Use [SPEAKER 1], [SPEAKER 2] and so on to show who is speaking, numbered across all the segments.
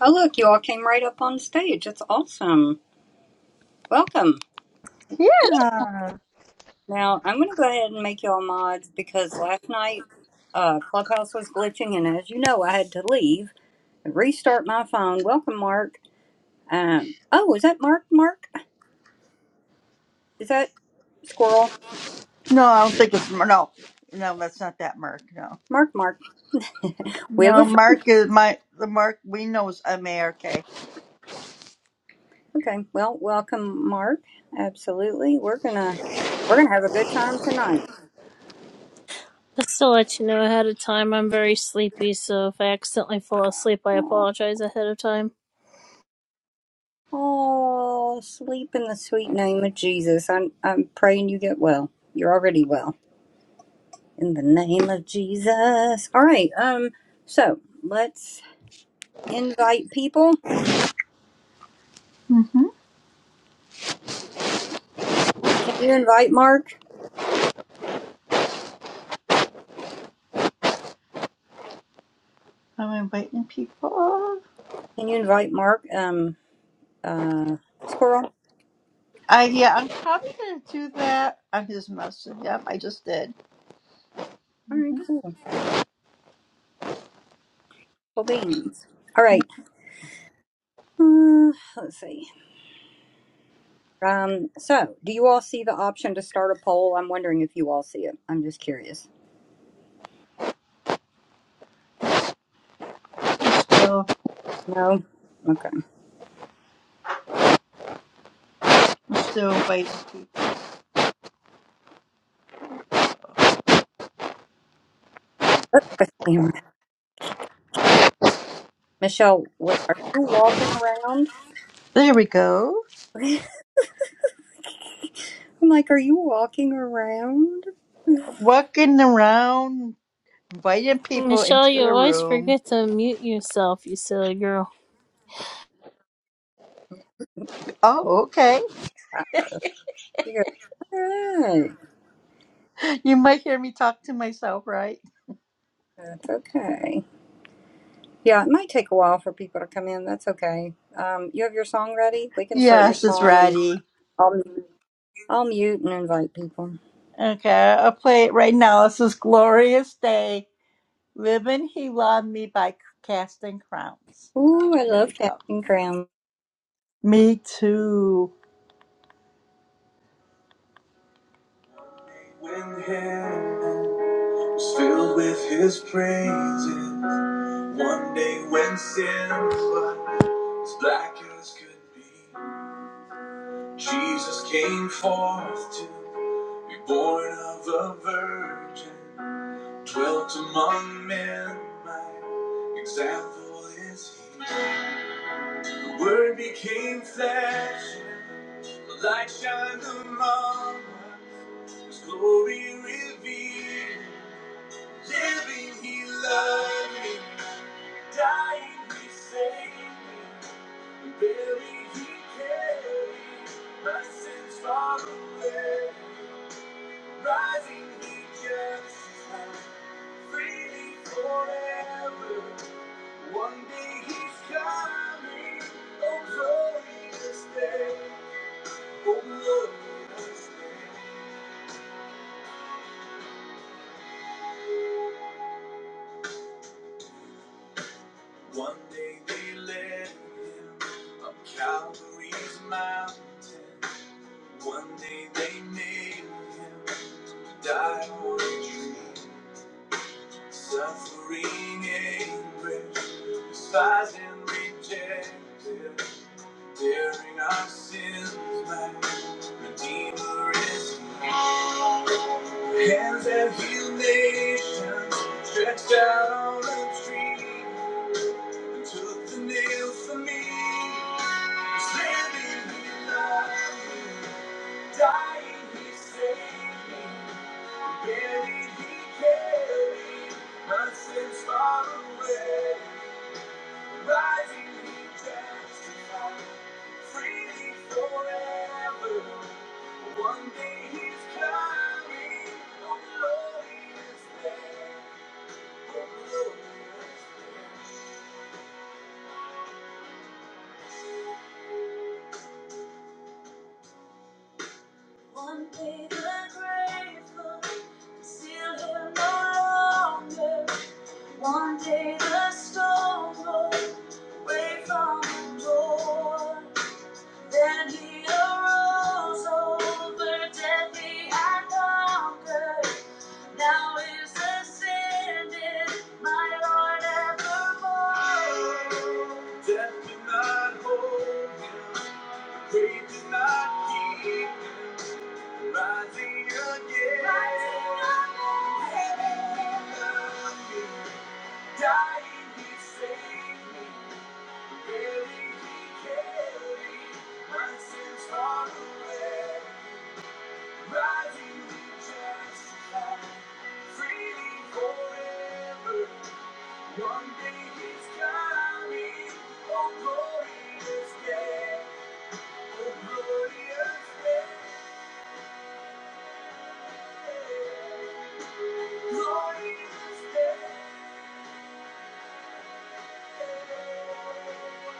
[SPEAKER 1] Oh, look, you all came right up on stage. It's awesome. Welcome.
[SPEAKER 2] Yeah.
[SPEAKER 1] Now, I'm going to go ahead and make you all mods because last night uh, Clubhouse was glitching, and as you know, I had to leave and restart my phone. Welcome, Mark. Um, oh, is that Mark? Mark? Is that Squirrel?
[SPEAKER 2] No, I don't think it's no, no. That's not that Mark. No,
[SPEAKER 1] Mark, Mark. We have a
[SPEAKER 2] no.
[SPEAKER 1] friend.
[SPEAKER 2] Mark is my the Mark we know is M A R K.
[SPEAKER 1] Okay, well, welcome, Mark. Absolutely. We're going to. We're gonna have a good time tonight.
[SPEAKER 3] Just to let you know ahead of time, I'm very sleepy, so if I accidentally fall asleep, I apologize ahead of time.
[SPEAKER 1] Oh, sleep in the sweet name of Jesus. I'm I'm praying you get well. You're already well. In the name of Jesus. All right. Um so, let's invite people.
[SPEAKER 2] Mm-hmm.
[SPEAKER 1] Can you invite Mark?
[SPEAKER 2] I'm inviting people.
[SPEAKER 1] Can you invite Mark um uh Squirrel?
[SPEAKER 2] I yeah. I'm probably gonna do that on his message. Yep, I just did.
[SPEAKER 1] All right,
[SPEAKER 2] Mm-hmm.
[SPEAKER 1] cool. Cool beans. All right. Uh, let's see. Um so, do you all see the option to start a poll? I'm wondering if you all see it. I'm just curious.
[SPEAKER 2] So
[SPEAKER 1] No. Okay.
[SPEAKER 2] I'm still inviting people.
[SPEAKER 1] Michelle, what are you walking around?
[SPEAKER 2] There we go.
[SPEAKER 1] I'm like, are you walking around?
[SPEAKER 2] Walking around, inviting people
[SPEAKER 3] Michelle,
[SPEAKER 2] into
[SPEAKER 3] you
[SPEAKER 2] the
[SPEAKER 3] always
[SPEAKER 2] room.
[SPEAKER 3] forget to mute yourself, you silly girl.
[SPEAKER 2] Oh, okay.
[SPEAKER 1] Uh, She goes, "Alright,
[SPEAKER 2] You might hear me talk to myself, right?
[SPEAKER 1] that's okay. Yeah, it might take a while for people to come in. That's okay. Um, you have your song ready? We can start your
[SPEAKER 2] Yes, it's
[SPEAKER 1] song, and
[SPEAKER 2] Ratty.
[SPEAKER 1] I'll mute- I'll mute and invite people.
[SPEAKER 2] Okay, I'll play it right now. This is Glorious Day. Living He Loved Me by Casting Crowns.
[SPEAKER 1] Ooh, I
[SPEAKER 2] Here we
[SPEAKER 1] love
[SPEAKER 2] go.
[SPEAKER 1] Captain Crown.
[SPEAKER 2] Me too. When heaven was filled with his praises, one day when sin was black as could be, Jesus came forth to be born of a virgin. Dwelt among men, my example is he. The word became flesh, the light shined among us, His glory revealed. Living, he loved me, dying, he saved me, and buried, he carried my sins far away. Rising, he justified freely forever. One day he's coming, oh glorious day, oh glorious day. One day they led him up Calvary's mountain. One day they nailed him to die on a tree. Suffering anguish, despised and rejected, bearing our sins, my Redeemer is here. Hands that healed nations, stretched out on a tree, and took the nail for me. Standing in love. Dying, he saved me. Buried, he carried my sins far away. Rising, he justified. Freely forever. One day he's coming. Oh, glorious day. Oh, glorious day. One day the grave will conceal him no longer. One day the storm rolled away from the door. Then he arose over deadly and conquered. Now is ascended, my Lord evermore. Death did not hold him, grave did not keep him, rising again. Rising again. Dying, he saved me. Living, he carried my sins far away. Rising, he justified. Freely forever. One day he's coming. Oh, glorious day. Oh, glorious day. Glorious day.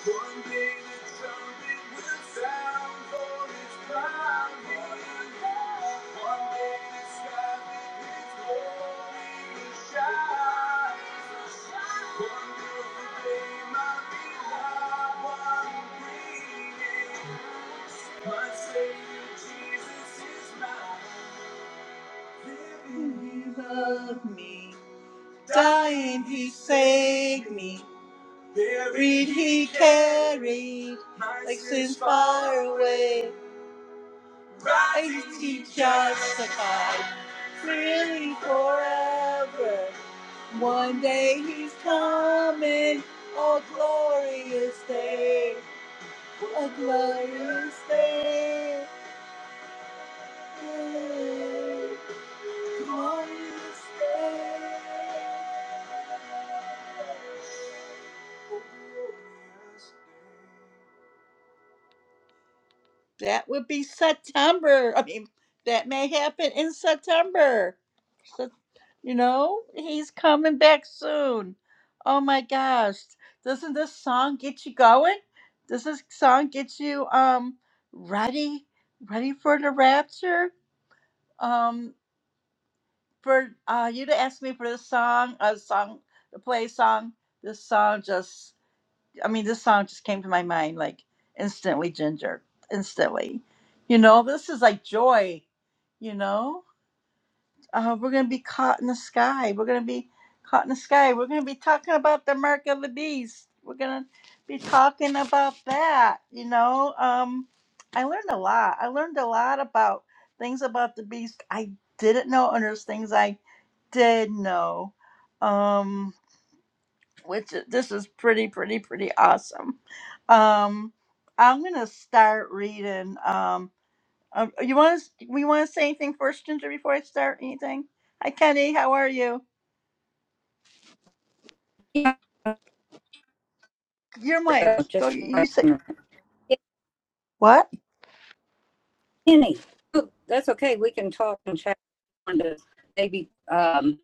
[SPEAKER 2] One day the trumpet will sound for its proud morning. One day the sky with its glory will shine. Wonderful day, my beloved one bringing. My Savior Jesus is mine. Living, He loved me. Dying, He saved me. Buried he carried, like sins far away. Rises he justified, freely forever. One day he's coming, a glorious day, a glorious day, glorious day. That would be September. I mean, that may happen in September. So, you know, he's coming back soon. Oh my gosh. Doesn't this song get you going? Does this song get you um ready ready for the rapture? Um for uh you to ask me for this song, a song to play song. This song just I mean, this song just came to my mind like instantly, Ginger, instantly. You know, this is like joy. You know, uh, we're gonna be caught in the sky. We're gonna be caught in the sky. We're gonna be talking about the mark of the beast. We're gonna be talking about that. You know, um, I learned a lot. I learned a lot about things about the beast I didn't know, and there's things I did know. Um, which is- this is pretty pretty pretty awesome um i'm gonna start reading um um, you want to we want to say anything first ginger before i start anything hi kenny how are you
[SPEAKER 1] Yeah,
[SPEAKER 2] your mic go
[SPEAKER 1] just
[SPEAKER 2] you
[SPEAKER 1] wait for a
[SPEAKER 2] say
[SPEAKER 1] minute. Yeah,
[SPEAKER 2] what
[SPEAKER 1] Kenny. Oh, That's okay. We can talk and chat. on this. Maybe. um,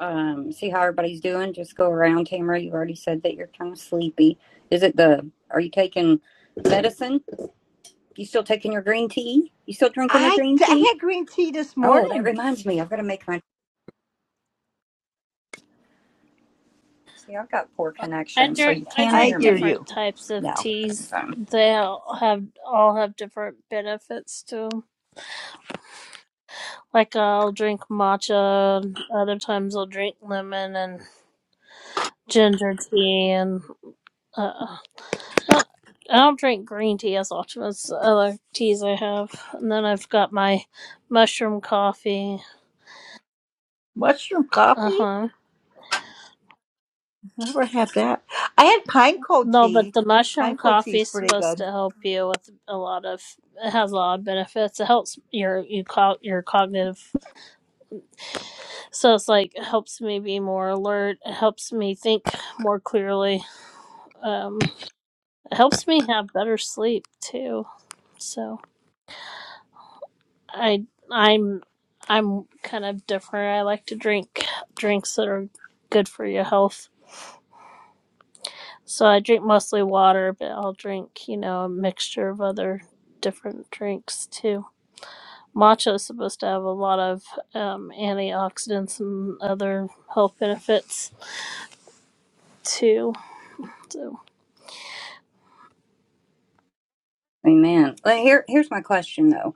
[SPEAKER 1] um, see how everybody's doing. Just go around, Tamara. You already said that you're kind of sleepy. Is it the? Are you taking medicine? You still taking your green tea? You still drinking the
[SPEAKER 2] i
[SPEAKER 1] green
[SPEAKER 2] i
[SPEAKER 1] tea?
[SPEAKER 2] had green tea this
[SPEAKER 1] Oh, that
[SPEAKER 2] morning
[SPEAKER 1] reminds me. I've got to make my. See, I've got poor
[SPEAKER 3] I
[SPEAKER 1] connection, so
[SPEAKER 3] drink.
[SPEAKER 1] you
[SPEAKER 3] I
[SPEAKER 1] can
[SPEAKER 2] i
[SPEAKER 1] hear
[SPEAKER 3] drink
[SPEAKER 2] hear
[SPEAKER 1] me.
[SPEAKER 3] different
[SPEAKER 2] you
[SPEAKER 3] types of
[SPEAKER 2] now
[SPEAKER 3] teas.
[SPEAKER 1] Um,
[SPEAKER 3] They all have all have different benefits to 'em. Like I'll drink matcha. Other times I'll drink lemon and ginger tea and uh, Uh, I'll drink green tea as often as the other teas I have. And then I've got my mushroom coffee.
[SPEAKER 2] mushroom
[SPEAKER 3] Uh
[SPEAKER 2] coffee
[SPEAKER 3] huh.
[SPEAKER 2] never had that i had pine cold
[SPEAKER 3] No, but
[SPEAKER 2] tea
[SPEAKER 3] the mushroom
[SPEAKER 2] pine cold tea
[SPEAKER 3] coffee
[SPEAKER 2] is
[SPEAKER 3] is
[SPEAKER 2] pretty
[SPEAKER 3] supposed
[SPEAKER 2] good
[SPEAKER 3] to help you with a lot of. It has a lot of benefits. It helps your you co- your cognitive. So it's like it helps me be more alert. It helps me think more clearly. Um, it helps me have better sleep too. So. I I'm I'm kind of different. I like to drink drinks that are good for your health. So I drink mostly water, but I'll drink, you know, a mixture of other different drinks too. Matcha is supposed to have a lot of um, antioxidants and other health benefits too. So
[SPEAKER 1] amen. Well, here, here's my question though,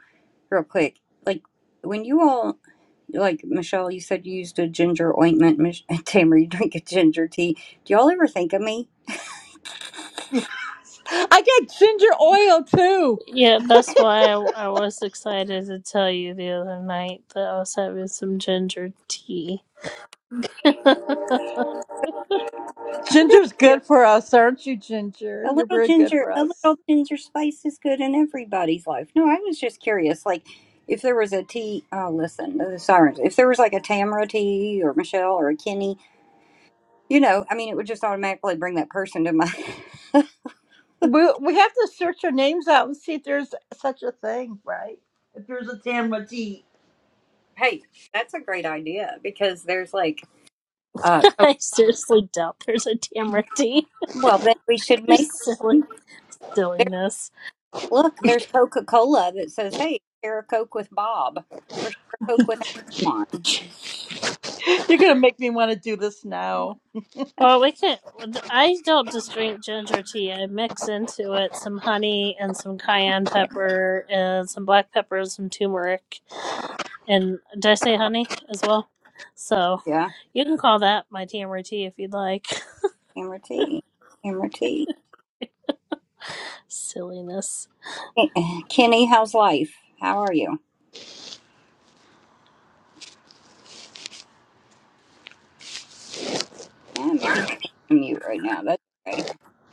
[SPEAKER 1] real quick. Like when you all, like Michelle, you said you used a ginger ointment. Mich- Tamara, you drink a ginger tea. Do y'all ever think of me?
[SPEAKER 2] I got ginger oil too.
[SPEAKER 3] yeah, that's why I, I was excited to tell you the other night that I was having some ginger tea.
[SPEAKER 2] Ginger's good for us, aren't you, Ginger?
[SPEAKER 1] A
[SPEAKER 2] You're
[SPEAKER 1] little
[SPEAKER 2] very good
[SPEAKER 1] ginger,
[SPEAKER 2] for
[SPEAKER 1] a
[SPEAKER 2] us.
[SPEAKER 1] little ginger spice is good in everybody's life. No, I was just curious, like if there was a tea. Oh, listen, the sirens. If there was like a Tamara tea or Michelle or a Kenny, you know, I mean, it would just automatically bring that person to my.
[SPEAKER 2] We we have to search our names out and see if there's such a thing, right? If there's a Tamra D.
[SPEAKER 1] hey, that's a great idea because there's like, uh,
[SPEAKER 3] I seriously doubt there's a Tamati.
[SPEAKER 1] well, then we should make.
[SPEAKER 3] Just silly
[SPEAKER 1] one. There,
[SPEAKER 3] silliness.
[SPEAKER 1] look, there's Coca Cola that says, "Hey, share a Coke with Bob or share a Coke with Antoine."
[SPEAKER 2] You're gonna make me want to do this now.
[SPEAKER 3] Well, we can. I don't just drink ginger tea. I mix into it some honey and some cayenne pepper and some black pepper and some turmeric. And did I say honey as well? So
[SPEAKER 1] Yeah,
[SPEAKER 3] you can call that my tamarind tea if you'd like.
[SPEAKER 1] Tamara tea, Tamara tea.
[SPEAKER 3] Silliness.
[SPEAKER 1] Hey, Kenny, how's life? How are you? Yeah, maybe he can't right now. That's okay.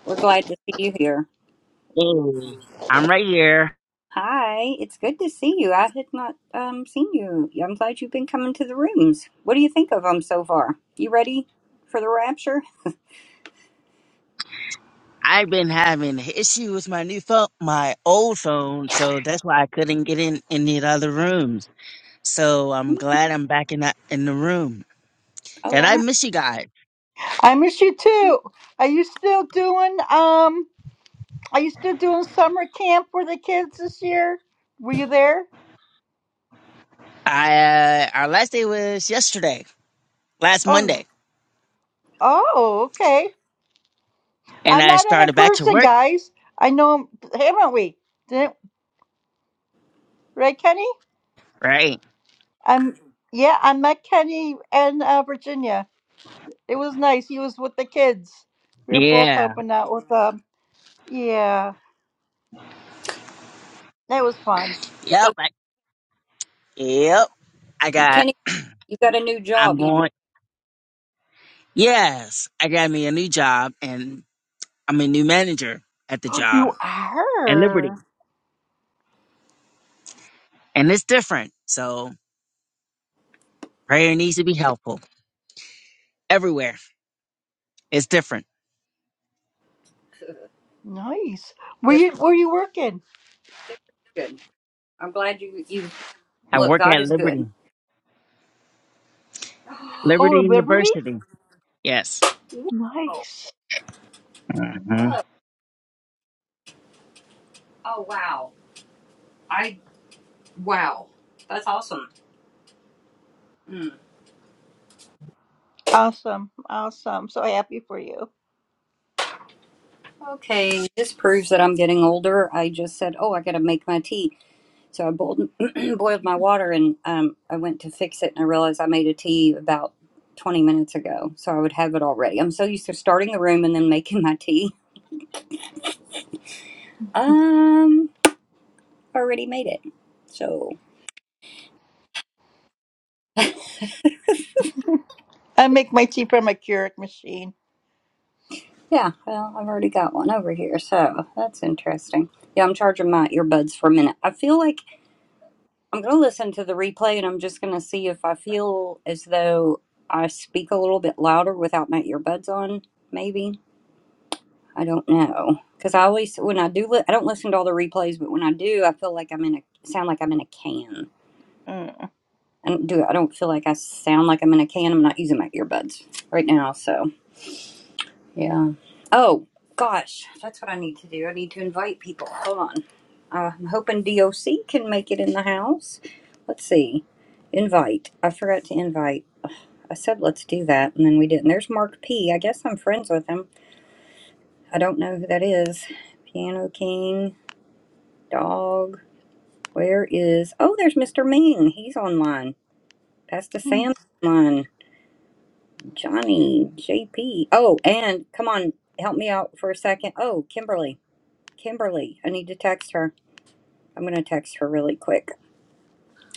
[SPEAKER 1] We're glad to see you here.
[SPEAKER 4] Hey, I'm right here.
[SPEAKER 1] Hi, it's good to see you. I had not um, seen you. I'm glad you've been coming to the rooms. What do you think of them so far? You ready for the rapture?
[SPEAKER 4] I've been having an issue with my new phone, my old phone, so that's why I couldn't get in any of the other rooms. So I'm
[SPEAKER 1] Hmm.
[SPEAKER 4] glad I'm back in the, in the room.
[SPEAKER 1] Oh
[SPEAKER 4] And I
[SPEAKER 1] wow!
[SPEAKER 4] miss you guys.
[SPEAKER 2] I miss you
[SPEAKER 1] So,
[SPEAKER 2] too. Are you still doing um? Are you still doing summer camp for the kids this year? Were you there?
[SPEAKER 4] I uh, our last day was yesterday, last
[SPEAKER 2] Oh,
[SPEAKER 4] Monday,
[SPEAKER 2] oh, okay.
[SPEAKER 4] and
[SPEAKER 2] I'm
[SPEAKER 4] I
[SPEAKER 2] not in it in
[SPEAKER 4] started back to
[SPEAKER 2] person,
[SPEAKER 4] work.
[SPEAKER 2] guys. I know. Haven't we? Didn't right, Kenny?
[SPEAKER 4] Right?
[SPEAKER 2] I'm yeah, I met Kenny in uh, Virginia. It was nice. He was with the kids. We were both
[SPEAKER 4] Yeah.
[SPEAKER 2] helping out with them. Yeah, that was fun.
[SPEAKER 4] Yep. I- yep. I
[SPEAKER 1] you-
[SPEAKER 4] got.
[SPEAKER 1] Kenny, you got a new
[SPEAKER 4] I'm
[SPEAKER 1] job. You just
[SPEAKER 4] going. Yes, I got me a new job, and I'm a new manager at the job
[SPEAKER 2] you
[SPEAKER 4] at Liberty.
[SPEAKER 2] are
[SPEAKER 4] and it's different. So prayer needs to be helpful everywhere. It's different.
[SPEAKER 2] nice. Were you
[SPEAKER 1] different.
[SPEAKER 2] were you working?
[SPEAKER 1] Good. I'm glad you you
[SPEAKER 4] I
[SPEAKER 1] look.
[SPEAKER 4] work
[SPEAKER 1] God
[SPEAKER 4] at
[SPEAKER 1] is good.
[SPEAKER 4] Liberty,
[SPEAKER 2] Oh,
[SPEAKER 4] Liberty
[SPEAKER 2] at Liberty.
[SPEAKER 4] University. Yes.
[SPEAKER 1] Whoa! Whoa!
[SPEAKER 2] Nice.
[SPEAKER 4] hmm
[SPEAKER 1] Oh wow! I wow. That's awesome. Hmm.
[SPEAKER 2] Awesome. Awesome. So happy for you.
[SPEAKER 1] Okay, this proves that I'm getting older. I just said, "Oh, I got to make my tea," so I boiled, boiled my water, and um, I went to fix it, and I realized I made a tea about 20 minutes ago, so I would have it already. I'm so used to starting the room and then making my tea. Um, I already made it, so
[SPEAKER 2] I make my tea from a Keurig machine.
[SPEAKER 1] yeah. Well, I've already got one over here, so that's interesting. Yeah, I'm charging my earbuds for a minute. I feel like I'm going to listen to the replay and I'm just going to see if I feel as though I speak a little bit louder without my earbuds on, maybe. I don't know. Because I always, when I do, li- I don't listen to all the replays, but when I do, I feel like I'm in a, sound like I'm in a can.
[SPEAKER 2] Mm.
[SPEAKER 1] I don't do, I don't feel like I sound like I'm in a can. I'm not using my earbuds right now, so. Yeah. Oh, gosh. That's what I need to do. I need to invite people. Hold on. Uh, I'm hoping DOC can make it in the house. Let's see. Invite. I forgot to invite. I said let's do that, and then we didn't. There's Mark P. I guess I'm friends with him. I don't know who that is. Piano King, Dog. Where is. Oh, there's Mr. Ming. He's online. Pastor
[SPEAKER 2] Hmm.
[SPEAKER 1] Sam online. Johnny, JP. Oh, and come on, help me out for a second. Oh, Kimberly. Kimberly, I need to text her. I'm going to text her really quick.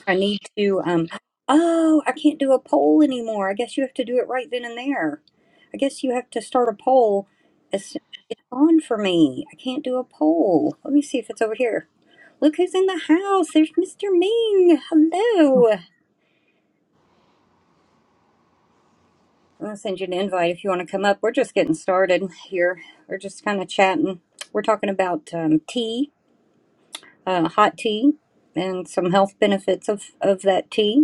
[SPEAKER 1] I need to, um, oh, I can't do a poll anymore. I guess you have to do it right then and there. I guess you have to start a poll. It's, it's on for me. I can't do a poll. Let me see if it's over here. Look who's in the house. There's Mr. Ming. Hello. I'm going to send you an invite if you want to come up. We're just getting started here. We're just kind of chatting. We're talking about um, tea, uh, hot tea, and some health benefits of, of that tea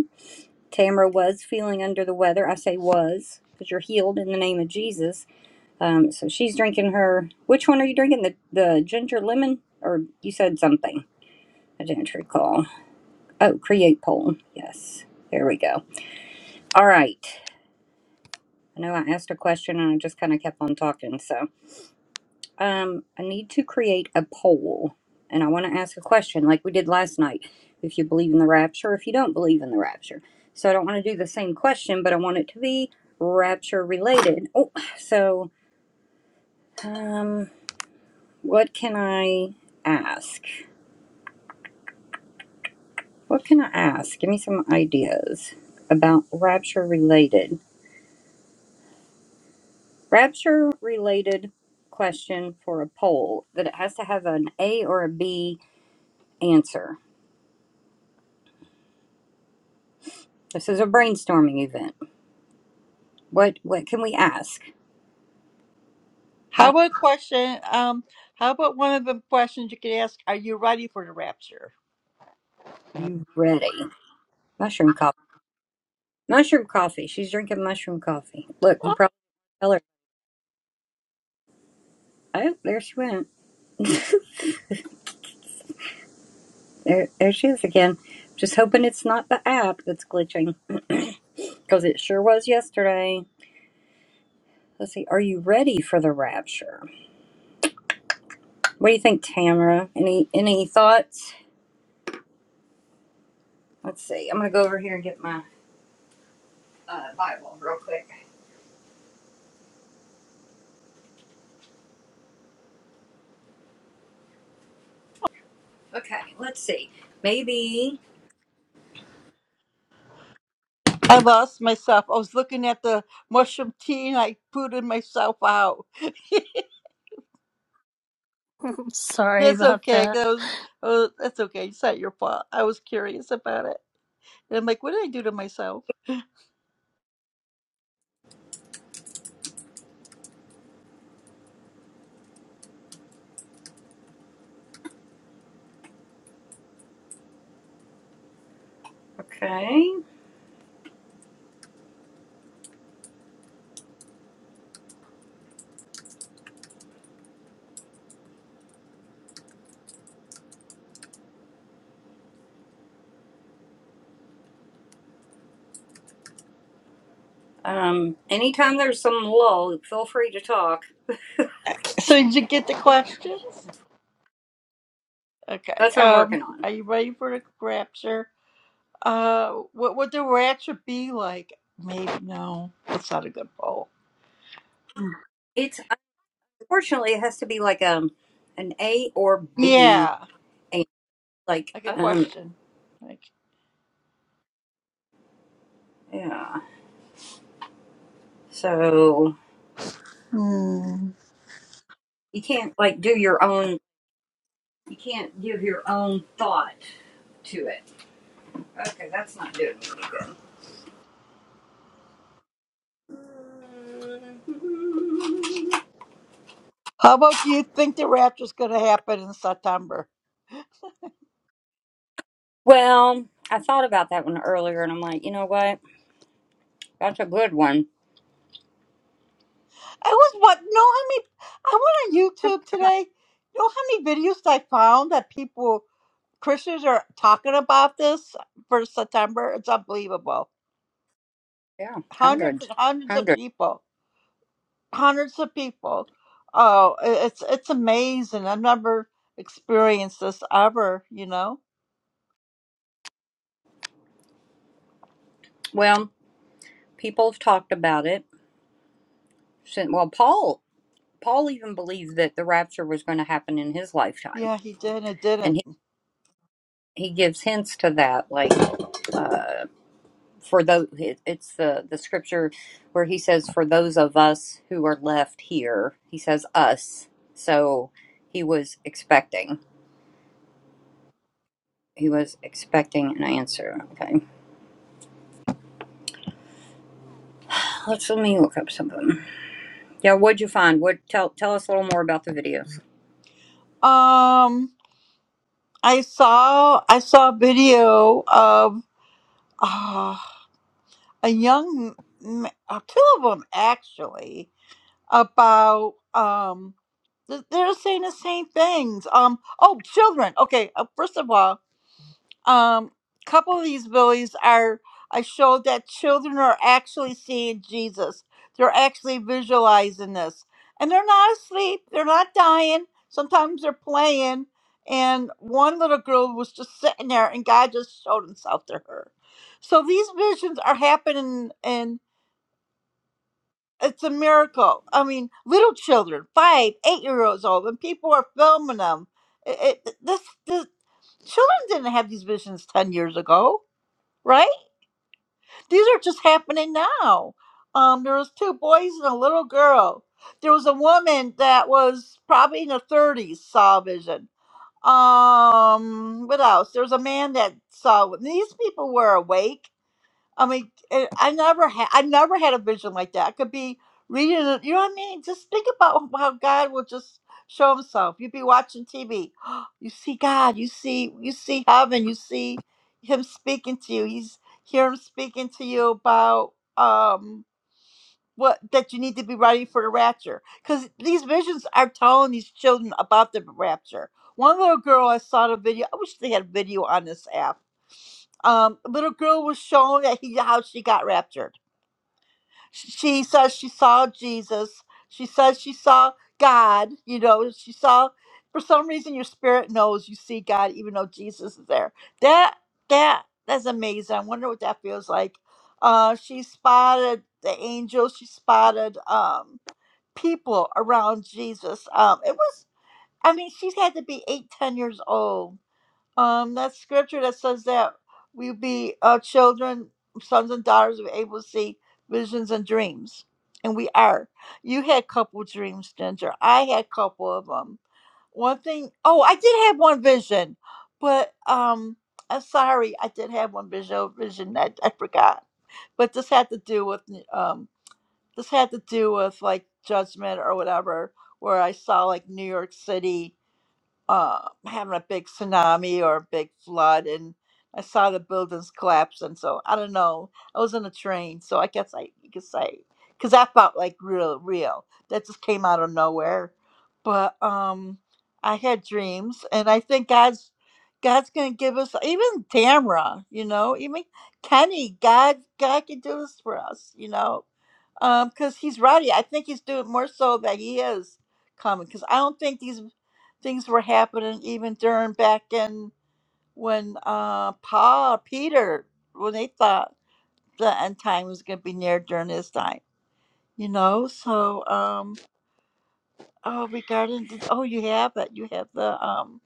[SPEAKER 1] Tamara was feeling under the weather. I say was because you're healed in the name of Jesus. Um, so she's drinking her. Which one are you drinking? The the ginger lemon, or you said something? I didn't recall. Oh, create poll. Yes, there we go. All right. I know I asked a question and I just kind of kept on talking. So. Um, I need to create a poll and I want to ask a question like we did last night. If you believe in the rapture, if you don't believe in the rapture. So I don't want to do the same question, but I want it to be rapture related. Oh, so um what can I ask? What can I ask? Give me some ideas about rapture related. Rapture related question for a poll that it has to have an A or a B answer. This is a brainstorming event. What what can we ask?
[SPEAKER 2] How
[SPEAKER 1] Not
[SPEAKER 2] about a question? Um, how about one of the questions you could ask? Are you ready for the rapture?
[SPEAKER 1] you ready? Mushroom coffee. Mushroom coffee. She's drinking mushroom coffee. Look, you probably tell her. Oh, there she went. there, there she is again. Just hoping it's not the app that's glitching, because it sure was yesterday. Let's see. Are you ready for the rapture? What do you think, Tamara? Any any thoughts? Let's see. I'm gonna go over here and get my uh, Bible real quick. Okay. Let's see. Maybe.
[SPEAKER 2] I lost myself. I was looking at the mushroom tea and I booted myself out.
[SPEAKER 3] Sorry
[SPEAKER 2] That's
[SPEAKER 3] about
[SPEAKER 2] okay.
[SPEAKER 3] that.
[SPEAKER 2] 'cause I was, oh, that's okay. It's not your fault. I was curious about it. And I'm like, what did I do to myself?
[SPEAKER 1] Okay. Um, anytime there's some lull, feel free to talk.
[SPEAKER 2] So did you get the questions? Okay.
[SPEAKER 1] That's what I'm
[SPEAKER 2] Um,
[SPEAKER 1] working on.
[SPEAKER 2] are you ready for the rapture? Uh, what would the rapture be like? Maybe no. That's not a good poll.
[SPEAKER 1] It's unfortunately it has to be like um an A or B
[SPEAKER 2] Yeah,
[SPEAKER 1] and like
[SPEAKER 2] like a
[SPEAKER 1] um
[SPEAKER 2] question. Like,
[SPEAKER 1] yeah. So you can't like do your own you can't give your own thought to it. Okay, that's not doing me any good.
[SPEAKER 2] How about do you think the rapture's going to happen in September?
[SPEAKER 1] Well, I thought about that one earlier and I'm like, you know what? That's a good one.
[SPEAKER 2] I was what? Know how many? I went
[SPEAKER 1] I
[SPEAKER 2] on YouTube today. You know how many videos I found that people Christians are talking about this for September? It's unbelievable.
[SPEAKER 1] Yeah,
[SPEAKER 2] Hundreds
[SPEAKER 1] hundreds,
[SPEAKER 2] and hundreds of
[SPEAKER 1] hundreds.
[SPEAKER 2] people. Hundreds of people. Oh, i- it's it's amazing. I've never experienced this ever. You know?
[SPEAKER 1] Well, people have talked about it. Since, well, Paul, Paul even believed that the rapture was going to happen in his lifetime,
[SPEAKER 2] Yeah, he did. It
[SPEAKER 1] and
[SPEAKER 2] didn't.
[SPEAKER 1] he, he gives hints to that. Like for those, it, it's the the scripture where he says, "For those of us who are left here," he says, "us." So he was expecting. He was expecting an answer. Okay, let's let me look up something. Yeah, what'd you find? What tell tell us a little more about the videos?
[SPEAKER 2] Um, I saw I saw a video of. ah, a young, m- uh, two of them actually, about um, th- they're saying the same things. Um, oh, children. Okay, uh, first of all, um, couple of these billies are. I showed that children are actually seeing Jesus. They're actually visualizing this, and they're not asleep. They're not dying. Sometimes they're playing. And one little girl was just sitting there, and God just showed Himself to her. So these visions are happening, and. It's a miracle. I mean, little children, five, eight year olds old, and people are filming them. It, it, this, this children didn't have these visions ten years ago, right? These are just happening now. Um, there was two boys and a little girl. There was a woman that was probably in her thirties saw a vision. Um, what else? There was a man that saw. These people were awake I mean, eh, I never had I never had a vision like that. I could be reading, it, you know what I mean? Just think about how God will just show Himself. You'd be watching TV, you see God, you see you see heaven, you see Him speaking to you. He's hear Him speaking to you about um what that you need to be ready for the rapture because these visions are telling these children about the rapture. One little girl, I saw the video. I wish they had video on this app um, little girl was shown that he how she got raptured. Sh- She says she saw Jesus. She says she saw God. You know, she saw. For some reason, your spirit knows you see God, even though Jesus is there. That that that's amazing. I wonder what that feels like. Uh, she spotted the angels. She spotted um, people around Jesus. Um, it was. I mean, she's had to be eight, ten years old um, that scripture that says that we be uh, children, sons and daughters, we're able to see visions and dreams, and we are. You had a couple dreams, Ginger. I had a couple of them. One thing, oh, I did have one vision, but um, I'm sorry, I did have one visual vision that I forgot. But this had to do with um, this had to do with like judgment or whatever, where I saw like New York City uh, having a big tsunami or a big flood, and I saw the buildings collapsing. So I don't know. I was on a train, so I guess I you could say because that felt like real, real. That just came out of nowhere. But um, I had dreams, and I think God's God's gonna give us even Tamra, you know, even Kenny. God, God can do this for us, you know. Um, because he's writing. I think he's doing more so that he is coming. Because I don't think these things were happening even during back in when uh Paul Peter when they thought the end time was gonna be near during his time. You know, so um oh regarding the, oh you have it. You have the um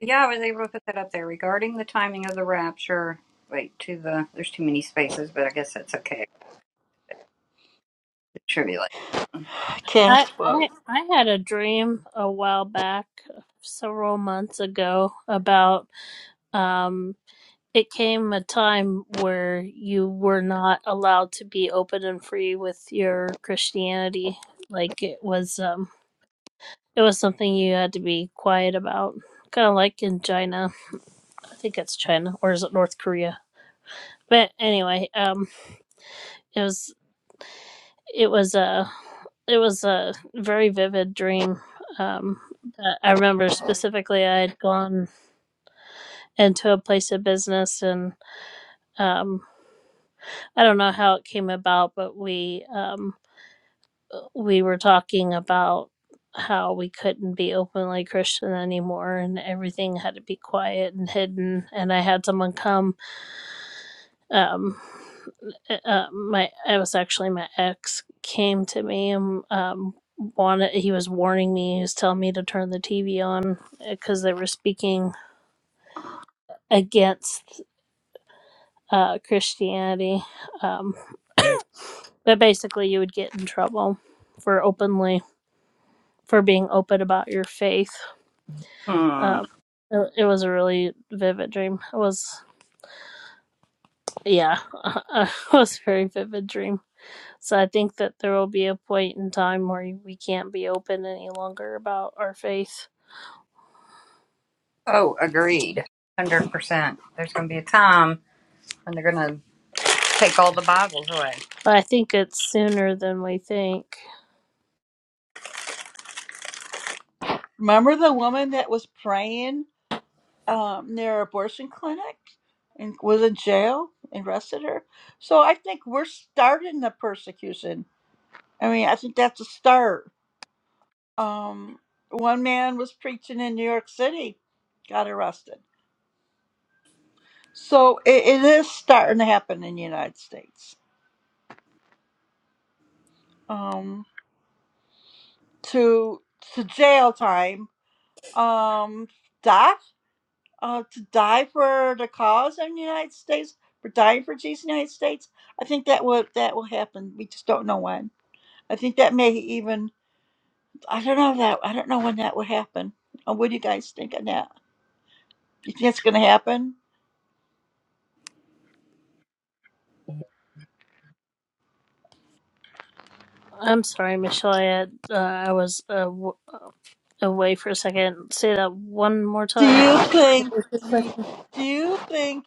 [SPEAKER 1] Yeah, I was able to put that up there regarding the timing of the rapture. Wait, to the there's too many spaces, but I guess that's okay. It should be like,
[SPEAKER 3] I,
[SPEAKER 2] cast vote.
[SPEAKER 3] I I had a dream a while back, several months ago, about um it came a time where you were not allowed to be open and free with your Christianity. Like it was um it was something you had to be quiet about. Kind of like in China. I think it's China or is it North Korea? But anyway, um it was it was a it was a very vivid dream. Um, that I remember specifically I had gone into a place of business and um, I don't know how it came about, but we um, we were talking about how we couldn't be openly Christian anymore and everything had to be quiet and hidden. And I had someone come. Um, uh, my it was actually my ex came to me and um wanted he was warning me he was telling me to turn the tv on because they were speaking against uh christianity um but basically you would get in trouble for openly for being open about your faith
[SPEAKER 1] hmm.
[SPEAKER 3] um it, it was a really vivid dream it was yeah it was a very vivid dream So I think that there will be a point in time where we can't be open any longer about our faith.
[SPEAKER 1] Oh, agreed, one hundred percent. There's going to be a time when they're going to take all the Bibles away.
[SPEAKER 3] But I think it's sooner than we think.
[SPEAKER 2] Remember the woman that was praying um, near abortion clinic and was in jail and arrested her? So I think we're starting the persecution. I mean, I think that's a start. Um, one man was preaching in New York City, got arrested. So it, it is starting to happen in the United States. Um, to to jail time, um, die, uh, to die for the cause in the United States, for dying for Jesus in the United States. I think that will that will happen. We just don't know when. I think that may even I don't know that I don't know when that will happen. Uh, what do you guys think of that? You think it's going to happen?
[SPEAKER 3] I'm sorry, Michelle. I, had, uh, I was uh, w- uh, away for a second. Say that one more
[SPEAKER 2] Do
[SPEAKER 3] time.
[SPEAKER 2] you
[SPEAKER 3] What
[SPEAKER 2] think
[SPEAKER 3] was your
[SPEAKER 2] do you,
[SPEAKER 3] question?
[SPEAKER 2] do you think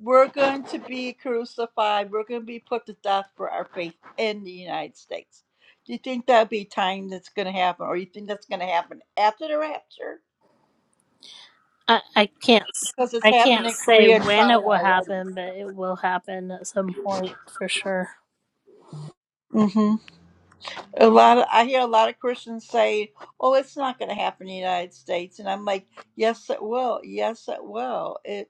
[SPEAKER 2] we're going to be crucified? We're going to be put to death for our faith in the United States. Do you think that'll be time that's going to happen, or you think that's going to happen after the rapture?
[SPEAKER 3] I, I can't. s-
[SPEAKER 2] Because it's
[SPEAKER 3] I
[SPEAKER 2] happened
[SPEAKER 3] can't
[SPEAKER 2] in
[SPEAKER 3] say
[SPEAKER 2] Korea and
[SPEAKER 3] when it
[SPEAKER 2] China
[SPEAKER 3] will
[SPEAKER 2] already.
[SPEAKER 3] happen, but it will happen at some point for sure.
[SPEAKER 2] hmm A lot of I hear a lot of Christians say, "Oh, it's not going to happen in the United States," and I'm like, "Yes, it will. Yes, it will. It.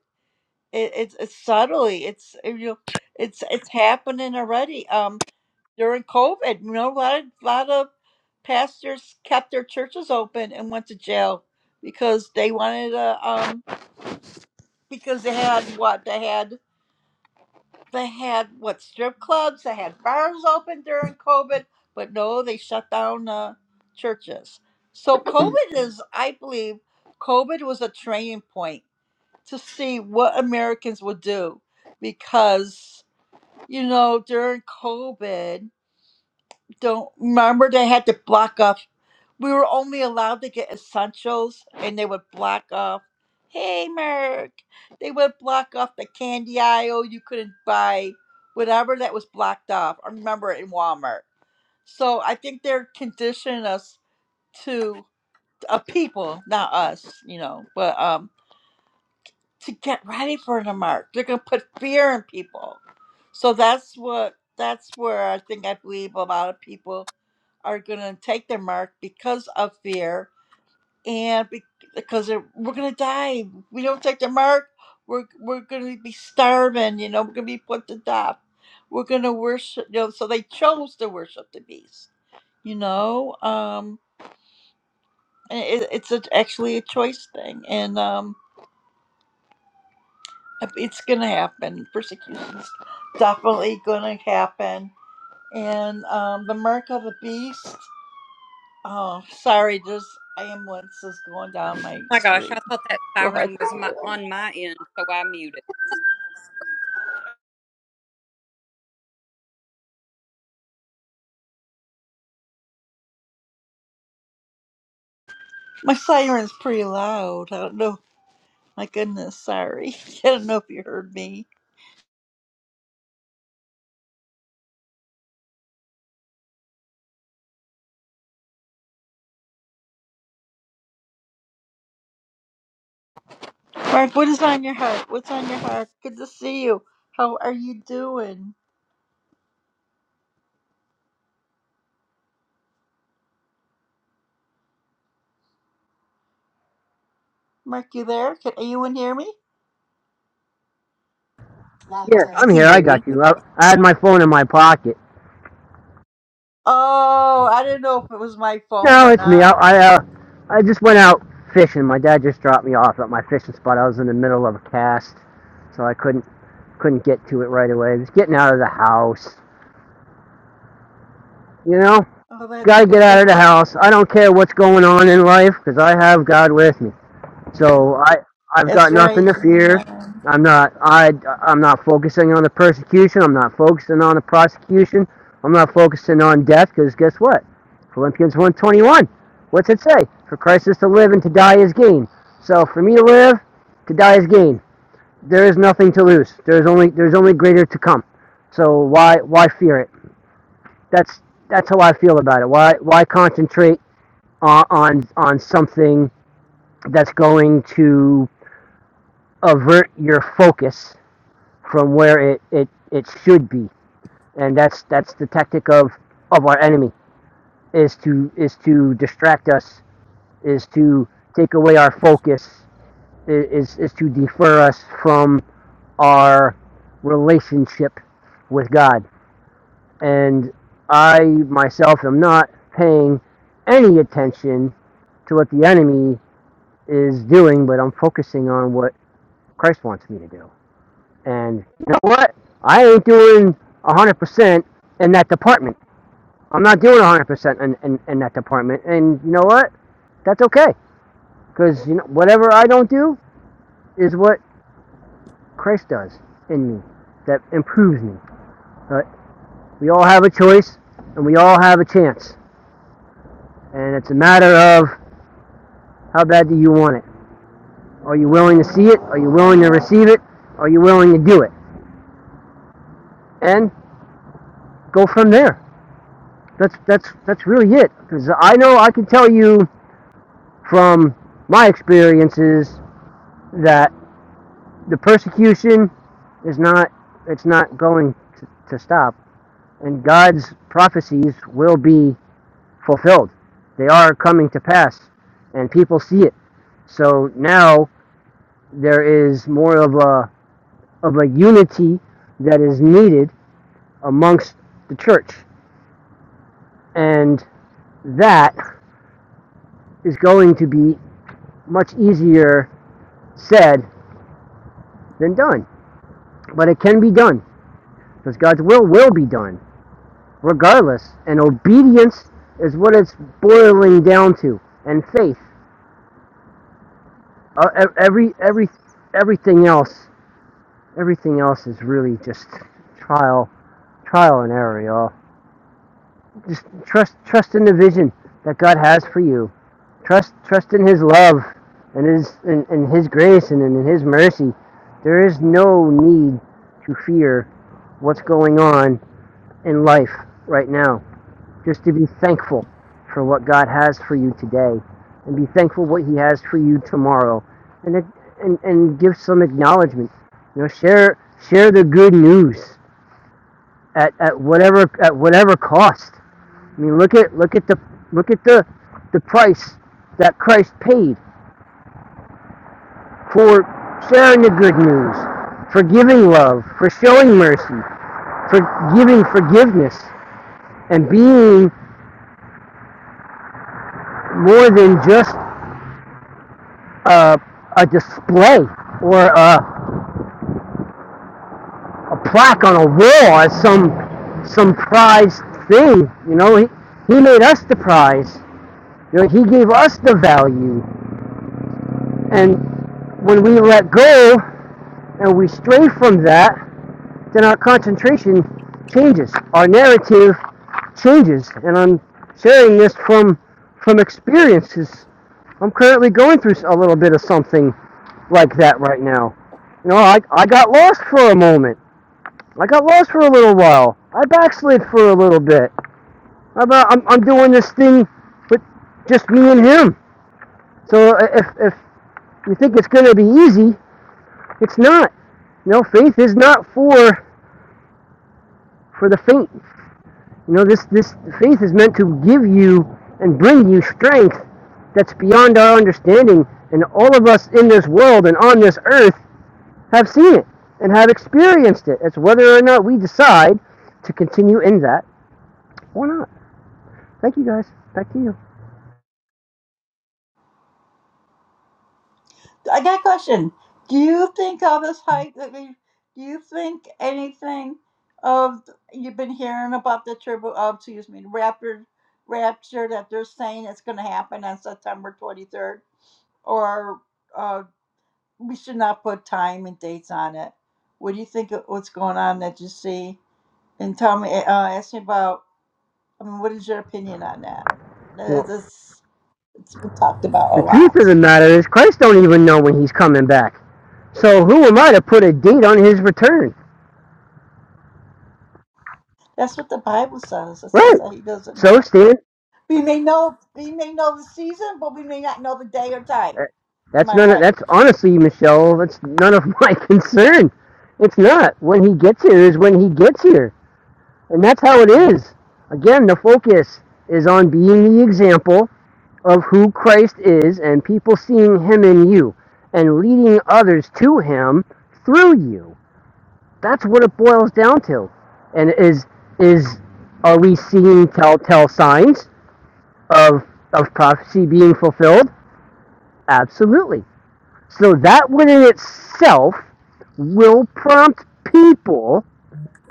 [SPEAKER 2] It, it's it's subtly it's uh, you know, it's it's happening already. Um, during COVID, you know, a lot of lot of pastors kept their churches open and went to jail because they wanted to um because they had what they had they had what strip clubs they had bars open during COVID, but no, they shut down uh, churches. So COVID is, I believe, COVID was a training point to see what Americans will do because you know during COVID, don't remember they had to block off. We were only allowed to get essentials, and they would block off. Hey, Merck, they would block off the candy aisle. You couldn't buy whatever that was blocked off. I remember it in Walmart. So I think they're conditioning us to uh, people, not us, you know. But um, to get ready for the march. They're going to put fear in people. So that's what that's where I think I believe a lot of people are going to take their mark because of fear and be- because they're- we're going to die. We don't take their mark, we're we're going to be starving. You know, we're going to be put to death. We're going to worship. You know, so they chose to worship the beast. You know, um, and it, it's a, actually a choice thing, and um, Yep, It's going to happen. Persecution's definitely going to happen. And um, the mark of the beast. Oh, sorry, there's ambulance is going down my
[SPEAKER 1] my gosh,
[SPEAKER 2] street.
[SPEAKER 1] I thought that
[SPEAKER 2] Go ahead.
[SPEAKER 1] siren was my, on my end, so I muted.
[SPEAKER 2] My siren's pretty loud. I don't know. My goodness, sorry. I don't know if you heard me. Mark, what is on your heart? What's on your heart? Good to see you. How are you doing? Mark, you there? Can anyone hear me?
[SPEAKER 5] Yeah,
[SPEAKER 4] I
[SPEAKER 5] I'm
[SPEAKER 4] can
[SPEAKER 5] here. I
[SPEAKER 4] hear you.
[SPEAKER 5] got you. I, I had my phone in my pocket.
[SPEAKER 2] Oh, I didn't know if it was my phone
[SPEAKER 5] No,
[SPEAKER 2] or
[SPEAKER 5] it's me. I,
[SPEAKER 2] not.
[SPEAKER 5] I, uh, I just went out fishing. My dad just dropped me off at my fishing spot. I was in the middle of a cast, so I couldn't couldn't get to it right away. Just getting out of the house. You know,
[SPEAKER 2] Oh, that's
[SPEAKER 5] gotta get
[SPEAKER 2] good.
[SPEAKER 5] out of the house. I don't care what's going on in life because I have God with me. So I I've
[SPEAKER 2] That's
[SPEAKER 5] got
[SPEAKER 2] right,
[SPEAKER 5] nothing to fear.
[SPEAKER 2] Amen.
[SPEAKER 5] I'm not I I'm not focusing on the persecution. I'm not focusing on the prosecution. I'm not focusing on death because guess what? Philippians one twenty one. What's it say? For Christ is to live and to die is gain. So for me to live, to die is gain. There is nothing to lose. There's only there's only greater to come. So why why fear it? That's that's how I feel about it. Why why concentrate on on, on something that's going to avert your focus from where it, it, it should be. And that's that's the tactic of, of our enemy is to is to distract us, is to take away our focus, is is to defer us from our relationship with God. And I myself am not paying any attention to what the enemy is doing, but I'm focusing on what Christ wants me to do. And you know what? I ain't doing 100% in that department. I'm not doing 100% in, in, in that department. And you know what? That's okay. Because you know, whatever I don't do is what Christ does in me that improves me. But we all have a choice and we all have a chance. And it's a matter of how bad do you want it? Are you willing to see it? Are you willing to receive it? Are you willing to do it? And go from there. That's that's that's really it. Because I know I can tell you from my experiences that the persecution is not it's not going to, to stop and God's prophecies will be fulfilled. They are coming to pass and people see it. So now there is more of a of a unity that is needed amongst the church. And that is going to be much easier said than done. But it can be done because God's will will be done regardless. And obedience is what it's boiling down to, and faith. Uh, e- every every everything else, everything else is really just trial trial and error, y'all. Just trust trust in the vision that God has for you. Trust trust in His love and His and, and His grace and in His mercy. There is no need to fear what's going on in life right now just to be thankful for what God has for you today and be thankful what he has for you tomorrow and it, and, and give some acknowledgement you know share share the good news at, at whatever at whatever cost I mean look at look at the look at the the price that Christ paid for sharing the good news for giving love for showing mercy for giving forgiveness and being more than just a, a display or a, a plaque on a wall as some some prized thing. You know, he, he made us the prize. You know, he gave us the value. And when we let go and we stray from that, then our concentration changes, our narrative changes, and I'm sharing this from from experiences. I'm currently going through a little bit of something like that right now. You know, I, I got lost for a moment. I got lost for a little while. I backslid for a little bit. I'm, uh, I'm, I'm doing this thing with just me and him. So uh, if, if you think it's going to be easy, it's not. You know, faith is not for for the faint. You know, this, this faith is meant to give you and bring you strength that's beyond our understanding. And all of us in this world and on this earth have seen it and have experienced it. It's whether or not we decide to continue in that or not. Thank you guys. Back to you.
[SPEAKER 2] I got a question. Do you think all this hype that we, do you think anything of, you've been hearing about the turbo, oh, excuse me, rapid rapture that they're saying it's going to happen on September 23rd? Or uh, we should not put time and dates on it. What do you think of what's going on that you see? And tell me, uh, ask me about, I mean, what is your opinion on that? That
[SPEAKER 5] Well,
[SPEAKER 2] is- it's been talked about a
[SPEAKER 5] the truth of the
[SPEAKER 2] lot.
[SPEAKER 5] matter is Christ don't even know when he's coming back. So who am I to put a date on his return?
[SPEAKER 2] That's what the Bible says. It says
[SPEAKER 5] Right.
[SPEAKER 2] that he doesn't
[SPEAKER 5] So
[SPEAKER 2] know.
[SPEAKER 5] stand
[SPEAKER 2] We may know, we may know the season, but we may not know the day or time. Am
[SPEAKER 5] That's
[SPEAKER 2] I
[SPEAKER 5] none. Of,
[SPEAKER 2] right?
[SPEAKER 5] that's honestly, Michelle. That's none of my concern. It's not. When he gets here is when he gets here, and that's how it is. Again, the focus is on being the example of who Christ is, and people seeing Him in you, and leading others to Him through you. That's what it boils down to. And is is are we seeing telltale signs of of prophecy being fulfilled? Absolutely. So that within itself will prompt people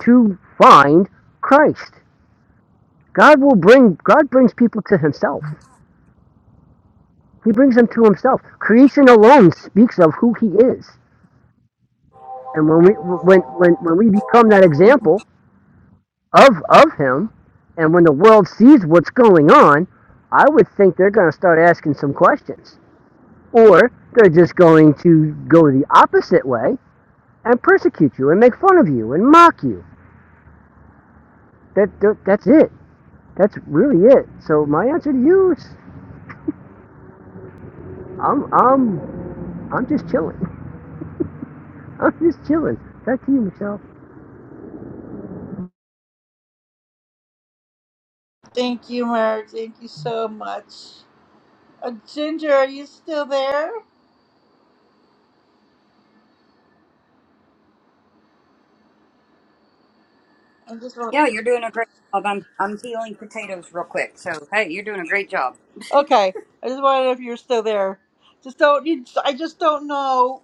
[SPEAKER 5] to find Christ. God will bring God brings people to himself. He brings them to himself. Creation alone speaks of who he is. And when we when when when we become that example of of him and when the world sees what's going on, I would think they're going to start asking some questions. Or they're just going to go the opposite way and persecute you and make fun of you and mock you. That, that that's it. That's really it. So my answer to you is, I'm, I'm, I'm just chilling. I'm just chilling. Back to you, Michelle.
[SPEAKER 2] Thank you, Mark. Thank you so much. Uh, Ginger, are you still there? I just
[SPEAKER 1] Yeah, you're doing a great job. I'm I'm peeling potatoes real quick. So hey, you're doing a great job.
[SPEAKER 2] Okay, I just wanted to know if you're still there. Just don't you? I just don't know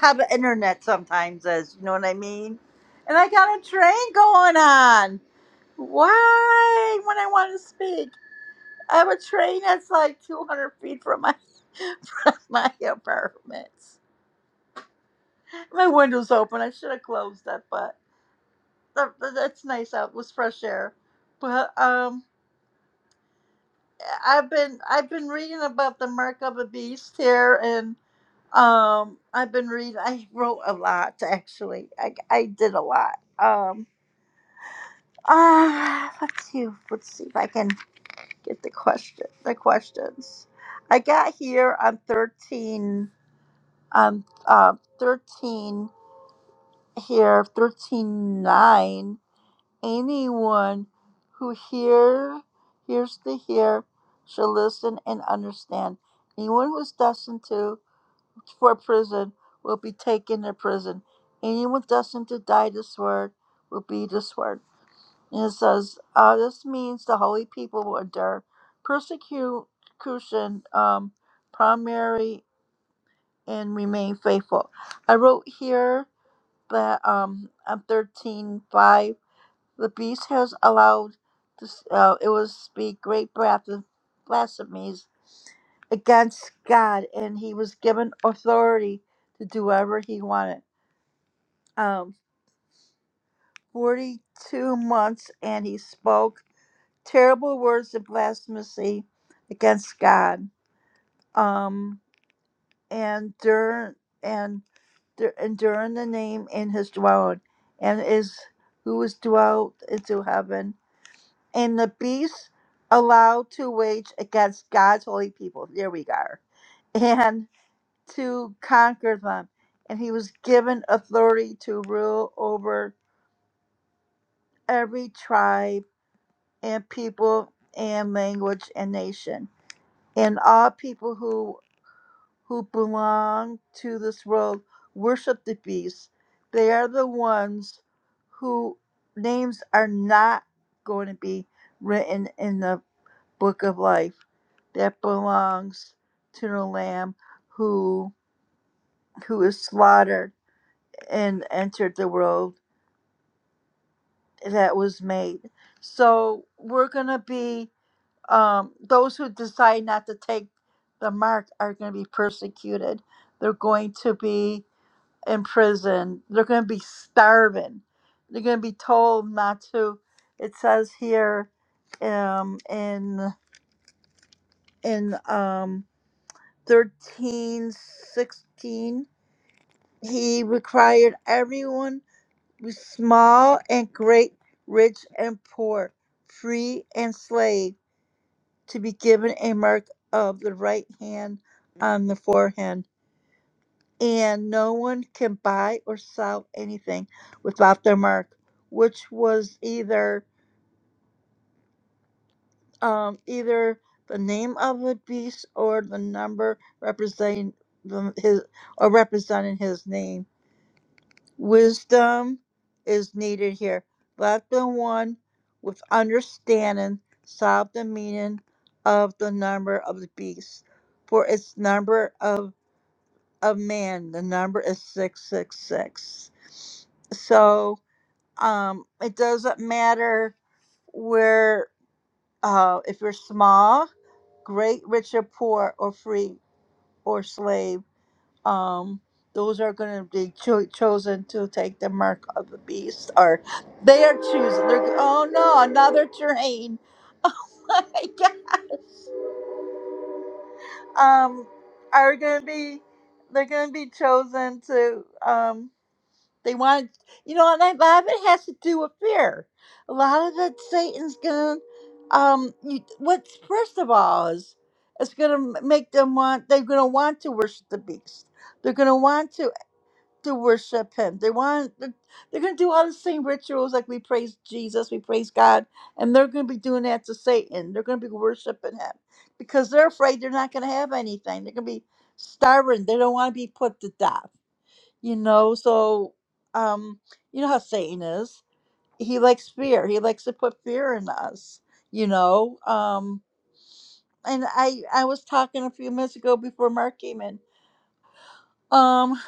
[SPEAKER 2] how the internet sometimes is. You know what I mean? And I got a train going on. Why? When I want to speak, I have a train that's like 200 feet from my from my apartment. My window's open. I should have closed it, but that, that's nice out. It was fresh air. But um, I've been I've been reading about the mark of the beast here, Um, I've been reading. I wrote a lot actually. I, I did a lot. Um, ah, let's see. Let's see if I can get the question. The questions. I got here on thirteen. On um, thirteen here, thirteen nine. Anyone who hear hears to hear shall listen and understand. Anyone who is destined to for prison will be taken to prison. Anyone destined to die this word will be this word. And it says, uh, this means the holy people will endure persecution um, primary and remain faithful. I wrote here that um, I'm the beast has allowed this, uh, it will speak great breath of blasphemies against God, and he was given authority to do whatever he wanted. Um, 42 months, and he spoke terrible words of blasphemy against God. Um, and during and dur- and during the name in his dwelling, and is who is dwelt into heaven and the beast allowed to wage against God's holy people. There we are. And to conquer them. And he was given authority to rule over every tribe and people and language and nation. And all people who who belong to this world worship the beast. They are the ones who names are not going to be written in the book of life that belongs to the lamb who who is slaughtered and entered the world that was made so we're going to be um, those who decide not to take the mark are going to be persecuted they're going to be imprisoned they're going to be starving they're going to be told not to it says here um, in in um, 13, 16. he required everyone, small and great, rich and poor, free and slave, to be given a mark of the right hand on the forehead. And no one can buy or sell anything without their mark, which was either um, either the name of the beast or the number representing the, his or representing his name Wisdom is needed here. Let the one with understanding solve the meaning of the number of the beast, for its number of of man, the number is six six six. So um, it doesn't matter where uh, if you're small, great, rich or poor, or free or slave um, those are going to be cho- chosen to take the mark of the beast, or they are choosing. They're oh no, another train! Oh my gosh! Um, are going to be they're going to be chosen to um. They want you know, and a lot of it has to do with fear. A lot of it, Satan's going to um. You, what's first of all is it's going to make them want. They're going to want to worship the beast. They're going to want to to worship him. They want they're, they're going to do all the same rituals like we praise Jesus, we praise God, and they're going to be doing that to Satan. They're going to be worshiping him because they're afraid they're not going to have anything. They're going to be starving. They don't want to be put to death. You know, so um you know how Satan is. He likes fear. He likes to put fear in us, you know. Um and I I was talking a few minutes ago before Mark came in. Um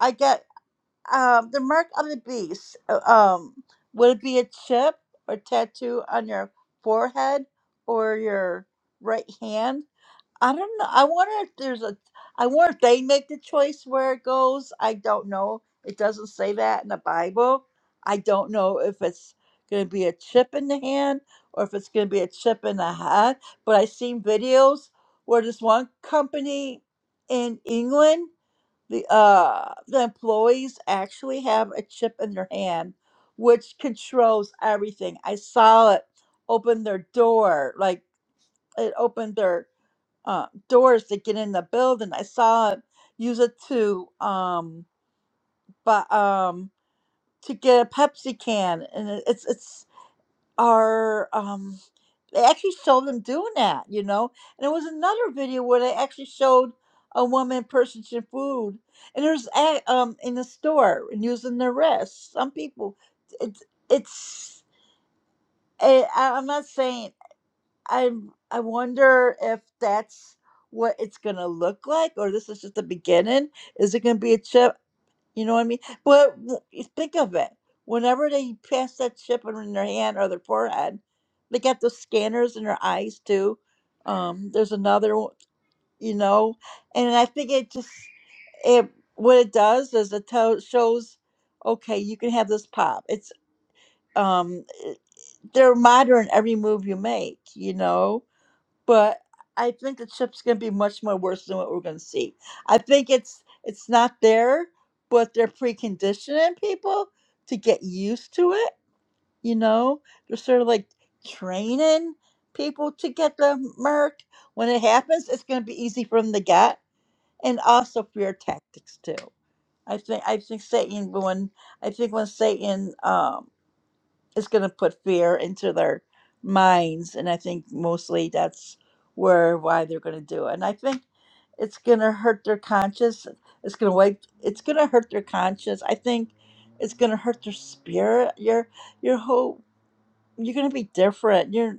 [SPEAKER 2] I got. Um, the mark of the beast. uh, Um, would it be a chip or tattoo on your forehead or your right hand? I don't know. I wonder if there's a. I wonder if they make the choice where it goes. I don't know. It doesn't say that in the Bible. I don't know if it's going to be a chip in the hand or if it's going to be a chip in the head. But I've seen videos where this one company in England the uh the employees actually have a chip in their hand which controls everything i saw it open their door like it opened their uh, doors to get in the building i saw it use it to um but um to get a pepsi can and it- it's it's are um they actually showed them doing that, you know. And there was another video where they actually showed a woman purchasing food, and there's a- um in the store and using their wrists. Some people, it's it's. eh, I, I'm not saying. I I wonder if that's what it's gonna look like, or this is just the beginning. Is it gonna be a chip? You know what I mean? But w- you think of it. Whenever they pass that chip in their hand or their forehead, they got those scanners in their eyes too. Um, there's another, one, you know, and I think it just it what it does is it tells shows, okay, you can have this pop. It's um, it- they're monitoring every move you make, you know but I think the chip's going to be much more worse than what we're going to see. I think it's it's not there, but they're preconditioning people to get used to it. You know, they're sort of like training people to get the merc. When it happens, it's going to be easy for them to get, and also fear tactics too. I think I think Satan when I think when Satan um it's going to put fear into their minds and i think mostly that's where why they're going to do it and i think it's going to hurt their conscience it's going to wipe it's going to hurt their conscience i think it's going to hurt their spirit your your whole you're going to be different you're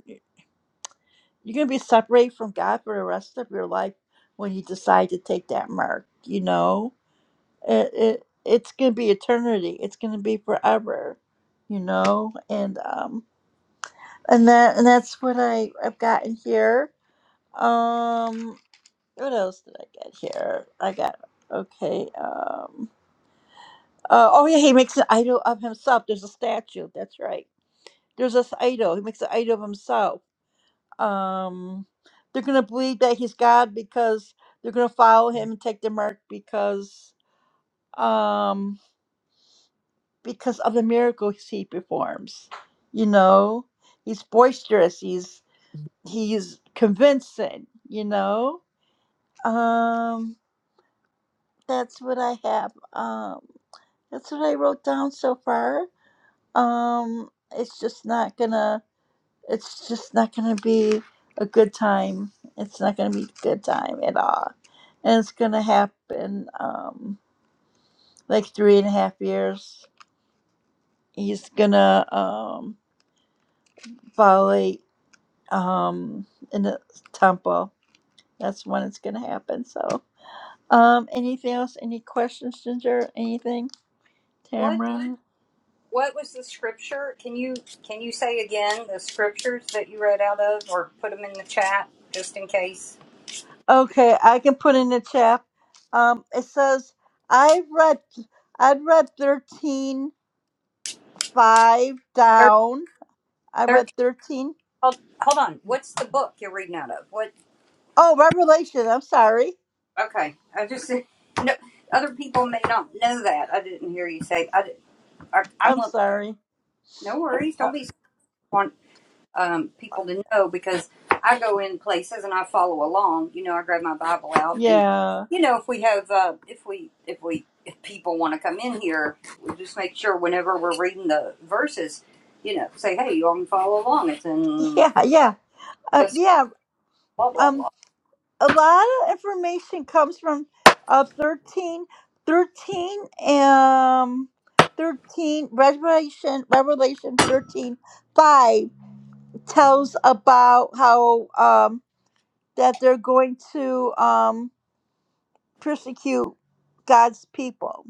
[SPEAKER 2] you're going to be separated from god for the rest of your life when you decide to take that mark you know it, it it's going to be eternity it's going to be forever you know and um and that and that's what I I've gotten here. Um, what else did I get here? I got okay. Um, uh, oh yeah, he makes an idol of himself. There's a statue. That's right. There's this idol. He makes an idol of himself. Um, they're gonna believe that he's God because they're gonna follow him and take the mark because um because of the miracles he performs. You know, he's boisterous. He's he's convincing. You know Um, that's what I have. Um, that's what I wrote down so far. Um, it's just not gonna. It's just not gonna be a good time. It's not gonna be a good time at all, and it's gonna happen. Um, like three and a half years. He's gonna um violate um in the temple. That's when it's gonna happen. So, um, anything else? Any questions, Ginger? Anything,
[SPEAKER 1] What?
[SPEAKER 2] Tamara?
[SPEAKER 1] What was the scripture? Can you can you say again the scriptures that you read out of, or put them in the chat just in case?
[SPEAKER 2] Okay, I can put in the chat. Um, it says I read I read thirteen five
[SPEAKER 1] Thir-
[SPEAKER 2] down. I read
[SPEAKER 1] Thirteen.
[SPEAKER 2] thirteen.
[SPEAKER 1] Hold, hold on. What's the book you're reading out of? What?
[SPEAKER 2] Oh, Revelation. I'm sorry.
[SPEAKER 1] Okay. I just no. Other people may not know that. I didn't hear you say. I. did di- I am
[SPEAKER 2] I'm sorry.
[SPEAKER 1] No worries.
[SPEAKER 2] Uh,
[SPEAKER 1] Don't be. um, people to know because I go in places and I follow along. You know, I grab my Bible out and
[SPEAKER 2] yeah,
[SPEAKER 1] you know if we have uh, if we if we if people want to come in here, we just make sure whenever we're reading the verses, you know, say hey, you all can follow along. It's in
[SPEAKER 2] yeah, yeah, uh,
[SPEAKER 1] this
[SPEAKER 2] yeah.
[SPEAKER 1] blah blah
[SPEAKER 2] Um,
[SPEAKER 1] blah.
[SPEAKER 2] a lot of information comes from uh thirteen, thirteen, um, thirteen. Revelation, Revelation thirteen five tells about how um that they're going to um, persecute God's people.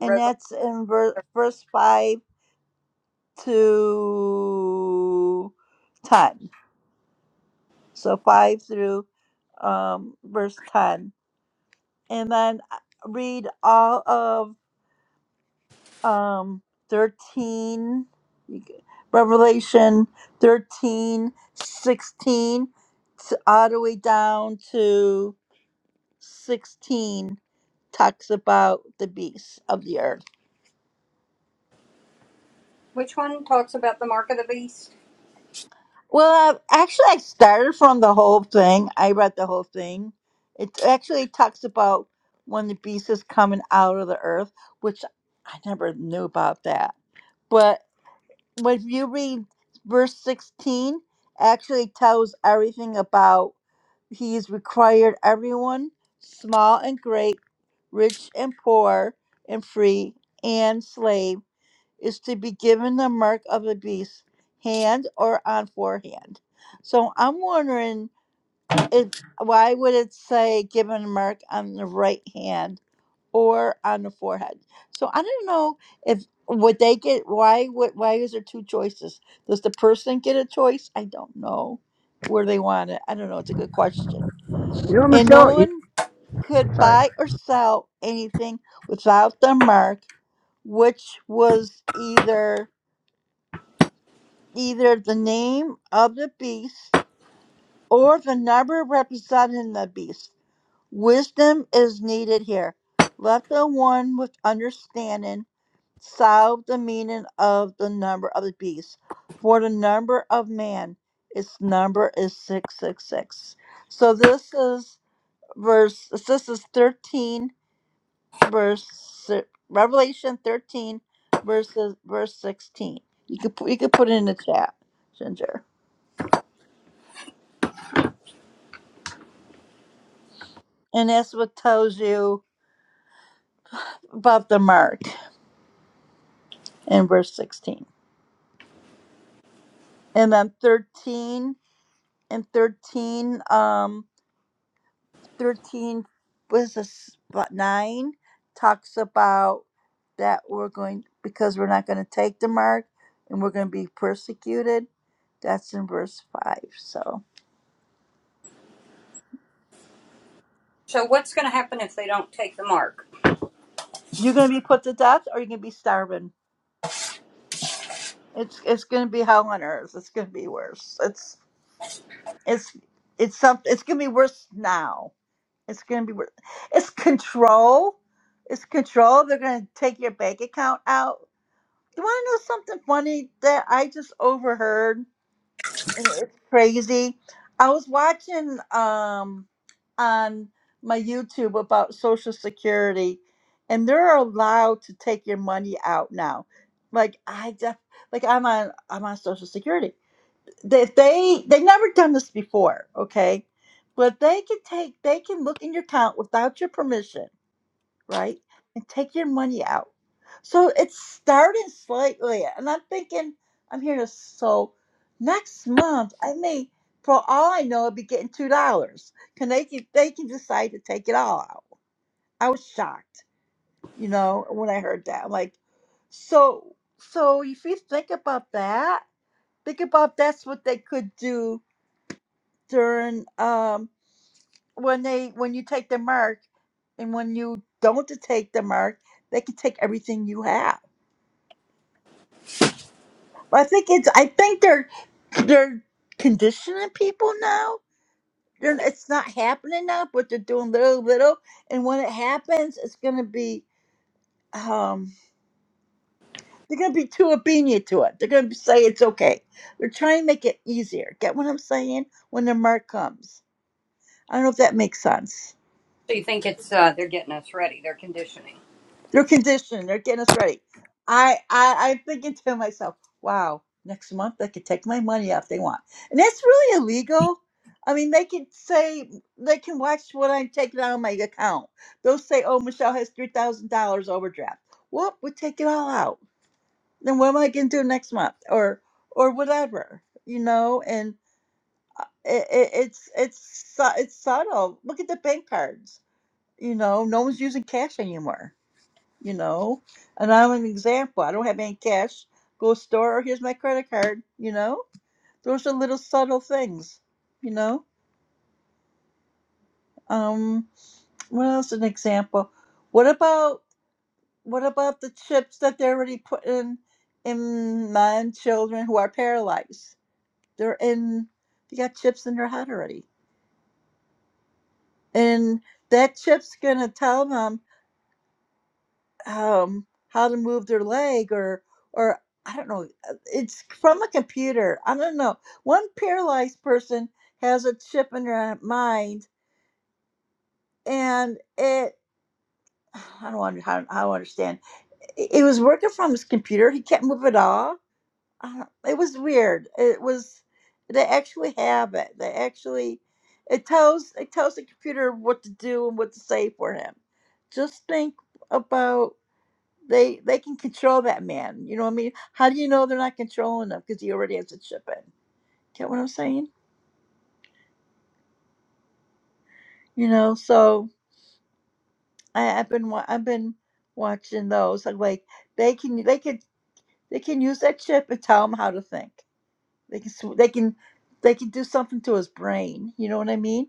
[SPEAKER 2] And
[SPEAKER 1] Revelation.
[SPEAKER 2] that's in ver- verse 5 to 10. So 5 through um, verse 10. And then uh, read all of um, 13, Revelation 13 16 to, all the way down to 16 talks about the beasts of the earth.
[SPEAKER 1] Which one talks about the mark of the beast?
[SPEAKER 2] Well, uh, actually, I started from the whole thing. I read the whole thing. It actually talks about when the beast is coming out of the earth, which I never knew about that. But when you read verse 16, actually tells everything about he's required everyone, small and great, rich and poor, and free and slave is to be given the mark of the beast, hand or on forehand. So I'm wondering, it, why would it say given a mark on the right hand or on the forehead? So I don't know if would they get why would why is there two choices? Does the person get a choice? I don't know where they want it. I don't know. It's a good question.
[SPEAKER 5] You know, what,
[SPEAKER 2] And no
[SPEAKER 5] Michelle. You,
[SPEAKER 2] one could
[SPEAKER 5] sorry.
[SPEAKER 2] buy or sell anything without the mark, which was either. either the name of the beast or the number representing the beast. Wisdom is needed here. Let the one with understanding solve the meaning of the number of the beast, for the number of man, its number is 666. So this is verse, this is 13, verse, si- Revelation 13, verses, verse 16. You could, put- you could put it in the chat, Ginger. And that's what tells you about the mark in verse 16. And then 13 and 13, um, 13 was this but nine talks about that we're going because we're not going to take the mark and we're going to be persecuted. That's in verse five. So
[SPEAKER 1] So what's going to happen if they don't take the mark?
[SPEAKER 2] you're going to be put to death or you're going to be starving. It's it's going to be hell on earth. It's going to be worse. It's it's it's something. It's going to be worse now It's going to be, it's control. It's control. They're going to take your bank account out. You want to know something funny that I just overheard? And It's crazy. I was watching um, on my YouTube about Social Security, and they're allowed to take your money out now. Like I def- like I'm on I'm on Social Security that they they never done this before okay but they can take they can look in your account without your permission right and take your money out so it's starting slightly and i'm thinking i'm here to so next month i may for all i know i'll be getting two dollars can they can they can decide to take it all out i was shocked you know when i heard that I'm like so so if you think about that think about that's what they could do during um when they when you take the mark and when you don't take the mark they can take everything you have but i think it's i think they're they're conditioning people now they're, it's not happening now but they're doing little little and when it happens it's going to be um they're going to be too obedient to it they're going to say it's okay they're trying to make it easier get what i'm saying when the mark comes i don't know if that makes sense
[SPEAKER 1] So you think it's uh, they're getting us ready? They're conditioning.
[SPEAKER 2] They're conditioning. They're getting us ready. I, I I'm thinking to myself, wow, next month they could take my money out if they want, and that's really illegal. I mean, they can say they can watch what I'm taking out of my account. They'll say, oh, Michelle has three thousand dollars overdraft. Whoop, we take it all out. Then what am I going to do next month, or or whatever, you know? And it, it, it's it's su- it's subtle. Look at the bank cards. You know, no one's using cash anymore you know. And I'm an example. I don't have any cash. Go store. Here's my credit card. You know, those are little subtle things. You know. Um, what else? An example. What about what about the chips that they're already putting in my children who are paralyzed? They're in. They got chips in their head already, and that chip's gonna tell them. um, how to move their leg or or I don't know. uh, It's from a computer. I don't know. One paralyzed person has a chip in their mind, and it I don't under, I don't I don't understand. It it was working from his computer. He can't move at all. I don't- It was weird. It was they actually have it. They actually it tells it tells the computer what to do and what to say for him. Just think about they they can control that man. You know what I mean? How do you know they're not controlling him because he already has a chip in? Get what I'm saying? You know. So I, I've been wa- I've been watching those. I'm like they can they can they can use that chip and tell him how to think. They can sw- they can they can do something to his brain. You know what I mean?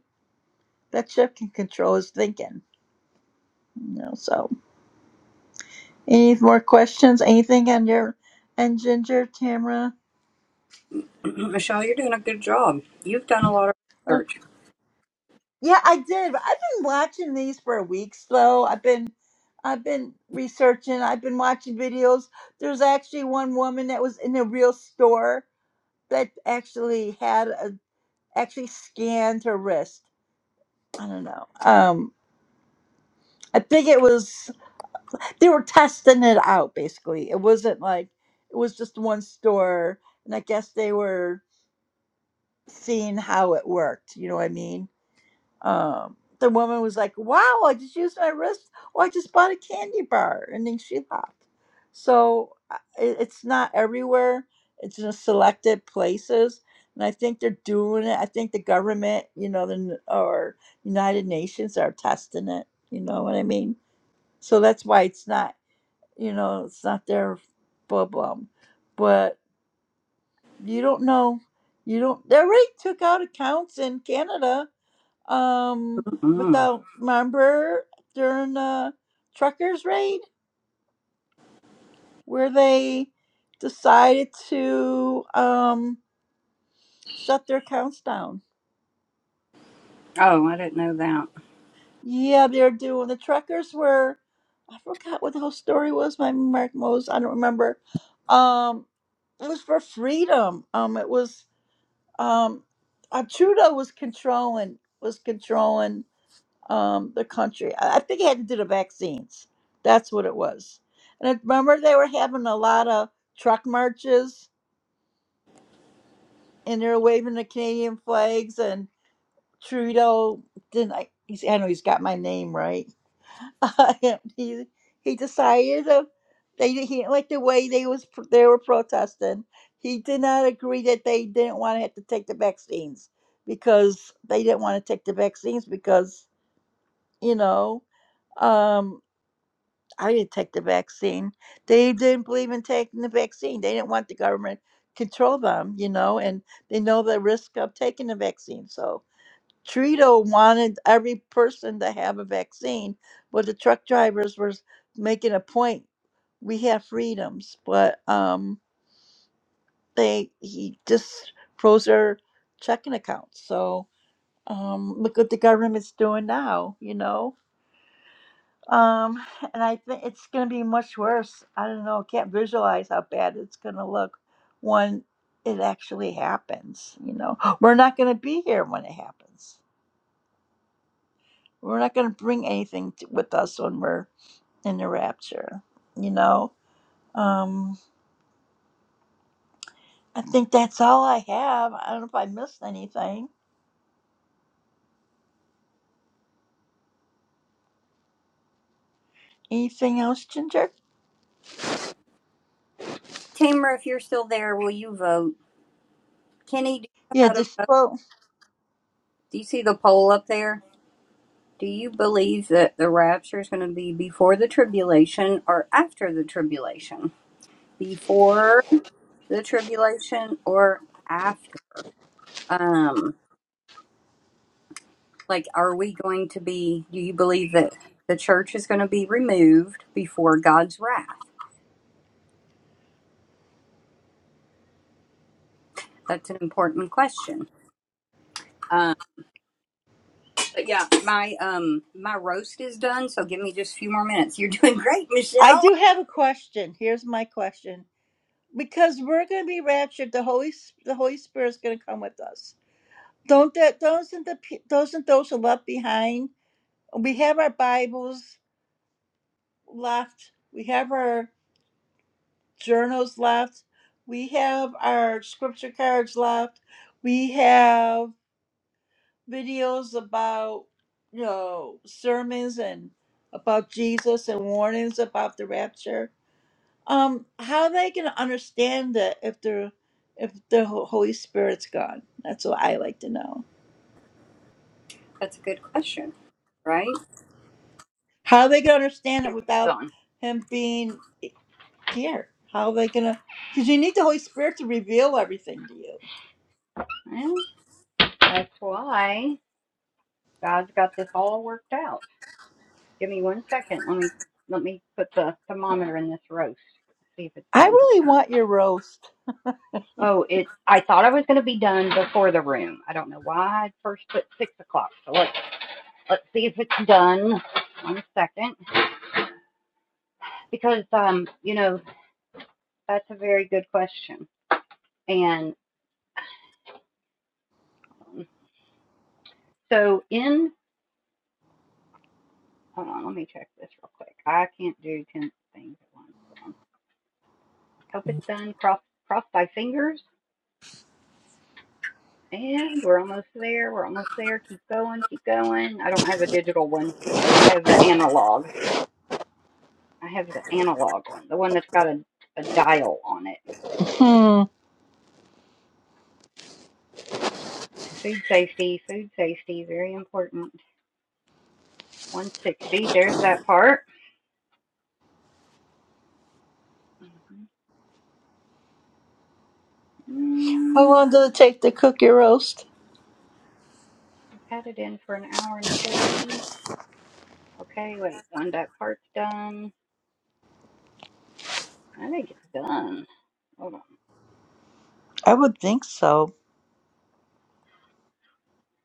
[SPEAKER 2] That chip can control his thinking. You know. So any more questions? Anything on your and Ginger Tamara?
[SPEAKER 1] Michelle, you're doing a good job. You've done a lot of
[SPEAKER 2] Okay.
[SPEAKER 1] research.
[SPEAKER 2] Yeah, I did. I've been watching these for weeks though. I've been I've been researching, I've been watching videos. There's actually one woman that was in a real store that actually had a actually scanned her wrist. I don't know. Um I think it was they were testing it out basically. It wasn't like it was just one store and I guess they were seeing how it worked, you know what I mean? um, the woman was like, "Wow, I just used my wrist. Oh, I just bought a candy bar," and then she left. So uh, I- it, it's not everywhere; it's in selected places, and I think they're doing it. I think the government, you know, the n- or United Nations are testing it. You know what I mean? So that's why it's not, you know, it's not their problem. But you don't know, you don't. They already took out accounts in Canada um,
[SPEAKER 1] Mm-hmm.
[SPEAKER 2] without remember during the truckers raid where they decided to um, shut their accounts down.
[SPEAKER 1] Oh, I didn't know that.
[SPEAKER 2] Yeah, they're doing the truckers were. I forgot what the whole story was. My Mark Mose, I don't remember. Um, it was for freedom. Um, it was um, uh, Trudeau was controlling was controlling. um, the country. I I think it had to do the vaccines. That's what it was. And I remember they were having a lot of truck marches and they were waving the Canadian flags and Trudeau didn't I, he's, I know he's got my name right. and he he decided to, they he didn't like the way they was pr- they were protesting. He did not agree that they didn't want to have to take the vaccines because they didn't want to take the vaccines because you know Um, I didn't take the vaccine. They didn't believe in taking the vaccine. They didn't want the government to control them, you know, and they know the risk of taking the vaccine. So Trudeau wanted every person to have a vaccine, but the truck drivers were making a point. We have freedoms, but um, they he just froze their checking accounts. So um, look what the government's doing now, you know Um, and I think it's going to be much worse. I don't know. I can't visualize how bad it's going to look when it actually happens. You know, we're not going to be here when it happens. We're not going to bring anything to, with us when we're in the rapture. You know, um, I think that's all I have. I don't know if I missed anything. Anything else, Ginger?
[SPEAKER 1] Tamara, if you're still there, will you vote? Kenny, do you know
[SPEAKER 2] Yeah,
[SPEAKER 1] how to
[SPEAKER 2] just
[SPEAKER 1] vote?
[SPEAKER 2] well,
[SPEAKER 1] Do you see the poll up there? Do you believe that the rapture is going to be before the tribulation or after the tribulation? Before the tribulation or after? Um, like, are we going to be, do you believe that the church is going to be removed before God's wrath? That's an important question. Um, But yeah, my um my roast is done, so give me just a few more minutes. You're doing great,
[SPEAKER 2] I
[SPEAKER 1] Michelle.
[SPEAKER 2] do have a question. Here's my question. Because we're going to be raptured, the Holy the Holy Spirit is going to come with us Don't that doesn't the pe- doesn't those who left behind? We have our Bibles left. We have our journals left. We have our scripture cards left. We have videos about you know sermons and about Jesus and warnings about the rapture. Um, how are they gonna understand that if they're if the Ho- Holy Spirit's gone? That's what I like to know.
[SPEAKER 1] That's a good question, right?
[SPEAKER 2] How are they gonna understand it
[SPEAKER 1] Your bed's
[SPEAKER 2] without
[SPEAKER 1] on.
[SPEAKER 2] him being dear, how are they gonna? Because you need the Holy Spirit to reveal everything to you.
[SPEAKER 1] Well, that's why God's got this all worked out. Give me one second. Let me let me put the thermometer in this roast. See if it's
[SPEAKER 2] I
[SPEAKER 1] done. Hold
[SPEAKER 2] really
[SPEAKER 1] on.
[SPEAKER 2] want your roast.
[SPEAKER 1] Oh, it's. I thought I was going to be done before the room. I don't know why I first put six o'clock. So let's let's see if it's done. One second, because um, you know, that's a very good question and. Um, So in, hold on, let me check this real quick. I can't do 10 things at once. Hold on. I Hope it's done. Cross, cross my fingers. And we're almost there. We're almost there. Keep going. Keep going. I don't have a digital one. I have the analog. I have the analog one, the one that's got a, a dial on it.
[SPEAKER 2] Hmm.
[SPEAKER 1] Food safety. Food safety. Very important. 160. There's that part. Mm-hmm.
[SPEAKER 2] How
[SPEAKER 1] Mm,
[SPEAKER 2] long does it take to cook your roast?
[SPEAKER 1] I've had it in for an hour and 40. Okay, wait. One, that part's done. I think it's done. Hold on.
[SPEAKER 2] I would think so.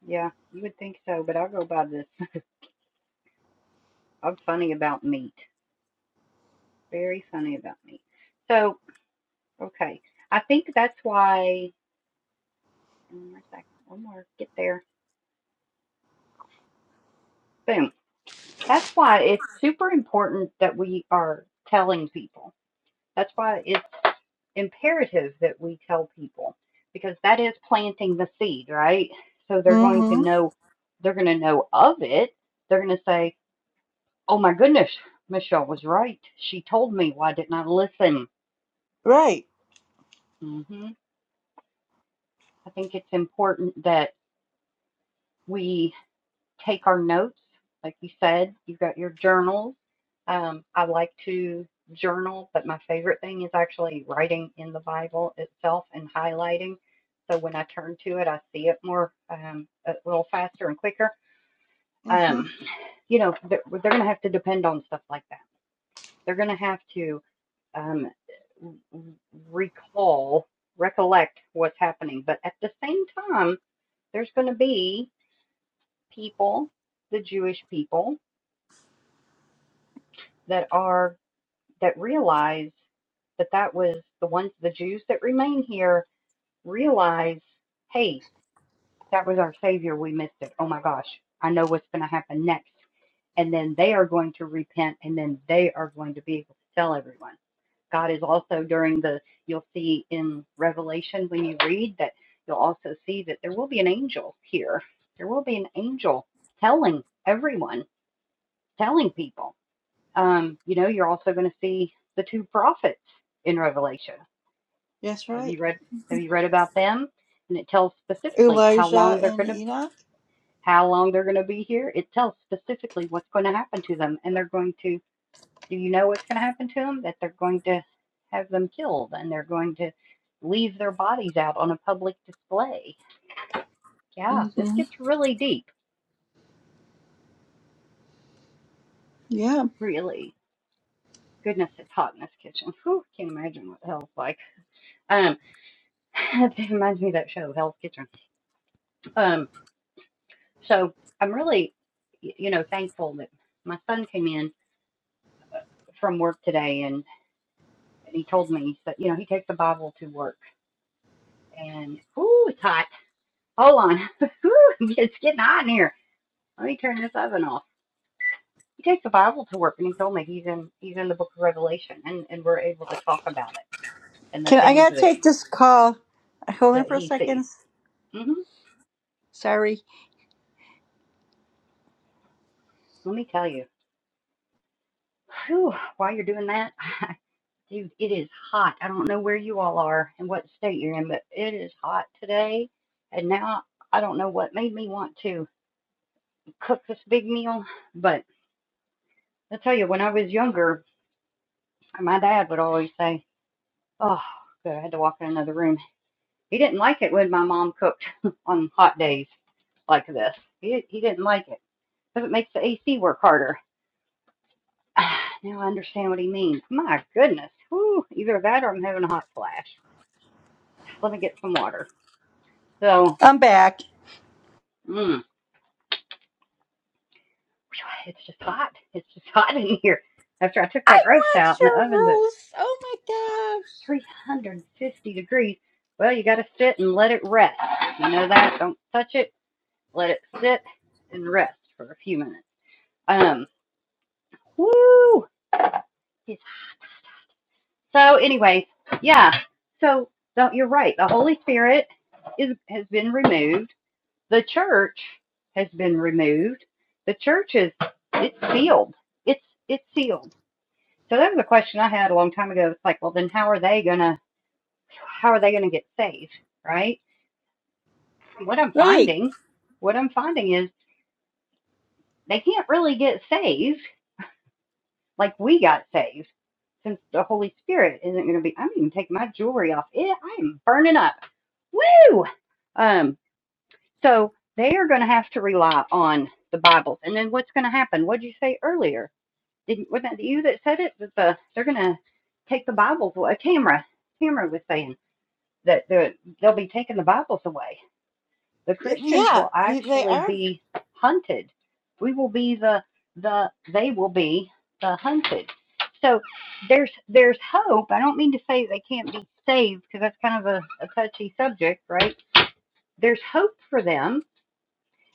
[SPEAKER 1] Yeah, you would think so, but I'll go by this. I'm funny about meat. Very funny about meat. So, okay. I think that's why. One more second. One more. Get there. Boom. That's why it's super important that we are telling people. That's why it's imperative that we tell people because that is planting the seed, right? So they're going to
[SPEAKER 2] Mm-hmm.
[SPEAKER 1] know. They're going to know of it. They're going to say, Oh my goodness, Michelle was right. She told me, why didn't I listen?
[SPEAKER 2] Right.
[SPEAKER 1] hmm I think it's important that we take our notes. Like you said, you've got your journals. Um, I like to journal, but my favorite thing is actually writing in the Bible itself and highlighting. So when I turn to it, I see it more, um, a little faster and quicker.
[SPEAKER 2] Mm-hmm.
[SPEAKER 1] Um, you know, they're, they're going to have to depend on stuff like that. They're going to have to um, recall, recollect what's happening. But at the same time, there's going to be people, the Jewish people, that are that realize that that was the ones, the Jews that remain here, realize, hey, that was our Savior. We missed it. Oh my gosh, I know what's going to happen next. And then they are going to repent, and then they are going to be able to tell everyone. God is also during the, you'll see in Revelation when you read that, you'll also see that there will be an angel here. There will be an angel telling everyone, telling people. Um, you know, you're also going to see the two prophets in Revelation.
[SPEAKER 2] That's
[SPEAKER 1] Have
[SPEAKER 2] right.
[SPEAKER 1] you read? Have you read about them? And it tells specifically how long
[SPEAKER 2] Elijah
[SPEAKER 1] they're
[SPEAKER 2] and
[SPEAKER 1] going to
[SPEAKER 2] Enoch.
[SPEAKER 1] how long they're going to be here. It tells specifically what's going to happen to them, and they're going to do you know what's going to happen to them? That they're going to have them killed and they're going to leave their bodies out on a public display. Yeah, this
[SPEAKER 2] Mm-hmm.
[SPEAKER 1] gets really deep,
[SPEAKER 2] Yeah.
[SPEAKER 1] really. Goodness, it's hot in this kitchen. Whew, can't imagine what hell's like. Um, it reminds me of that show, Hell's Kitchen. Um, so I'm really, you know, thankful that my son came in from work today and, and he told me that, you know, he takes the Bible to work and, whoo, it's hot. Hold on. Whew, it's getting hot in here Let me turn this oven off. He takes the Bible to work, and he told me he's in he's in the Book of Revelation, and and we're able to talk about it and the
[SPEAKER 2] Can I
[SPEAKER 1] things
[SPEAKER 2] gotta
[SPEAKER 1] that
[SPEAKER 2] take this call? Hold on
[SPEAKER 1] that
[SPEAKER 2] for a
[SPEAKER 1] he sees.
[SPEAKER 2] second.
[SPEAKER 1] hmm
[SPEAKER 2] Sorry.
[SPEAKER 1] Let me tell you, Whew, while you're doing that, dude, it is hot. I don't know where you all are and what state you're in, but it is hot today. And now I don't know what made me want to cook this big meal, but I tell you, when I was younger, my dad would always say, "Oh, good, I had to walk in another room." He didn't like it when my mom cooked on hot days like this. He he didn't like it because it makes the AC work harder. now I understand what he means. My goodness, Whew, either that or I'm having a hot flash. Let me get some water. So,
[SPEAKER 2] I'm back.
[SPEAKER 1] mm, it's just hot. It's just hot in here. After I took
[SPEAKER 2] I
[SPEAKER 1] that roast
[SPEAKER 2] want
[SPEAKER 1] out and
[SPEAKER 2] your
[SPEAKER 1] the oven's at
[SPEAKER 2] roast. Oh
[SPEAKER 1] 350 degrees, well, you got to sit and let it rest. You know that? Don't touch it. Let it sit and rest for a few minutes. Um, woo! It So, anyways, yeah. So, no, you're right. The Holy Spirit is has been removed. The church has been removed. The church is it's sealed. It's it's sealed. So that was a question I had a long time ago. It's like, well, then how are they gonna how are they gonna get saved, right? What I'm
[SPEAKER 2] my gosh. Right.
[SPEAKER 1] finding, what I'm finding is they can't really get saved like we got saved since the Holy Spirit isn't going to be. I'm even taking my jewelry off. It, I am burning up. Woo! Um, so they are going to have to rely on the Bibles. And then what's going to happen? What did you say earlier? Didn't wasn't that you that said it? That the they're going to take the Bibles away. Tamara, Tamara was saying that they will be taking the Bibles away. The
[SPEAKER 2] Y-
[SPEAKER 1] Christians
[SPEAKER 2] Yeah.
[SPEAKER 1] will
[SPEAKER 2] They they
[SPEAKER 1] actually
[SPEAKER 2] are.
[SPEAKER 1] be hunted. We will be the the they will be the hunted. So there's there's hope. I don't mean to say they can't be saved because that's kind of a, a touchy subject, right? there's hope for them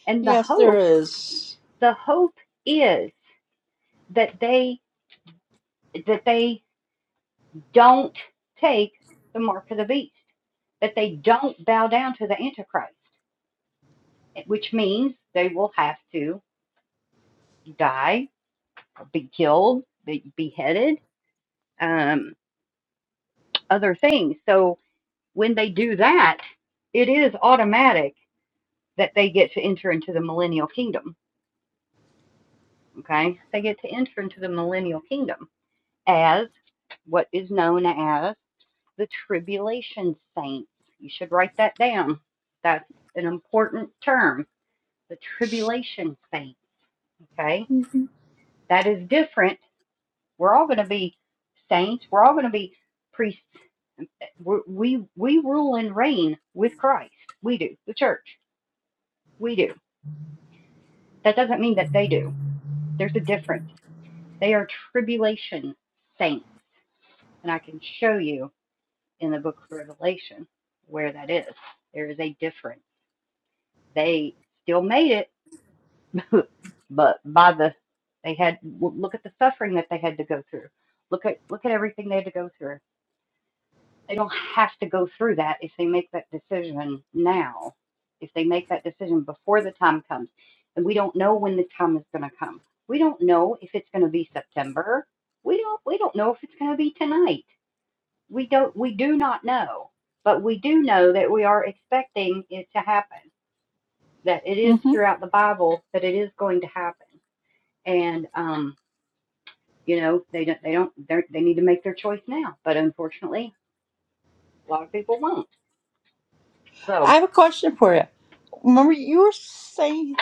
[SPEAKER 1] and the
[SPEAKER 2] Yes, there
[SPEAKER 1] hope
[SPEAKER 2] is.
[SPEAKER 1] the hope is that they that they don't take the mark of the beast that they don't bow down to the antichrist which means they will have to die be killed be beheaded um, other things so when they do that it is automatic that they get to enter into the millennial kingdom okay they get to enter into the millennial kingdom as what is known as the tribulation saints. You should write that down. That's an important term, the tribulation saints. Okay, that is different. We're all going to be saints. We're all going to be priests. we we rule and reign with Christ. We do. The church. We do. That doesn't mean that they do. There's a difference. They are tribulation saints, and I can show you in the Book of Revelation where that is. There is a difference. They still made it but by the they had look at the suffering that they had to go through look at look at everything they had to go through they don't have to go through that if they make that decision now if they make that decision before the time comes and we don't know when the time is going to come we don't know if it's going to be september we don't we don't know if it's going to be tonight we don't we do not know but we do know that we are expecting it to happen that it is throughout the bible that it is going to happen and um, you know they don't they don't they need to make their choice now. But unfortunately, a lot of people won't. So
[SPEAKER 2] I have a question for you. Remember, you were saying,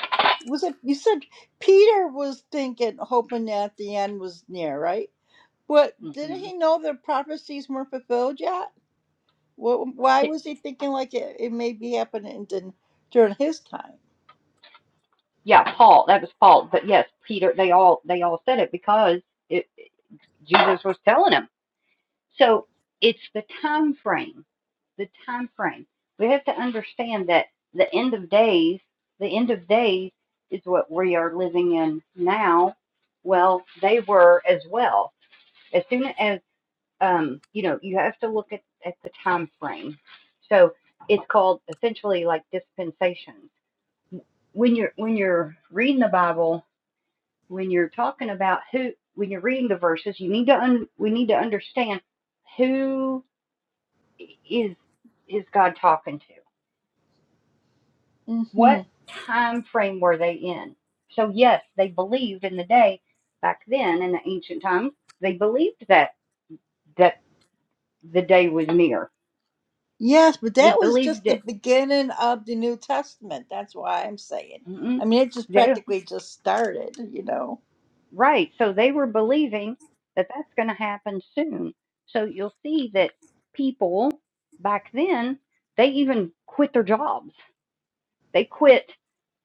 [SPEAKER 2] was it you said Peter was thinking, hoping that the end was near, right? But didn't
[SPEAKER 1] mhm.
[SPEAKER 2] he know the prophecies weren't fulfilled yet? What, why was he thinking like it, it may be happening din- during his time?
[SPEAKER 1] yeah, Paul, that was Paul. But yes, Peter, they all they all said it because it, Jesus was telling them. So it's the time frame, the time frame. We have to understand that the end of days, the end of days is what we are living in now. Well, they were as well. As as. soon as um, you know, you have to look at, at the time frame. So it's called essentially like dispensations. When you're when you're reading the Bible, when you're talking about who, when you're reading the verses, you need to un, we need to understand who is is God talking to?
[SPEAKER 2] hmm
[SPEAKER 1] What time frame were they in? So yes, they believed in the day back then in the ancient times. They believed that that the day was near.
[SPEAKER 2] Yes, but
[SPEAKER 1] They
[SPEAKER 2] that was just
[SPEAKER 1] believed
[SPEAKER 2] the
[SPEAKER 1] it
[SPEAKER 2] beginning of the New Testament. That's why I'm saying.
[SPEAKER 1] Mm-mm.
[SPEAKER 2] I mean, it just
[SPEAKER 1] They
[SPEAKER 2] practically just started, you know.
[SPEAKER 1] right, so they were believing that that's going to happen soon. So you'll see that people back then they even quit their jobs. They quit.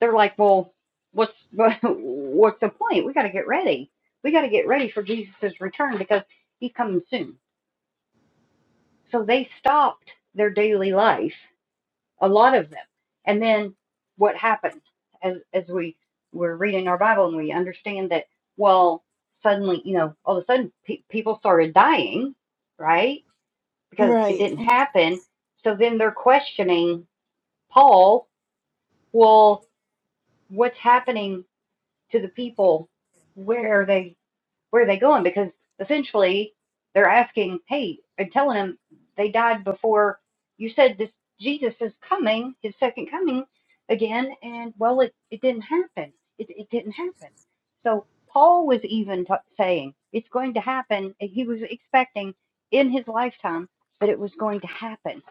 [SPEAKER 1] They're like, well, what's what's the point? We got to get ready. We got to get ready for Jesus' return because he's coming soon. So they stopped their daily life a lot of them. And then what happened as as we were reading our Bible and we understand that well suddenly you know all of a sudden pe- people started dying right because it
[SPEAKER 2] Right,
[SPEAKER 1] didn't happen. So then they're questioning Paul. Well, what's happening to the people? Where are they where are they going? Because essentially they're asking, hey, and telling him they died before you said this Jesus is coming, his second coming again, and well, it, it didn't happen. It, it didn't happen. So Paul was even t- saying it's going to happen. and He was expecting in his lifetime that it was going to happen,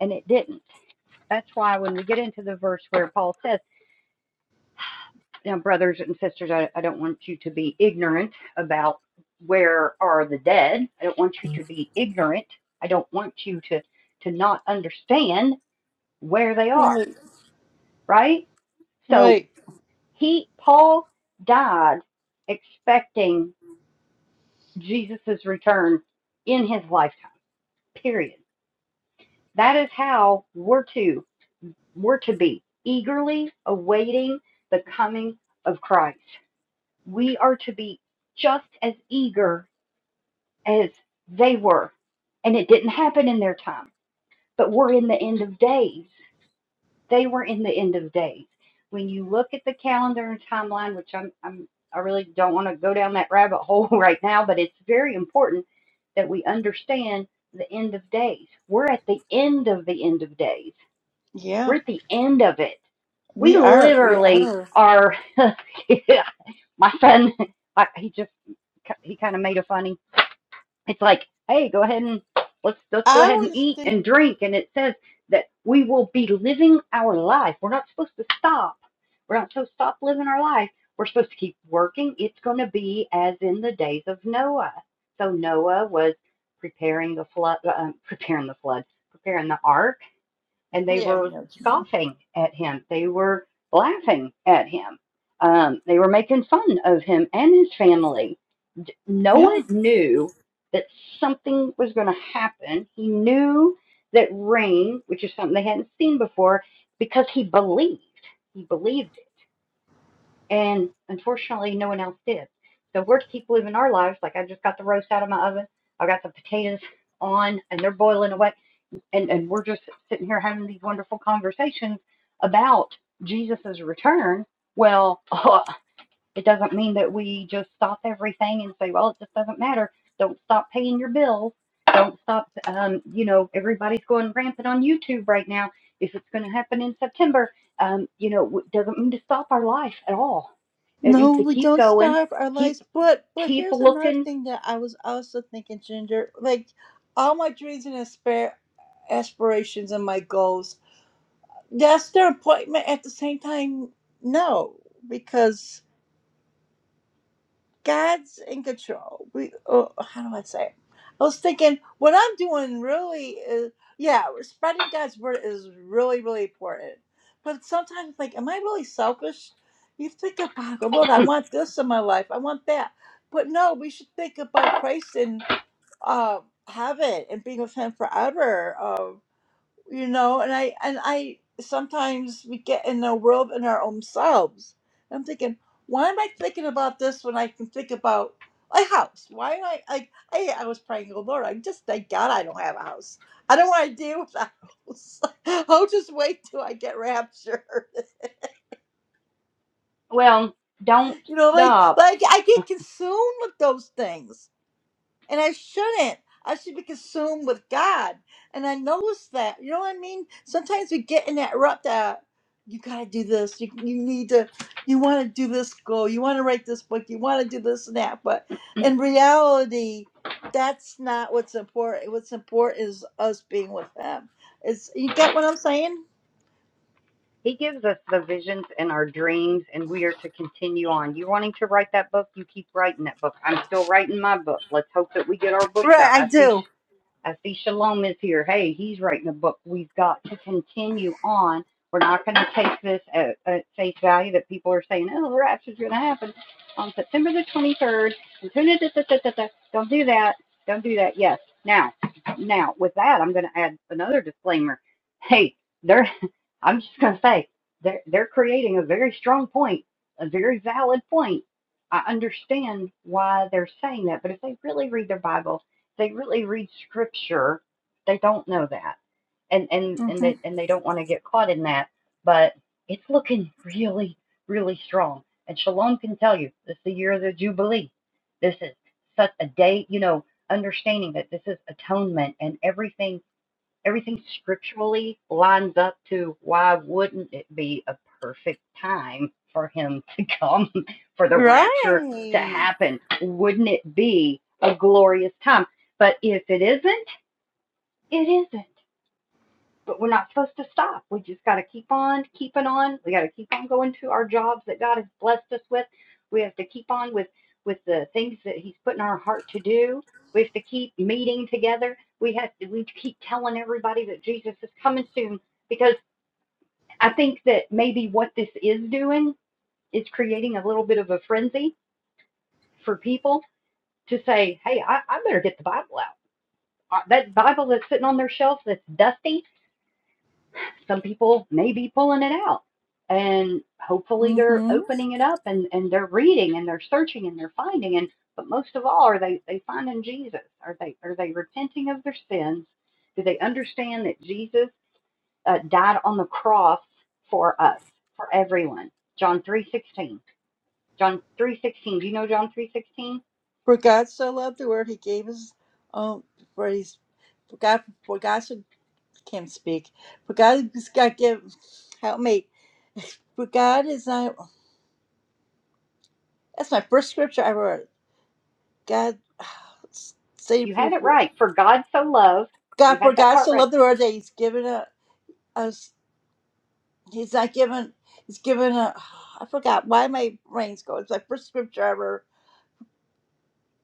[SPEAKER 1] and it didn't. That's why when we get into the verse where Paul says, now, brothers and sisters, I, I don't want you to be ignorant about where are the dead. I don't want you to be ignorant. I don't want you to to not understand where they are,
[SPEAKER 2] right,
[SPEAKER 1] right? So
[SPEAKER 2] right.
[SPEAKER 1] he Paul died expecting Jesus's return in his lifetime. Period. That is how we're to we're to be eagerly awaiting the coming of Christ. We are to be just as eager as they were. And it didn't happen in their time, but we're in the end of days. They were in the end of days. When you look at the calendar and timeline, which I'm, I'm I really don't want to go down that rabbit hole right now, but it's very important that we understand the end of days. We're at the end of the end of days.
[SPEAKER 2] Yeah,
[SPEAKER 1] We're at the end of it. We
[SPEAKER 2] we are. We
[SPEAKER 1] literally
[SPEAKER 2] are.
[SPEAKER 1] are. my son, he just he kind of made a funny it's like, hey, go ahead and let's let's go
[SPEAKER 2] I
[SPEAKER 1] ahead and
[SPEAKER 2] always
[SPEAKER 1] eat
[SPEAKER 2] think,
[SPEAKER 1] and drink. And it says that we will be living our life. We're not supposed to stop. We're not supposed to stop living our life. We're supposed to keep working. It's going to be as in the days of Noah. So Noah was preparing the flood, uh, preparing the flood, preparing the ark and they
[SPEAKER 2] yeah, we
[SPEAKER 1] were
[SPEAKER 2] know what you mean.
[SPEAKER 1] scoffing at him. They were laughing at him. Um, they were making fun of him and his family. Noah
[SPEAKER 2] Yeah.
[SPEAKER 1] knew that something was going to happen. He knew that rain, which is something they hadn't seen before, because he believed. He believed it. And unfortunately, no one else did. So we're to keep living our lives. Like I just got the roast out of my oven. I got the potatoes on and they're boiling away and and we're just sitting here having these wonderful conversations about Jesus's return. Well, uh, it doesn't mean that we just stop everything and say, well, it just doesn't matter. Don't stop paying your bills. Don't stop. Um, you know, everybody's going rampant on YouTube right now. If it's going to happen in September, um, you know, it doesn't mean to stop our life at all. It means
[SPEAKER 2] No,
[SPEAKER 1] to
[SPEAKER 2] we
[SPEAKER 1] keep
[SPEAKER 2] don't
[SPEAKER 1] going,
[SPEAKER 2] starve our
[SPEAKER 1] keep
[SPEAKER 2] lives. But but
[SPEAKER 1] keep
[SPEAKER 2] here's another
[SPEAKER 1] looking.
[SPEAKER 2] thing that I was also thinking, Ginger. Like all my dreams and aspir- aspirations and my goals, that's their appointment. At the same time, no, because God's in control. We, oh, how do I say it? I was thinking what I'm doing really is, yeah, spreading God's word is really, really important. But sometimes, like, am I really selfish? You think about, oh, Lord, I want this in my life. I want that. But no, we should think about Christ and uh, heaven and being with Him forever. Uh, you know and i and i sometimes we get in a world in our own selves i'm thinking why am i thinking about this when i can think about a house why am i like i, I was praying oh lord i just thank god i don't have a house i don't want to deal with a house i'll just wait till i get raptured
[SPEAKER 1] Well, don't
[SPEAKER 2] you know like
[SPEAKER 1] stop
[SPEAKER 2] like i get consumed with those things and I shouldn't. I should be consumed with God. And I noticed that. You know what I mean? Sometimes we get in that rut that you gotta do this. You, you need to. You want to do this goal. You want to write this book. You want to do this and that. But in reality, that's not what's important. What's important is us being with Him. It's you get what I'm saying?
[SPEAKER 1] He gives us the visions and our dreams, and we are to continue on. You wanting to write that book? You keep writing that book. I'm still writing my book. Let's hope that we get our books
[SPEAKER 2] Right,
[SPEAKER 1] out.
[SPEAKER 2] I
[SPEAKER 1] I see
[SPEAKER 2] do.
[SPEAKER 1] I see Shalom is here. Hey, he's writing a book. We've got to continue on. We're not going to take this at, at face value that people are saying, oh, the rapture's going to happen on September the 23rd. Don't do that. Don't do that. Yes. Now, now with that, I'm going to add another disclaimer. Hey, they're, I'm just going to say they're, they're creating a very strong point, a very valid point. I understand why they're saying that, but if they really read their Bible, they really read scripture they don't know that and and and
[SPEAKER 2] hmm
[SPEAKER 1] they and they don't want to get caught in that but it's looking really really strong and shalom can tell you this is the year of the jubilee this is such a day you know understanding that this is atonement and everything everything scripturally lines up to why wouldn't it be a perfect time for him to come for the rapture to
[SPEAKER 2] Right.
[SPEAKER 1] happen wouldn't it be a glorious time but if it isn't it isn't but we're not supposed to stop. We just got to keep on keeping on. We got to keep on going to our jobs that God has blessed us with. We have to keep on with with the things that He's put in our heart to do. We have to keep meeting together. We have to, we keep telling everybody that Jesus is coming soon because I think that maybe what this is doing is creating a little bit of a frenzy for people to say, "Hey, I, I better get the Bible out. Uh, That Bible that's sitting on their shelf that's dusty, some people may be pulling it out and hopefully they're
[SPEAKER 2] hmm
[SPEAKER 1] opening it up and, and they're reading and they're searching and they're finding and but most of all are they they finding jesus are they are they repenting of their sins do they understand that jesus uh, died on the cross for us for everyone john 3.16 john 3.16 do you know john 3.16
[SPEAKER 2] For God so loved the world, he gave his own. For he's for God. For God so, can't speak. For God, God give. Help me. For God is not. That's my first scripture I wrote. God,
[SPEAKER 1] you
[SPEAKER 2] save
[SPEAKER 1] had
[SPEAKER 2] you.
[SPEAKER 1] it
[SPEAKER 2] For,
[SPEAKER 1] right for god so loved
[SPEAKER 2] God,
[SPEAKER 1] you
[SPEAKER 2] for
[SPEAKER 1] had that
[SPEAKER 2] God
[SPEAKER 1] part
[SPEAKER 2] so
[SPEAKER 1] right
[SPEAKER 2] loved the world that he's given a, us. He's not given. He's given a. I forgot why my brain's going. It's my first scripture ever.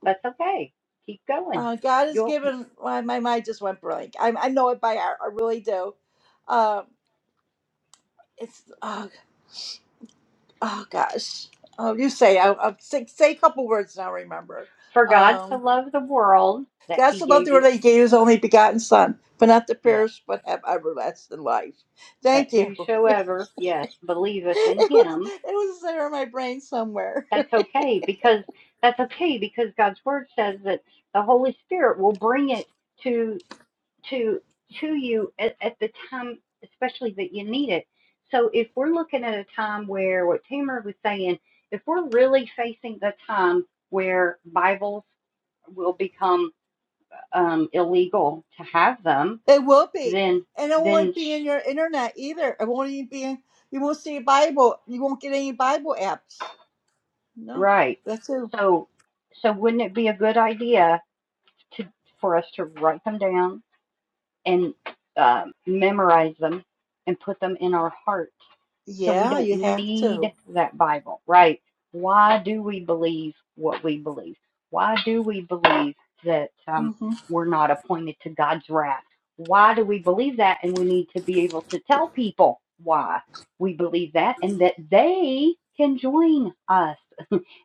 [SPEAKER 1] that's okay keep going
[SPEAKER 2] Uh, God has
[SPEAKER 1] You'll.
[SPEAKER 2] given. Why my mind just went blank. I, I know it by heart. I really do. Um, it's. uh, oh gosh, oh you say I, I'll say, say a couple words and I'll remember.
[SPEAKER 1] For God so
[SPEAKER 2] Um,
[SPEAKER 1] loved the world that
[SPEAKER 2] God
[SPEAKER 1] he
[SPEAKER 2] so loved
[SPEAKER 1] gave
[SPEAKER 2] the
[SPEAKER 1] his
[SPEAKER 2] world that He gave His only begotten Son, but not to
[SPEAKER 1] yes,
[SPEAKER 2] perish, but have everlasting life.
[SPEAKER 1] that
[SPEAKER 2] Thank you.
[SPEAKER 1] whosoever, yes, believeth in
[SPEAKER 2] it was
[SPEAKER 1] him,
[SPEAKER 2] it was there in my brain somewhere.
[SPEAKER 1] that's okay because that's okay because God's word says that the Holy Spirit will bring it to to to you at, at the time especially that you need it. So if we're looking at a time where what Tamara was saying, if we're really facing the time where Bibles will become um, illegal to have them,
[SPEAKER 2] It will be,
[SPEAKER 1] then
[SPEAKER 2] and it
[SPEAKER 1] then
[SPEAKER 2] won't be
[SPEAKER 1] sh-
[SPEAKER 2] in your internet either. It won't even be in. You won't see a Bible. You won't get any Bible apps. No,
[SPEAKER 1] Right.
[SPEAKER 2] that's it.
[SPEAKER 1] So, so wouldn't it be a good idea to for us to write them down and um memorize them and put them in our heart so we
[SPEAKER 2] Yeah,
[SPEAKER 1] don't
[SPEAKER 2] you have to.
[SPEAKER 1] need that Bible, right? Why do we believe what we believe? Why do we believe that um,
[SPEAKER 2] Mm-hmm.
[SPEAKER 1] we're not appointed to God's wrath? Why do we believe that? And we need to be able to tell people why we believe that and that they can join us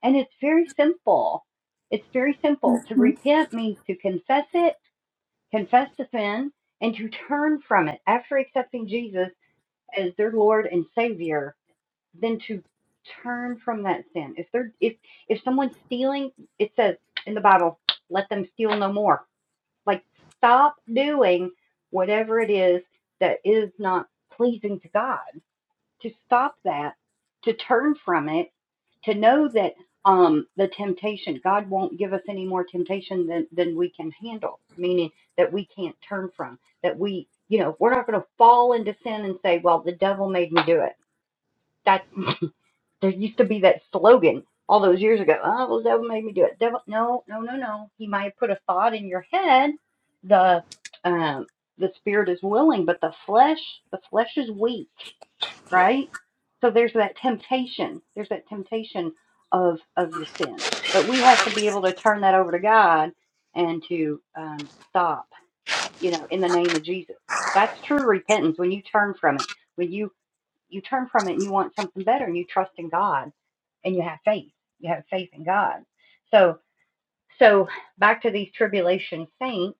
[SPEAKER 1] and it's very simple. It's very simple. To
[SPEAKER 2] Mm-hmm.
[SPEAKER 1] repent means to confess it, confess the sin, and to turn from it. After accepting Jesus as their Lord and Savior, then to turn from that sin. If they're if if someone's stealing, it says in the Bible, let them steal no more. Like stop doing whatever it is that is not pleasing to God to stop that, to turn from it, to know that um, the temptation, God won't give us any more temptation than, than we can handle, meaning that we can't turn from, that we, you know, we're not going to fall into sin and say, well, the devil made me do it. That's, there used to be that slogan all those years ago, oh, well, the devil made me do it. Devil, no, no, no, no. He might have put a thought in your head. The, um, the spirit is willing, but the flesh, the flesh is weak right? So there's that temptation. There's that temptation of of the sin, but we have to be able to turn that over to God and to um, stop. You know, in the name of Jesus, that's true repentance. When you turn from it, when you you turn from it and you want something better, and you trust in God, and you have faith. You have faith in God. So so back to these tribulation saints,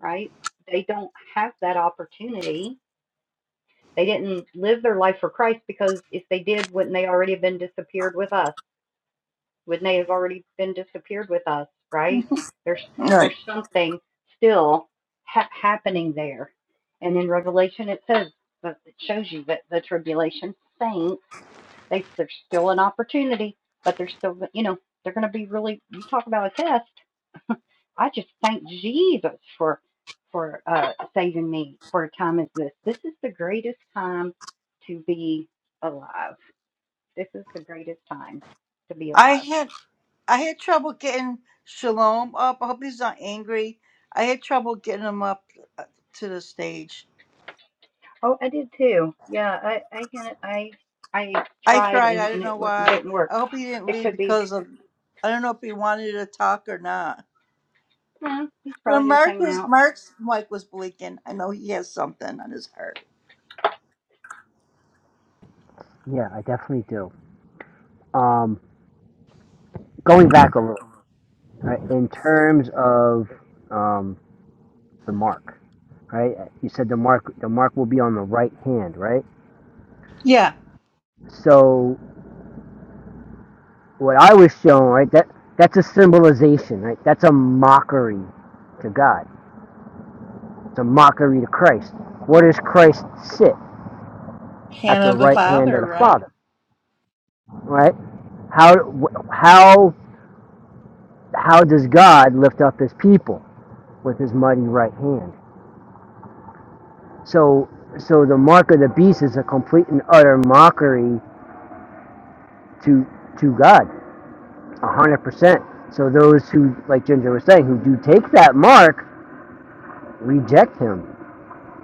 [SPEAKER 1] right? They don't have that opportunity they didn't live their life for Christ because if they did, wouldn't they already have been disappeared with us? Wouldn't they have already been disappeared with us? Right?
[SPEAKER 2] Mm-hmm.
[SPEAKER 1] There's
[SPEAKER 2] All right.
[SPEAKER 1] there's something still ha- happening there, and in Revelation it says that it shows you that the tribulation saints they there's still an opportunity, but they're still you know they're going to be really you talk about a test I just thank Jesus for for uh, saving me for a time as this. This is the greatest time to be alive. This is the greatest time to be
[SPEAKER 2] I
[SPEAKER 1] alive.
[SPEAKER 2] had I had trouble getting Shalom up. I hope he's not angry. I had trouble getting him up uh, to the stage.
[SPEAKER 1] Oh, I did too. Yeah, I I can- I I
[SPEAKER 2] I
[SPEAKER 1] tried
[SPEAKER 2] tried.
[SPEAKER 1] and,
[SPEAKER 2] I don't
[SPEAKER 1] and it
[SPEAKER 2] know why.
[SPEAKER 1] didn't work.
[SPEAKER 2] I hope he didn't
[SPEAKER 1] It
[SPEAKER 2] leave
[SPEAKER 1] could be
[SPEAKER 2] because of. I don't know if he wanted to talk or not.
[SPEAKER 1] "Nah, he's
[SPEAKER 2] But
[SPEAKER 1] probably just
[SPEAKER 2] Mark
[SPEAKER 1] hanging
[SPEAKER 2] was
[SPEAKER 1] out.
[SPEAKER 2] Mark's mic was blinking. I know he has something on his heart.
[SPEAKER 5] Yeah, I definitely do. Um, going back a little, right, in terms of um the mark, right? You said the mark, the mark will be on the right hand, right?
[SPEAKER 2] Yeah,
[SPEAKER 5] So what I was shown, right? That that's a symbolization, right? That's a mockery to God. It's a mockery to Christ. Where does Christ sit? at the
[SPEAKER 2] Hannah the
[SPEAKER 5] right hand of
[SPEAKER 2] father,
[SPEAKER 5] the
[SPEAKER 2] right?
[SPEAKER 5] Father, right? How, how, how does God lift up his people with his mighty right hand? So, so the mark of the beast is a complete and utter mockery to, to God, a 100%. So those who, like Ginger was saying, who do take that mark, reject him.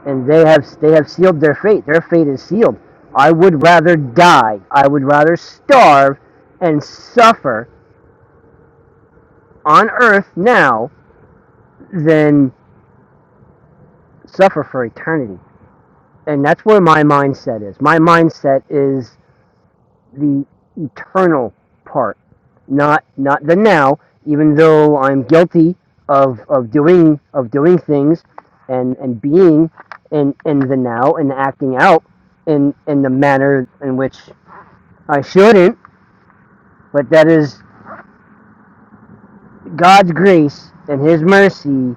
[SPEAKER 5] And they have, they have sealed their fate. Their fate is sealed. I would rather die. I would rather starve and suffer on earth now than suffer for eternity. And that's where my mindset is. My mindset is the eternal part, not not the now, even though I'm guilty of, of doing of doing things and, and being in, in the now and acting out in, in the manner in which I shouldn't, but that is God's grace and his mercy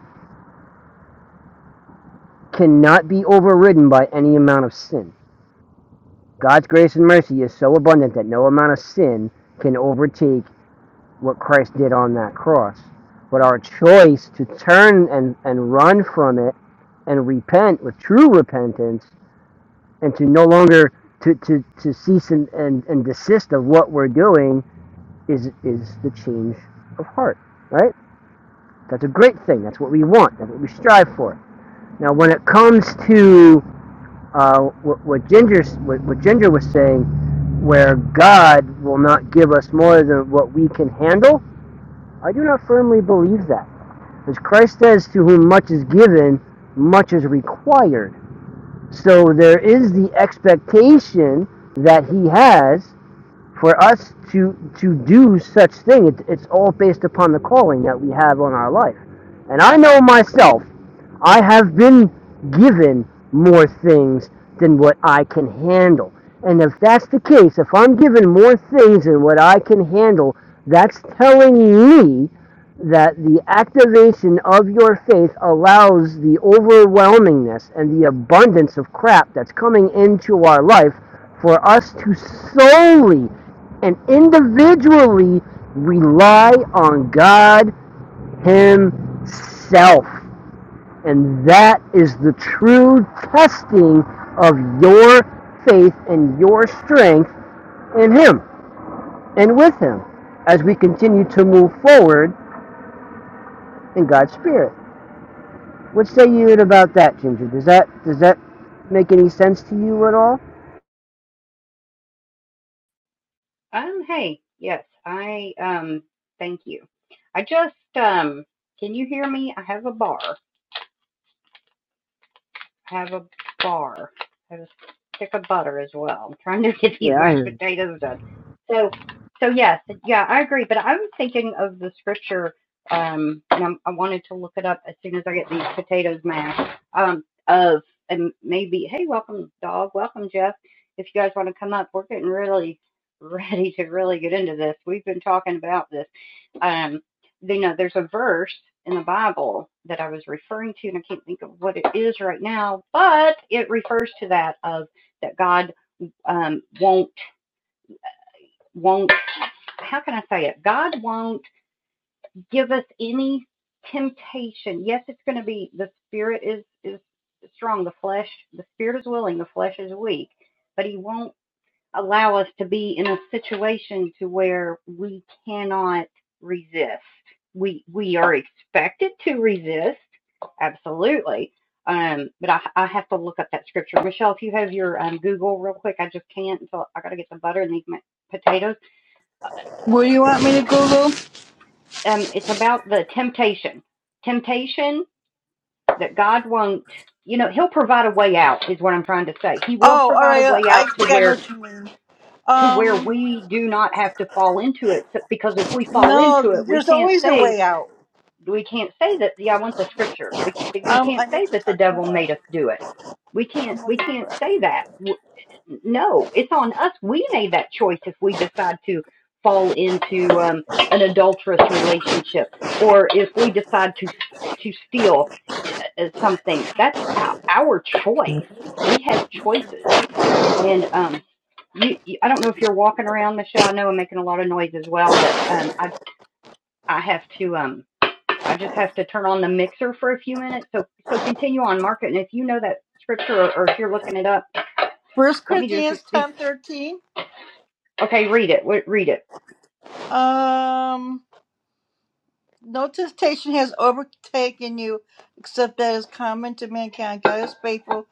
[SPEAKER 5] cannot be overridden by any amount of sin. God's grace and mercy is so abundant that no amount of sin can overtake what Christ did on that cross. But our choice to turn and, and run from it and repent with true repentance and to no longer to, to, to cease and, and, and desist of what we're doing is is the change of heart. Right? That's a great thing. That's what we want. That's what we strive for. Now when it comes to uh, what, what Ginger what, what Ginger was saying, where God will not give us more than what we can handle. I do not firmly believe that, As Christ says, "To whom much is given, much is required." So there is the expectation that He has for us to to do such thing, it, it's all based upon the calling that we have on our life. And I know myself, I have been given more things than what I can handle. And if that's the case, if I'm given more things than what I can handle, that's telling me that the activation of your faith allows the overwhelmingness and the abundance of crap that's coming into our life for us to solely and individually rely on God Himself. And that is the true testing of your faith and your strength in Him and with Him as we continue to move forward in God's Spirit. What say you about that, Ginger? Does that does that make any sense to you at all?
[SPEAKER 1] Um, hey, yes, I um thank you. I just um can you hear me? I have a bar. have a bar. I have a stick of butter as well. I'm trying to get these
[SPEAKER 5] Yeah, I
[SPEAKER 1] mashed
[SPEAKER 5] hear you.
[SPEAKER 1] potatoes done. So, so yes, yeah, I agree. But I was thinking of the scripture, um, and I'm, I wanted to look it up as soon as I get these potatoes mashed. Um, of and maybe, hey, welcome, dog. Welcome, Jeff. If you guys want to come up, we're getting really ready to really get into this. We've been talking about this. Um, you know, there's a verse in the Bible that I was referring to, and I can't think of what it is right now, but it refers to that of that God um, won't won't how can I say it? God won't give us any temptation. Yes, it's going to be the spirit is is strong, the flesh the spirit is willing, the flesh is weak, but He won't allow us to be in a situation to where we cannot resist. We we are expected to resist, absolutely. Um, but I, I have to look up that scripture. Michelle, if you have your um, Google real quick, I just can't. So I got to get the butter and these potatoes.
[SPEAKER 2] What do you want me to
[SPEAKER 1] It's,
[SPEAKER 2] Google?
[SPEAKER 1] um, it's about the temptation, temptation that God won't. You know, He'll provide a way out. Is what I'm trying to say. He will
[SPEAKER 2] Oh, all
[SPEAKER 1] provide a
[SPEAKER 2] right. uh,
[SPEAKER 1] way
[SPEAKER 2] I
[SPEAKER 1] out to
[SPEAKER 2] think I know
[SPEAKER 1] where
[SPEAKER 2] what you mean.
[SPEAKER 1] to where
[SPEAKER 2] Um,
[SPEAKER 1] we do not have to fall into it. So, because if we fall into
[SPEAKER 2] no,
[SPEAKER 1] it, we
[SPEAKER 2] there's
[SPEAKER 1] can't
[SPEAKER 2] always a
[SPEAKER 1] say
[SPEAKER 2] way out.
[SPEAKER 1] we can't say that. Yeah, I want the scripture. We we
[SPEAKER 2] Um,
[SPEAKER 1] can't
[SPEAKER 2] I know
[SPEAKER 1] say
[SPEAKER 2] what you're
[SPEAKER 1] that the
[SPEAKER 2] talking
[SPEAKER 1] devil made us
[SPEAKER 2] about.
[SPEAKER 1] do it. We
[SPEAKER 2] I'm
[SPEAKER 1] can't we
[SPEAKER 2] looking
[SPEAKER 1] can't
[SPEAKER 2] for.
[SPEAKER 1] say that. No, it's on us. We made that choice if we decide to fall into um, an adulterous relationship, or if we decide to to steal uh, uh, something. That's our, our choice. We have choices, and um, you, you I don't know if you're walking around, Michelle. I know I'm making a lot of noise as well, but um, I I have to um I just have to turn on the mixer for a few minutes. So so continue on, Mark, it. and if you know that scripture or, or if you're looking it up,
[SPEAKER 2] First
[SPEAKER 1] let me just
[SPEAKER 2] Corinthians
[SPEAKER 1] be
[SPEAKER 2] ten thirteen.
[SPEAKER 1] okay. Read it. Read it.
[SPEAKER 2] Um, no temptation has overtaken you, except that is common to mankind. God is faithful.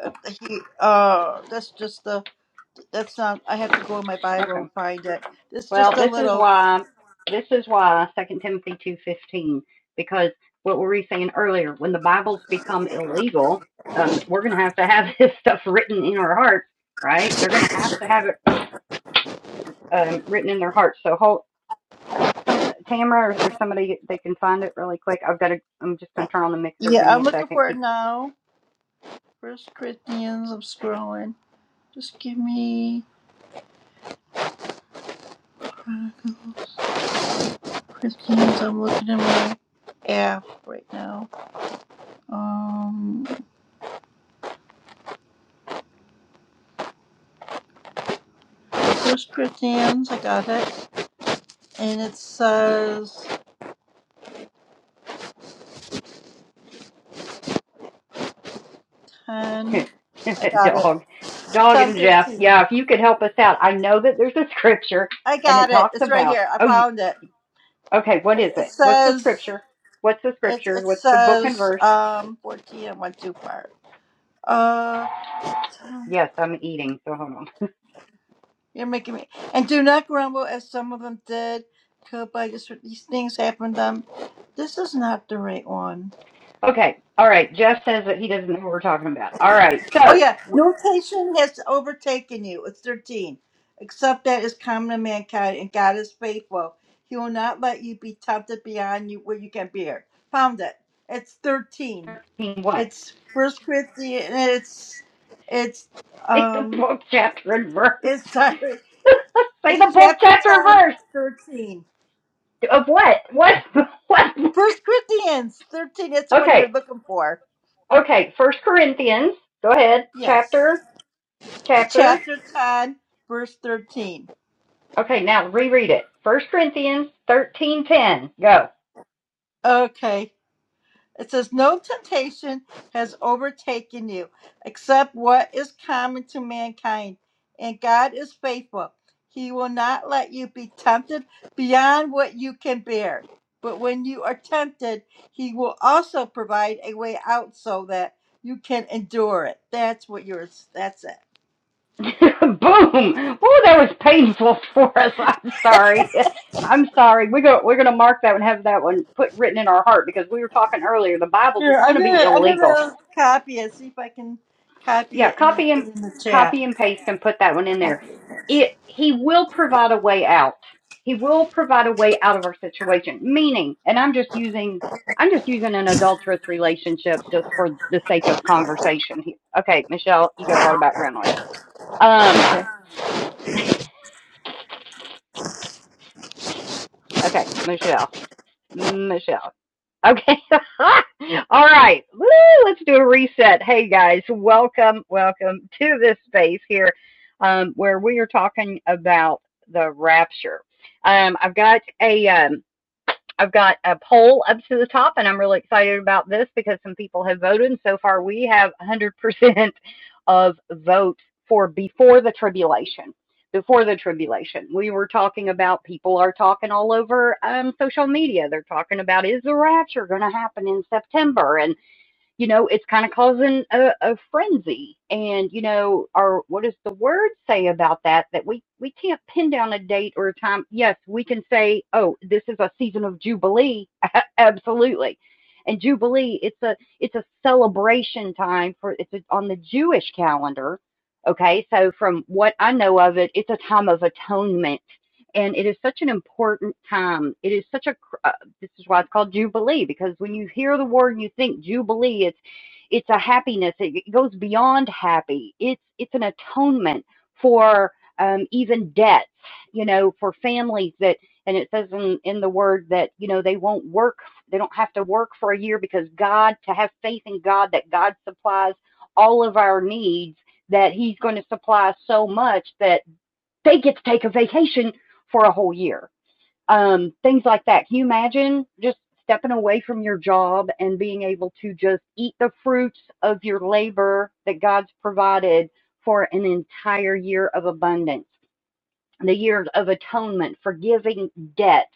[SPEAKER 2] Uh, He, uh, that's just the. That's not. I have to go in my Bible
[SPEAKER 1] Okay.
[SPEAKER 2] and find it. It's
[SPEAKER 1] Well,
[SPEAKER 2] just a
[SPEAKER 1] this is
[SPEAKER 2] little.
[SPEAKER 1] why this is why Second Timothy two fifteen because what were we saying earlier? When the Bibles become illegal, um, we're going to have to have this stuff written in our hearts, right? They're going to have to have it um, written in their hearts. So hold. some Tamara or, or somebody they can find it really quick. I've got to. I'm just gonna turn on the mixer. Give
[SPEAKER 2] Yeah,
[SPEAKER 1] me
[SPEAKER 2] I'm
[SPEAKER 1] a
[SPEAKER 2] looking
[SPEAKER 1] second.
[SPEAKER 2] for it
[SPEAKER 1] Keep
[SPEAKER 2] now. First Corinthians. I'm scrolling. Just give me Chronicles. Corinthians. I'm looking at my app right now. Um, First Corinthians. I got it. and it says 10. I got it.
[SPEAKER 1] dog, dog
[SPEAKER 2] 10,
[SPEAKER 1] and Jeff.
[SPEAKER 2] 13.
[SPEAKER 1] Yeah, if you could help us out. I know that there's a scripture
[SPEAKER 2] I
[SPEAKER 1] and it
[SPEAKER 2] got it.
[SPEAKER 1] talks
[SPEAKER 2] It's right
[SPEAKER 1] about.
[SPEAKER 2] here. I
[SPEAKER 1] Oh, you
[SPEAKER 2] found it.
[SPEAKER 1] okay? What is
[SPEAKER 2] It, it
[SPEAKER 1] it? What's the
[SPEAKER 2] says,
[SPEAKER 1] scripture? What's the
[SPEAKER 2] it,
[SPEAKER 1] scripture?
[SPEAKER 2] it
[SPEAKER 1] What's the book and
[SPEAKER 2] says,
[SPEAKER 1] verse?
[SPEAKER 2] um, 14. I went too far. Uh,
[SPEAKER 1] Yes, I'm eating, so hold on.
[SPEAKER 2] you're making me. And do not grumble as some of them did. Could by just these things happen to them. This is not the right one.
[SPEAKER 1] Okay, all right. Jeff says that he doesn't know what we're talking about. All right,
[SPEAKER 2] Oh
[SPEAKER 1] so
[SPEAKER 2] yeah, notation has overtaken you. It's thirteen. Except that is common to mankind, and God is faithful. He will not let you be tempted beyond you where you can bear. Found it. It's thirteen.
[SPEAKER 1] he what?
[SPEAKER 2] It's First Corinthians. It's it's
[SPEAKER 1] Say the
[SPEAKER 2] um.
[SPEAKER 1] book, chapter, and verse.
[SPEAKER 2] It's sorry.
[SPEAKER 1] Say
[SPEAKER 2] It's
[SPEAKER 1] the book,
[SPEAKER 2] chapter
[SPEAKER 1] chapter, and verse.
[SPEAKER 2] ten, thirteen.
[SPEAKER 1] Of what? What? What?
[SPEAKER 2] First Corinthians thirteen. That's the one you're
[SPEAKER 1] Okay.
[SPEAKER 2] looking for.
[SPEAKER 1] Okay. First Corinthians. Go ahead.
[SPEAKER 2] Yes.
[SPEAKER 1] Chapter. Chapter.
[SPEAKER 2] Chapter ten, verse thirteen.
[SPEAKER 1] Okay. Now reread it. First Corinthians thirteen ten. Go.
[SPEAKER 2] Okay. It says, No temptation has overtaken you except what is common to mankind. And God is faithful. He will not let you be tempted beyond what you can bear. But when you are tempted, He will also provide a way out so that you can endure it. That's what yours, that's it.
[SPEAKER 1] Boom. Oh, that was painful for us. I'm sorry. I'm sorry. We're gonna we're gonna mark that and have that one put written in our heart because we were talking earlier. The Bible
[SPEAKER 2] Here,
[SPEAKER 1] it's going
[SPEAKER 2] I'm
[SPEAKER 1] to be
[SPEAKER 2] gonna, I'm
[SPEAKER 1] illegal
[SPEAKER 2] gonna copy it, see if I can copy
[SPEAKER 1] Yeah,
[SPEAKER 2] it and then
[SPEAKER 1] copy
[SPEAKER 2] put
[SPEAKER 1] and
[SPEAKER 2] it in the chat.
[SPEAKER 1] copy and paste and put that one in there. It he will provide a way out. He will provide a way out of our situation. Meaning, and I'm just using I'm just using an adulterous relationship just for the sake of conversation. here. Okay, Michelle, you got a lot of background noise. Um, okay, Michelle, Michelle. Okay. All right. Woo, let's do a reset. Hey guys, welcome, welcome to this space here um, where we are talking about the rapture. Um, I've got a um, I've got a poll up to the top, and I'm really excited about this because some people have voted. And so far, we have 100% of votes for before the tribulation. Before the tribulation, we were talking about people are talking all over um, social media. They're talking about is the rapture going to happen in September? And you know, it's kind of causing a, a frenzy. And, you know, our, what does the word say about that? That we, we can't pin down a date or a time. Yes, we can say, oh, this is a season of Jubilee. Absolutely. And Jubilee, it's a, it's a celebration time for, it's a, on the Jewish calendar. Okay. So from what I know of it, it's a time of atonement. And it is such an important time. It is such a, this is why it's called Jubilee, because when you hear the word and you think Jubilee, it's it's a happiness. It goes beyond happy. It's it's an atonement for um, even debts, you know, for families that and it says in, in the word that, you know, they won't work they don't have to work for a year because God to have faith in God that God supplies all of our needs, that He's going to supply so much that they get to take a vacation for a whole year um, things like that. Can you imagine just stepping away from your job and being able to just eat the fruits of your labor that God's provided for an entire year of abundance, the year of atonement, forgiving debts?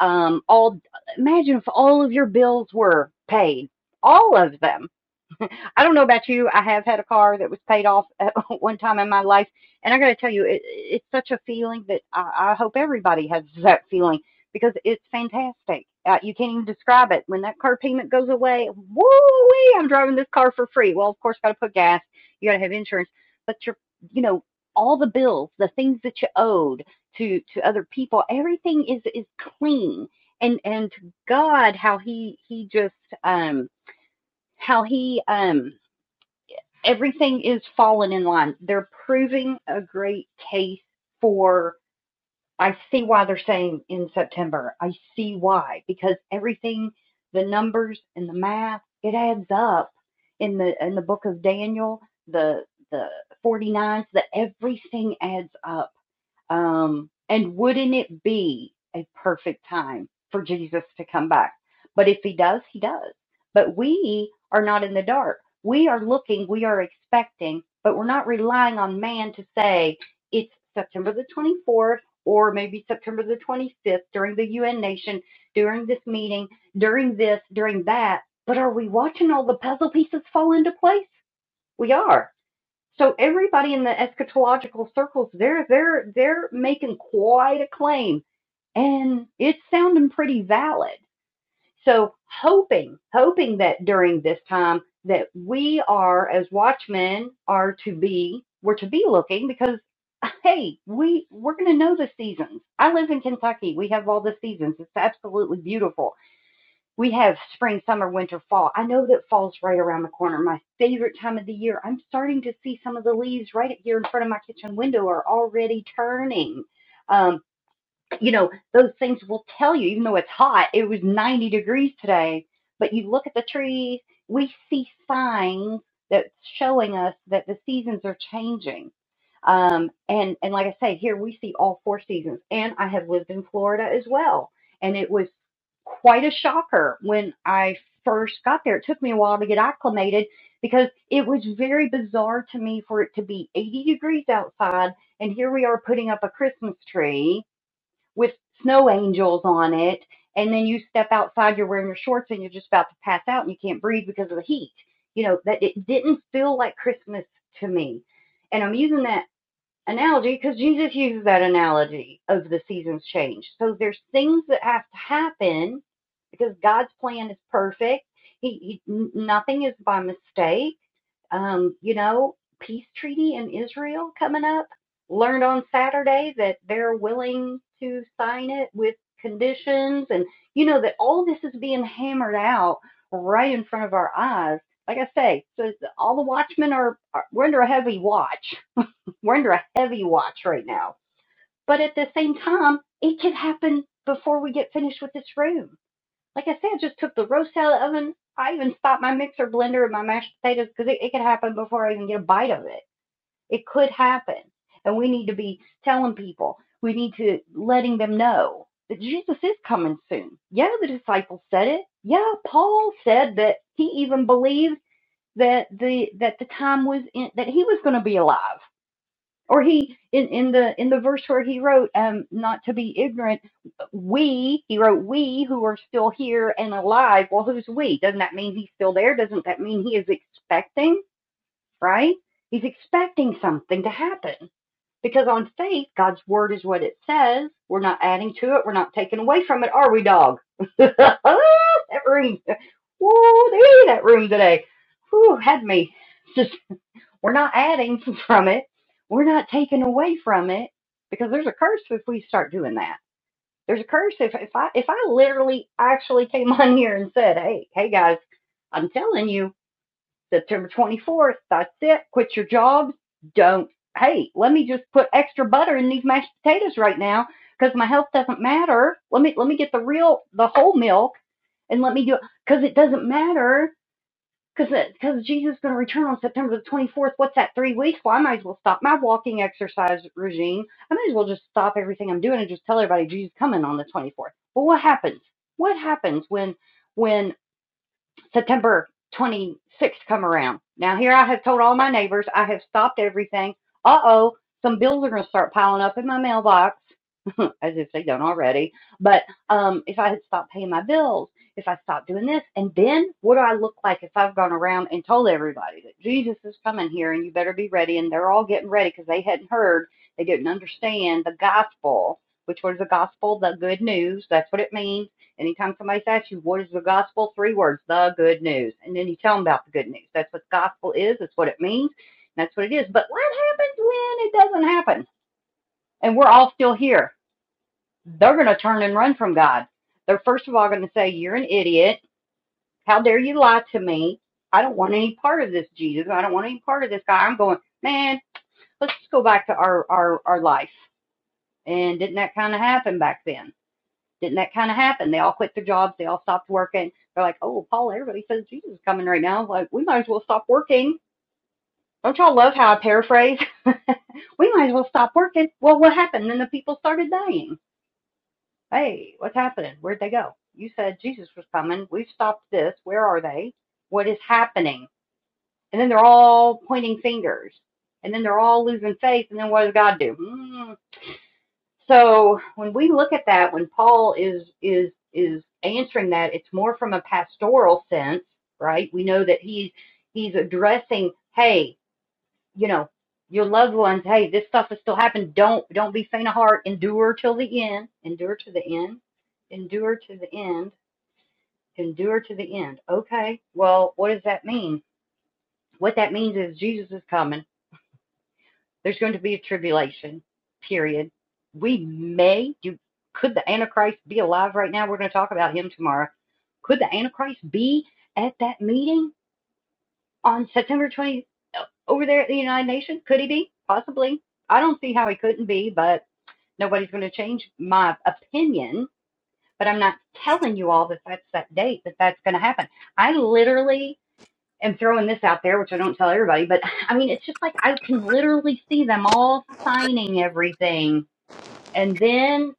[SPEAKER 1] Um, all imagine if all of your bills were paid, all of them I don't know about you. I have had a car that was paid off at one time in my life, and I got to tell you, it, it's such a feeling that I, I hope everybody has that feeling because it's fantastic. Uh, you can't even describe it. When that car payment goes away, woo I'm driving this car for free. Well, of course, got to put gas. You got to have insurance, but you're, you know, all the bills, the things that you owed to to other people, everything is is clean. And and to God, how he he just um how he um everything is falling in line. They're proving a great case for. I see why they're saying in September. I see why because everything, the numbers and the math, it adds up in the in the book of Daniel. The the 49s, that everything adds up um, and wouldn't it be a perfect time for Jesus to come back? But if he does, he does. But we are not in the dark. We are looking, we are expecting, but we're not relying on man to say it's September the 24th or maybe September the 25th during the UN nation, during this meeting, during this, during that. But are we watching all the puzzle pieces fall into place? We are. So everybody in the eschatological circles, they're they're they're making quite a claim, and it's sounding pretty valid. So hoping, hoping that during this time that we are as watchmen are to be, we're to be looking because hey, we we're gonna know the seasons. I live in Kentucky. We have all the seasons. It's absolutely beautiful we have spring, summer, winter, fall. I know that fall's right around the corner. My favorite time of the year. I'm starting to see some of the leaves right here in front of my kitchen window are already turning. Um, you know, those things will tell you, even though it's hot, it was 90 degrees today, but you look at the trees, we see signs that's showing us that the seasons are changing. Um, and, and like I say, here we see all four seasons. And I have lived in Florida as well. And it was quite a shocker when I first got there. It took me a while to get acclimated because it was very bizarre to me for it to be 80 degrees outside. And here we are putting up a Christmas tree with snow angels on it. And then you step outside, you're wearing your shorts and you're just about to pass out and you can't breathe because of the heat. You know, that it didn't feel like Christmas to me. And I'm using that analogy because Jesus uses that analogy of the seasons change. So there's things that have to happen because God's plan is perfect. He, he nothing is by mistake um, you know, peace treaty in Israel coming up. Learned on Saturday that they're willing to sign it with conditions, and you know that all this is being hammered out right in front of our eyes. Like I say, so all the watchmen are, are we're under a heavy watch. We're under a heavy watch right now. But at the same time, it could happen before we get finished with this room like I said, just took the roast out of the oven. I even stopped my mixer blender and my mashed potatoes because it, it could happen before I even get a bite of it. It could happen. And we need to be telling people, we need to letting them know that Jesus is coming soon. Yeah, the disciples said it. Yeah, Paul said that he even believed that the that the time was in, that he was going to be alive or he in, in the in the verse where he wrote um not to be ignorant we he wrote we who are still here and alive well who's we doesn't that mean he's still there doesn't that mean he is expecting right he's expecting something to happen because on faith god's word is what it says we're not adding to it we're not taking away from it are we dog that room Woo, that room today Whew, had me Just. We're not adding from it. We're not taking away from it because there's a curse if we start doing that. There's a curse if, if I if I literally actually came on here and said, Hey, hey guys, I'm telling you, September twenty fourth, that's it, quit your jobs, don't hey, let me just put extra butter in these mashed potatoes right now because my health doesn't matter. Let me let me get the real the whole milk and let me do it because it doesn't matter because Jesus is going to return on September the 24th. What's that, three weeks? Well, I might as well stop my walking exercise regime. I might as well just stop everything I'm doing and just tell everybody Jesus is coming on the 24th. Well, what happens? What happens when. when September 26th come around. Now, here I have told all my neighbors, I have stopped everything. Uh oh, some bills are going to start piling up in my mailbox, as if they don't already. But um, if I had stopped paying my bills, if I stopped doing this, and then what do I look like if I've gone around and told everybody that Jesus is coming here and you better be ready? And they're all getting ready because they hadn't heard, they didn't understand the gospel, which was the gospel, the good news. That's what it means Anytime somebody asks you, what is the gospel? Three words, the good news. And then you tell them about the good news. That's what gospel is. That's what it means. That's what it is. But what happens when it doesn't happen? And we're all still here. They're going to turn and run from God. They're first of all going to say, you're an idiot. How dare you lie to me? I don't want any part of this Jesus. I don't want any part of this guy. I'm going, man, let's just go back to our, our, our life. And didn't that kind of happen back then? Didn't that kind of happen? They all quit their jobs. They all stopped working. They're like, oh, Paul, everybody says Jesus is coming right now. Like, we might as well stop working. Don't y'all love how I paraphrase? we might as well stop working. Well, what happened? Then the people started dying. Hey, what's happening? Where'd they go? You said Jesus was coming. We've stopped this. Where are they? What is happening? And then they're all pointing fingers. And then they're all losing faith. And then what does God do? Hmm. So when we look at that, when Paul is is is answering that, it's more from a pastoral sense, right? We know that he he's addressing, hey, you know, your loved ones, hey, this stuff has still happened. Don't don't be faint of heart. Endure till the end. Endure to the end. Endure to the end. Endure to the end. Okay. Well, what does that mean? What that means is Jesus is coming. There's going to be a tribulation, period. We may do could the Antichrist be alive right now? We're going to talk about him tomorrow. Could the Antichrist be at that meeting on September 20 uh, over there at the United Nations? Could he be? Possibly. I don't see how he couldn't be, but nobody's going to change my opinion. But I'm not telling you all that that's that date that that's going to happen. I literally am throwing this out there, which I don't tell everybody, but I mean, it's just like I can literally see them all signing everything. And then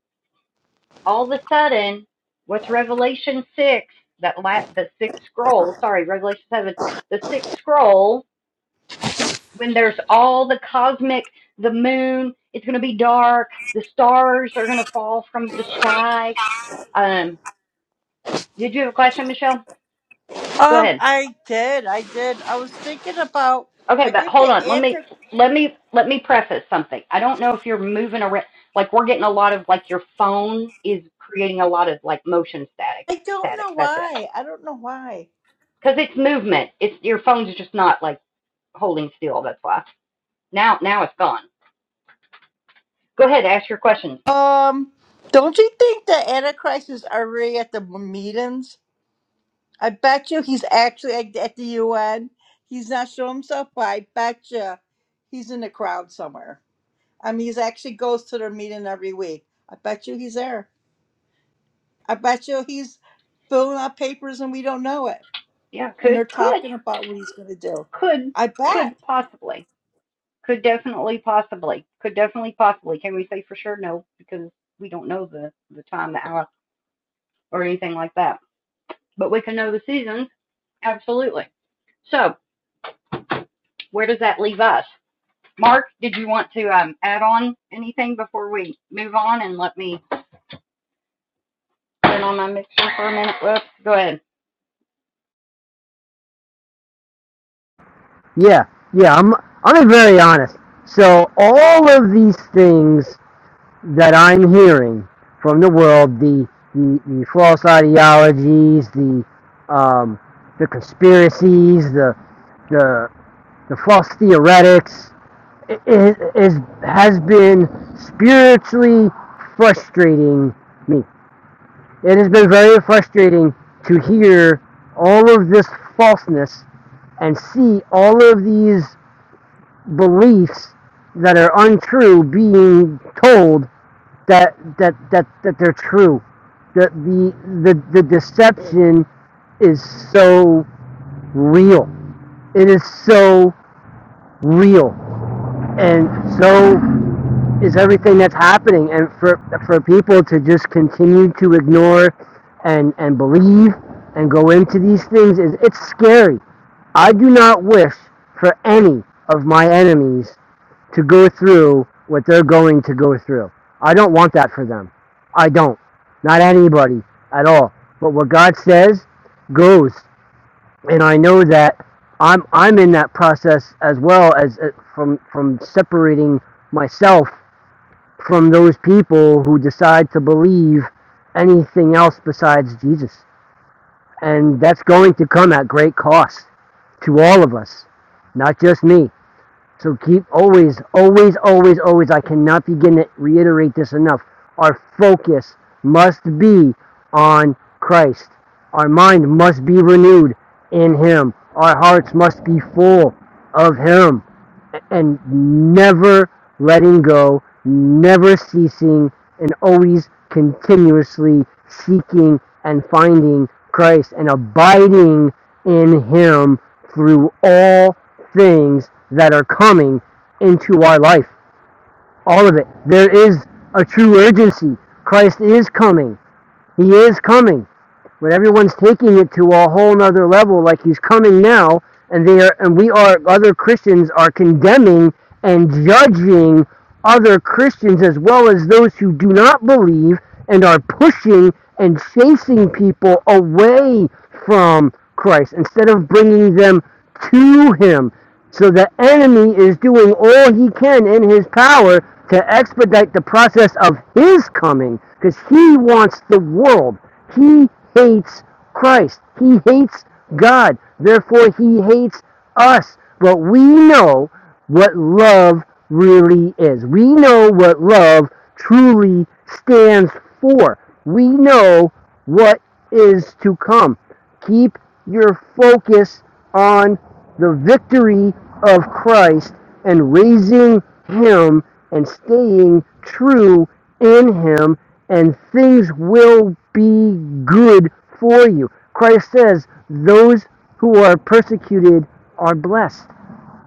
[SPEAKER 1] all of a sudden, what's Revelation 6, that la- the sixth scroll, sorry, Revelation 7, the sixth scroll, when there's all the cosmic, the moon, it's going to be dark, the stars are going to fall from the sky. Um, did you have a question, Michelle? Go
[SPEAKER 2] Um,
[SPEAKER 1] ahead.
[SPEAKER 2] I did. I did. I was thinking about.
[SPEAKER 1] Okay,
[SPEAKER 2] I
[SPEAKER 1] but
[SPEAKER 2] think
[SPEAKER 1] hold
[SPEAKER 2] the
[SPEAKER 1] on. Let me
[SPEAKER 2] answer.
[SPEAKER 1] let me let me preface something. I don't know if you're moving around. Like we're getting a lot of like your phone is creating a lot of like motion static.
[SPEAKER 2] I don't
[SPEAKER 1] Static.
[SPEAKER 2] know
[SPEAKER 1] That's it.
[SPEAKER 2] why. I don't know why.
[SPEAKER 1] Because it's movement. It's your phone's just not like holding still. That's why. Now now it's gone. Go ahead. Ask your question.
[SPEAKER 2] Um, don't you think the Antichrist is already at the meetings? I bet you he's actually at, at the UN. He's not showing himself, but I bet you he's in the crowd somewhere. I mean, he's actually goes to their meeting every week. I bet you he's there. I bet you he's filling out papers and we don't know it.
[SPEAKER 1] Yeah.
[SPEAKER 2] And
[SPEAKER 1] Could
[SPEAKER 2] they're
[SPEAKER 1] could
[SPEAKER 2] talking about what he's going to do.
[SPEAKER 1] could
[SPEAKER 2] I bet.
[SPEAKER 1] could possibly. Could definitely possibly. Could definitely possibly. Can we say for sure? No, because we don't know the the time, the hour, or anything like that. But we can know the seasons. Absolutely. So where does that leave us? Mark, did you want to um, add on anything before we move on and let me turn on my mixer for a minute? Whoops, go ahead.
[SPEAKER 5] Yeah, yeah. I'm I'm being very honest. So all of these things that I'm hearing from the world, the the, the false ideologies, the um, the conspiracies, the the the false theoretics, i i- is has been spiritually frustrating me. It has been very frustrating to hear all of this falseness and see all of these beliefs that are untrue being told that that that, that they're true. The, the the the deception is so real. It is so real and so is everything that's happening and for for people to just continue to ignore and and believe and go into these things is it's scary i do not wish for any of my enemies to go through what they're going to go through i don't want that for them i don't not anybody at all but what god says goes and i know that i'm i'm in that process as well as uh, from from separating myself from those people who decide to believe anything else besides Jesus. And that's going to come at great cost to all of us, not just me. So keep always, always, always, always, I cannot begin to reiterate this enough. Our focus must be on Christ. Our mind must be renewed in Him. Our hearts must be full of Him and never letting go, never ceasing, and always continuously seeking and finding Christ and abiding in Him through all things that are coming into our life. All of it. There is a true urgency. Christ is coming. He is coming. But everyone's taking it to a whole nother level, like he's coming now, and they are, and we are, other Christians are condemning and judging other Christians as well as those who do not believe and are pushing and chasing people away from Christ instead of bringing them to Him. So the enemy is doing all he can in his power to expedite the process of his coming because he wants the world. He hates Christ. He hates God. Therefore, he hates us. But we know what love really is. We know what love truly stands for. We know what is to come. Keep your focus on the victory of Christ and raising Him and staying true in Him, and things will be good for you. Christ says, Those who are persecuted are blessed.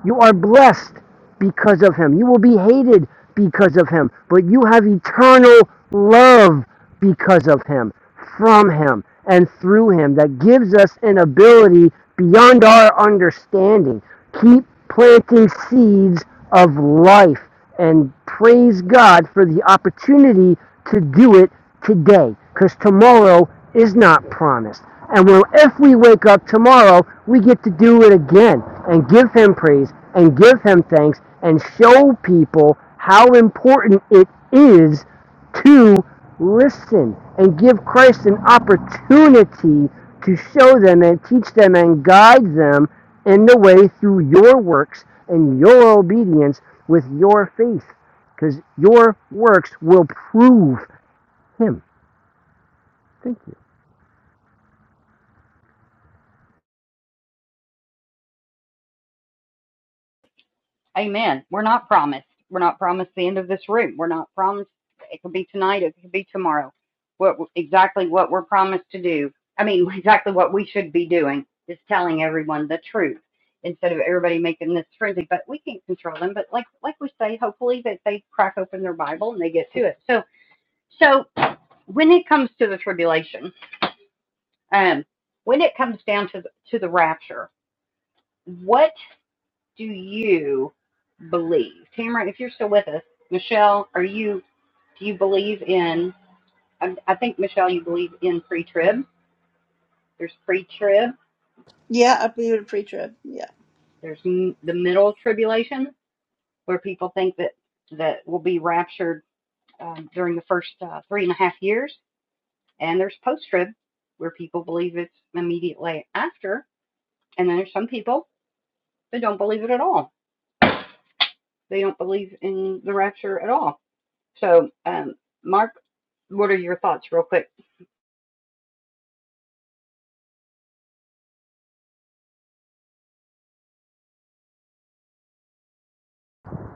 [SPEAKER 5] You are blessed because of him. You will be hated because of him, but you have eternal love because of him, from him, and through him that gives us an ability beyond our understanding. Keep planting seeds of life and praise God for the opportunity to do it today because tomorrow is not promised. And well, if we wake up tomorrow, we get to do it again and give Him praise and give Him thanks and show people how important it is to listen and give Christ an opportunity to show them and teach them and guide them in the way through your works and your obedience with your faith, because your works will prove him. Thank you.
[SPEAKER 1] Amen. We're not promised. We're not promised the end of this room. We're not promised. It could be tonight. It could be tomorrow. What exactly what we're promised to do? I mean, exactly what we should be doing is telling everyone the truth instead of everybody making this frenzy. But we can't control them. But like like we say, hopefully that they crack open their Bible and they get to it. So so when it comes to the tribulation, um, when it comes down to the, to the rapture, what do you believe, Tamara? If you're still with us, Michelle, are you? Do you believe in? I, I think Michelle, you believe in pre-trib. There's pre-trib.
[SPEAKER 2] Yeah, I believe in pre-trib. Yeah.
[SPEAKER 1] There's m- the middle tribulation where people think that that will be raptured um, during the first uh, three and a half years, and there's post-trib where people believe it's immediately after, and then there's some people that don't believe it at all They don't believe in the rapture at all. So, um, Mark, what are your thoughts, real quick?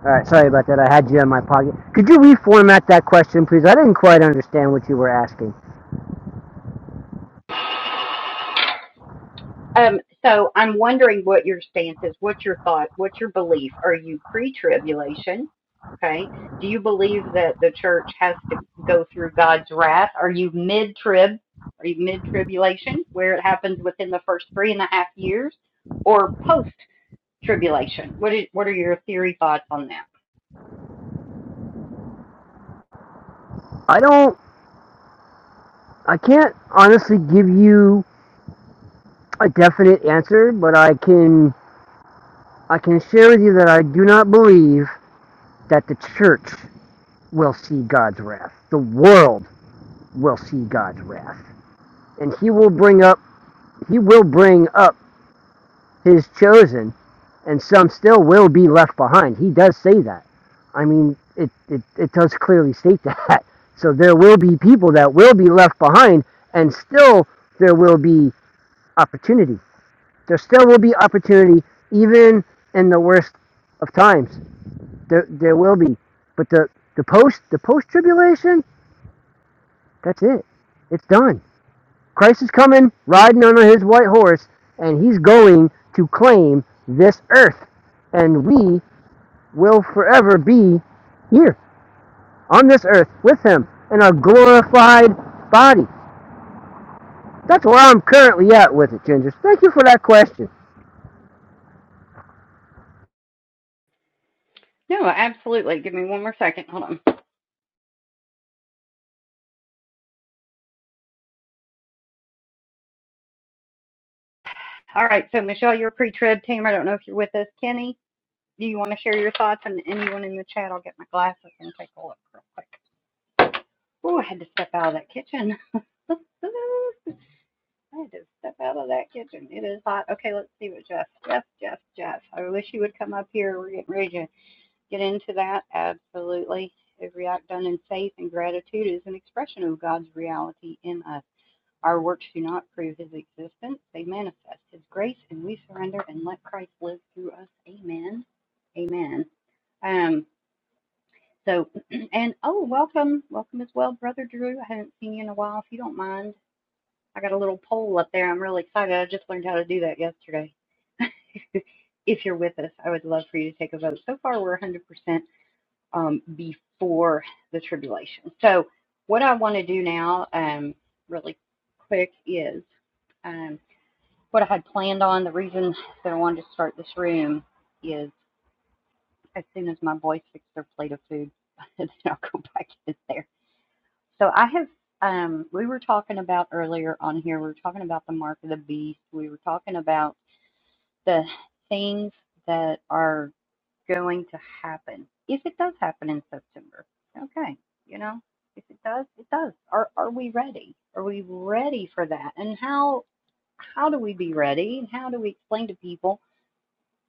[SPEAKER 5] All right, sorry about that. I had you in my pocket. Could you reformat that question, please? I didn't quite understand what you were asking.
[SPEAKER 1] Um, so I'm wondering what your stance is. What's your thought? What's your belief? Are you pre-tribulation? Okay. Do you believe that the church has to go through God's wrath? Are you mid-trib? Are you mid-tribulation, where it happens within the first three and a half years, or post-tribulation? What is, What are your theory thoughts on that?
[SPEAKER 5] I don't. I can't honestly give you a definite answer, but I can. I can share with you that I do not believe that the church will see God's wrath. The world will see God's wrath, and He will bring up He will bring up his chosen, and some still will be left behind. He does say that. I mean, it, it, it does clearly state that. So there will be people that will be left behind, and still there will be opportunity. There still will be opportunity, even in the worst of times. There, there will be. But the, the post the post tribulation, that's it. It's done. Christ is coming, riding on his white horse, and he's going to claim this earth. And we will forever be here on this earth with him in a glorified body. That's where I'm currently at with it, Ginger. Thank you for that question.
[SPEAKER 1] No, absolutely. Give me one more second. Hold on. All right, so Michelle, you're a pre-trib team. I don't know if you're with us. Kenny, do you want to share your thoughts? And anyone in the chat, I'll get my glasses and take a look real quick. Oh, I had to step out of that kitchen. I had to step out of that kitchen. It is hot. Okay, let's see what Jeff. Jeff, Jeff, Jeff. I wish you would come up here. We're getting ready to get into that. Absolutely. Every act done in faith and gratitude is an expression of God's reality in us. Our works do not prove his existence, they manifest his grace, and we surrender and let Christ live through us. Amen. Amen. Um, so, and oh, welcome, welcome as well, Brother Drew. I haven't seen you in a while. If you don't mind, I got a little poll up there. I'm really excited. I just learned how to do that yesterday. if you're with us, I would love for you to take a vote. So far, we're 100% um, before the tribulation. So, what I want to do now, um, really quick, is Um, what I had planned on, the reason that I wanted to start this room is as soon as my boys fix their plate of food, then I'll go back in there. So I have, um, we were talking about earlier on here, we were talking about the mark of the beast. We were talking about the things that are going to happen if it does happen in September. Okay, you know, if it does, it does. Are are we ready? Are we ready for that? And how how do we be ready? And how do we explain to people?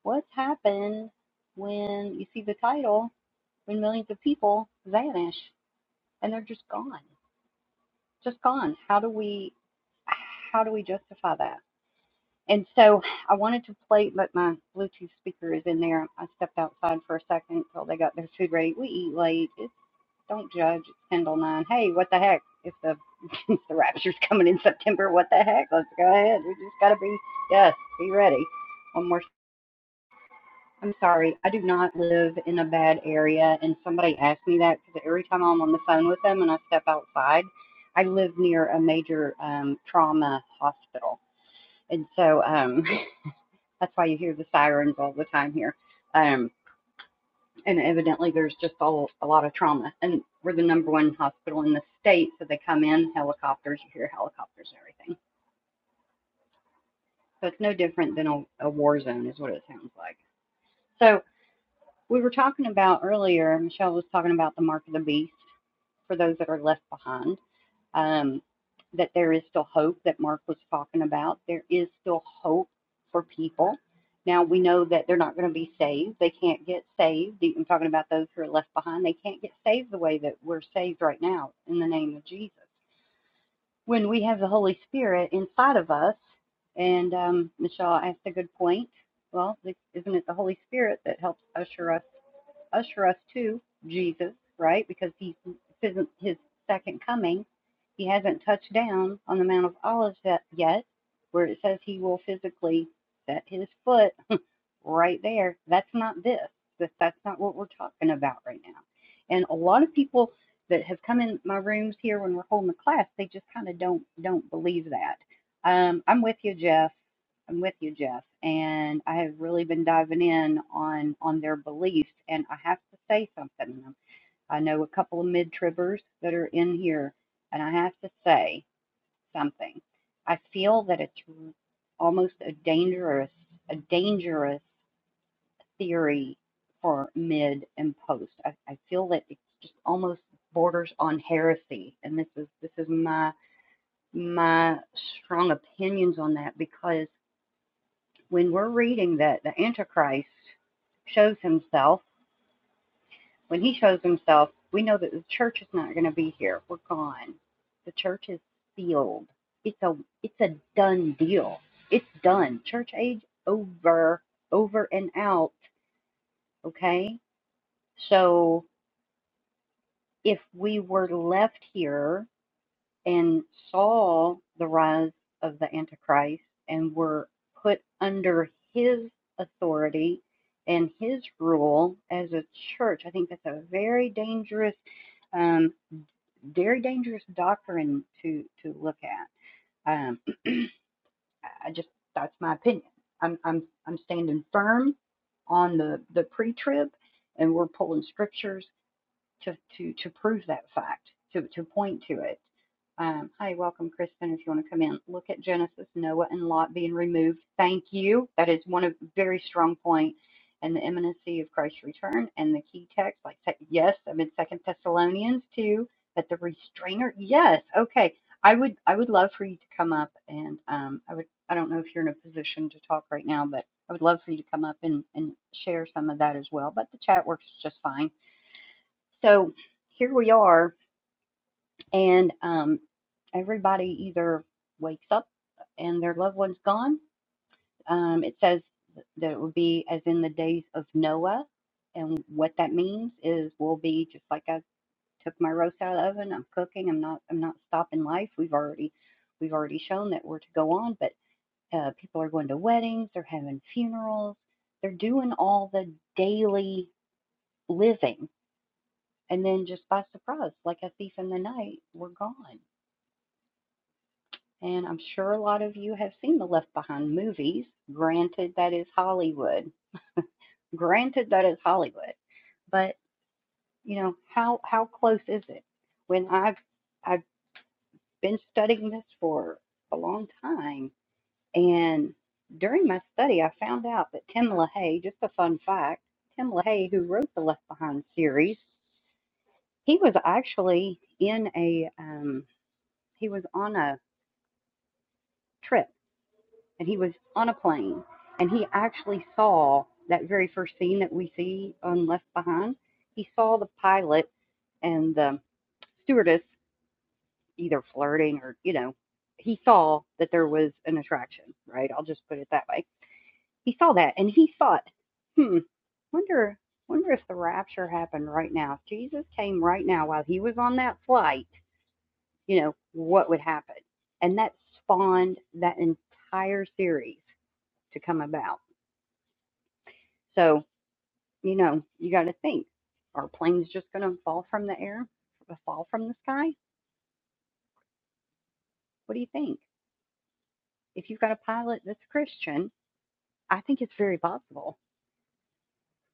[SPEAKER 1] What happened when you see the title when millions of people vanish and they're just gone? Just gone. How do we how do we justify that? And so I wanted to play, but my Bluetooth speaker is in there. I stepped outside for a second until they got their food ready. We eat late. It's, don't judge. It's ten till nine. Hey, what the heck? If the if the rapture's coming in September, what the heck? Let's go ahead. We just gotta be yes, be ready. One more. I'm sorry, I do not live in a bad area. And somebody asked me that because every time I'm on the phone with them and I step outside, I live near a major um, trauma hospital. And so um, that's why you hear the sirens all the time here. Um, and evidently, there's just all, a lot of trauma. And we're the number one hospital in the state. So they come in helicopters, you hear helicopters and everything. So it's no different than a, a war zone, is what it sounds like. So we were talking about earlier, Michelle was talking about the mark of the beast for those that are left behind, um, that there is still hope that Mark was talking about. There is still hope for people. Now we know that they're not going to be saved. They can't get saved. I'm talking about those who are left behind. They can't get saved the way that we're saved right now in the name of Jesus. When we have the Holy Spirit inside of us, and um, Michelle asked a good point. Well, isn't it the Holy Spirit that helps usher us usher us to Jesus, right? Because he isn't his second coming. He hasn't touched down on the Mount of Olives yet, where it says he will physically set his foot right there. That's not this. That's that's not what we're talking about right now. And a lot of people that have come in my rooms here when we're holding the class, they just kind of don't don't believe that. Um, I'm with you, Jeff. I'm with you, Jeff. And I have really been diving in on on their beliefs. And I have to say something. i I know a couple of mid-tribbers that are in here, and I have to say something. I feel that it's almost a dangerous, a dangerous theory for mid and post. I, I feel that it just almost borders on heresy, and this is this is my my strong opinions on that because when we're reading that the Antichrist shows himself, when he shows himself, we know that the church is not going to be here. We're gone. The church is sealed. It's a it's a done deal. It's done. Church age over, over and out. Okay. So if we were left here and saw the rise of the Antichrist and were put under his authority and his rule as a church, I think that's a very dangerous, um, very dangerous doctrine to to look at. Um, I just that's my opinion. I'm I'm I'm standing firm on the the pre-trib, and we're pulling scriptures to to to prove that fact, to to point to it. Um, hi, welcome, Crispin. If you want to come in, look at Genesis, Noah, and Lot being removed. Thank you. That is one of very strong point, and the imminency of Christ's return, and the key text, like yes, I'm in Second Thessalonians too. That the restrainer, yes, okay. I would I would love for you to come up, and um, I would I don't know if you're in a position to talk right now, but I would love for you to come up and and share some of that as well. But the chat works just fine so here we are, and um, everybody either wakes up and their loved one's gone. Um, it says that it would be as in the days of Noah, and what that means is we'll be just like I took my roast out of the oven. I'm cooking. I'm not. I'm not stopping life. We've already, we've already shown that we're to go on. But uh, people are going to weddings. They're having funerals. They're doing all the daily living And then just by surprise, like a thief in the night, we're gone. And I'm sure a lot of you have seen the Left Behind movies. Granted, that is Hollywood. Granted, that is Hollywood. But you know how how close is it? When I've I've been studying this for a long time, and during my study, I found out that Tim LaHaye. Just a fun fact: Tim LaHaye, who wrote the Left Behind series, he was actually in a um, he was on a trip and he was on a plane and he actually saw that very first scene that we see on Left Behind. He saw the pilot and the stewardess either flirting or, you know, he saw that there was an attraction, right? I'll just put it that way. He saw that and he thought, hmm, wonder wonder if the rapture happened right now. If Jesus came right now while he was on that flight, you know, what would happen? And that spawned that entire series to come about So, you know, you got to think are planes just going to fall from the air, uh, fall from the sky? What do you think? If you've got a pilot that's Christian, I think it's very possible.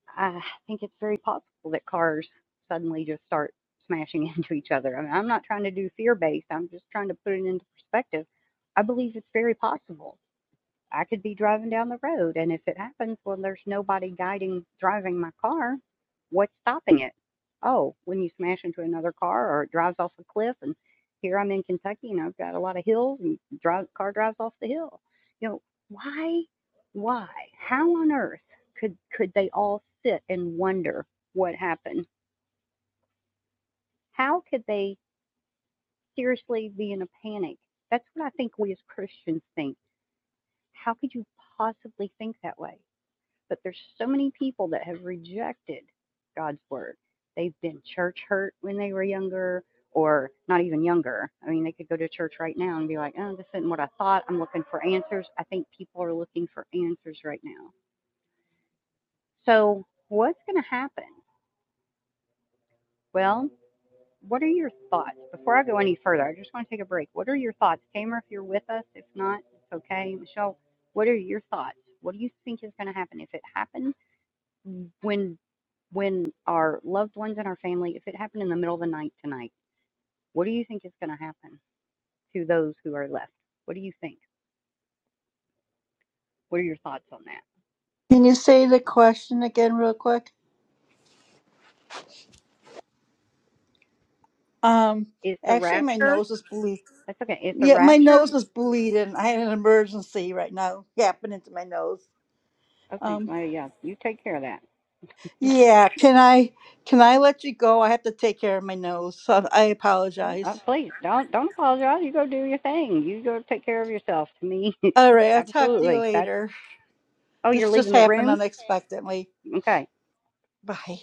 [SPEAKER 1] I think it's very possible that cars suddenly just start smashing into each other. I mean, I'm not trying to do fear based, I'm just trying to put it into perspective. I believe it's very possible. I could be driving down the road, and if it happens, well, there's nobody guiding driving my car. What's stopping it? Oh, when you smash into another car or it drives off a cliff, and here I'm in Kentucky, and I've got a lot of hills, and drive car drives off the hill. You know why? Why? How on earth could could they all sit and wonder what happened? How could they seriously be in a panic? That's what I think we as Christians think. How could you possibly think that way? But there's so many people that have rejected God's word. They've been church hurt when they were younger, or not even younger. I mean, they could go to church right now and be like, oh, this isn't what I thought. I'm looking for answers. I think people are looking for answers right now. So, what's going to happen? Well, what are your thoughts? Before I go any further, I just want to take a break. What are your thoughts? Tamer, if you're with us, if not, it's okay. Michelle, what are your thoughts? What do you think is going to happen? If it happens, when when our loved ones and our family, if it happened in the middle of the night tonight, what do you think is going to happen to those who are left? What do you think? What are your thoughts on that?
[SPEAKER 2] Can you say the question again, real quick? Um.
[SPEAKER 1] Is the
[SPEAKER 2] Actually, my
[SPEAKER 1] rapture?
[SPEAKER 2] nose is bleeding.
[SPEAKER 1] That's okay. Is the
[SPEAKER 2] Yeah, my
[SPEAKER 1] rapture?
[SPEAKER 2] nose is bleeding. I had an emergency right now happening to my nose.
[SPEAKER 1] Okay.
[SPEAKER 2] Um.
[SPEAKER 1] Well, yeah. You take care of that.
[SPEAKER 2] Yeah. Can I? Can I let you go? I have to take care of my nose. So I
[SPEAKER 1] Yeah. Oh,
[SPEAKER 2] apologize.
[SPEAKER 1] please don't don't apologize. You go do your thing. You go take care of yourself. To me,
[SPEAKER 2] All right. I'll talk to you
[SPEAKER 1] absolutely. That's.
[SPEAKER 2] later.
[SPEAKER 1] Oh, you're
[SPEAKER 2] This just
[SPEAKER 1] leaving the
[SPEAKER 2] happened
[SPEAKER 1] room.
[SPEAKER 2] unexpectedly.
[SPEAKER 1] Okay.
[SPEAKER 2] Bye.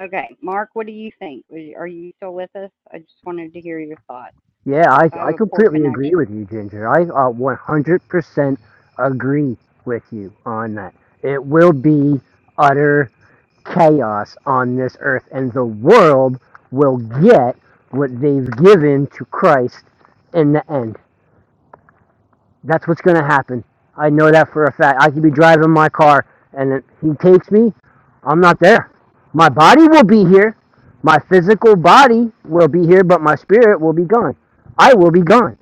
[SPEAKER 1] Okay. Mark, what do you think? Are you are you still with us? I just wanted to hear your thoughts
[SPEAKER 5] Yeah, I,
[SPEAKER 1] because I have
[SPEAKER 5] I
[SPEAKER 1] a poor
[SPEAKER 5] completely agree
[SPEAKER 1] connection.
[SPEAKER 5] with you, Ginger. I uh, 100% agree with you on that. It will be utter chaos on this earth, and the world will get what they've given to Christ in the end. That's what's going to happen. I know that for a fact. I could be driving my car, and if he takes me, I'm not there. My body will be here. My physical body will be here, but my spirit will be gone. I will be gone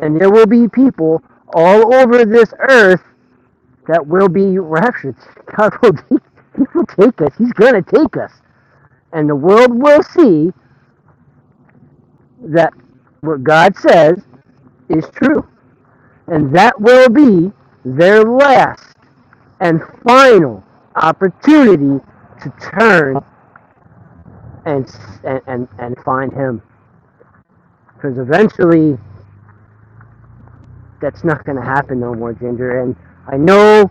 [SPEAKER 5] and there will be people all over this earth that will be raptured. God will, he will take us. He's going to take us. And the world will see that what God says is true. And that will be their last and final opportunity to turn and and, and find him because eventually that's not going to happen no more ginger and i know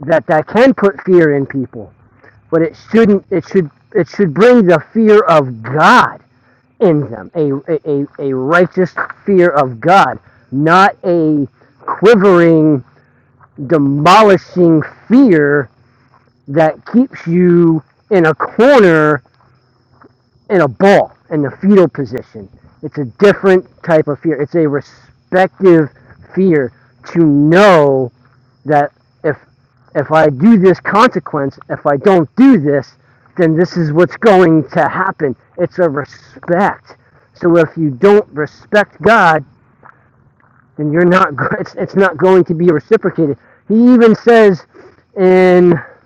[SPEAKER 5] that that can put fear in people but it shouldn't. It should. It should bring the fear of God in them, a a, a righteous fear of God, not a quivering, demolishing fear that keeps you in a corner in a ball in the fetal position. It's a different type of fear. It's a respective fear to know that if if I do this consequence, if I don't do this, then this is what's going to happen. It's a respect. So if you don't respect God, then you're not it's, it's not going to be reciprocated. He even says in it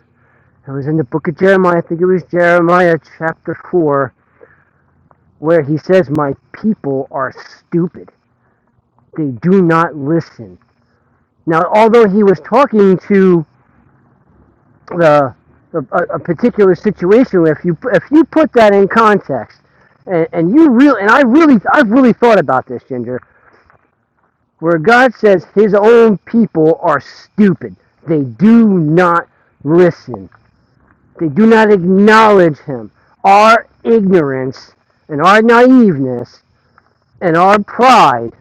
[SPEAKER 5] was in the book of Jeremiah, I think it was Jeremiah chapter 4, where he says, My people are stupid. They do not listen. Now, although he was talking to the, the a, a particular situation if you if you put that in context and, and you really and I really I've really thought about this Ginger where God says his own people are stupid they do not listen they do not acknowledge him our ignorance and our naiveness and our pride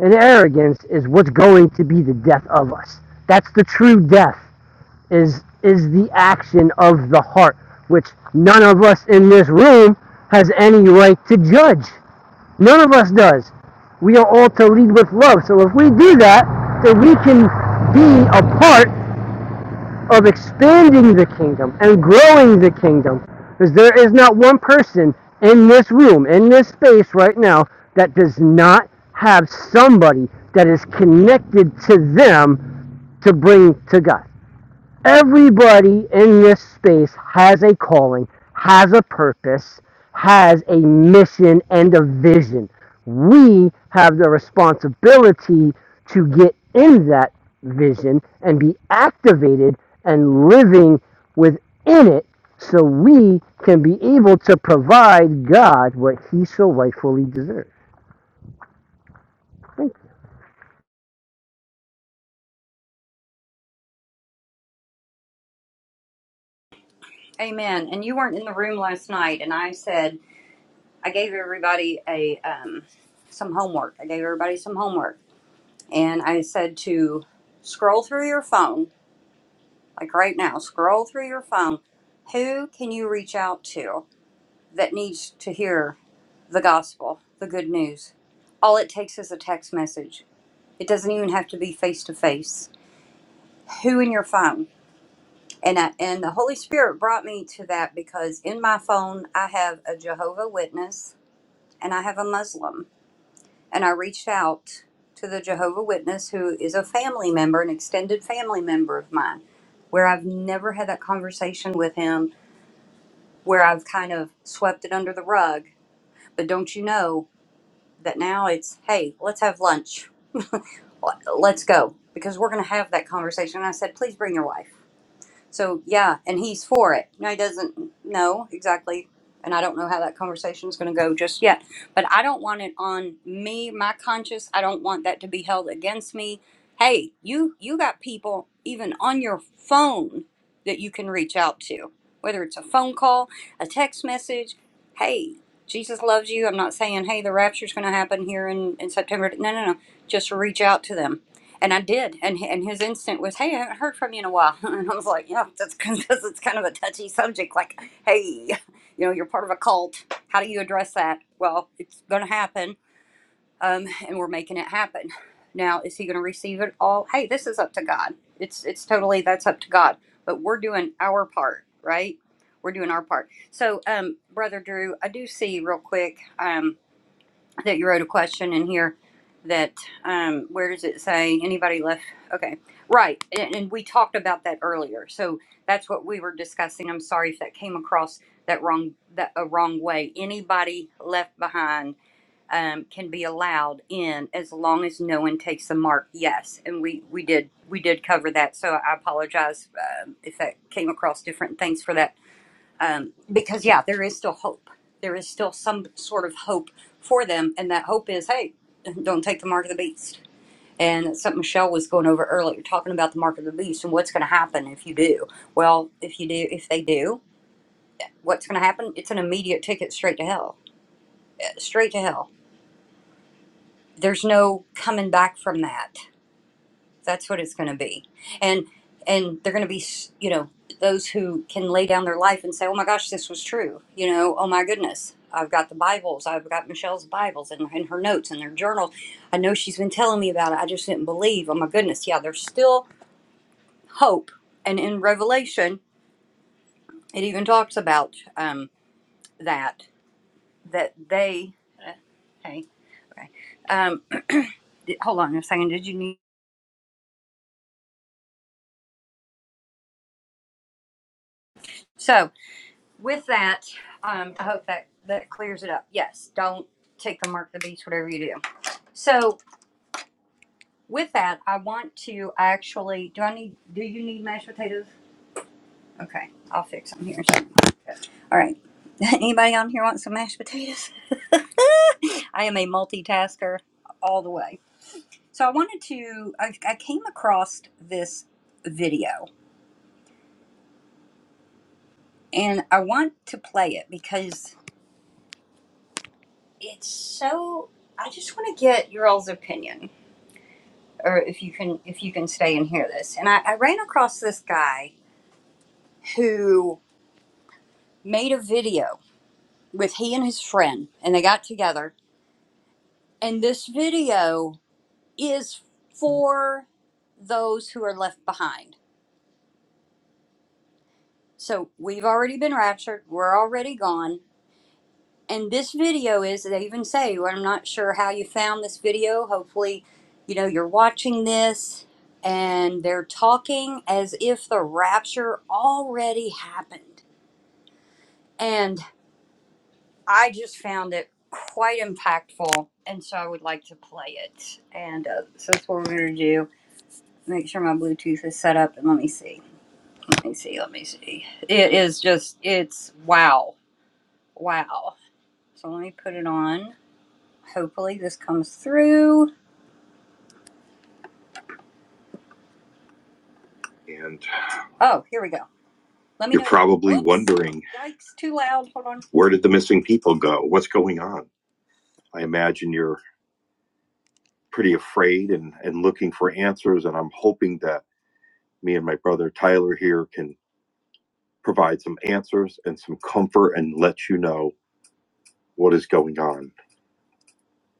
[SPEAKER 5] and arrogance is what's going to be the death of us that's the true death is is the action of the heart, which none of us in this room has any right to judge. None of us does. We are all to lead with love. So if we do that, then we can be a part of expanding the kingdom and growing the kingdom. Because there is not one person in this room, in this space right now, that does not have somebody that is connected to them to bring to God everybody in this space has a calling, has a purpose, has a mission and a vision. We have the responsibility to get in that vision and be activated and living within it so we can be able to provide God what he so rightfully deserves.
[SPEAKER 1] Amen. And you weren't in the room last night, and I said I gave everybody a um, some homework. I gave everybody some homework, and I said to scroll through your phone, like right now, scroll through your phone. Who can you reach out to that needs to hear the gospel, the good news? All it takes is a text message. It doesn't even have to be face to face. Who in your phone? And I, and the Holy Spirit brought me to that because in my phone I have a Jehovah Witness and I have a Muslim. And I reached out to the Jehovah Witness who is a family member, an extended family member of mine, where I've never had that conversation with him, where I've kind of swept it under the rug. But don't you know that now it's, hey, let's have lunch. Let- Let's go. Because we're going to have that conversation. And I said, please bring your wife So yeah, and he's for it. Now he doesn't know exactly, and I don't know how that conversation is going to go just yet. But I don't want it on me, my conscience. I don't want that to be held against me. Hey, you you got people even on your phone that you can reach out to, whether it's a phone call, a text message. Hey, Jesus loves you. I'm not saying hey the rapture's going to happen here in in September. No, no, no. Just reach out to them and I did. And and his instinct was, "Hey, I haven't heard from you in a while." And I was like, "Yeah, that's because it's kind of a touchy subject. Like, hey, you know, you're part of a cult. How do you address that? Well, it's going to happen, um, and we're making it happen. Now, is he going to receive it all? Hey, this is up to God. It's it's totally that's up to God. But we're doing our part, right? We're doing our part. So, um, brother Drew, I do see real quick. Um, that you wrote a question in here that um, where does it say anybody left okay right and, and we talked about that earlier so that's what we were discussing i'm sorry if that came across that wrong that a wrong way anybody left behind um, can be allowed in as long as no one takes the mark yes and we we did we did cover that so i apologize um if that came across different things for that um, because yeah, there is still hope. There is still some sort of hope for them, and that hope is, hey, don't take the mark of the beast. And that's something Michelle was going over earlier, talking about the mark of the beast and what's going to happen if you do. Well, if you do, if they do, what's going to happen? It's an immediate ticket straight to hell, straight to hell. There's no coming back from that. That's what it's going to be. And and they're going to be, you know, those who can lay down their life and say, "Oh my gosh, this was true." You know, "Oh my goodness, I've got the Bibles. I've got Michelle's Bibles and, and her notes and their journal. I know she's been telling me about it. I just didn't believe. Oh my goodness, yeah, there's still hope." And in Revelation, it even talks about um, that that they. Hey, okay. Um, hold on a second. Did you need so? With that, um, I hope that that clears it up. Yes, don't take the mark of the beast, whatever you do. So with that, I want to actually. Do I need? Do you need mashed potatoes? Okay, I'll fix them here. All right. Anybody on here want some mashed potatoes? I am a multitasker all the way. So I wanted to. I, I came across this video, and I want to play it because it's so. I just want to get your all's opinion or if you can if you can stay and hear this. And I, I ran across this guy who made a video with he and his friend, and they got together. And this video is for those who are left behind. So we've already been raptured. We're already gone. And this video is they even say, well, I'm not sure how you found this video. Hopefully, you know you're watching this. And they're talking as if the rapture already happened And I just found it quite impactful. And so I would like to play it. And uh, so that's what we're going to do. Make sure my Bluetooth is set up. And let me see. Let me see. Let me see. It is just, it's wow. Wow. So let me put it on. Hopefully this comes through. And oh, here we go. Let me. You're know- probably Whoops. wondering. Yikes, too loud. Hold on. Where did the missing people go? What's going on? I imagine you're pretty afraid and, and looking for answers. And I'm hoping that me and my brother Tyler here can provide some answers and some comfort and let you know what is going on.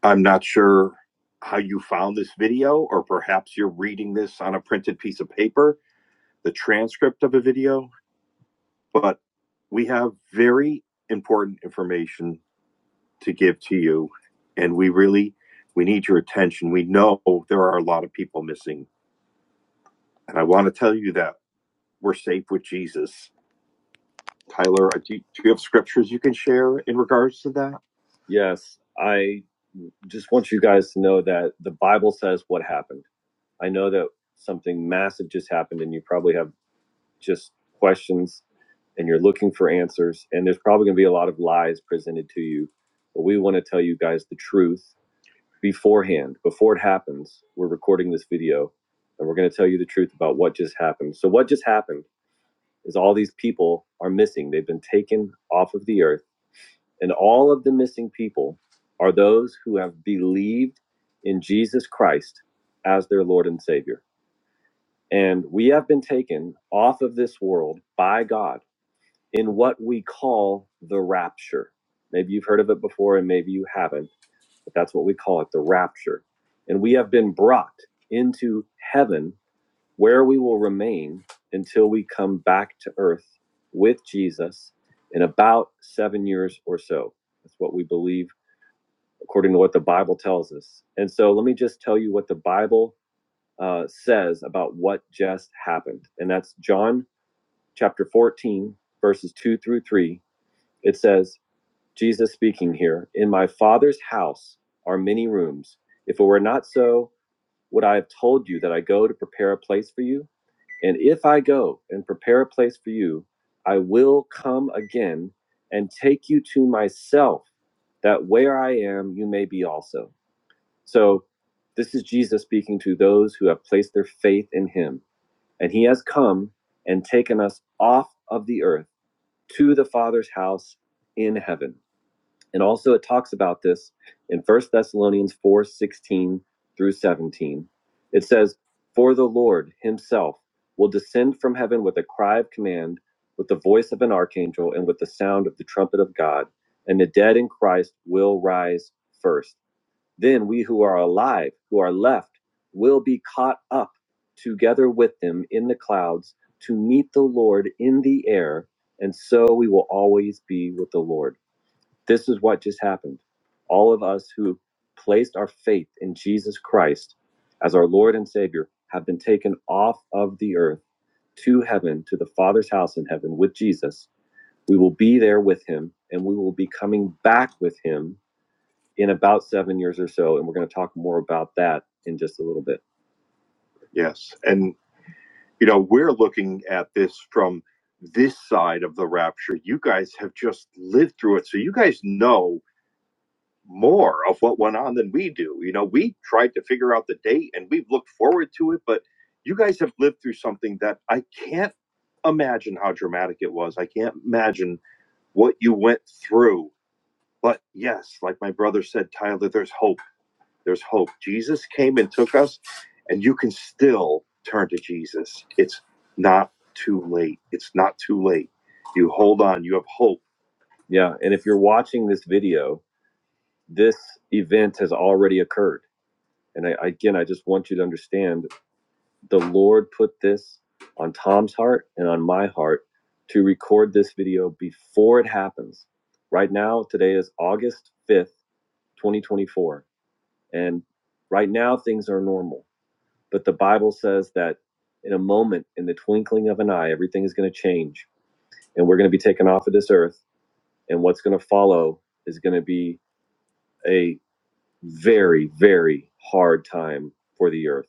[SPEAKER 1] I'm not sure how you found this video, or perhaps you're reading this on a printed piece of paper, the transcript of a video, but we have very important information to give to you and we really we need your attention we know there are a lot of people missing and i want to tell you that we're safe with jesus Tyler, uh, do you, do you have scriptures you can share in regards to that? Yes, I just want you guys to know that the Bible says what happened. I know that something massive just happened, and you probably have just questions and you're looking for answers, and there's probably going to be a lot of lies presented to you. But we want to tell you guys the truth beforehand, before it happens. We're recording this video, and we're going to tell you the truth about what just happened. So, what just happened is all these people are missing, they've been taken off of the earth and all of the missing people are those who have believed in Jesus Christ as their Lord and Savior. And we have been taken off of this world by God in what we call the rapture. Maybe you've heard of it before and maybe you haven't, but that's what we call it the rapture. And we have been brought into heaven where we will remain until we come back to earth with Jesus in about seven years or so. That's what we believe according to what the Bible tells us. And so let me just tell you what the Bible uh, says about what just happened. And that's John chapter 14, verses 2 through 3. It says, Jesus speaking here, In my Father's house are many rooms. If it were not so, would I have told you that I go to prepare a place for you? And if I go and prepare a place for you, I will come again and take you to myself, that where I am, you may be also so this is Jesus speaking to those who have placed their faith in him. And he has come and taken us off of the earth to the Father's house in heaven. And also it talks about this in First Thessalonians 4 16 through 17. It says, For the Lord himself will descend from heaven with a cry of command, with the voice of an archangel, and with the sound of the trumpet of God, and the dead in Christ will rise first. Then we who are alive, who are left, will be caught up together with them in the clouds to meet the Lord in the air, and so we will always be with the Lord. This is what just happened. All of us who placed our faith in Jesus Christ as our Lord and Savior have been taken off of the earth to heaven, to the Father's house in heaven with Jesus. We will be there with him, and we will be coming back with him in about seven years or so. And we're going to talk more about that in just a little bit. Yes. And, you know, we're looking at this from this side of the rapture. You guys have just lived through it. So you guys know more of what went on than we do. You know, we tried to figure out the date and we've looked forward to it, but you guys have lived through something that I can't imagine how dramatic it was. I can't imagine what you went through. But yes, like my brother said, Tyler, there's hope There's hope. Jesus came and took us, and you can still turn to Jesus. It's not too late. It's not too late. You hold on, you have hope. Yeah. And if you're watching this video, this event has already occurred. And I, again, I just want you to understand the Lord put this on Tom's heart and on my heart to record this video before it happens. Right now, today is August 5th, 2024. And right now, things are normal But the Bible says that in a moment, in the twinkling of an eye, everything is going to change and we're going to be taken off of this earth. And what's going to follow is going to be a very, very hard time for the earth.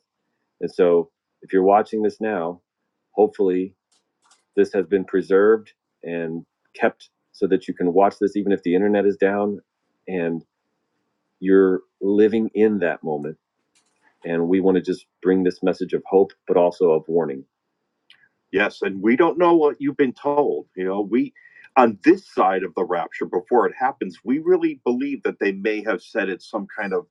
[SPEAKER 1] And so if you're watching this now, hopefully this has been preserved and kept so that you can watch this even if the internet is down and you're living in that moment. And we want to just bring this message of hope, but also of warning. Yes, and we don't know what you've been told. You know, we on this side of the rapture before it happens, we really believe that they may have said it's some kind of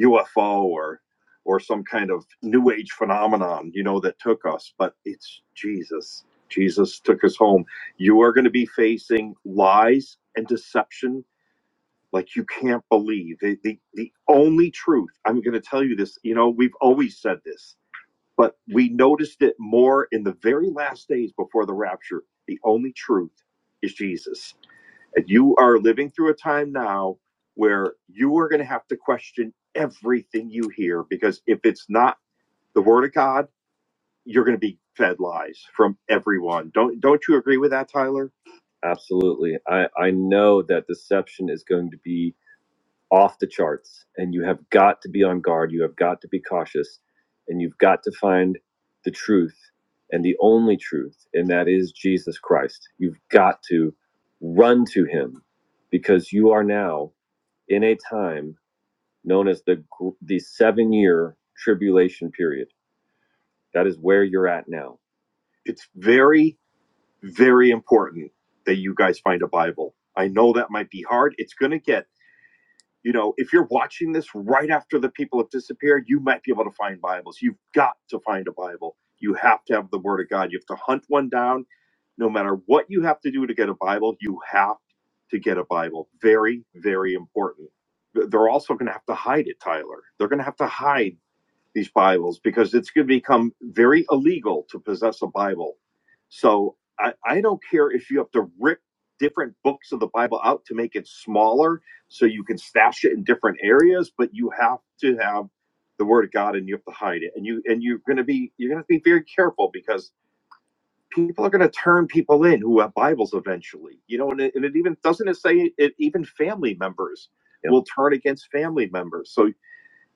[SPEAKER 1] UFO or or some kind of new age phenomenon, you know, that took us, but it's Jesus. Jesus took us home. You are going to be facing lies and deception like you can't believe. The, the, the only truth, I'm going to tell you this, you know, we've always said this but we noticed it more in the very last days before the rapture. The only truth is Jesus. And you are living through a time now where you are going to have to question everything you hear because if it's not the word of God, you're going to be fed lies from everyone. Don't don't you agree with that, Tyler? Absolutely. I, I know that deception is going to be off the charts and you have got to be on guard you have got to be cautious and you've got to find the truth and the only truth and that is jesus christ you've got to run to him because you are now in a time known as the the seven year tribulation period that is where you're at now It's very, very important that you guys find a Bible. I know that might be hard. It's going to get. You know, if you're watching this right after the people have disappeared, you might be able to find Bibles. You've got to find a Bible. You have to have the Word of God. You have to hunt one down. No matter what you have to do to get a Bible, you have to get a Bible. Very, very important. They're also going to have to hide it, Tyler. They're going to have to hide these Bibles because it's going to become very illegal to possess a Bible. So I, I don't care if you have to rip different books of the Bible out to make it smaller so you can stash it in different areas, but you have to have the Word of God and you have to hide it. And you and you're going to be you're going to be very careful because people are going to turn people in who have Bibles eventually. You know, and it, and it even doesn't it say it even family members. Yeah. Will turn against family members. So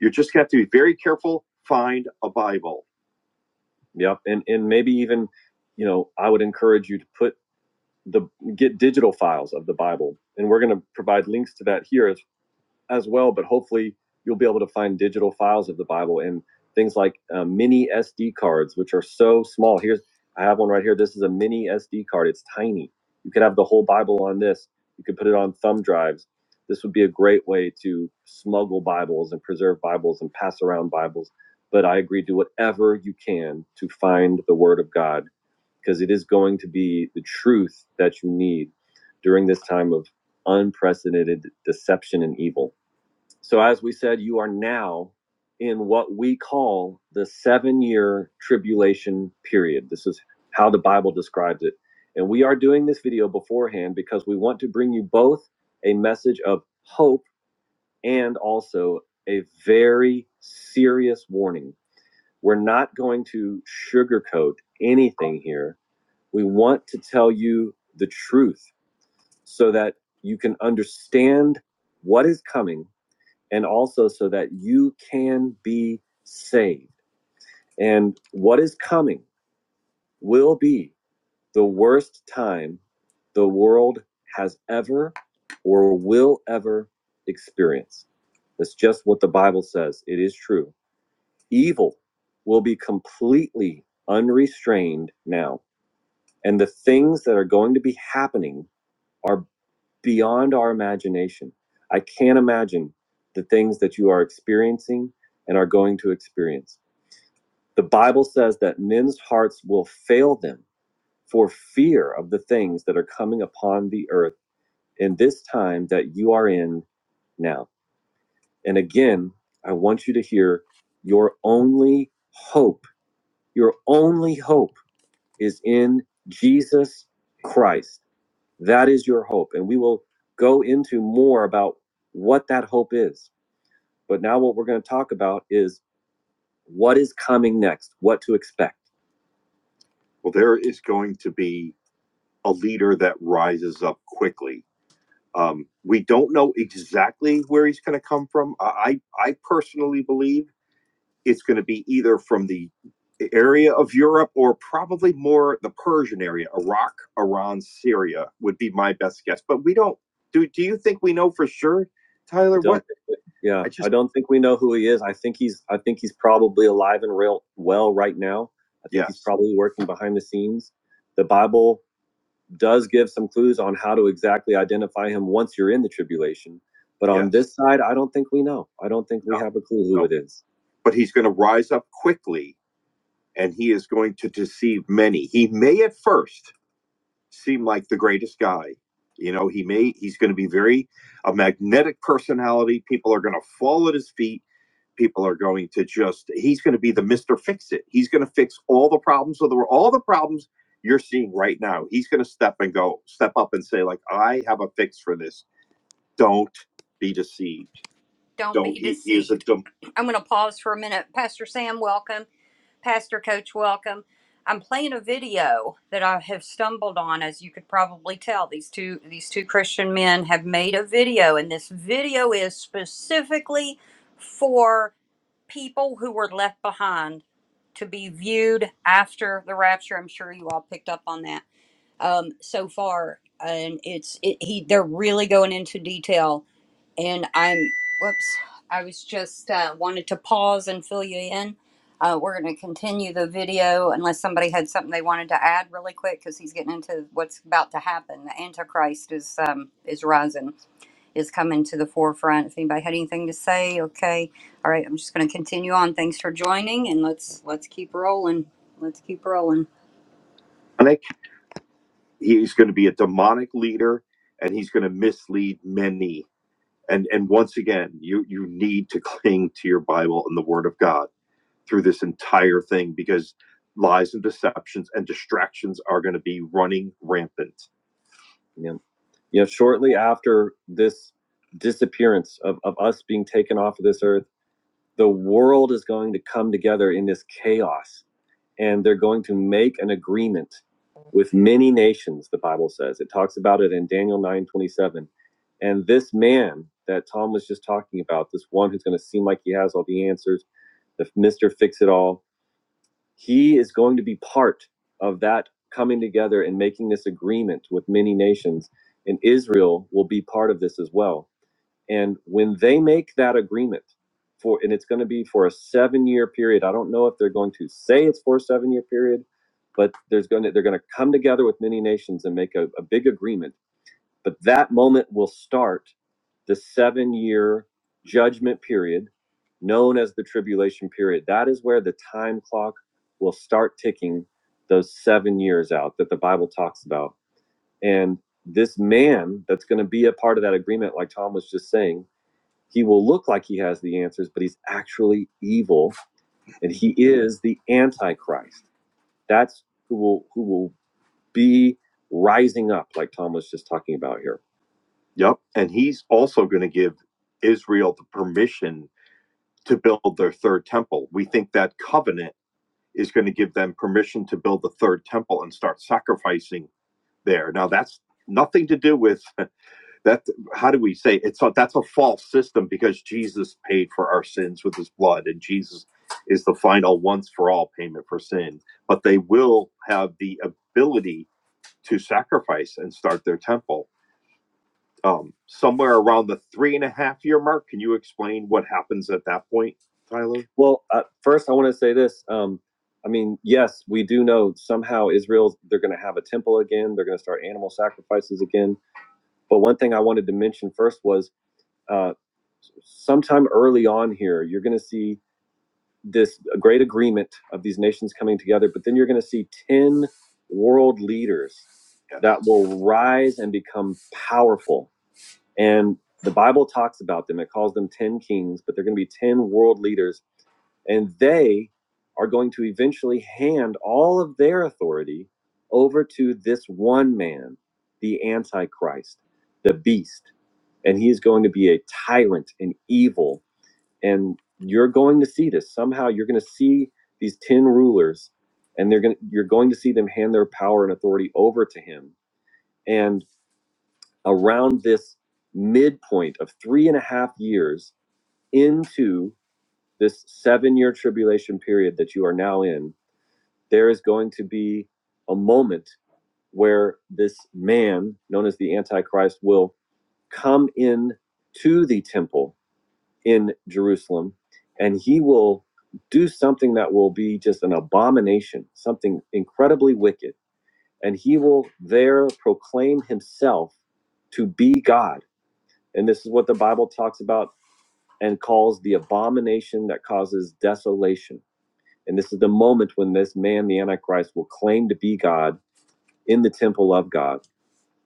[SPEAKER 1] you just have to be very careful. Find a Bible. Yep. And and maybe even, you know, I would encourage you to put the get digital files of the Bible. And we're going to provide links to that here as as well, but hopefully you'll be able to find digital files of the Bible and things like uh, mini SD cards, which are so small. Here's I have one right here. This is a mini SD card. It's tiny. You could have the whole Bible on this. You could put it on thumb drives. This would be a great way to smuggle Bibles and preserve Bibles and pass around Bibles. But I agree, do whatever you can to find the Word of God because it is going to be the truth that you need during this time of unprecedented deception and evil. So, as we said, you are now in what we call the seven year tribulation period. This is how the Bible describes it. And we are doing this video beforehand because we want to bring you both a message of hope and also a very serious warning. We're not going to sugarcoat anything here. We want to tell you the truth so that you can understand what is coming and also so that you can be saved. And what is coming will be the worst time the world has ever or will ever experience. That's just what the Bible says. It is true. Evil will be completely unrestrained now. And the things that are going to be happening are. beyond our imagination. I can't imagine the things that you are experiencing and are going to experience. The Bible says that men's hearts will fail them for fear of the things that are coming upon the earth in this time that you are in now. And again, I want you to hear your only hope, your only hope is in Jesus Christ. That is your hope. And we will go into more about what that hope is. But now, what we're going to talk about is what is coming next, what to expect. Well, there is going to be a leader that rises up quickly. Um, we don't know exactly where he's going to come from. I, I I personally believe. it's going to be either from the area of Europe or probably more the Persian area, Iraq, Iran, Syria would be my best guess. But we don't do. Do you think we know for sure, Tyler? What yeah, I just I don't think we know who he is. I think he's I think he's probably alive and real well right now. I think yes. he's yes, probably working behind the scenes. The Bible does give some clues on how to exactly identify him once you're in the tribulation. But on Yes. this side, I don't think we know. I don't think we No. have a clue who No. it is. But he's going to rise up quickly and he is going to deceive many. He may at first seem like the greatest guy. You know, he may, he's going to be very a magnetic personality. People are going to fall at his feet people are going to just he's going to be the mr fix it he's going to fix all the problems of the world all the problems you're seeing right now he's going to step and go step up and say like i have a fix for this don't be deceived Don't don't be he, deceived. he a deceived. I'm going to pause for a minute. Pastor Sam, welcome. Pastor Coach, welcome. I'm playing a video that I have stumbled on, as you could probably tell. These two these two Christian men have made a video, and this video is specifically for people who were left behind to be viewed after the rapture. I'm sure you all picked up on that um, so far, and it's it, he they're really going into detail and I'm whoops. I was just uh, wanted to pause and fill you in. Uh, we're going to continue the video unless somebody had something they wanted to add really quick because he's getting into what's about to happen. The Antichrist is um, is rising, is coming to the forefront. If anybody had anything to say, okay, all right. I'm just going to continue on. Thanks for joining, and let's let's keep rolling. Let's keep rolling. demonic. He's going to be a demonic leader, and he's going to mislead many and and once again you you need to cling to your bible and the word of god through this entire thing because lies and deceptions and distractions are going to be running rampant Yeah. Yeah. Shortly after this disappearance of, of us being taken off of this earth the world is going to come together in this chaos and they're going to make an agreement with many nations the bible says it talks about it in daniel 9 27, and this man that tom was just talking about this one who's going to seem like he has all the answers the mr fix it all he is going to be part of that coming together and making this agreement with many nations and israel will be part of this as well and when they make that agreement for, and it's going to be for a seven year period, I don't know if they're going to say it's for a seven year period, but there's going to, they're going to come together with many nations and make a, a big agreement. But that moment will start the seven year judgment period known as the tribulation period. That is where the time clock will start ticking those seven years out that the Bible talks about. And this man that's going to be a part of that agreement, like Tom was just saying, he will look like he has the answers, but he's actually evil, and he is the Antichrist. That's who will who will be rising up, like Tom was just talking about here. Yep. And he's also going to give Israel the permission to build their third temple. We think that covenant is going to give them permission to build the third temple and start sacrificing there. Now, that's nothing to do with that how do we say it? it's a, that's a false system because Jesus paid for our sins with his blood and Jesus is the final once for all payment for sin but they will have the ability to sacrifice and start their temple um, somewhere around the three and a half year mark can you explain what happens at that point Tyler Well, uh, first, I want to say this. Um, I mean, yes, we do know somehow Israel, they're going to have a temple again. They're going to start animal sacrifices again. But one thing I wanted to mention first was uh, sometime early on here, you're going to see this great agreement of these nations coming together, but then you're going to see 10 world leaders that will rise and become powerful. And the Bible talks about them, it calls them 10 kings, but they're going to be 10 world leaders, and they are going to eventually hand all of their authority over to this one man, the Antichrist, the beast. And he is going to be a tyrant and evil and you're going to see this somehow you're going to see these 10 rulers and they're going to, you're going to see them hand their power and authority over to him and around this midpoint of three and a half years into this seven year tribulation period that you are now in there is going to be a moment where this man known as the antichrist will come in to the temple in Jerusalem, and he will do something that will be just an abomination, something incredibly wicked. And he will there proclaim himself to be God. And this is what the Bible talks about and calls the abomination that causes desolation. And this is the moment when this man, the Antichrist, will claim to be God in the temple of God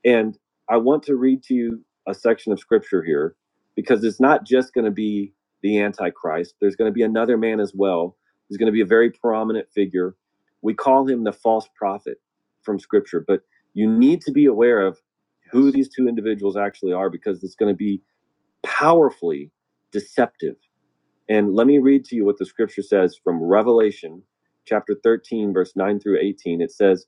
[SPEAKER 1] and I want to read to you a section of scripture here because it's not just going to be the Antichrist. There's going to be another man as well. He's going to be a very prominent figure. We call him the false prophet from scripture, but you need to be aware of who these two individuals actually are because it's going to be powerfully deceptive. And let me read to you what the scripture says from Revelation chapter 13, verse 9 through 18. It says,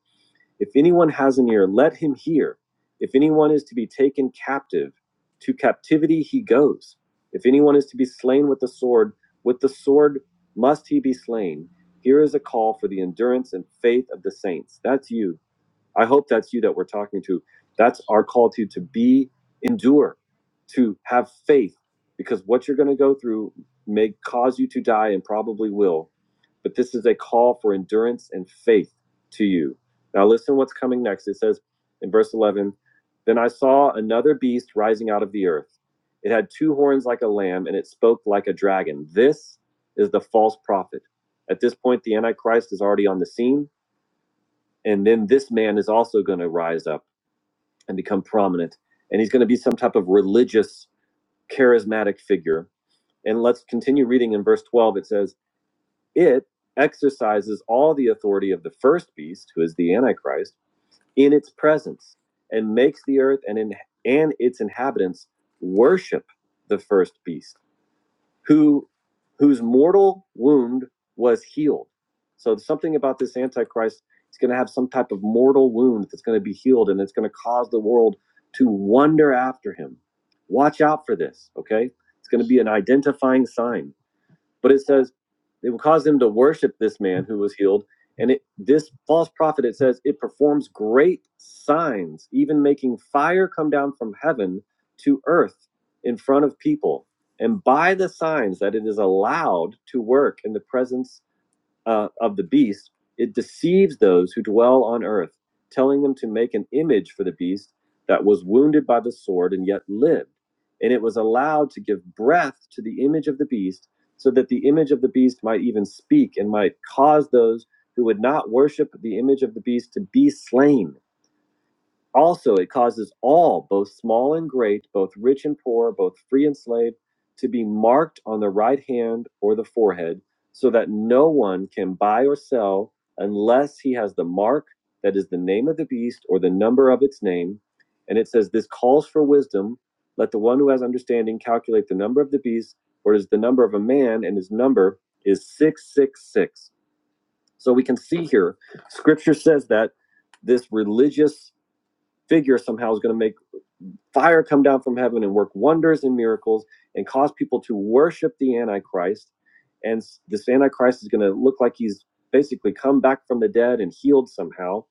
[SPEAKER 1] if anyone has an ear, let him hear. If anyone is to be taken captive, to captivity he goes. If anyone is to be slain with the sword, with the sword must he be slain. Here is a call for the endurance and faith of the saints. That's you I hope that's you that we're talking to. That's our call to you to be, endure, to have faith, because what you're going to go through may cause you to die and probably will. But this is a call for endurance and faith to you. Now, listen what's coming next. It says in verse 11 Then I saw another beast rising out of the earth. It had two horns like a lamb, and it spoke like a dragon. This is the false prophet. At this point, the Antichrist is already on the scene and then this man is also going to rise up and become prominent and he's going to be some type of religious charismatic figure and let's continue reading in verse 12 it says it exercises all the authority of the first beast who is the antichrist in its presence and makes the earth and in and its inhabitants worship the first beast who whose mortal wound was healed. So something about this antichrist is going to have some type of mortal wound that's going to be healed and it's going to cause the world to wonder after him. Watch out for this, okay? It's going to be an identifying sign. But it says it will cause them to worship this man who was healed. And it, this false prophet, it says, it performs great signs, even making fire come down from heaven to earth in front of people. And by the signs that it is allowed to work in the presence uh, of the beast, it deceives those who dwell on earth, telling them to make an image for the beast that was wounded by the sword and yet lived. And it was allowed to give breath to the image of the beast, so that the image of the beast might even speak and might cause those who would not worship the image of the beast to be slain. Also, it causes all, both small and great, both rich and poor, both free and slave, to be marked on the right hand or the forehead, so that no one can buy or sell unless he has the mark that is the name of the beast or the number of its name. And it says, This calls for wisdom. Let the one who has understanding calculate the number of the beast, for it is the number of a man, and his number is 666. So we can see here, scripture says that this religious figure somehow is going to make fire come down from heaven and work wonders and miracles and cause people to worship the antichrist and this antichrist is going to look like he's basically come back from the dead and healed somehow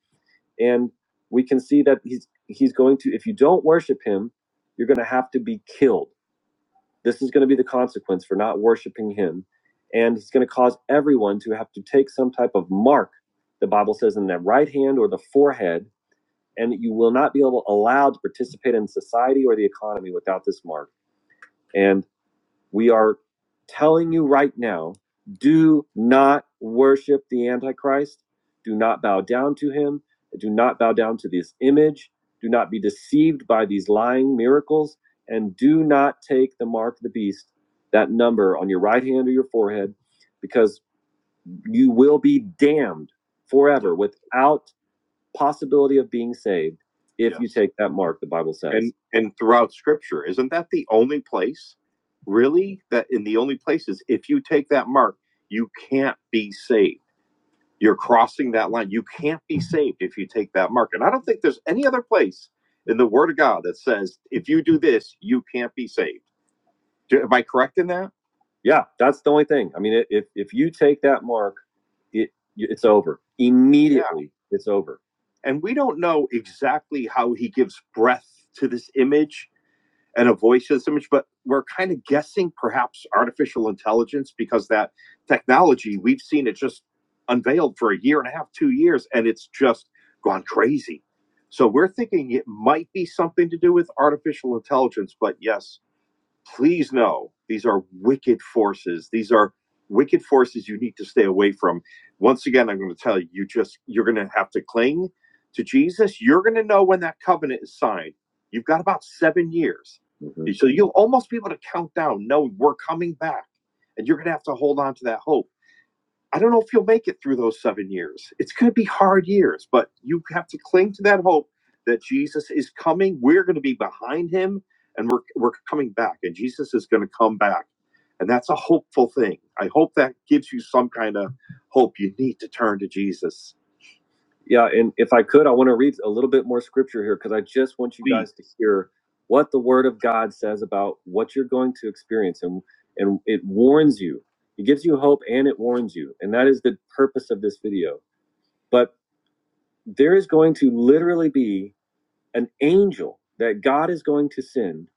[SPEAKER 1] and we can see that he's he's going to if you don't worship him you're going to have to be killed this is going to be the consequence for not worshiping him and he's going to cause everyone to have to take some type of mark the bible says in their right hand or the forehead and you will not be able allowed to participate in society or the economy without this mark. And we are telling you right now, do not worship the Antichrist. Do not bow down to him. Do not bow down to this image. Do not be deceived by these lying miracles. And do not take the mark of the beast, that number on your right hand or your forehead, because you will be damned forever without possibility of being saved if yes. you Yes. take that mark, the Bible says. and and throughout scripture isn't that the only place really that in the only places if you take that mark you can't be saved you're crossing that line you can't be saved if you take that mark and i don't think there's any other place in the word of god that says if you do this you can't be saved Am I correct in that? Yeah, that's the only thing. I mean, if if you take that mark, it it's over Yeah. immediately. Yeah. It's over. And we don't know exactly how he gives breath to this image and a voice to this image, but we're kind of guessing perhaps artificial intelligence because that technology we've seen it just unveiled for a year and a half, two years, and it's just gone crazy. So we're thinking it might be something to do with artificial intelligence, but yes, please know these are wicked forces. These are wicked forces you need to stay away from. Once again, I'm going to tell you, you just you're going to have to cling to Jesus. You're going to know when that covenant is signed. You've got about seven years, hmm so you'll almost be able to count down, knowing we're coming back, and you're going to have to hold on to that hope I don't know if you'll make it through those seven years. It's going to be hard years, but you have to cling to that hope that Jesus is coming. We're going to be behind him and we're, we're coming back, and Jesus is going to come back. And that's a hopeful thing. I hope that gives you some kind of hope. You need to turn to Jesus yeah, and if I could, I want to read a little bit more scripture here because I just want you Please. guys Please. to hear what the Word of God says about what you're going to experience, and and it warns you. It gives you hope and it warns you, and that is the purpose of this video. But there is going to literally be an angel that God is going to send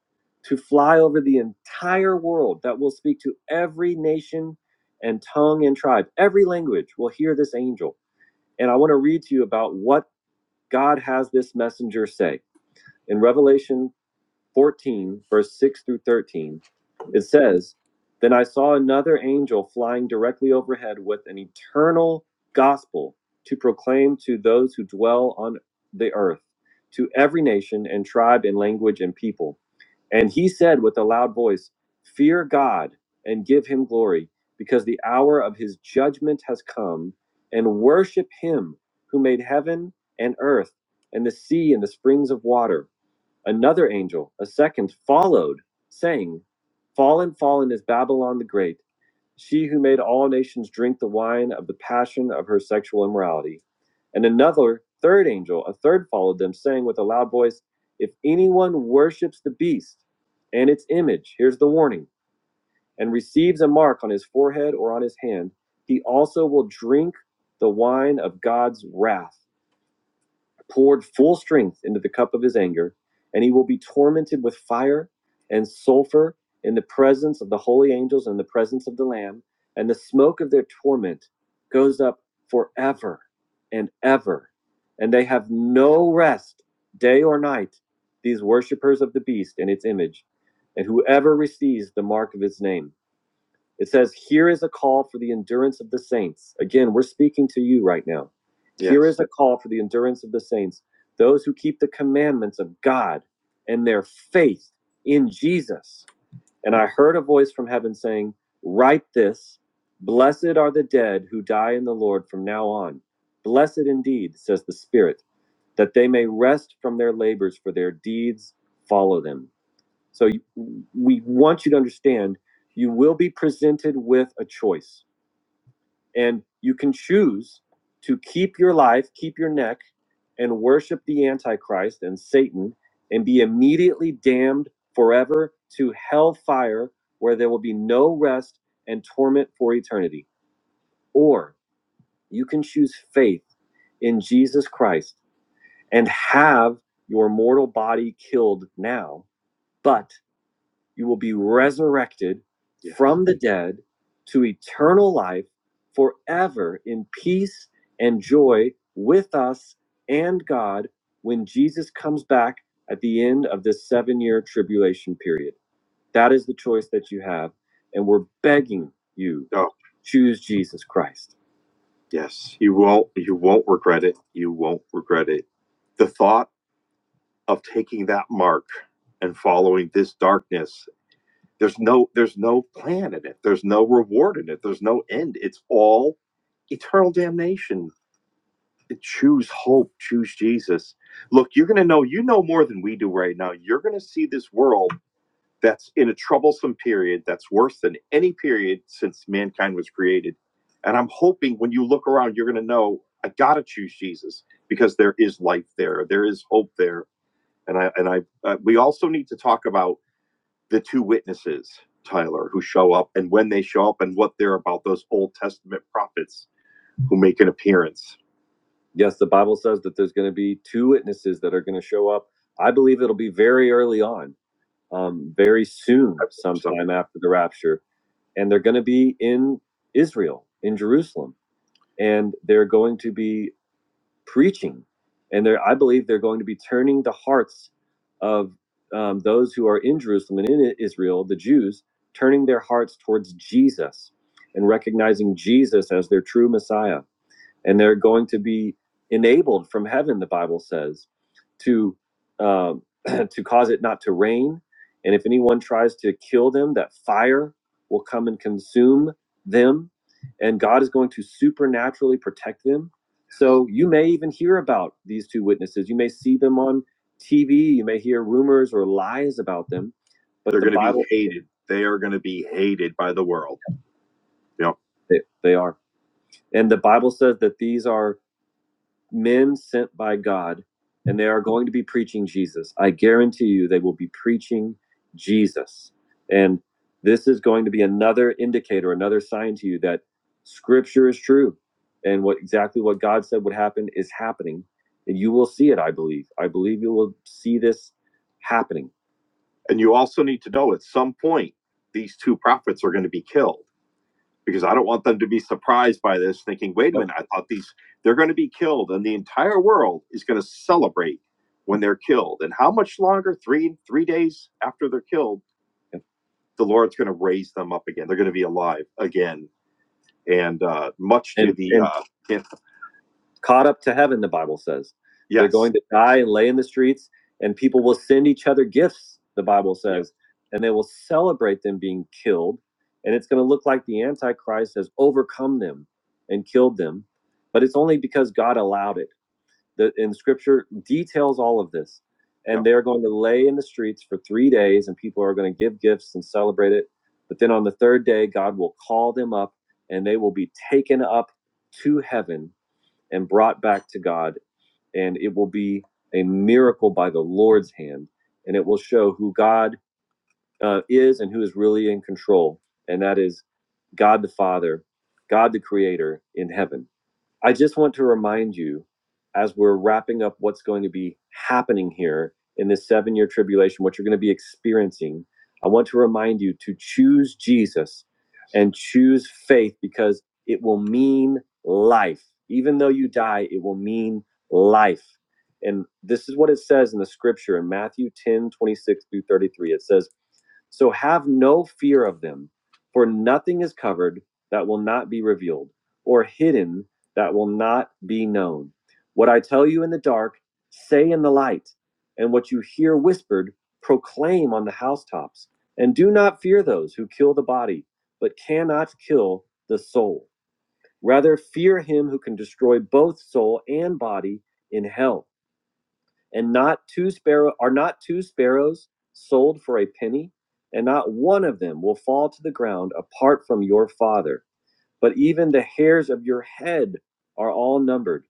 [SPEAKER 1] to fly over the entire world that will speak to every nation and tongue and tribe. Every language will hear this angel. And I want to read to you about what God has this messenger say. In Revelation 14, verse 6 through 13, it says, Then I saw another angel flying directly overhead with an eternal gospel to proclaim to those who dwell on the earth, to every nation and tribe and language and people. And he said with a loud voice, 'Fear God and give him glory, because the hour of his judgment has come, and worship him who made heaven and earth and the sea and the springs of water. Another angel, a second, followed, saying, Fallen, fallen is Babylon the Great, she who made all nations drink the wine of the passion of her sexual immorality. And another, third angel, a third followed them, saying with a loud voice, If anyone worships the beast and its image, here's the warning, and receives a mark on his forehead or on his hand, he also will drink the wine of God's wrath poured full strength into the cup of his anger, and he will be tormented with fire and sulfur in the presence of the holy angels and the presence of the Lamb, and the smoke of their torment goes up forever and ever, and they have no rest day or night, these worshippers of the beast and its image, and whoever receives the mark of its name. It says, Here is a call for the endurance of the saints. Again, we're speaking to you right now. Here Yes. Here is a call for the endurance of the saints, those who keep the commandments of God and their faith in Jesus. And I heard a voice from heaven saying, Write this Blessed are the dead who die in the Lord from now on. Blessed indeed, says the Spirit, that they may rest from their labors, for their deeds follow them. So you, we want you to understand you will be presented with a choice, and you can choose to keep your life, keep your neck, and worship the Antichrist and Satan, and be immediately damned forever to hellfire, where there will be no rest and torment for eternity. Or you can choose faith in Jesus Christ and have your mortal body killed now, but you will be resurrected Yeah. from the dead to eternal life forever in peace and joy with us and God when Jesus comes back at the end of this seven year tribulation period. That is the choice that you have. And we're begging you Oh, choose Jesus Christ. yes. You won't you won't regret it. You won't regret it. The thought of taking that mark and following this darkness there's no there's no plan in it. There's no reward in it. There's no end. It's all eternal damnation. Choose hope. Choose Jesus. Look, you're going to know. You know more than we do right now. You're going to see this world that's in a troublesome period that's worse than any period since mankind was created. And I'm hoping when you look around, you're going to know I got to choose Jesus because there is life there. There is hope there. And I and I uh, we also need to talk about the two witnesses, Tyler, who show up and when they show up and what they're about, those Old Testament prophets who make an appearance. Yes, the Bible says that there's going to be two witnesses that are going to show up. I believe it'll be very early on, um, very soon, I so. sometime after the rapture. And they're going to be in Israel, in Jerusalem. And they're going to be preaching, and they're, I believe they're going to be turning the hearts of um, those who are in Jerusalem and in Israel, the Jews, turning their hearts towards Jesus and recognizing Jesus as their true Messiah and they're going to be enabled from heaven the bible says to um, to cause it not to rain and if anyone tries to kill them that fire will come and consume them and god is going to supernaturally protect them so you may even hear about these two witnesses you may see them on tv you may hear rumors or lies about them but They're the going Bible, to be hated. They are going to be hated by the world. Yep. They, they are. And the Bible says that these are men sent by God, and they are going to be preaching Jesus. I guarantee you they will be preaching Jesus. And this is going to be another indicator, another sign to you that scripture is true and what exactly what God said would happen is happening. And you will see it, I believe. I believe you will see this happening. And you also need to know at some point these two prophets are going to be killed because I don't want them to be surprised by this, thinking, wait a Yep. minute, I thought these, they're going to be killed, and the entire world is going to celebrate when they're killed. And how much longer? Three, three days after they're killed, and the Lord's going to raise them up again. They're going to be alive again. And uh, much to And the and uh, caught up to heaven, the Bible says. Yes. They're going to die and lay in the streets, and people will send each other gifts, the Bible Yep. says, yeah. and they will celebrate them being killed. And it's going to look like the Antichrist has overcome them and killed them. But it's only because God allowed it. The, and scripture details all of this. And Yep. they're going to lay in the streets for three days, and people are going to give gifts and celebrate it. But then on the third day, God will call them up, and they will be taken up to heaven and brought back to God, and it will be a miracle by the Lord's hand, and it will show who God uh, is and who is really in control, and that is God the Father, God the Creator in heaven. I just want to remind you, as we're wrapping up what's going to be happening here in this seven year tribulation, what you're going to be experiencing, I want to remind you to choose Jesus and choose faith because it will mean life. Even though you die, it will mean life. And this is what it says in the scripture in Matthew 10 26 through 33. It says, so have no fear of them, for nothing is covered that will not be revealed, or hidden that will not be known. What I tell you in the dark, say in the light, and what you hear whispered, proclaim on the housetops. And do not fear those who kill the body, but cannot kill the soul. Rather, fear him who can destroy both soul and body in hell and not two sparrow are not two sparrows sold for a penny and not one of them will fall to the ground apart from your father but even the hairs of your head are all numbered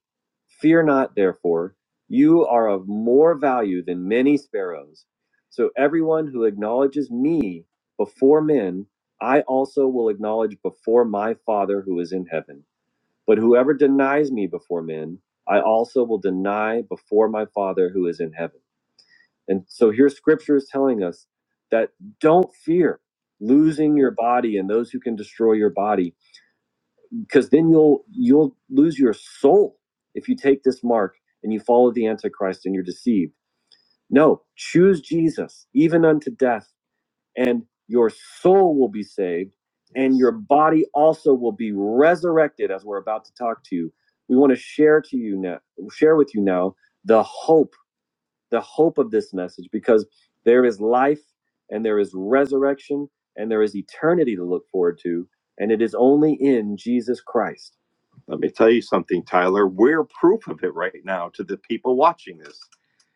[SPEAKER 1] fear not therefore you are of more value than many sparrows so everyone who acknowledges me before men i also will acknowledge before my father who is in heaven but whoever denies me before men, I also will deny before my Father who is in heaven. And so here scripture is telling us that don't fear losing your body and those who can destroy your body because then you'll you'll lose your soul if you take this mark and you follow the antichrist and you're deceived. No, choose Jesus even unto death and your soul will be saved, and your body also will be resurrected. As we're about to talk to you, we want to share to you now, share with you now the hope, the hope of this message, because there is life, and there is resurrection, and there is eternity to look forward to, and it is only in Jesus Christ. Let me tell you something, Tyler. We're proof of it right now to the people watching this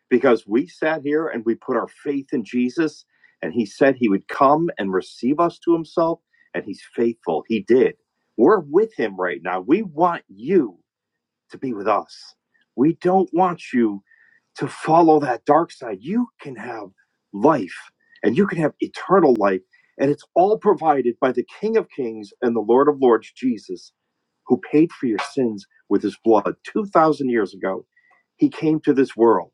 [SPEAKER 1] because we sat here and we put our faith in Jesus and he said he would come and receive us to himself and he's faithful. He did. We're with him right now. We want you to be with us. We don't want you to follow that dark side. You can have life and you can have eternal life. And it's all provided by the King of Kings and the Lord of Lords, Jesus, who paid for your sins with his blood 2,000 years ago. He came to this world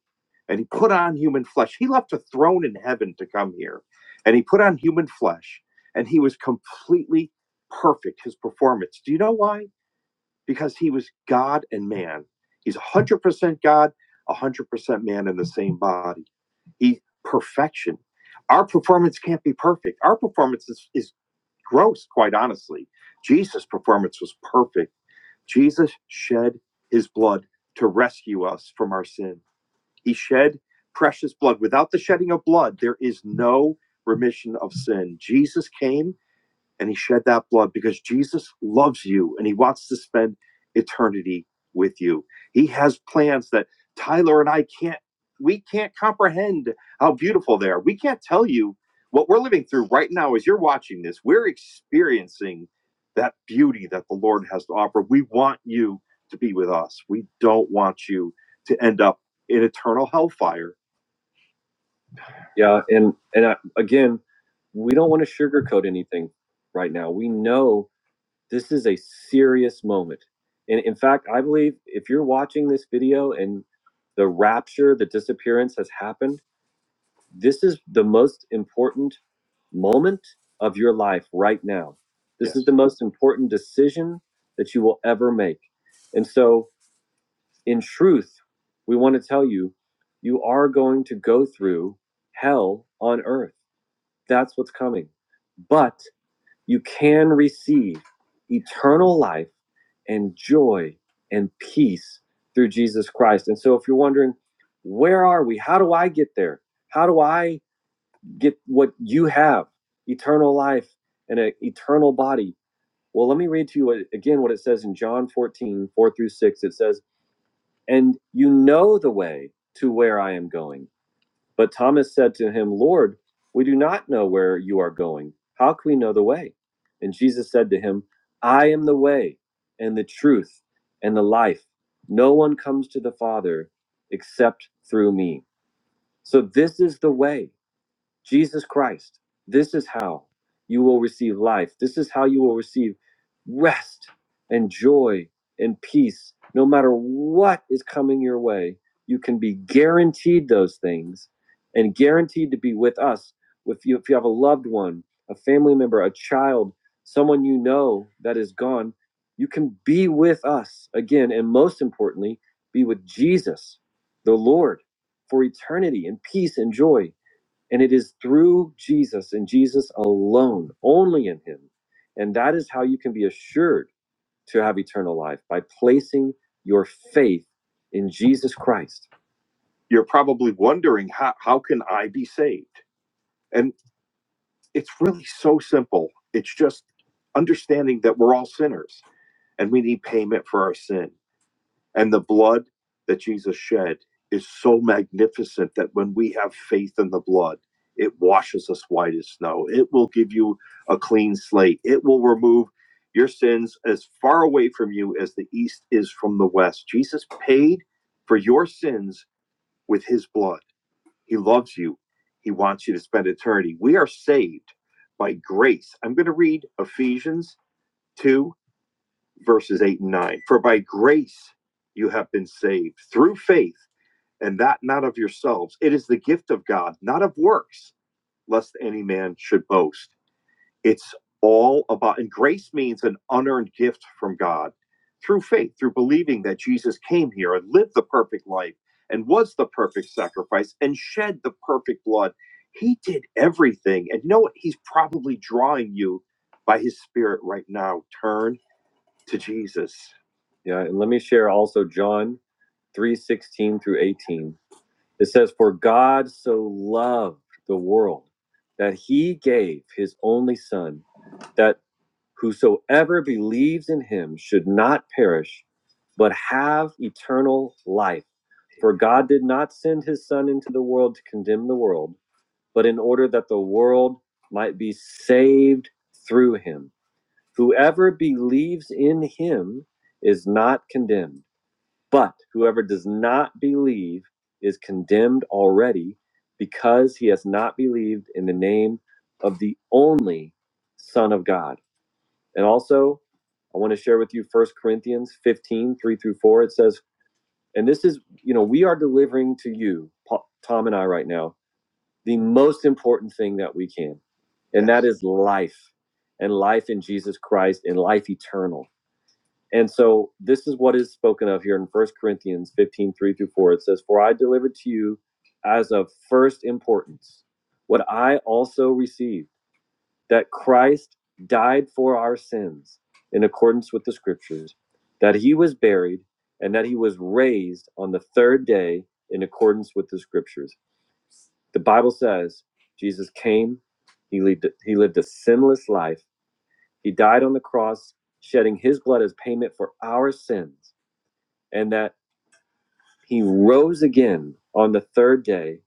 [SPEAKER 1] and he put on human flesh. He left a throne in heaven to come here and he put on human flesh and he was completely perfect, his performance. Do you know why? because he was God and man. He's 100% God, 100% man in the same body. He perfection. Our performance can't be perfect. Our performance is, is gross, quite honestly. Jesus' performance was perfect. Jesus shed his blood to rescue us from our sin. He shed precious blood. Without the shedding of blood, there is no remission of sin. Jesus came and he shed that blood because Jesus loves you and he wants to spend eternity with you. He has plans that Tyler and I can't we can't comprehend how beautiful they are. We can't tell you what we're living through right now as you're watching this. We're experiencing that beauty that the Lord has to offer. We want you to be with us. We don't want you to end up in eternal hellfire. Yeah, and and I, again, we don't want to sugarcoat anything right now. We know this is a serious moment. And in fact, I believe if you're watching this video and the rapture, the disappearance has happened, this is the most important moment of your life right now. This Yes. is Yes. the most important decision that you will ever make. And so, in truth, we want to tell you you are going to go through hell on earth. That's what's coming. But you can receive eternal life and joy and peace through Jesus Christ. And so if you're wondering, where are we? How do I get there? How do I get what you have? Eternal life and an eternal body. Well, let me read to you what, again what it says in John 14:4 through 6. It says, And you know the way to where I am going. But Thomas said to him, Lord, we do not know where you are going. How can we know the way? And Jesus said to him, I am the way and the truth and the life. No one comes to the Father except through me. So this is the way. Jesus Christ. This is how you will receive life. This is how you will receive rest and joy and peace. No matter what is coming your way, you can be guaranteed those things and guaranteed to be with us. If you, if you have a loved one, a family member, a child, someone you know that is gone, you can be with us again. And most importantly, be with Jesus, the Lord, for eternity and peace and joy. And it is through Jesus and Jesus alone, only in Him. And that is how you can be assured to have eternal life by placing your faith in Jesus Christ. You're probably wondering, how, how can I be saved? And it's really so simple. It's just understanding that we're all sinners and we need payment for our sin. And the blood that Jesus shed is so magnificent that when we have faith in the blood, it washes us white as snow. It will give you a clean slate. It will remove your sins as far away from you as the east is from the west. Jesus paid for your sins with his blood. He loves you. He wants you to spend eternity. We are saved by grace. I'm going to read Ephesians 2 verses 8 and 9. For by grace you have been saved through faith, and that not of yourselves. It is the gift of God, not of works, lest any man should boast. It's all about, and grace means an unearned gift from God through faith, through believing that Jesus came here and lived the perfect life and was the perfect sacrifice and shed the perfect blood. He did everything. And you know what? He's probably drawing you by his spirit right now. Turn to Jesus. Yeah, and let me share also John 3:16 through 18. It says for God so loved the world that he gave his only son that whosoever believes in him should not perish but have eternal life. For God did not send his son into the world to condemn the world, but in order that the world might be saved through him. Whoever believes in him is not condemned, but whoever does not believe is condemned already because he has not believed in the name of the only Son of God. And also, I want to share with you First Corinthians 15 3 through 4. It says, and this is, you know, we are delivering to you, Pa- Tom and I right now, the most important thing that we can. And that is life and life in Jesus Christ and life eternal. And so this is what is spoken of here in First Corinthians 15 3 through 4. It says, For I delivered to you as of first importance what I also received, that Christ died for our sins in accordance with the scriptures, that he was buried, and that he was raised on the third day in accordance with the scriptures. The Bible says Jesus came, he lived, he lived a sinless life, he died on the cross, shedding his blood as payment for our sins and that he rose again on the third day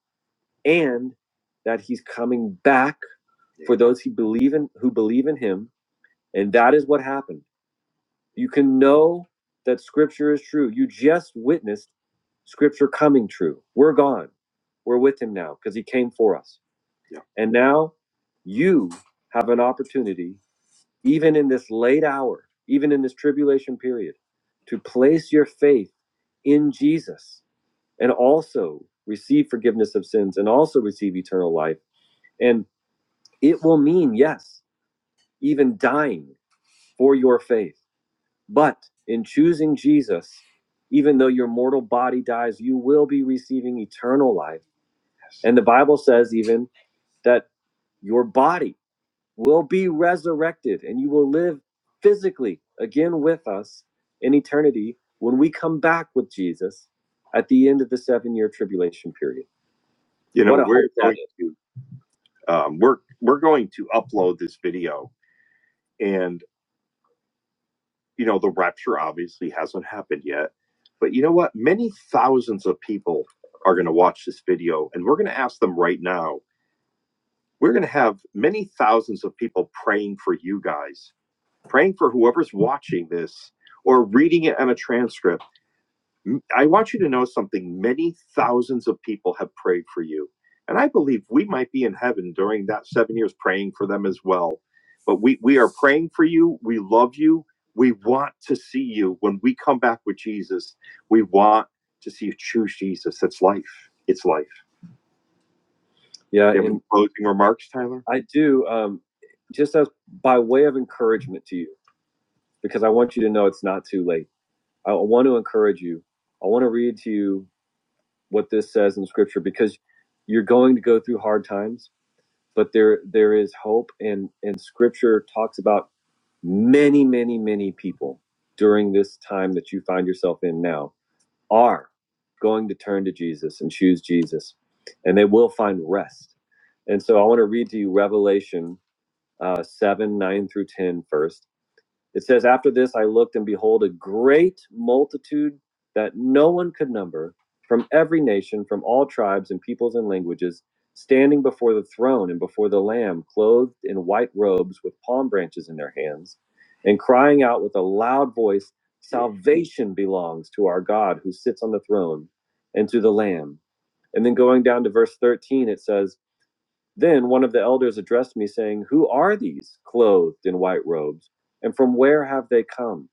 [SPEAKER 1] and that he's coming back for those who believe in who believe in him and that is what happened you can know that scripture is true you just witnessed scripture coming true we're gone we're with him now because he came for us Yeah. and now you have an opportunity even in this late hour even in this tribulation period to place your faith in jesus and also receive forgiveness of sins and also receive eternal life. And it will mean, yes, even dying for your faith. But in choosing Jesus, even though your mortal body dies, you will be receiving eternal life. And the Bible says even that your body will be resurrected and you will live physically again with us in eternity when we come back with Jesus at the end of the seven year tribulation period. you know we're going to um, we're we're going to upload this video and you know the rapture obviously hasn't happened yet but you know what many thousands of people are going to watch this video and we're going to ask them right now we're going to have many thousands of people praying for you guys praying for whoever's watching this or reading it on a transcript I want you to know something. Many thousands of people have prayed for you. And I believe we might be in heaven during that seven years praying for them as well. But we, we are praying for you. We love you. We want to see you. When we come back with Jesus, we want to see you choose Jesus. That's life. It's life. Yeah, Do you have any closing remarks, Tyler? I do. Um, just as by way of encouragement to you, because I want you to know it's not too late. I want to encourage you. I want to read to you what this says in scripture because you're going to go through hard times but there there is hope and and scripture talks about many many many people during this time that you find yourself in now are going to turn to Jesus and choose Jesus and they will find rest and so I want to read to you Revelation uh, 7 9 through 10 first. It says, After this I looked, and behold, a great multitude that no one could number from every nation, from all tribes and peoples and languages, standing before the throne and before the Lamb, clothed in white robes with palm branches in their hands, and crying out with a loud voice, Salvation belongs to our God who sits on the throne and to the Lamb. And then going down to verse 13, it says, then one of the elders addressed me, saying, Who are these clothed in white robes, and from where have they come?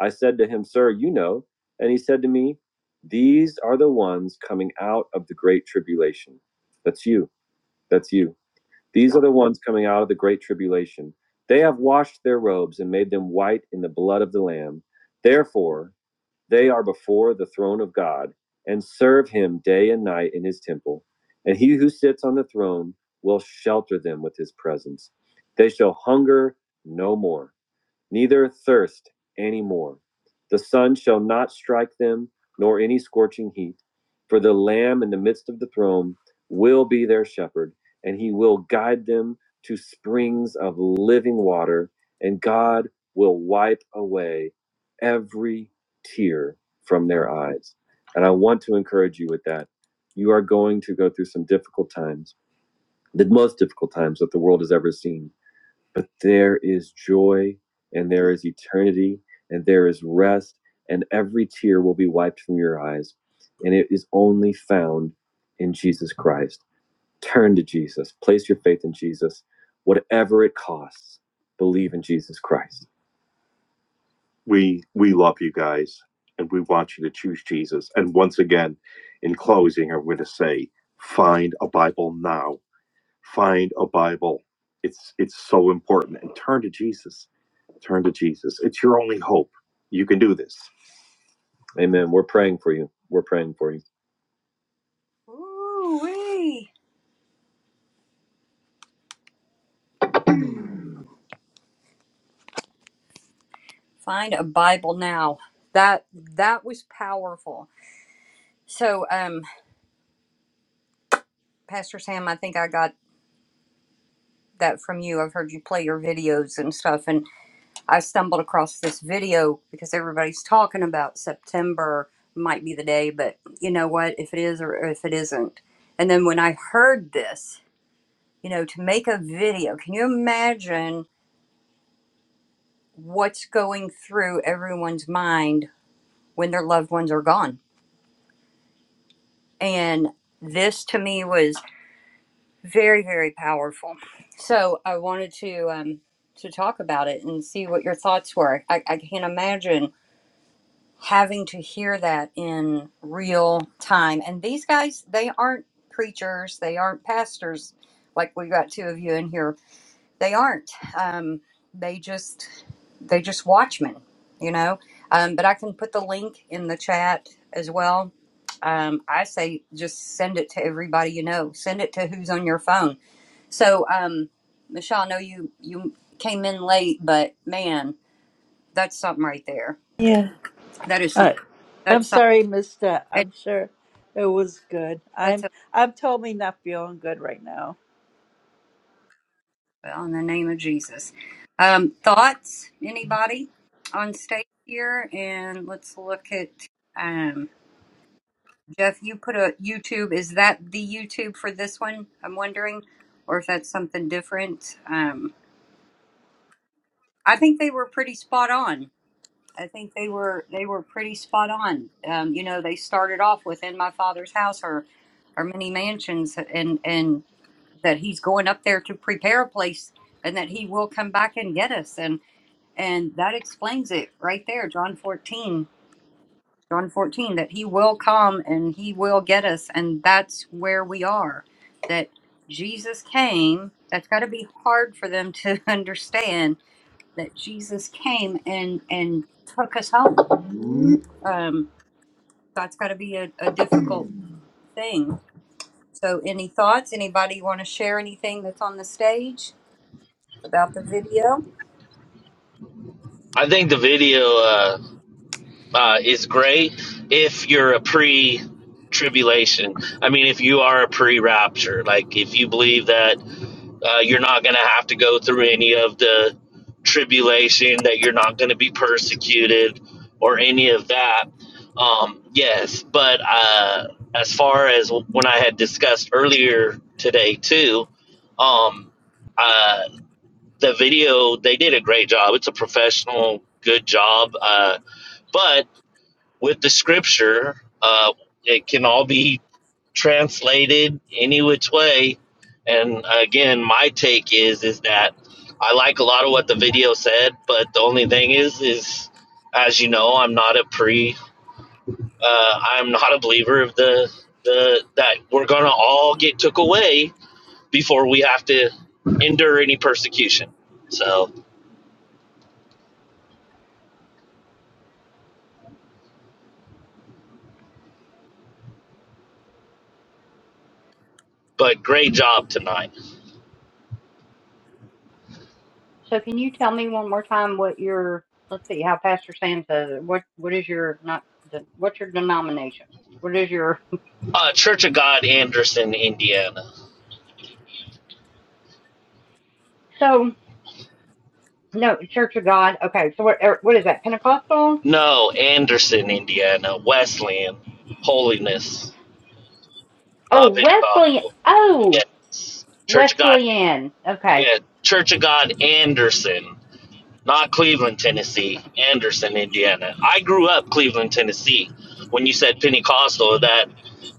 [SPEAKER 1] I said to him, Sir, you know. And he said to me, These are the ones coming out of the great tribulation. That's you. That's you. These are the ones coming out of the great tribulation. They have washed their robes and made them white in the blood of the Lamb. Therefore, they are before the throne of God and serve him day and night in his temple. And he who sits on the throne will shelter them with his presence. They shall hunger no more neither thirst any more. The sun shall not strike them, nor any scorching heat. For the Lamb in the midst of the throne will be their shepherd, and he will guide them to springs of living water, and God will wipe away every tear from their eyes. And I want to encourage you with that. You are going to go through some difficult times, the most difficult times that the world has ever seen but there is joy and there is eternity and there is rest and every tear will be wiped from your eyes and it is only found in Jesus Christ turn to Jesus place your faith in Jesus whatever it costs believe in Jesus Christ we we love you guys and we want you to choose jesus and once again in closing i'm going to say find a bible now find a bible it's it's so important and turn to jesus Turn to Jesus. It's your only hope. You can do this. Amen. We're praying for you. We're praying for you. Ooh-wee. Find a Bible now. That that was powerful. So, um, Pastor Sam, I think I got that from you. I've heard you play your videos and stuff, and I stumbled across this video because everybody's talking about September might be the day, but you know what? If it is or if it isn't. And then when I heard this, you know, to make a video, can you imagine what's going through everyone's mind when their loved ones are gone. And this to me was very, very powerful. So I wanted to um, to talk about it and see what your thoughts were. I, I can't imagine having to hear that in real time. And these guys, they aren't preachers, they aren't pastors, like we got two of you in here. They aren't. Um, they just they just watchmen, you know. Um, but I can put the link in the chat as well. Um, I say just send it to everybody you know. Send it to who's on your phone. So, um, Michelle, I know you you came in late, but man, that's something right there.
[SPEAKER 2] Yeah.
[SPEAKER 1] That is
[SPEAKER 2] All
[SPEAKER 1] something.
[SPEAKER 2] right. I'm
[SPEAKER 1] That's something.
[SPEAKER 2] sorry, Mister.
[SPEAKER 1] It,
[SPEAKER 2] I'm sure it was good.
[SPEAKER 1] that's
[SPEAKER 2] I'm
[SPEAKER 1] a,
[SPEAKER 2] I'm totally not feeling good right now.
[SPEAKER 1] on the name of Jesus. Um, thoughts? Anybody on stage here? And let's look at. um, Jeff, you put a YouTube. Is that the YouTube for this one? I'm wondering, or if that's something different. Um, I think they were pretty spot on. I think they were they were pretty spot on. Um, you know, they started off with "In My Father's House" or or many mansions, and and that he's going up there to prepare a place, and that he will come back and get us, and and that explains it right there, John 14. John 14, that he will come and he will get us. And that's where we are. That Jesus came. That's got to be hard for them to understand that Jesus came and, and took us home. Um, that's got to be a, a difficult thing. So, any thoughts? Anybody want to share anything that's on the stage about the video?
[SPEAKER 6] I think the video uh, uh, is great if you're a pre tribulation. I mean, if you are a pre rapture, like if you believe that uh, you're not going to have to go through any of the tribulation, that you're not going to be persecuted or any of that, um, yes. But uh, as far as when I had discussed earlier today, too, um, uh, the video they did a great job it's a professional good job uh, but with the scripture uh, it can all be translated any which way and again my take is is that i like a lot of what the video said but the only thing is is as you know i'm not a pre uh, i'm not a believer of the the that we're gonna all get took away before we have to endure any persecution so But great job tonight.
[SPEAKER 1] So can you tell me one more time what your, let's see how Pastor Sam says it. What, what is your, not, de- what's your denomination? What is your,
[SPEAKER 6] Uh, Church of God, Anderson, Indiana.
[SPEAKER 1] so, no, Church of God. Okay. So what, er, what is that? Pentecostal?
[SPEAKER 6] No, Anderson, Indiana. Wesleyan. Holiness.
[SPEAKER 1] Oh,
[SPEAKER 6] Not
[SPEAKER 1] Wesley.
[SPEAKER 6] Pentecostal.
[SPEAKER 1] Oh,
[SPEAKER 6] Yes. Church of God.
[SPEAKER 1] Wesleyan. Okay.
[SPEAKER 6] Yeah. Church of God, Anderson. Not Cleveland, Tennessee.
[SPEAKER 1] Okay.
[SPEAKER 6] Anderson, Indiana. I grew up Cleveland, Tennessee. When you said Pentecostal, that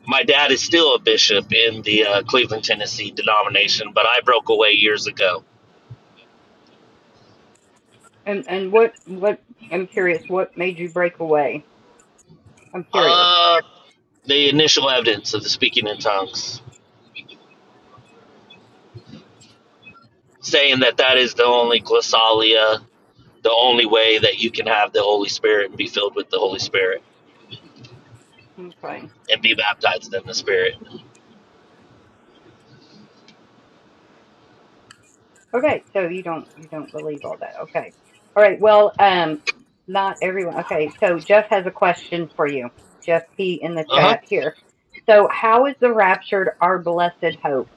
[SPEAKER 6] my dad is still a bishop in the uh, Cleveland, Tennessee denomination, but I broke away years ago.
[SPEAKER 1] And, and what, what, I'm curious, what made you break away? I'm curious.
[SPEAKER 6] Uh, the initial evidence of the speaking in tongues, saying that that is the only glossalia, the only way that you can have the Holy Spirit and be filled with the Holy Spirit
[SPEAKER 1] Okay.
[SPEAKER 6] and be baptized in the Spirit.
[SPEAKER 1] Okay, so you don't you don't believe all that. Okay. All right. Well, um not everyone. Okay, so Jeff has a question for you. Jeff P in the
[SPEAKER 6] Uh huh.
[SPEAKER 1] chat here. So, how is the raptured our blessed hope?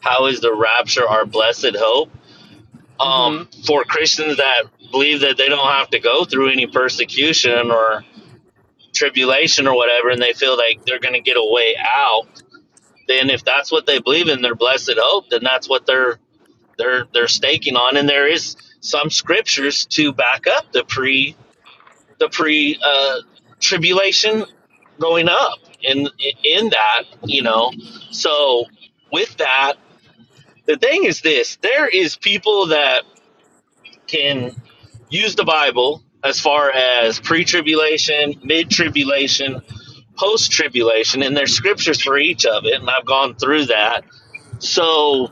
[SPEAKER 6] How is the rapture our blessed hope?
[SPEAKER 1] Mhm.
[SPEAKER 6] Um, for Christians that believe that they don't have to go through any persecution or tribulation or whatever, and they feel like they're going to get a way out, then if that's what they believe in, their blessed hope, then that's what they're they're they're staking on, and there is some scriptures to back up the pre the pre uh, tribulation going up in in that you know. So with that, the thing is this: there is people that can use the Bible as far as pre tribulation, mid tribulation, post tribulation, and there's scriptures for each of it, and I've gone through that so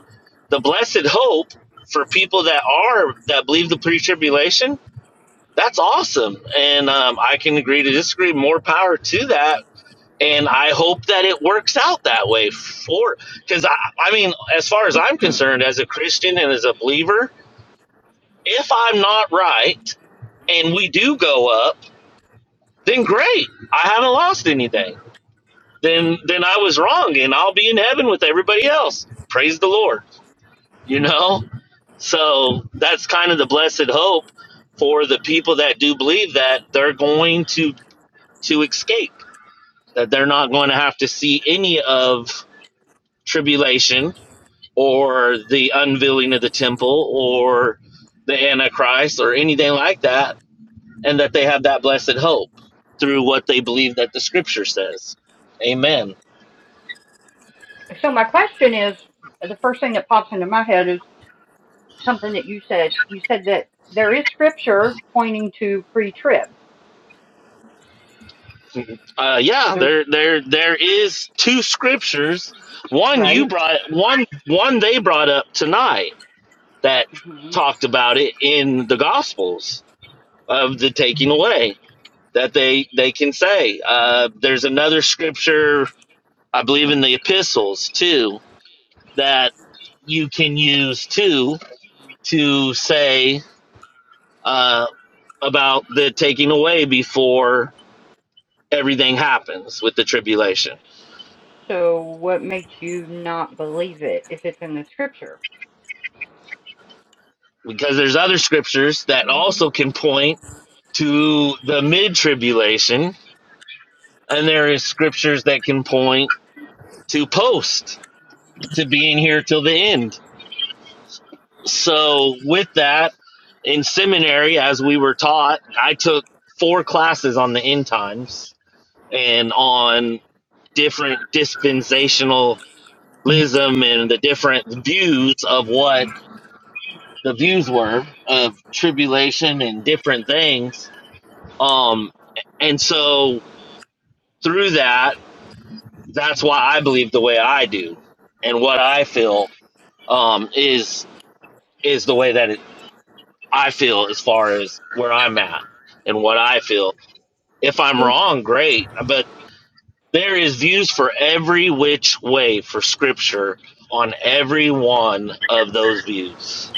[SPEAKER 6] the blessed hope for people that are that believe the pre-tribulation, that's awesome, and um, I can agree to disagree. More power to that, and I hope that it works out that way. For because I, I mean, as far as I'm concerned, as a Christian and as a believer, if I'm not right and we do go up, then great, I haven't lost anything. Then then I was wrong, and I'll be in heaven with everybody else. Praise the Lord, you know So that's kind of the blessed hope for the people that do believe that they're going to to escape, that they're not going to have to see any of tribulation or the unveiling of the temple or the antichrist or anything like that and that they have that blessed hope through what they believe that the scripture says. Amen.
[SPEAKER 1] So my question is, the first thing that pops into my head is something that you said. You said that there is scripture pointing to pre-trib.
[SPEAKER 6] Uh, yeah,
[SPEAKER 1] There's
[SPEAKER 6] there there there is two scriptures. One you
[SPEAKER 1] right.
[SPEAKER 6] brought one one they brought up tonight that
[SPEAKER 1] Mhm.
[SPEAKER 6] talked about it in the Gospels of the taking away that they they can say. Uh, there's another scripture, I believe, in the epistles too that you can use too to say uh, about the taking away before everything happens with the tribulation,
[SPEAKER 1] So what makes you not believe it if it's in the scripture?
[SPEAKER 6] because there's other scriptures that also can point to the mid tribulation, and there is scriptures that can point to post to being here till the end. So, with that, in seminary, as we were taught, I took four classes on the end times and on different dispensationalism and the different views of what the views were of tribulation and different things. Um, and so, through that, that's why I believe the way I do and what I feel um, is is the way that is I feel as far as where I'm at and what I feel. If I'm wrong, great, but there is views for every which way for scripture on every one of those views.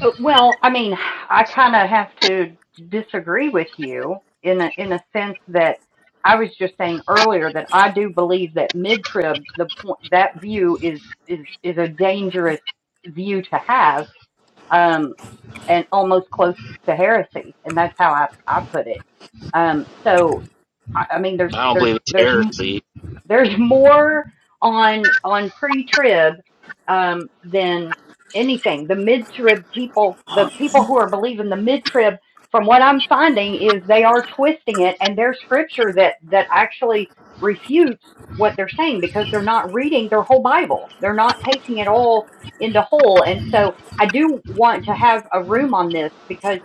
[SPEAKER 1] Uh, Well, I mean, I kind of have to disagree with you in a, in a sense that I was just saying earlier that I do believe that mid trib the point that view is is is a dangerous view to have, um, and almost close to heresy, and that's how I I put it. Um, so I I mean, there's
[SPEAKER 6] I don't
[SPEAKER 1] there's
[SPEAKER 6] believe it's
[SPEAKER 1] there's
[SPEAKER 6] heresy.
[SPEAKER 1] there's more on on pre-trib um, than anything. The mid-trib people, the people who are believing the mid-trib, from what I'm finding, is they are twisting it, and there's scripture that that actually refutes what they're saying because they're not reading their whole Bible. They're not taking it all into whole, and so I do want to have a room on this because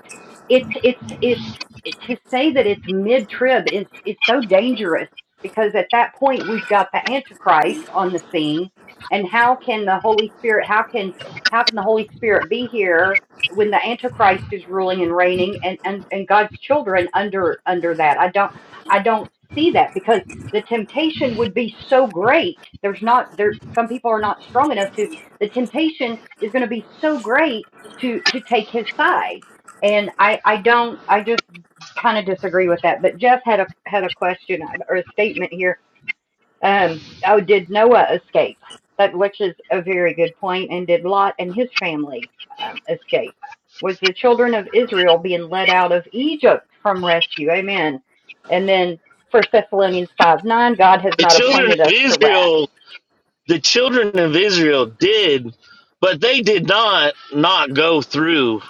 [SPEAKER 1] it's it's it's it, to say that it's mid-trib is is so dangerous because at that point we've got the antichrist on the scene and how can the holy spirit how can how can the holy spirit be here when the antichrist is ruling and reigning and and, and god's children under under that i don't i don't see that because the temptation would be so great there's not there some people are not strong enough to the temptation is going to be so great to to take his side and i i don't i just kind of disagree with that. But Jeff had a had a question or a statement here. Um, oh, did Noah escape? That which is a very good point. And did Lot and his family um, escape? Was the children of Israel being led out of Egypt from rescue? Amen. And then First Thessalonians five nine, God has
[SPEAKER 6] The
[SPEAKER 1] not
[SPEAKER 6] children of
[SPEAKER 1] appointed us to wrath.
[SPEAKER 6] Israel, the children of Israel did, but they did not not go through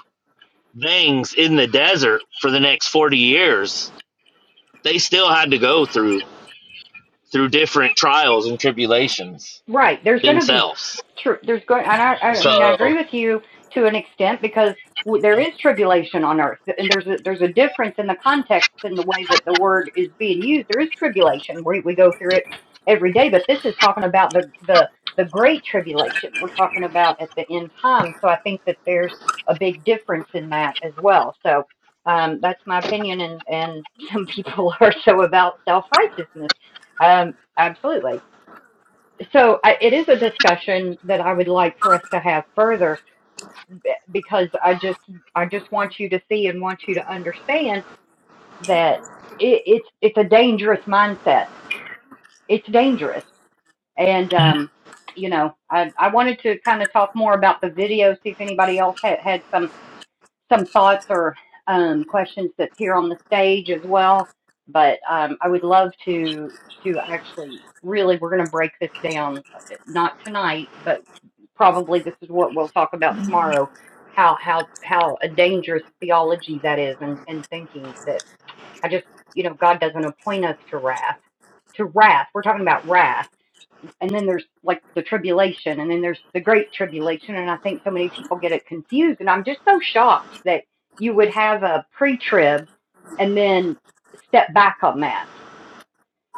[SPEAKER 6] things in the desert for the next 40 years. They still had to go through through different trials and tribulations
[SPEAKER 1] Right. There's going to be
[SPEAKER 6] themselves.
[SPEAKER 1] true. There's going, and I, I mean, I
[SPEAKER 6] So,
[SPEAKER 1] agree with you to an extent because w- there is tribulation on earth, and there's a there's a difference in the context in the way that the word is being used. There is tribulation. We we go through it every day, but this is talking about the the the great tribulation. We're talking about at the end time. So I think that there's a big difference in that as well. So um, that's my opinion, and and some people are so about self righteousness. Um, absolutely so I, it is a discussion that I would like for us to have further because I just I just want you to see and want you to understand that it, it's it's a dangerous mindset. It's dangerous, and um, you know I I wanted to kind of talk more about the video, see if anybody else had had some some thoughts or um, questions that's here on the stage as well. But um, I would love to to actually really we're going to break this down uh, not tonight, but probably this is what we'll talk about tomorrow how how how a dangerous theology that is and and thinking that i just you know god doesn't appoint us to wrath to wrath we're talking about wrath and then there's like the tribulation and then there's the great tribulation and i think so many people get it confused and i'm just so shocked that you would have a pre-trib and then step back on that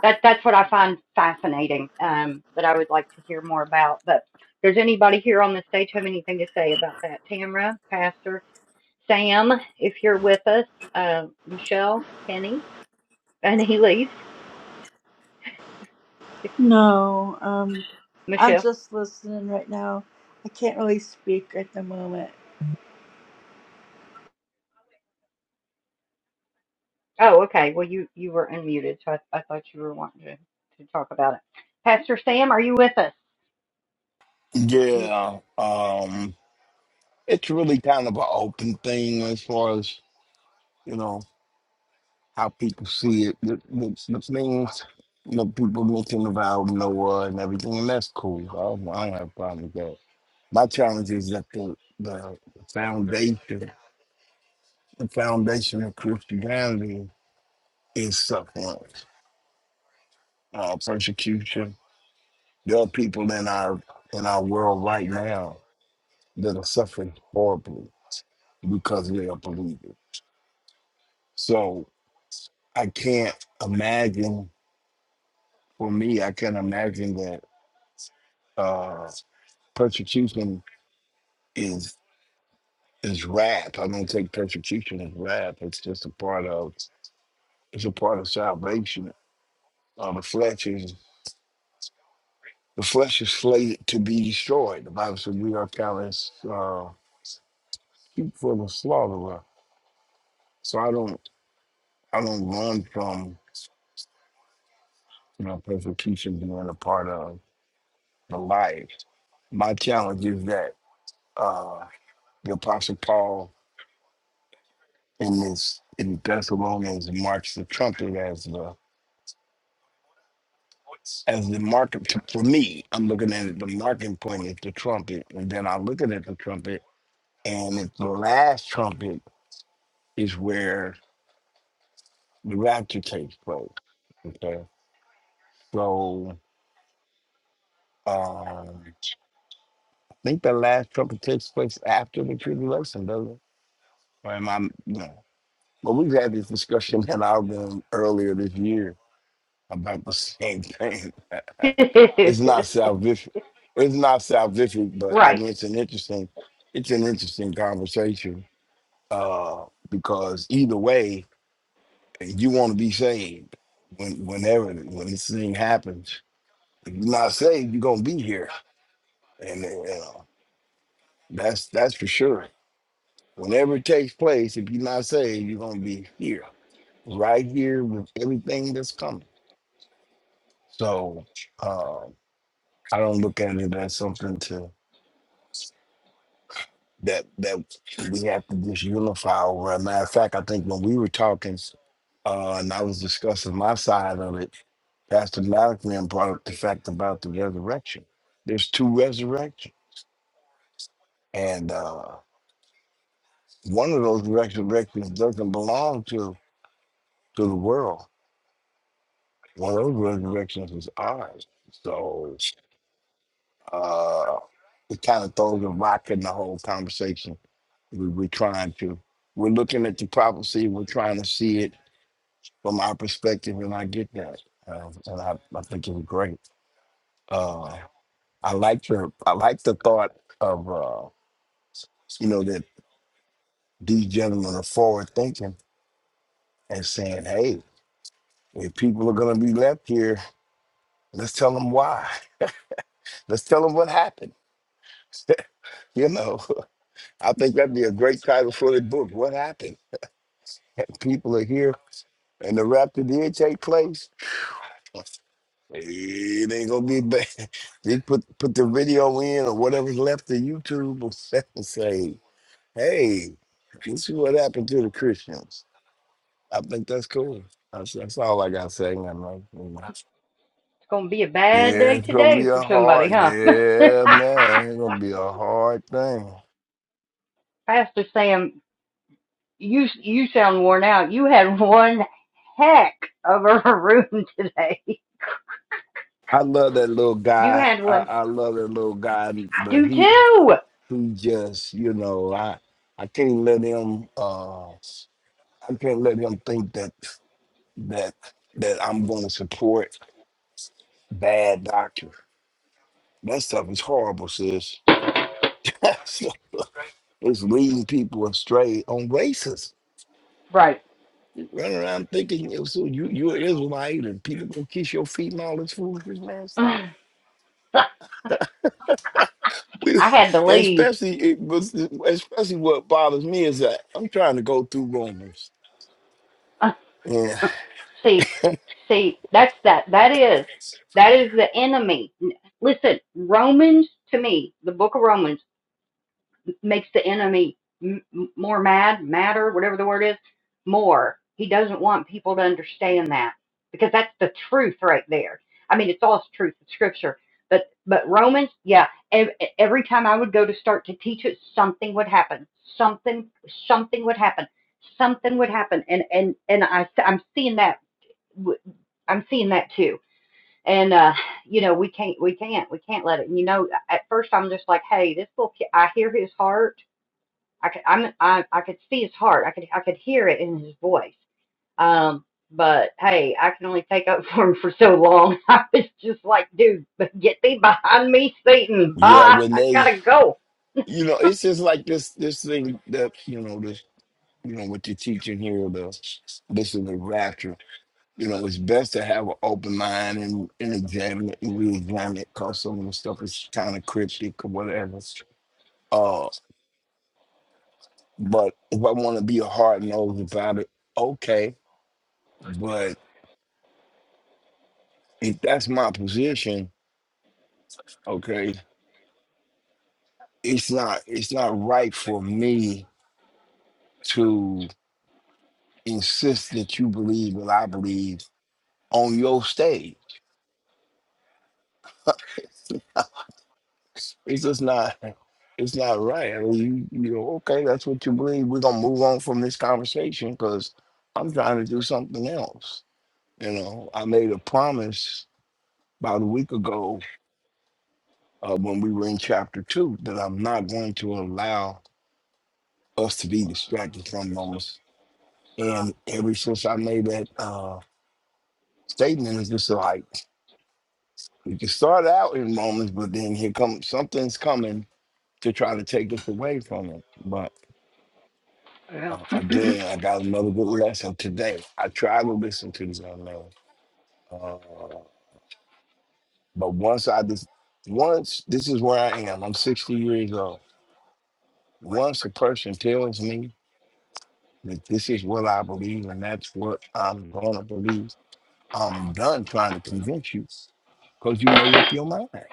[SPEAKER 1] that that's what I find fascinating. Um, that I would like to hear more about. But does anybody here on the stage have anything to say about that? Tamara, Pastor Sam, if you're with us, uh, Michelle, Kenny, and Elise.
[SPEAKER 2] No, um, I'm
[SPEAKER 1] Michelle.
[SPEAKER 2] just listening right now. I can't really speak at the moment.
[SPEAKER 1] Oh, okay. Well, you you were unmuted, so I, I thought you were wanting to, to talk about it. Pastor Sam, are you with us? If you
[SPEAKER 7] Yeah, um, it's really kind of an open thing as far as you know how people see it. The, the, the things you know people mention about Noah and everything, and that's cool. I don't, I don't have a problem with that. My challenge is that the the foundation, the foundation of Christianity is suffering, uh, persecution. There are people in our in our world right now that are suffering horribly because they are believers. So I can't imagine for me, I can't imagine that uh persecution is is wrath. I don't take persecution as wrath. It's just a part of it's a part of salvation. Uh, the flesh is the flesh is slated to be destroyed. The Bible says we are callous uh sheep for the slaughterer. So I don't I don't run from you know persecution being a part of the life. My challenge is that uh the apostle Paul in this in Thessalonians and marks the trumpet as the as the mark for me. I'm looking at it, the marking point is the trumpet, and then I'm looking at it the trumpet, and it's the last trumpet is where the rapture takes place. Okay, so um, I think the last trumpet takes place after the tribulation, doesn't it? Or am I? No. Well, we've had this discussion in our room earlier this year about the same thing. it's not salvific. It's not salvific, but I
[SPEAKER 1] right,
[SPEAKER 7] mean it's an interesting it's an interesting conversation. Uh because either way, you want to be saved when whenever when this thing happens. If you're not saved, you're gonna be here. And uh, you know, that's that's for sure. Whenever it takes place, if you're not saved, you're gonna be here. Right here with everything that's coming. So um I don't look at it as something to that that we have to just unify over. As a matter of fact, I think when we were talking uh, and I was discussing my side of it, Pastor Malcolm brought up the fact about the resurrection. There's two resurrections, and uh, one of those resurrections doesn't belong to to the world. One of those resurrections is ours. So uh, it kind of throws a rock in the whole conversation. We, we're trying to, we're looking at the prophecy, we're trying to see it from our perspective, and I get that, uh, and I, I think it's great. Uh, I like your, I like the thought of, uh, you know, that these gentlemen are forward thinking and saying, "Hey, if people are going to be left here, let's tell them why. Let's tell them what happened." you know, I think that'd be a great title for the book. What happened? People are here, and the rapture did take place. It ain't gonna be bad. Just put put the video in or whatever's left of YouTube and say, "Hey, this is what happened to the Christians." I think that's cool. That's, that's all I gotta say. man. Like, you know.
[SPEAKER 1] it's going to be a bad
[SPEAKER 7] Yeah,
[SPEAKER 1] day
[SPEAKER 7] it's gonna
[SPEAKER 1] today
[SPEAKER 7] be
[SPEAKER 1] for
[SPEAKER 7] a
[SPEAKER 1] somebody,
[SPEAKER 7] hard.
[SPEAKER 1] huh?
[SPEAKER 7] Yeah, man, it's gonna be a hard thing.
[SPEAKER 1] Pastor Sam You you sound worn out. You had one heck of a room today.
[SPEAKER 7] I love that little
[SPEAKER 1] You
[SPEAKER 7] guy.
[SPEAKER 1] had
[SPEAKER 7] I,
[SPEAKER 1] one.
[SPEAKER 7] I love that little guy,
[SPEAKER 1] I
[SPEAKER 7] but
[SPEAKER 1] do
[SPEAKER 7] he
[SPEAKER 1] too.
[SPEAKER 7] he just you know I I can't let him. uh I can't let him think that. that that I'm going to support bad doctors. That stuff is horrible, sis. That stuff- it's leading people astray on racism.
[SPEAKER 1] Right.
[SPEAKER 7] You run around thinking you so you you're Israelite and people gonna kiss your feet and all this foolishness, man. Stop.
[SPEAKER 1] I
[SPEAKER 7] We, and
[SPEAKER 1] had to leave.
[SPEAKER 7] especially it was especially what bothers me is that I'm trying to go through Romans. And
[SPEAKER 1] see, see, that's that. That is that is the enemy. Listen, Romans to me, the book of Romans. makes the enemy m- more mad, madder, whatever the word is, more. He doesn't want people to understand that because that's the truth right there. I mean, it's all truth, in scripture. But but Romans, yeah. ev- e, Every time I would go to start to teach it, something would happen. Something something would happen. Something would happen. And and and I I'm seeing that. i I'm seeing that too. And uh, you know, we can't we can't we can't let it. And You know, at first I'm just like, hey, this little kid. I hear his heart I could, I'm, I, I could see his heart. I could, I could hear it in his voice. Um, but hey, I can only take up for him for so long. I was just like, dude, get thee behind me, Satan.
[SPEAKER 7] yeah,
[SPEAKER 1] Bye.
[SPEAKER 7] when
[SPEAKER 1] I
[SPEAKER 7] they
[SPEAKER 1] gotta go.
[SPEAKER 7] you know, it's just like this this thing that you know you know, what you're teaching here, the this is the rapture. You know, it's best to have an open mind and, and examine it and re-examine it because some of the stuff is kind of cryptic or whatever. Uh, but if I want to be a hard nosed about it, okay. But if that's my position, okay, it's not it's not right for me to insist that you believe what I believe on your stage. It's just not. It's not right. I mean, you, you know, okay, that's what you believe. We're gonna move on from this conversation because I'm trying to do something else. You know, I made a promise about a week ago uh, when we were in chapter two that I'm not going to allow us to be distracted from moments. And ever since I made that uh, statement, it's just like we can start out in moments, but then here comes something's coming to try to take us away from it. but. Uh, again, I got another good lesson today. I try to listen to this young man, uh, but once I just once this is where I am. I'm 60 years old. Once a person tells me that this is what I believe and that's what I'm gonna believe, I'm done trying to convince you because you made up your mind. I'm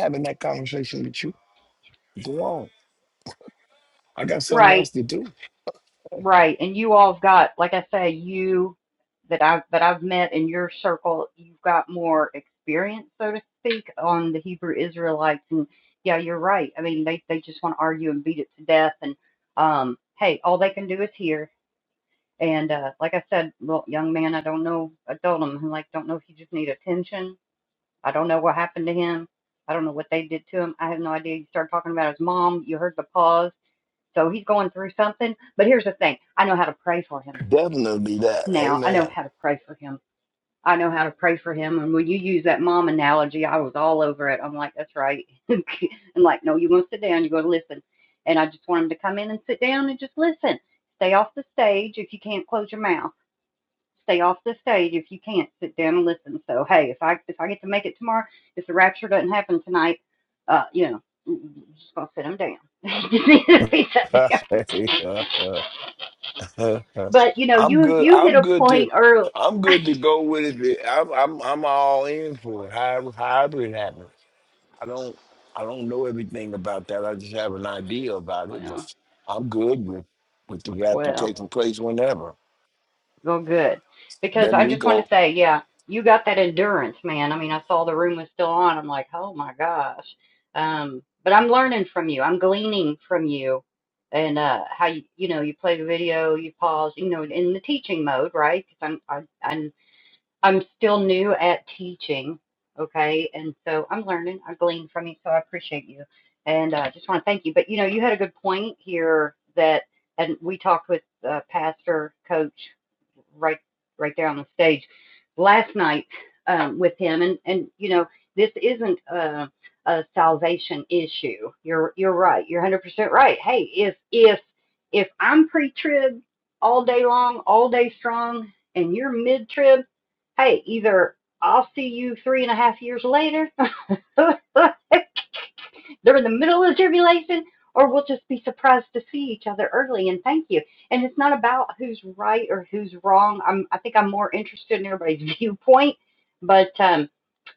[SPEAKER 7] having that conversation with you. Go on. I got something else
[SPEAKER 1] Right,
[SPEAKER 7] to do.
[SPEAKER 1] right. And you all've got, like I say, you that I've that I've met in your circle, you've got more experience, so to speak, on the Hebrew Israelites. And yeah, you're right. I mean, they they just want to argue and beat it to death. And um, hey, all they can do is hear. And uh, like I said, well, young man, I don't know. I told him, I'm like, don't know if he just need attention. I don't know what happened to him. I don't know what they did to him. I have no idea. You started talking about his mom. You heard the pause. So he's going through something. But here's the thing I know how to pray for him
[SPEAKER 7] Definitely that.
[SPEAKER 1] now. I know
[SPEAKER 7] Amen.
[SPEAKER 1] how to pray for him. I know how to pray for him. And when you use that mom analogy, I was all over it. I'm like, that's right. and like, no, you're going to sit down. You're going to listen. And I just want him to come in and sit down and just listen. Stay off the stage if you can't close your mouth stay off the stage if you can't sit down and listen. So hey, if I if I get to make it tomorrow, if the rapture doesn't happen tonight, uh, you know, I'm just gonna sit them down. Just need to be shut down.
[SPEAKER 7] Uh, uh,
[SPEAKER 1] But you know,
[SPEAKER 7] I'm
[SPEAKER 1] you
[SPEAKER 7] good.
[SPEAKER 1] you hit
[SPEAKER 7] I'm
[SPEAKER 1] a
[SPEAKER 7] good to.
[SPEAKER 1] point early.
[SPEAKER 7] I'm good to go with it. I'm I'm I'm all in for it. However, however it happens, I don't I don't know everything about that. I just have an idea about it. But
[SPEAKER 1] Well,
[SPEAKER 7] I'm good with with the rapture
[SPEAKER 1] well.
[SPEAKER 7] taking place whenever.
[SPEAKER 1] Well, good. Because
[SPEAKER 7] Then
[SPEAKER 1] I
[SPEAKER 7] we
[SPEAKER 1] just wanted
[SPEAKER 7] go.
[SPEAKER 1] to say, yeah, you got that endurance, man. I mean, I saw the room was still on. I'm like, oh my gosh. Um, but I'm learning from you. I'm gleaning from you and uh how you you know you play the video you pause you know in the teaching mode right because i'm I, I I'm still new at teaching, okay? And so I'm learning. I glean from you, so I appreciate you. And I uh, just want to thank you. But you know, you had a good point here that, and we talked with uh, Pastor Coach right right there on the stage last night um, with him, and and you know, this isn't a, a salvation issue. You're you're right. You're 100% right. Hey, if if if I'm pre-trib all day long, all day strong, and you're mid-trib Hey, either I'll see you three and a half years later during the middle of the tribulation, or we'll just be surprised to see each other early and thank you. And it's not about who's right or who's wrong. I'm I think I'm more interested in everybody's viewpoint, but um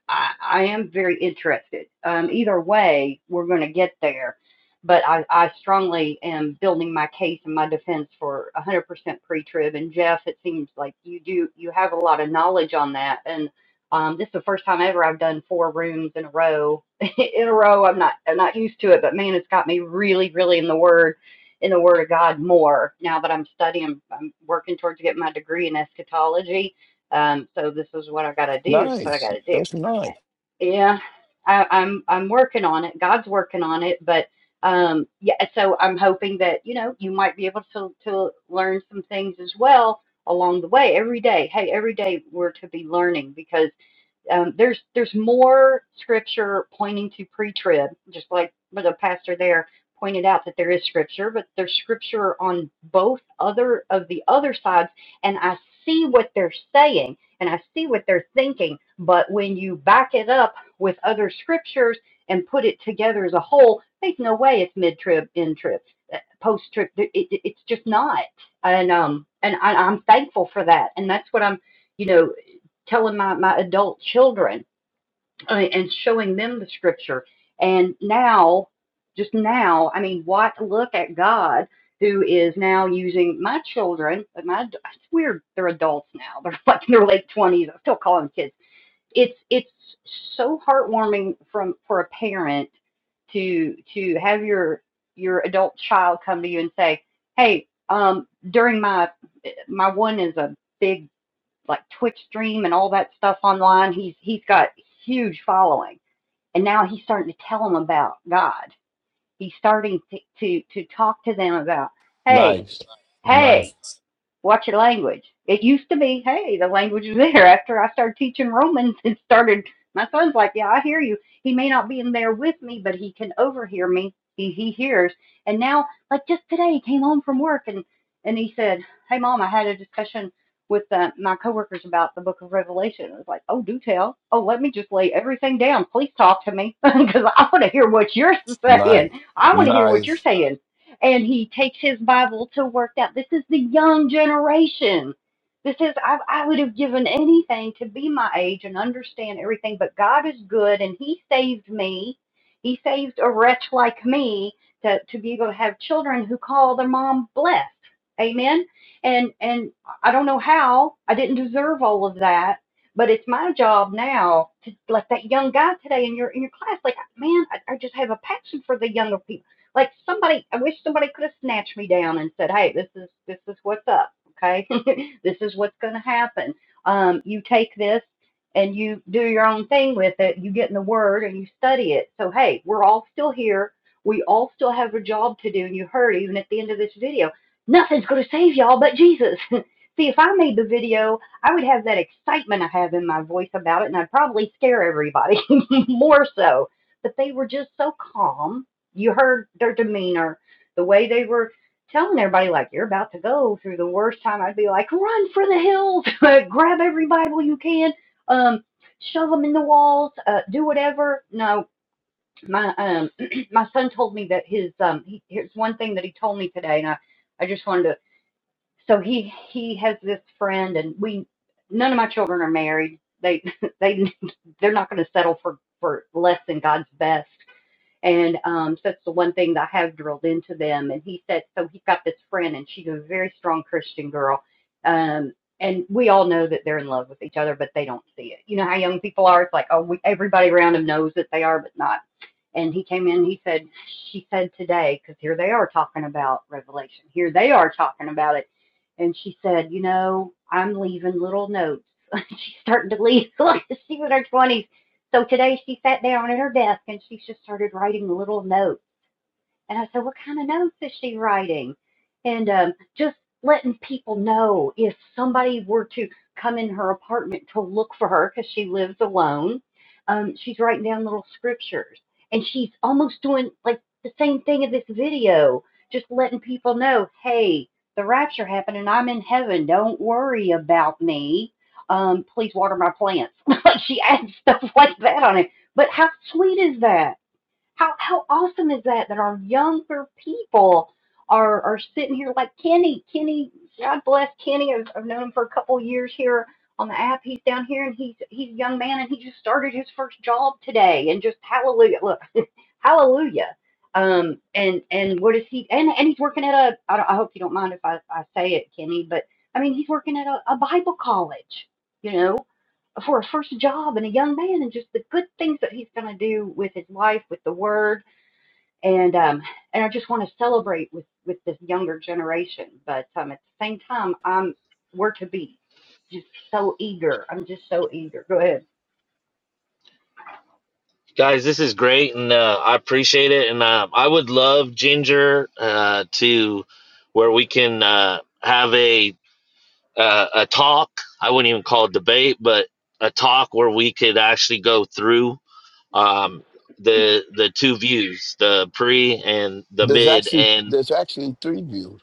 [SPEAKER 1] I, I am very interested. Um, either way, we're going to get there. But I, I strongly am building my case and my defense for 100% pre-trib. And Jeff, it seems like you do you have a lot of knowledge on that. And um, this is the first time ever I've done four rooms in a row. in a row, I'm not I'm not used to it, but man, it's got me really, really in the word in the Word of God more now that I'm studying. I'm working towards getting my degree in eschatology. Um, so this is what I got to do. It's what I
[SPEAKER 7] Nice.
[SPEAKER 1] got to do.
[SPEAKER 7] That's nice.
[SPEAKER 1] Yeah, I, I'm I'm working on it. God's working on it, but um, yeah. So I'm hoping that you know you might be able to to learn some things as well along the way every day. Hey, every day we're to be learning because um, there's there's more scripture pointing to pre-trib, just like the pastor there pointed out that there is scripture, but there's scripture on both other of the other sides, and I see what they're saying and I see what they're thinking, but when you back it up with other scriptures and put it together as a whole, there's no way it's mid-trib, end-trib, uh, post-trib. It, it, it's just not, and um, and I, I'm thankful for that, and that's what I'm, you know telling my, my adult children I and showing them the scripture. And now, just now, I mean, what look at God who is now using my children. My it's weird, they're adults now. They're like in their late twenties. I still call them kids. It's it's so heartwarming from for a parent to to have your your adult child come to you and say, "Hey, um, during my my one is a big like Twitch stream and all that stuff online. He's he's got huge following, and now he's starting to tell them about God. He's starting to to, to talk to them about, hey,
[SPEAKER 7] Nice.
[SPEAKER 1] hey,
[SPEAKER 7] Nice.
[SPEAKER 1] Watch your language. It used to be, hey, the language is there. After I started teaching Romans and started, my son's like, yeah, I hear you. He may not be in there with me, but he can overhear me. He, he hears. And now, like just today, he came home from work and, and he said, hey, mom, I had a discussion with uh, my coworkers about the book of Revelation. I was like, oh, do tell. Oh, let me just lay everything down. Please talk to me because I want to hear what you're saying.
[SPEAKER 7] Nice.
[SPEAKER 1] I want to hear what you're
[SPEAKER 7] Nice.
[SPEAKER 1] saying and he takes his Bible to work out. This is the young generation. This is, I, I would have given anything to be my age and understand everything, but God is good and he saved me. He saved a wretch like me to, to be able to have children who call their mom blessed. Amen. And and I don't know how. I didn't deserve all of that. But it's my job now to like that young guy today in your in your class. Like, man, I, I just have a passion for the younger people. Like somebody, I wish somebody could have snatched me down and said, "Hey, this is this is what's up. Okay, this is what's going to happen. Um, you take this and you do your own thing with it. You get in the Word and you study it. So hey, we're all still here. We all still have a job to do. And you heard even at the end of this video, nothing's going to save y'all but Jesus. See, if I made the video, I would have that excitement I have in my voice about it, and I'd probably scare everybody more so. But they were just so calm you heard their demeanor, the way they were telling everybody, like, you're about to go through the worst time. I'd be like, run for the hills, grab every Bible you can, um, shove them in the walls, uh, do whatever. No, my um, my son told me that his um, he, here's one thing that he told me today, and I, I just wanted to. So he he has this friend, and we none of my children are married. They they they're not going to settle for for less than God's best and um, so that's the one thing that I have drilled into them. And he said, so he's got this friend, and she's a very strong Christian girl. Um, and we all know that they're in love with each other, but they don't see it. You know how young people are? It's like, oh, we, everybody around them knows that they are, but not. And he came in, he said, She said today, because here they are talking about Revelation. Here they are talking about it. And she said, You know, I'm leaving little notes. She's starting to leave. like She's in her 20s. So today she sat down at her desk and she just started writing little notes and I said, What kind of notes is she writing? And um, just letting people know if somebody were to come in her apartment to look for her because she lives alone, um, she's writing down little scriptures. And she's almost doing like the same thing in this video, just letting people know, hey, the rapture happened and I'm in heaven. Don't worry about me. Um, please water my plants. Like she adds stuff like that on it. But how sweet is that? How how awesome is that that our younger people are are sitting here like Kenny, Kenny, God bless Kenny. I've, I've known him for a couple years here on the app. He's down here and he's he's a young man and he just started his first job today and just hallelujah. Look, hallelujah. Um and and what is he and and he's working at a I, don't, I hope you don't mind if I, I say it Kenny, but I mean he's working at a, a Bible college. You know, for a first job and a young man and just the good things that he's going to do with his life with the word and um and I just want to celebrate with with this younger generation but um at the same time I'm we're to be just so eager I'm just so eager go ahead
[SPEAKER 6] guys, this is great, and uh, I appreciate it. And uh, I would love Ginger uh, to where we can uh, have a uh, a talk. I wouldn't even call it debate, but a talk where we could actually go through um, the the two views, the pre and the
[SPEAKER 7] There's
[SPEAKER 6] mid,
[SPEAKER 7] actually
[SPEAKER 6] and
[SPEAKER 7] there's actually three views.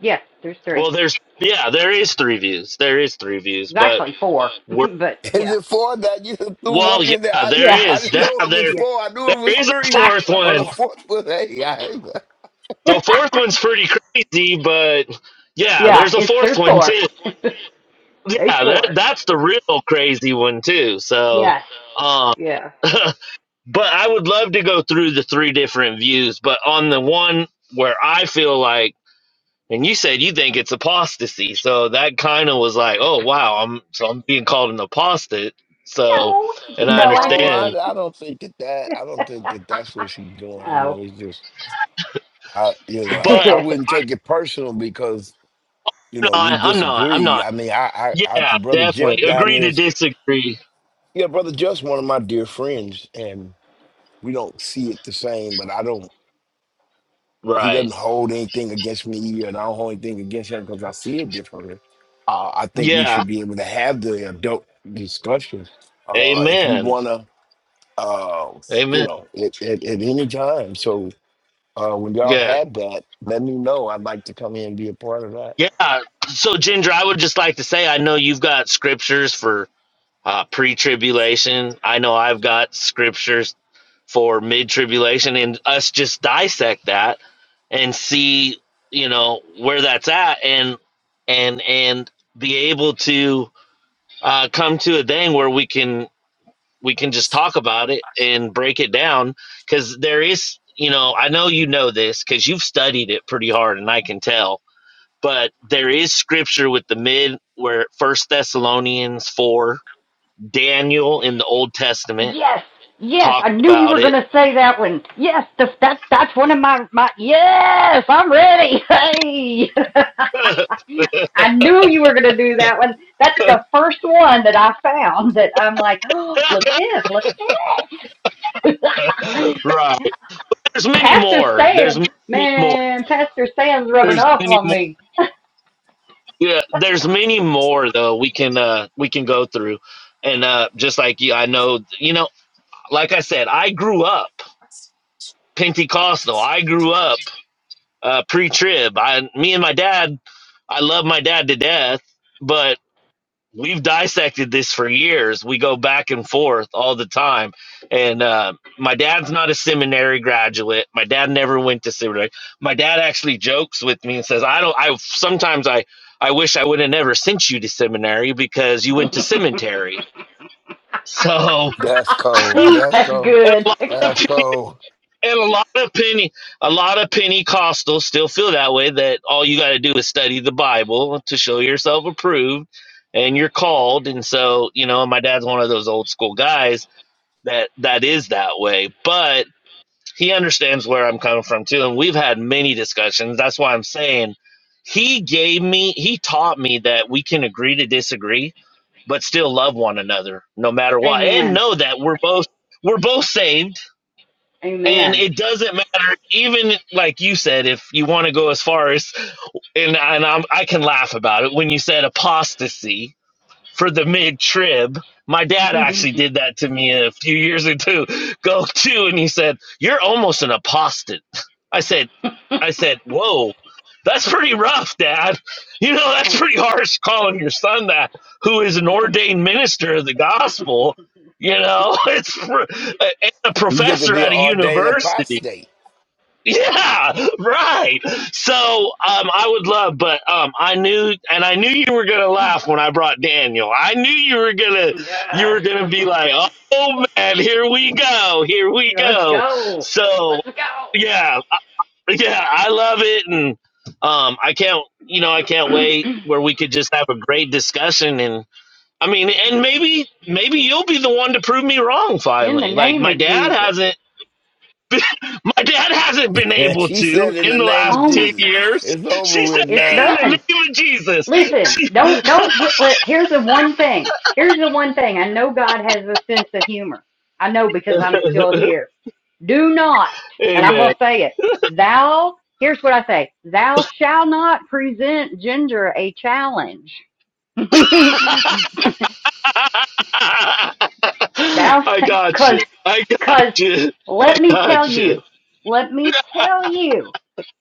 [SPEAKER 1] yes there's three
[SPEAKER 6] well, there's yeah, there is three views. There is three views,
[SPEAKER 1] there's
[SPEAKER 6] but
[SPEAKER 1] actually four
[SPEAKER 6] we're
[SPEAKER 1] but
[SPEAKER 7] Is
[SPEAKER 1] yeah
[SPEAKER 7] it four that you just threw
[SPEAKER 6] well,
[SPEAKER 7] one
[SPEAKER 6] yeah,
[SPEAKER 7] in there? I,
[SPEAKER 6] there
[SPEAKER 1] yeah
[SPEAKER 7] I
[SPEAKER 6] is.
[SPEAKER 7] didn't know it was
[SPEAKER 6] There
[SPEAKER 1] yeah
[SPEAKER 7] four. I knew it
[SPEAKER 6] there
[SPEAKER 7] was
[SPEAKER 6] is a
[SPEAKER 7] three,
[SPEAKER 6] fourth
[SPEAKER 1] actually
[SPEAKER 6] one.
[SPEAKER 7] but a
[SPEAKER 1] four
[SPEAKER 7] fourth was hey. I,
[SPEAKER 6] The fourth one's pretty crazy, but yeah,
[SPEAKER 1] yeah
[SPEAKER 6] there's a
[SPEAKER 1] it's
[SPEAKER 6] fourth
[SPEAKER 1] there's
[SPEAKER 6] one
[SPEAKER 1] four
[SPEAKER 6] too.
[SPEAKER 1] there's
[SPEAKER 6] Yeah, that
[SPEAKER 1] four
[SPEAKER 6] that's the real crazy one too. So,
[SPEAKER 1] yes
[SPEAKER 6] um,
[SPEAKER 1] yeah
[SPEAKER 6] but I would love to go through the three different views. But on the one where I feel like, and you said you think it's apostasy, so that kind of was like, oh wow, I'm so I'm being called an apostate. So,
[SPEAKER 1] no
[SPEAKER 6] and I
[SPEAKER 1] no I
[SPEAKER 7] no,
[SPEAKER 1] just
[SPEAKER 7] I,
[SPEAKER 6] understand,
[SPEAKER 7] I don't think that, that I don't think that that's what she's doing. I
[SPEAKER 1] oh
[SPEAKER 7] mean, it's just I you know I,
[SPEAKER 6] but
[SPEAKER 7] I wouldn't take
[SPEAKER 6] I'm
[SPEAKER 7] it personal because you know we
[SPEAKER 6] not. I'm not. I'm
[SPEAKER 7] disagree.
[SPEAKER 6] not.
[SPEAKER 7] I mean, I, I, I
[SPEAKER 6] Yeah,
[SPEAKER 7] brother Jeff
[SPEAKER 6] definitely
[SPEAKER 7] down
[SPEAKER 6] agree
[SPEAKER 7] there
[SPEAKER 6] to
[SPEAKER 7] is
[SPEAKER 6] disagree.
[SPEAKER 7] yeah, brother Jeff's one of my dear friends, and we don't see it the same. But I don't. he
[SPEAKER 6] Right.
[SPEAKER 7] doesn't hold anything against me, and I don't hold anything against him because I see it differently. Uh, I think we
[SPEAKER 6] Yeah,
[SPEAKER 7] should be able to have the adult discussion uh, if you
[SPEAKER 6] Amen.
[SPEAKER 7] want to, uh, you
[SPEAKER 6] Amen.
[SPEAKER 7] know, at, at, at any time. So uh, when y'all
[SPEAKER 6] Yeah.
[SPEAKER 7] have that, let me know. I'd like to come in and be a part of that.
[SPEAKER 6] Yeah. So, Ginger, I would just like to say I know you've got scriptures for uh, pre tribulation. I know I've got scriptures for mid tribulation, and us just dissect that and see, you know, where that's at and, and, and be able to uh, come to a thing where we can we can just talk about it and break it down because there is you know i know you know this because you've studied it pretty hard and i can tell but there is scripture with the mid where first thessalonians 4 daniel in the old testament
[SPEAKER 1] yes, yes,
[SPEAKER 6] talked
[SPEAKER 1] I knew you
[SPEAKER 6] about
[SPEAKER 1] were going
[SPEAKER 6] it
[SPEAKER 1] to say that one. Yes, the, that that's one of my my. Yes, I'm ready. Hey, I knew you were going to do that one. That's the first one that I found that I'm like, oh, look at this, look at this.
[SPEAKER 6] right there's many
[SPEAKER 1] Pastor
[SPEAKER 6] more there's
[SPEAKER 1] Sam,
[SPEAKER 6] many more
[SPEAKER 1] man, Pastor Sam's rubbing
[SPEAKER 6] there's
[SPEAKER 1] off
[SPEAKER 6] many
[SPEAKER 1] on
[SPEAKER 6] more
[SPEAKER 1] me.
[SPEAKER 6] yeah there's many more though we can uh we can go through and uh just like you i know you know like i said i grew up Pentecostal. I grew up uh, pre-trib. I, me and my dad, I love my dad to death, but we've dissected this for years. We go back and forth all the time. And uh, my dad's not a seminary graduate. My dad never went to seminary. My dad actually jokes with me and says, "I don't. I sometimes I I wish I would have never sent you to seminary because you went to cemetery." So.
[SPEAKER 7] That's cold. That's
[SPEAKER 1] That's
[SPEAKER 7] cold.
[SPEAKER 6] and
[SPEAKER 1] good.
[SPEAKER 6] a lot
[SPEAKER 7] That's
[SPEAKER 6] of
[SPEAKER 7] cold.
[SPEAKER 6] And a lot of Penny, a lot of Pentecostals still feel that way. That all you got to do is study the Bible to show yourself approved, and you're called. And so, you know, my dad's one of those old school guys that that is that way. But he understands where I'm coming from too, and we've had many discussions. That's why I'm saying he gave me, he taught me that we can agree to disagree, but still love one another no matter what, and
[SPEAKER 1] Amen.
[SPEAKER 6] know that we're both we're both saved and
[SPEAKER 1] Amen.
[SPEAKER 6] it doesn't matter, even like you said, if you want to go as far as, and, and I'm, I can laugh about it when you said apostasy for the mid trib. My dad actually
[SPEAKER 1] yes.
[SPEAKER 6] did that to me a few years ago. go to, and he said, "You're almost an apostate." I said, "I said, whoa, that's pretty rough, Dad. You know, that's pretty harsh calling your son that, who is an ordained minister of the gospel." You know, it's pr- a, and a
[SPEAKER 7] You get to
[SPEAKER 6] professor
[SPEAKER 7] be an
[SPEAKER 6] at a
[SPEAKER 7] ordained
[SPEAKER 6] university
[SPEAKER 7] apostate.
[SPEAKER 6] Yeah, right. So um, I would love, but um, I knew, and I knew you were gonna laugh when I brought Daniel. I knew you were gonna, you were gonna be like, "Oh man, here we go, here we
[SPEAKER 1] Let's
[SPEAKER 6] go."
[SPEAKER 1] go.
[SPEAKER 6] So
[SPEAKER 1] Let's go.
[SPEAKER 6] yeah, yeah, I love it, and um, I can't, you know, I can't wait where we could just have a great discussion, and I mean, and maybe, maybe you'll be the one to prove me wrong
[SPEAKER 1] In the
[SPEAKER 6] finally. Like
[SPEAKER 1] name
[SPEAKER 6] my
[SPEAKER 1] of
[SPEAKER 6] dad
[SPEAKER 1] Jesus.
[SPEAKER 6] hasn't. My dad hasn't been able
[SPEAKER 7] she
[SPEAKER 6] to
[SPEAKER 7] said, in
[SPEAKER 6] in
[SPEAKER 7] the
[SPEAKER 6] the
[SPEAKER 7] name
[SPEAKER 6] last
[SPEAKER 7] of
[SPEAKER 1] Oh my
[SPEAKER 6] 10
[SPEAKER 7] Jesus,
[SPEAKER 1] God.
[SPEAKER 6] years.
[SPEAKER 7] it's over
[SPEAKER 6] She said,
[SPEAKER 7] with
[SPEAKER 1] It's
[SPEAKER 6] in
[SPEAKER 7] now.
[SPEAKER 6] the
[SPEAKER 1] done.
[SPEAKER 6] name of Jesus.
[SPEAKER 1] Listen, don't don't get let here's the one thing. Here's the one thing. I know God has a sense of humor. I know because I'm still here. Do not, and I'm
[SPEAKER 6] Amen.
[SPEAKER 1] gonna say it, thou here's what I say, thou shall not present Ginger a challenge. thou
[SPEAKER 6] I got you.
[SPEAKER 1] because
[SPEAKER 6] I got
[SPEAKER 1] Because
[SPEAKER 6] you.
[SPEAKER 1] let me tell
[SPEAKER 6] Got you.
[SPEAKER 1] you, let me tell you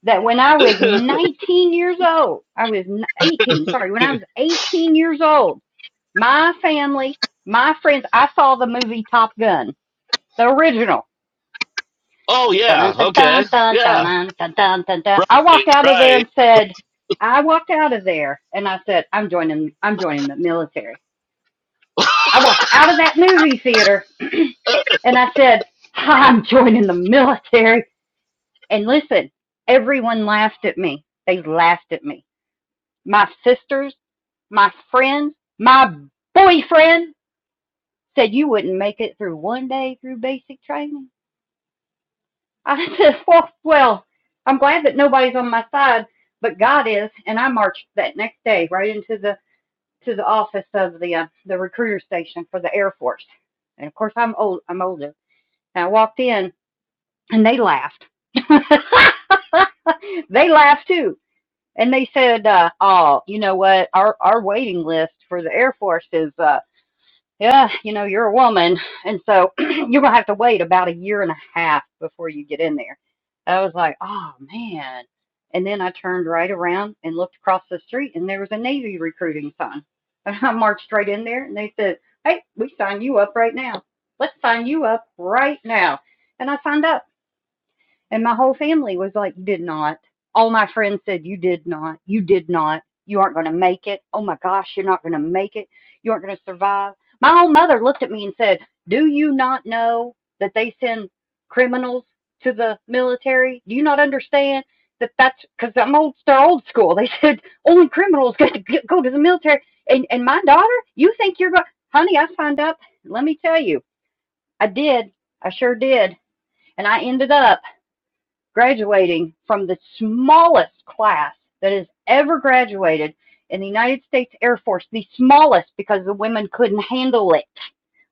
[SPEAKER 1] that when I was 19 years old, I was 18, sorry, when I was 18 years old, my family, my friends, I saw the movie Top Gun, the original.
[SPEAKER 6] oh,
[SPEAKER 1] dun,
[SPEAKER 6] yeah. Okay.
[SPEAKER 1] dun, dun, dun,
[SPEAKER 6] Yeah.
[SPEAKER 1] dun, dun, dun, dun, dun.
[SPEAKER 6] Right.
[SPEAKER 1] I walked out of there
[SPEAKER 6] Right.
[SPEAKER 1] and said, I walked out of there and I said, I'm joining, I'm joining the military. I walked out of that movie theater and I said, I'm joining the military And listen, everyone laughed at me. They laughed at me. My sisters, my friends, my boyfriend said you wouldn't make it through one day through basic training. I said, well, well, I'm glad that nobody's on my side, but God is, and I marched that next day right into the to the office of the uh, the recruiter station for the Air Force. And of course, I'm old. I'm older. And I walked in, and they laughed. they laughed too And they said, uh, "Oh, you know what? Our our waiting list for the Air Force is, uh, yeah, you know, you're a woman, and so you're gonna have to wait about a year and a half before you get in there." I was like, "Oh man!" And then I turned right around and looked across the street, and there was a Navy recruiting sign. And I marched right in there, and they said, "Hey, we sign you up right now. Let's sign you up right now." And I signed up. And my whole family was like, You did not. All my friends said, You did not. You did not. You aren't going to make it. Oh my gosh, you're not going to make it. You aren't going to survive. My own mother looked at me and said, Do you not know that they send criminals to the military? Do you not understand that that's because I'm old, they're old school. They said, Only criminals get to get- go to the military. And, and my daughter, you think you're going, honey, I signed up. Let me tell you, I did. I sure did. And I ended up graduating from the smallest class that has ever graduated in the United States Air Force, the smallest because the women couldn't handle it.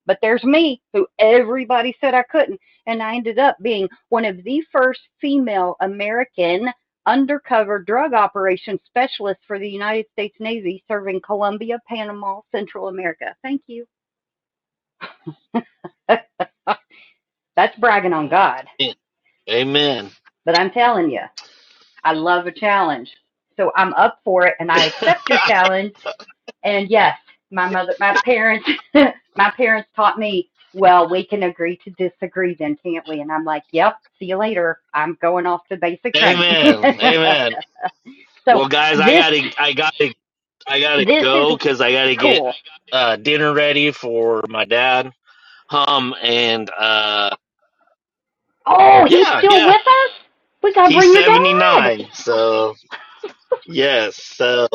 [SPEAKER 1] But there's me, who everybody said I couldn't. And I ended up being one of the first female American undercover drug operations specialists for the United States Navy serving Colombia, Panama, Central America. Thank you. That's bragging on God.
[SPEAKER 6] Mm. Amen.
[SPEAKER 1] But I'm telling you. I love a challenge. So I'm up for it and I accept your challenge. And yes, my mother, my parents, my parents taught me, well, we can agree to disagree then, can't we? And I'm like, yep, see you later. I'm going off to basic training.
[SPEAKER 6] Amen. Amen.
[SPEAKER 1] so
[SPEAKER 6] Well, guys, I
[SPEAKER 1] this,
[SPEAKER 6] gotta, I gotta, I gotta
[SPEAKER 1] this is
[SPEAKER 6] go because I gotta get
[SPEAKER 1] cool.
[SPEAKER 6] uh, dinner ready for my dad. Hum and uh
[SPEAKER 1] Oh, he's
[SPEAKER 6] yeah,
[SPEAKER 1] still
[SPEAKER 6] yeah.
[SPEAKER 1] with us? We got to
[SPEAKER 6] He's
[SPEAKER 1] bring your
[SPEAKER 6] seventy
[SPEAKER 1] dad.
[SPEAKER 6] nine. So yes. So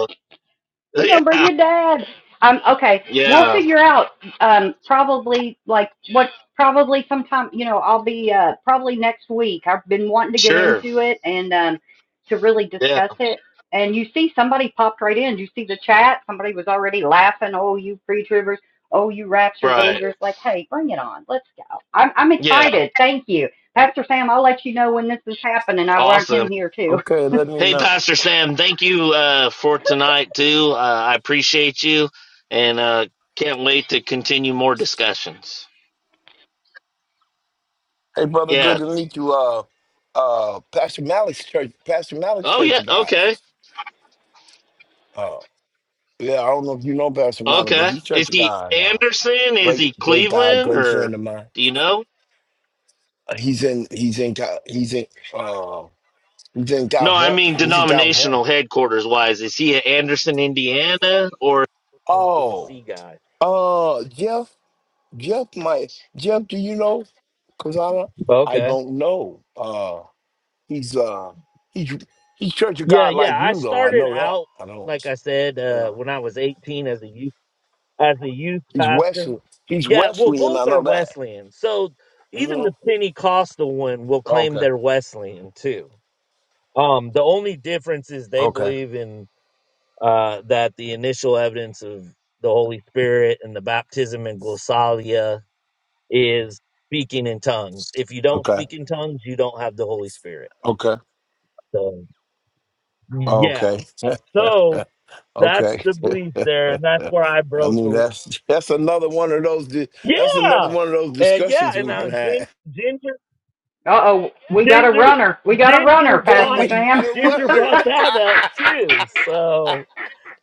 [SPEAKER 1] We gonna bring
[SPEAKER 6] yeah,
[SPEAKER 1] your dad. Um, okay, we'll
[SPEAKER 6] yeah,
[SPEAKER 1] figure out. Um, probably like what? Probably sometime. You know, I'll be uh probably next week. I've been wanting to get
[SPEAKER 6] sure.
[SPEAKER 1] into it and um to really
[SPEAKER 6] Yeah,
[SPEAKER 1] discuss it. And you see, somebody popped right in. You see the chat. Somebody was already laughing. Oh, you pre-tribbers. Oh, you rapture
[SPEAKER 6] right.
[SPEAKER 1] believers. Like, hey, bring it on. Let's go. I'm I'm
[SPEAKER 6] Yeah.
[SPEAKER 1] excited. Thank you, Pastor Sam. I'll let you know when this is happening. I want
[SPEAKER 6] Awesome.
[SPEAKER 1] him here too.
[SPEAKER 7] Okay, let me
[SPEAKER 6] Hey
[SPEAKER 7] know.
[SPEAKER 6] Pastor Sam, thank you uh for tonight too. Uh, I appreciate you and uh can't wait to continue more discussions.
[SPEAKER 7] Hey, brother, good
[SPEAKER 6] Yeah.
[SPEAKER 7] to meet you. Uh, uh, Pastor Malik's church, Pastor Malik's
[SPEAKER 6] Oh
[SPEAKER 7] Church
[SPEAKER 6] yeah,
[SPEAKER 7] of God.
[SPEAKER 6] okay.
[SPEAKER 7] Uh, yeah, I don't know if you know Pastor Malik, but
[SPEAKER 6] Okay.
[SPEAKER 7] he's
[SPEAKER 6] Is
[SPEAKER 7] Church of
[SPEAKER 6] he
[SPEAKER 7] God. Uh,
[SPEAKER 6] Anderson? Is
[SPEAKER 7] great,
[SPEAKER 6] he
[SPEAKER 7] great guy,
[SPEAKER 6] Cleveland
[SPEAKER 7] great
[SPEAKER 6] or
[SPEAKER 7] friend of mine.
[SPEAKER 6] do you know?
[SPEAKER 7] Uh, he's in, he's in, Ca- he's in, uh, he's in
[SPEAKER 6] No, I
[SPEAKER 7] California.
[SPEAKER 6] mean
[SPEAKER 7] He's in California.
[SPEAKER 6] denominational headquarters wise. Is he an Anderson, Indiana, or a
[SPEAKER 7] Oh,
[SPEAKER 6] Tennessee guy?
[SPEAKER 7] uh, Jeff, Jeff, my Jeff, do you know? Cause I I
[SPEAKER 6] Okay.
[SPEAKER 7] don't know. Uh, he's uh, he's he's Church of
[SPEAKER 6] Yeah,
[SPEAKER 7] God
[SPEAKER 6] yeah.
[SPEAKER 7] like
[SPEAKER 6] I
[SPEAKER 7] you though. I
[SPEAKER 6] started
[SPEAKER 7] know that.
[SPEAKER 6] out,
[SPEAKER 7] I
[SPEAKER 6] like I said, uh,
[SPEAKER 7] don't.
[SPEAKER 6] when I was 18 as a youth as a youth
[SPEAKER 7] He's
[SPEAKER 6] pastor.
[SPEAKER 7] Wesley. He's
[SPEAKER 6] Yeah, well,
[SPEAKER 7] Wesley, and I
[SPEAKER 6] both are
[SPEAKER 7] know that.
[SPEAKER 6] Wesleyan. So even
[SPEAKER 7] hmm
[SPEAKER 6] the Pentecostal one will claim
[SPEAKER 7] Okay.
[SPEAKER 6] they're Wesleyan too. Um, the only difference is they
[SPEAKER 7] Okay.
[SPEAKER 6] believe in uh, that the initial evidence of the Holy Spirit and the baptism and glossalia is speaking in tongues. If you don't
[SPEAKER 7] Okay.
[SPEAKER 6] speak in tongues, you don't have the Holy Spirit.
[SPEAKER 7] Okay.
[SPEAKER 6] So, yeah.
[SPEAKER 7] Okay.
[SPEAKER 6] So that's
[SPEAKER 7] okay.
[SPEAKER 6] the belief there, and that's where I
[SPEAKER 7] I
[SPEAKER 6] broke.
[SPEAKER 7] mean,
[SPEAKER 6] a-
[SPEAKER 7] that's that's another one of those. di- That's another
[SPEAKER 6] Yeah,
[SPEAKER 7] one of those
[SPEAKER 6] uh, yeah.
[SPEAKER 7] discussions
[SPEAKER 6] And
[SPEAKER 7] we can
[SPEAKER 6] now Gin-
[SPEAKER 7] have.
[SPEAKER 6] Ginger,
[SPEAKER 1] Uh oh, we got a
[SPEAKER 6] Ginger,
[SPEAKER 1] runner. We got a
[SPEAKER 6] Ginger
[SPEAKER 1] runner,
[SPEAKER 7] Hey,
[SPEAKER 1] Pastor
[SPEAKER 7] we
[SPEAKER 6] brought
[SPEAKER 7] got
[SPEAKER 1] Sam.
[SPEAKER 7] a
[SPEAKER 6] Ginger
[SPEAKER 7] runner.
[SPEAKER 6] brought that up too. So,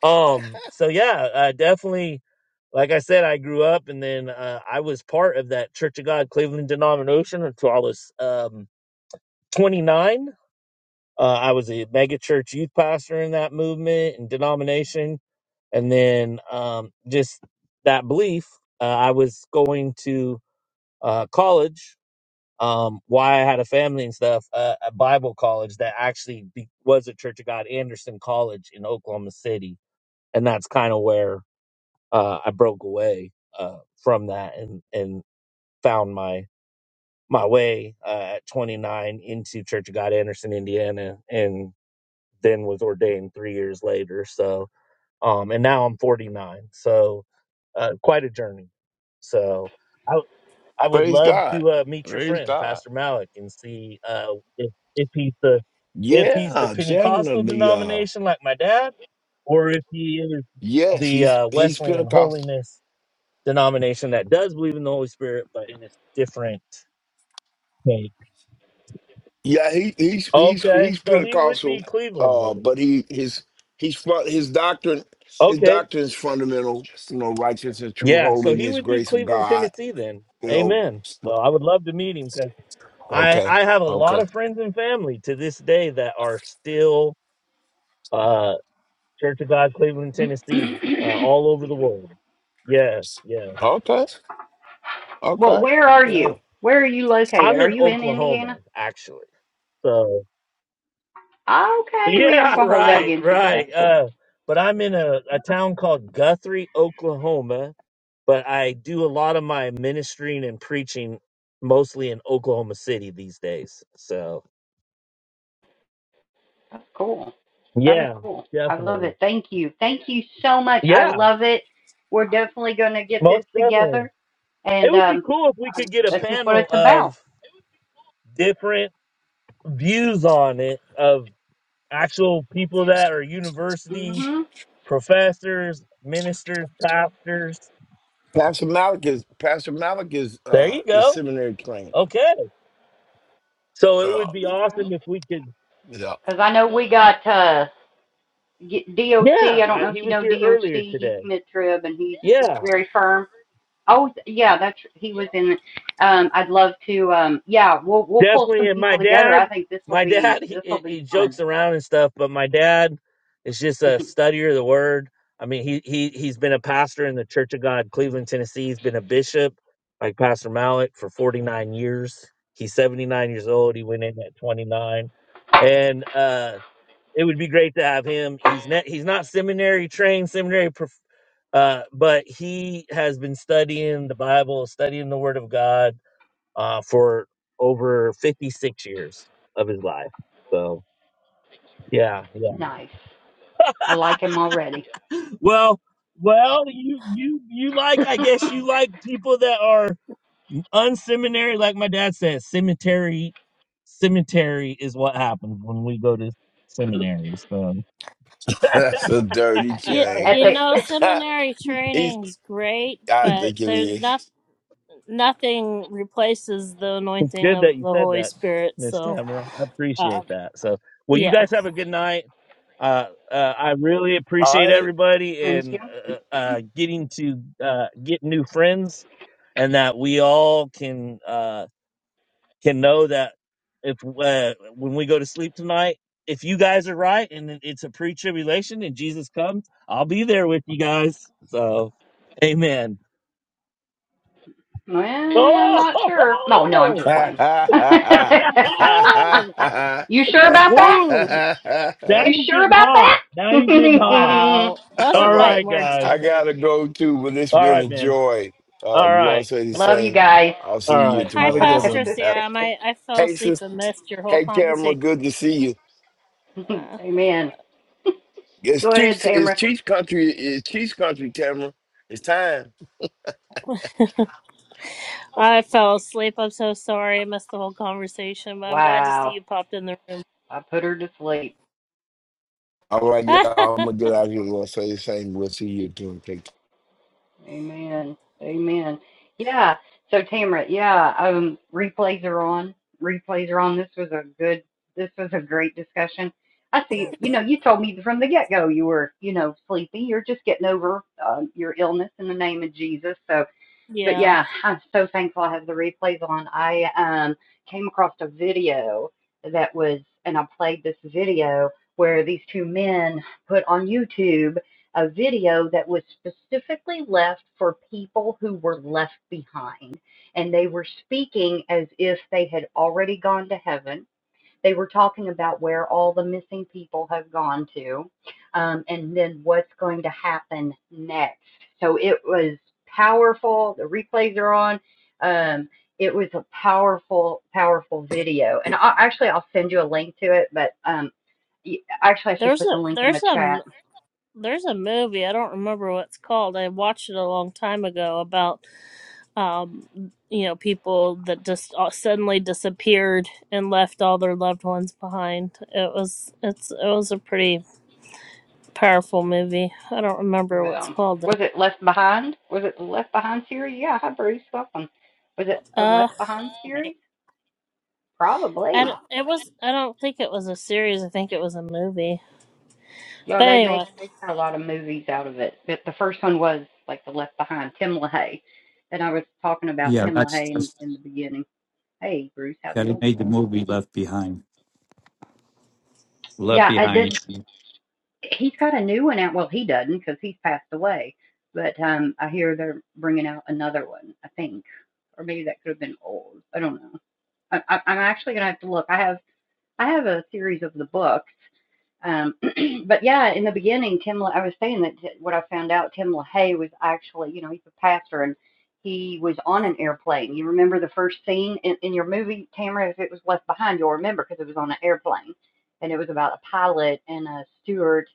[SPEAKER 6] um, so yeah, uh, definitely. Like I said, I grew up, and then uh, I was part of that Church of God Cleveland denomination until I was um, 29 Uh, I was a megachurch youth pastor in that movement and denomination, and then um, just that belief. Uh, I was going to uh, college. Um, why I had a family and stuff, uh, a Bible college that actually be- was a Church of God, Anderson College in Oklahoma City, and that's kind of where uh, I broke away uh, from that and and found my my way uh, at 29 into Church of God, Anderson, Indiana, and then was ordained three years later. So, um, and now I'm 49. So, uh, quite a journey. So, I I would
[SPEAKER 7] Praise
[SPEAKER 6] love
[SPEAKER 7] God.
[SPEAKER 6] to uh, meet your
[SPEAKER 7] Praise
[SPEAKER 6] friend
[SPEAKER 7] God.
[SPEAKER 6] Pastor Malik and see uh, if if he's the if he's the
[SPEAKER 7] Yeah,
[SPEAKER 6] Pentecostal
[SPEAKER 7] definitely. Uh,
[SPEAKER 6] denomination like my dad, or if he is
[SPEAKER 7] yes,
[SPEAKER 6] the
[SPEAKER 7] he's
[SPEAKER 6] uh,
[SPEAKER 7] he's
[SPEAKER 6] Wesleyan
[SPEAKER 7] Pentecostal.
[SPEAKER 6] holiness denomination that does believe in the Holy Spirit, but in a different take.
[SPEAKER 7] Yeah, he he's he's
[SPEAKER 6] Okay,
[SPEAKER 7] he's
[SPEAKER 6] so he would
[SPEAKER 7] Pentecostal,
[SPEAKER 6] be Cleveland,
[SPEAKER 7] uh,
[SPEAKER 6] maybe.
[SPEAKER 7] but he his he's fun- his doctrine his
[SPEAKER 6] Okay.
[SPEAKER 7] doctrine is fundamental. You know, righteousness, and true
[SPEAKER 6] Yeah, so he
[SPEAKER 7] holiness,
[SPEAKER 6] would be
[SPEAKER 7] grace of
[SPEAKER 6] Cleveland,
[SPEAKER 7] God.
[SPEAKER 6] Tennessee then.
[SPEAKER 7] You know.
[SPEAKER 6] Amen. So I would love to meet him because I,
[SPEAKER 7] Okay.
[SPEAKER 6] I have a lot
[SPEAKER 7] Okay.
[SPEAKER 6] of friends and family to this day that are still uh, Church of God, Cleveland, Tennessee, uh, all over the world. Yeah, yeah.
[SPEAKER 7] Okay.
[SPEAKER 1] well,
[SPEAKER 7] Okay.
[SPEAKER 1] where are
[SPEAKER 7] Yeah.
[SPEAKER 1] you? Where are you located?
[SPEAKER 6] I'm
[SPEAKER 1] Are
[SPEAKER 6] in
[SPEAKER 1] you in
[SPEAKER 6] Oklahoma,
[SPEAKER 1] Indiana?
[SPEAKER 6] actually. So,
[SPEAKER 1] Okay, we aren't
[SPEAKER 6] yeah,
[SPEAKER 1] gonna hold that
[SPEAKER 6] right,
[SPEAKER 1] against you, but that's
[SPEAKER 6] right.
[SPEAKER 1] cool.
[SPEAKER 6] Uh, but I'm in a, a town called Guthrie, Oklahoma. But I do a lot of my ministering and preaching mostly in Oklahoma City these days. So,
[SPEAKER 1] That's cool. That is
[SPEAKER 6] Yeah,
[SPEAKER 1] cool. I love
[SPEAKER 6] definitely.
[SPEAKER 1] it. Thank you. Thank you so much. I
[SPEAKER 6] Yeah,
[SPEAKER 1] love it. We're definitely gonna get this
[SPEAKER 6] most definitely.
[SPEAKER 1] together,
[SPEAKER 6] It
[SPEAKER 1] and
[SPEAKER 6] would be
[SPEAKER 1] um,
[SPEAKER 6] cool if we
[SPEAKER 1] uh,
[SPEAKER 6] could get a
[SPEAKER 1] this is what
[SPEAKER 6] panel
[SPEAKER 1] it's about.
[SPEAKER 6] of different views on it of actual people that are university
[SPEAKER 1] mm
[SPEAKER 6] professors, ministers, pastors.
[SPEAKER 7] Pastor Malik is Pastor Malik is
[SPEAKER 6] There
[SPEAKER 7] uh
[SPEAKER 6] you
[SPEAKER 7] is
[SPEAKER 6] go.
[SPEAKER 7] seminary trained.
[SPEAKER 6] Okay. So it
[SPEAKER 7] Uh,
[SPEAKER 6] would be
[SPEAKER 1] Mhm.
[SPEAKER 6] awesome if we could.
[SPEAKER 7] yeah.
[SPEAKER 1] Because I know we got uh Ye- DOC,
[SPEAKER 6] Yeah,
[SPEAKER 1] I don't
[SPEAKER 6] I,
[SPEAKER 1] know
[SPEAKER 6] he
[SPEAKER 1] if you
[SPEAKER 6] was
[SPEAKER 1] know
[SPEAKER 6] here
[SPEAKER 1] DOC,
[SPEAKER 6] earlier
[SPEAKER 1] he's
[SPEAKER 6] today.
[SPEAKER 1] mid-trib and he's he's
[SPEAKER 6] Yeah.
[SPEAKER 1] very firm. Oh yeah, that's he was in. Um, I'd love to. Um, yeah, we'll we'll pull
[SPEAKER 6] definitely
[SPEAKER 1] some
[SPEAKER 6] and my
[SPEAKER 1] people together.
[SPEAKER 6] dad
[SPEAKER 1] I think this will
[SPEAKER 6] my dad
[SPEAKER 1] be
[SPEAKER 6] he,
[SPEAKER 1] this will
[SPEAKER 6] he he
[SPEAKER 1] be fun.
[SPEAKER 6] jokes around and stuff but my dad is just a studier of the word i mean he he he's been a pastor in the church of god cleveland tennessee he's been a bishop like pastor malik for 49 years he's 79 years old he went in at 29 and uh it would be great to have him he's not he's not seminary trained seminary prof- uh but he has been studying the bible studying the word of god uh, for over 56 years of his life. So yeah,
[SPEAKER 1] nice. I like him
[SPEAKER 6] yeah.
[SPEAKER 1] already.
[SPEAKER 6] well, well, you you you like
[SPEAKER 1] At
[SPEAKER 6] I guess you like people that are unseminary, like my dad says, cemetery. Cemetery is what happens when we go to seminary. So
[SPEAKER 7] That's a dirty
[SPEAKER 3] You
[SPEAKER 7] chain.
[SPEAKER 3] you
[SPEAKER 1] the
[SPEAKER 3] know, seminary
[SPEAKER 7] he's
[SPEAKER 3] training's great,
[SPEAKER 7] I
[SPEAKER 3] but
[SPEAKER 7] think it
[SPEAKER 3] there's
[SPEAKER 7] is.
[SPEAKER 3] not. nothing replaces the anointing
[SPEAKER 6] Good that
[SPEAKER 3] of
[SPEAKER 6] you
[SPEAKER 3] the
[SPEAKER 6] said
[SPEAKER 3] Holy
[SPEAKER 6] that,
[SPEAKER 3] Spirit.
[SPEAKER 6] Miss
[SPEAKER 3] So,
[SPEAKER 6] Tamara. I appreciate
[SPEAKER 3] um,
[SPEAKER 6] that. So, well, you
[SPEAKER 3] yeah.
[SPEAKER 6] guys have a good night. Uh, uh, I really
[SPEAKER 7] All
[SPEAKER 6] appreciate
[SPEAKER 7] right.
[SPEAKER 6] everybody
[SPEAKER 1] thank you.
[SPEAKER 6] and uh, uh, getting to uh, get new friends, and that we all can uh, can know that if uh, when we go to sleep tonight, if you guys are right and it's a pre-tribulation and Jesus comes, I'll be there with you guys. So, Amen.
[SPEAKER 1] Well, I'm not sure. Oh no, I'm just
[SPEAKER 6] Oh.
[SPEAKER 7] All
[SPEAKER 1] playing. you sure about that?
[SPEAKER 6] Woo! Now
[SPEAKER 1] You
[SPEAKER 6] you're
[SPEAKER 1] sure
[SPEAKER 6] getting
[SPEAKER 1] about
[SPEAKER 6] hot. Now you're getting hot.
[SPEAKER 1] that?
[SPEAKER 3] Wow. Those are
[SPEAKER 6] All
[SPEAKER 7] right,
[SPEAKER 6] right,
[SPEAKER 3] fighting words,
[SPEAKER 6] guys.
[SPEAKER 7] I
[SPEAKER 3] Ginger.
[SPEAKER 7] gotta go too, but it's
[SPEAKER 6] All
[SPEAKER 7] been
[SPEAKER 6] right,
[SPEAKER 7] a
[SPEAKER 6] man.
[SPEAKER 7] joy.
[SPEAKER 6] All
[SPEAKER 7] Uh, the
[SPEAKER 6] right.
[SPEAKER 7] Lord said He's
[SPEAKER 1] love you
[SPEAKER 7] saying,
[SPEAKER 1] guys.
[SPEAKER 7] I'll see
[SPEAKER 6] All
[SPEAKER 7] you
[SPEAKER 6] right.
[SPEAKER 3] Hi,
[SPEAKER 6] Have a good
[SPEAKER 1] Okay.
[SPEAKER 7] tomorrow.
[SPEAKER 3] Pastor
[SPEAKER 6] one.
[SPEAKER 7] Uh,
[SPEAKER 3] Sam. I, I fell
[SPEAKER 7] hey,
[SPEAKER 3] asleep
[SPEAKER 7] sis,
[SPEAKER 3] and missed your whole
[SPEAKER 7] hey, Tamara,
[SPEAKER 3] conversation.
[SPEAKER 7] good to see you.
[SPEAKER 3] Uh,
[SPEAKER 1] Amen.
[SPEAKER 7] It's
[SPEAKER 1] Go ahead,
[SPEAKER 7] Chiefs, it's
[SPEAKER 1] Tamara.
[SPEAKER 7] Chiefs country, it's Chiefs country, Tamara. It's time.
[SPEAKER 3] I fell asleep. I'm so sorry. I missed the whole conversation, but I'm glad to see
[SPEAKER 1] Wow.
[SPEAKER 3] you popped in the room.
[SPEAKER 1] I put her to sleep.
[SPEAKER 7] All right, y'all, I'm gonna get out of here. The Lord said He's saying, we'll see you too. Take care.
[SPEAKER 1] Amen. Amen. Yeah. So Tamara, yeah, um replays are on. Replays are on. This was a good this was a great discussion. I see, you know, you told me from the get go you were, you know, sleepy. You're just getting over um, your illness in the name of Jesus. So But
[SPEAKER 3] yeah.
[SPEAKER 1] yeah, I'm so thankful I have the replays on. I um, came across a video that was, and I played this video where these two men put on YouTube a video that was specifically left for people who were left behind. And they were speaking as if they had already gone to heaven they were talking about where all the missing people have gone to, um, and then what's going to happen next. So it was powerful. The replays are on. Um, it was a powerful, powerful video. And I, actually, I'll send you a link to it. But um, actually, I should
[SPEAKER 3] There's
[SPEAKER 1] put the
[SPEAKER 3] a,
[SPEAKER 1] link in the
[SPEAKER 3] there's a,
[SPEAKER 1] chat.
[SPEAKER 3] m- there's a movie. I don't remember what it's called. I watched it a long time ago about um, you know, people that just all- suddenly disappeared and left all their loved ones behind. It was it's it was a pretty powerful movie. I don't remember what's
[SPEAKER 1] Well,
[SPEAKER 3] called.
[SPEAKER 1] was
[SPEAKER 3] Though.
[SPEAKER 1] it Left Behind? Was it the Left Behind series? Yeah, hi Bruce, welcome. Was it the
[SPEAKER 3] Uh,
[SPEAKER 1] Left Behind
[SPEAKER 3] ma-
[SPEAKER 1] series?
[SPEAKER 3] I
[SPEAKER 1] Probably.
[SPEAKER 3] don't, it was I don't think it was a series. I think it was a movie.
[SPEAKER 1] Yeah,
[SPEAKER 3] But
[SPEAKER 1] they make
[SPEAKER 3] anyway,
[SPEAKER 1] they got a lot of movies out of it. But the first one was like the Left Behind, Tim LaHaye, and I was talking about
[SPEAKER 8] Yeah,
[SPEAKER 1] Tim
[SPEAKER 8] that's
[SPEAKER 1] LaHaye in,
[SPEAKER 8] that's
[SPEAKER 1] in the beginning. Hey, Bruce, how's
[SPEAKER 8] yeah.
[SPEAKER 1] it
[SPEAKER 8] He
[SPEAKER 1] going?
[SPEAKER 8] made the movie Left Behind. Left
[SPEAKER 1] Yeah, I
[SPEAKER 8] Behind.
[SPEAKER 1] did. He's got a new one out. Well, he doesn't because he's passed away. But um, I hear they're bringing out another one. I think, or maybe that could have been old. I don't know. I, I, I'm actually gonna have to look. I have I have a series of the book, Um, but yeah, in the beginning, Tim, I was saying that what I found out, Tim LaHaye was actually, you know, he's a pastor and he was on an airplane. You remember the first scene in, in your movie, Tamara, if it was left behind, you'll remember because it was on an airplane and it was about a pilot and a stewardess.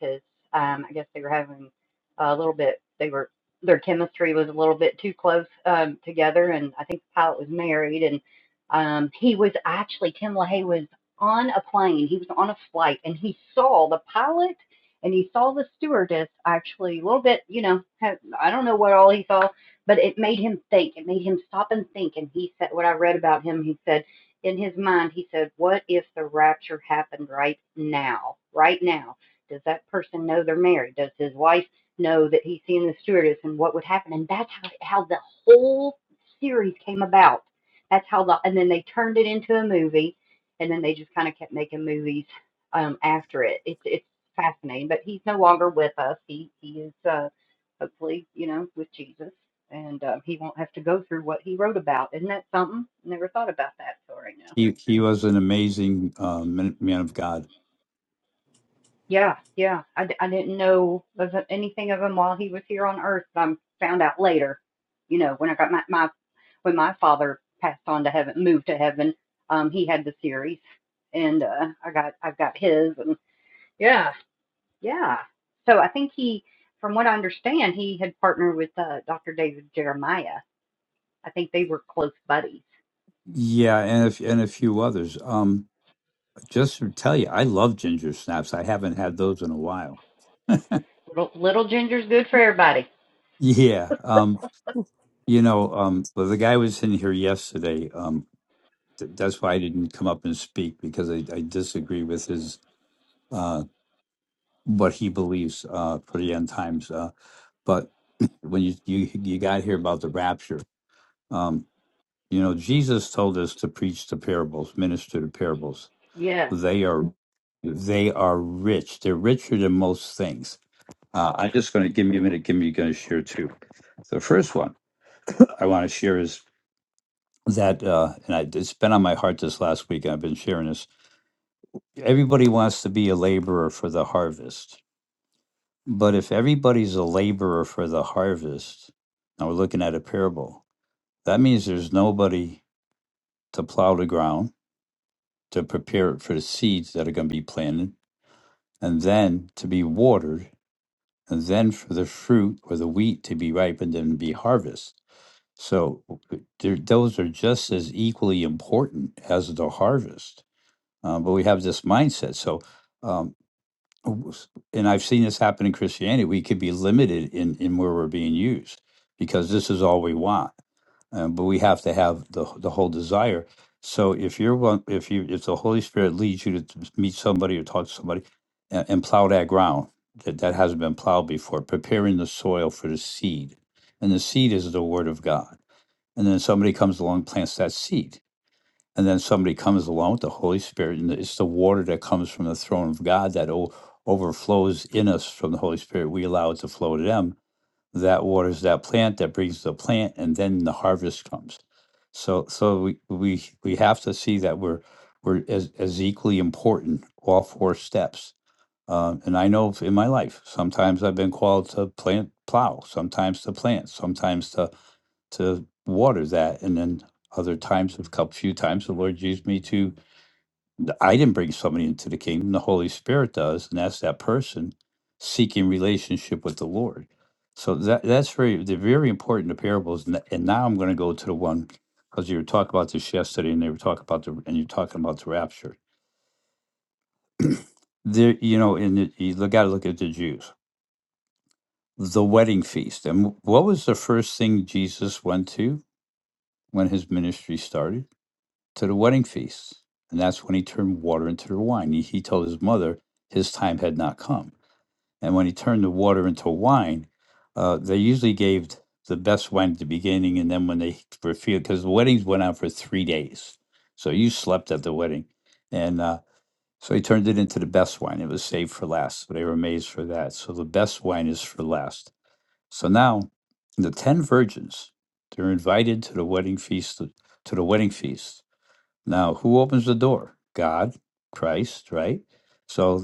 [SPEAKER 1] um, I guess they were having a little bit, they were, their chemistry was a little bit too close um, together. And I think the pilot was married and um, he was actually, Tim LaHaye was on a plane. He was on a flight and he saw the pilot and he saw the stewardess actually a little bit, you know, I don't know what all he saw, but it made him think. It made him stop and think. And he said, what I read about him, he said, in his mind, he said, what if the rapture happened right now? Right now. Does that person know they're married? Does his wife know that he's seeing the stewardess and what would happen? And that's how, how the whole series came about. That's how the, and then they turned it into a movie and then they just kind of kept making movies um, after it. It's it's fascinating, but he's no longer with us. He he is uh, hopefully you know with Jesus, and um, he won't have to go through what he wrote about. Isn't that something? Never thought about that till right now.
[SPEAKER 8] He he was an amazing um, man man of God.
[SPEAKER 1] Yeah, yeah. I I d- I didn't know of anything of him while he was here on Earth. I found out later, you know, when I got my, my when my father passed on to heaven, moved to heaven. Um, he had the series, and uh, I got I've got his, and yeah. Yeah. So I think he, from what I understand, he had partnered with uh, Dr. David Jeremiah. I think they were close buddies.
[SPEAKER 8] Yeah, and if and a few others. Um, just to tell you, I love ginger snaps. I haven't had those in a while.
[SPEAKER 1] Little, little ginger's good for everybody.
[SPEAKER 8] Yeah. Um, you know, um, well, the guy was in here yesterday. Um, th- that's why I didn't come up and speak because I, I disagree with his uh what he believes uh for the end times. Uh, but when you you you got here about the rapture. um, You know, Jesus told us to preach the parables, minister the parables.
[SPEAKER 1] Yeah.
[SPEAKER 8] They are they are rich. They're richer than most things. Uh, I'm just going to give me a minute. Give me going to share two. The first one I want to share is that, uh, and I, it's been on my heart this last week. I've been sharing this. Everybody wants to be a laborer for the harvest, but if everybody's a laborer for the harvest, now we're looking at a parable. That means there's nobody to plow the ground to prepare it for the seeds that are going to be planted and then to be watered and then for the fruit or the wheat to be ripened and be harvested. So there, those are just as equally important as the harvest. Uh, but we have this mindset. So, um, w- s- and I've seen this happen in Christianity. We could be limited in, in where we're being used because this is all we want uh, but we have to have the the whole desire. So if you're one, if you if the Holy Spirit leads you to t- meet somebody or talk to somebody, and, and plow that ground that that hasn't been plowed before, preparing the soil for the seed, and the seed is the Word of God. And then somebody comes along, plants that seed, and then somebody comes along with the Holy Spirit, and it's the water that comes from the throne of God that o- overflows in us from the Holy Spirit. We allow it to flow to them, that waters that plant that brings the plant and then the harvest comes so so we we we have to see that we're we're as, as equally important all four steps um, and i know in my life sometimes i've been called to plant plow sometimes to plant sometimes to to water that and then other times a come few times the lord used me to th- I didn't bring somebody into the kingdom. The Holy Spirit does, and that's that person seeking relationship with the Lord. So that that's very they're very important to parables. And, and now I'm going to go to the one because you were talking about this yesterday, and they were talking about the and you're talking about the rapture. There, you know, and it- you got to look at the Jews, the wedding feast, and wh- what was the first thing Jesus went to when his ministry started? To the wedding feast, and that's when he turned water into the wine. He, he told his mother his time had not come And when he turned the water into wine, uh, they usually gave the best wine at the beginning. And then when they were few, because the weddings went on for three days. So you slept at the wedding. And uh, so he turned it into the best wine. It was saved for last. So they were amazed for that. So the best wine is for last. So now the 10 virgins, they're invited to the wedding feast, to the wedding feast. Now, who opens the door? God, Christ, right? So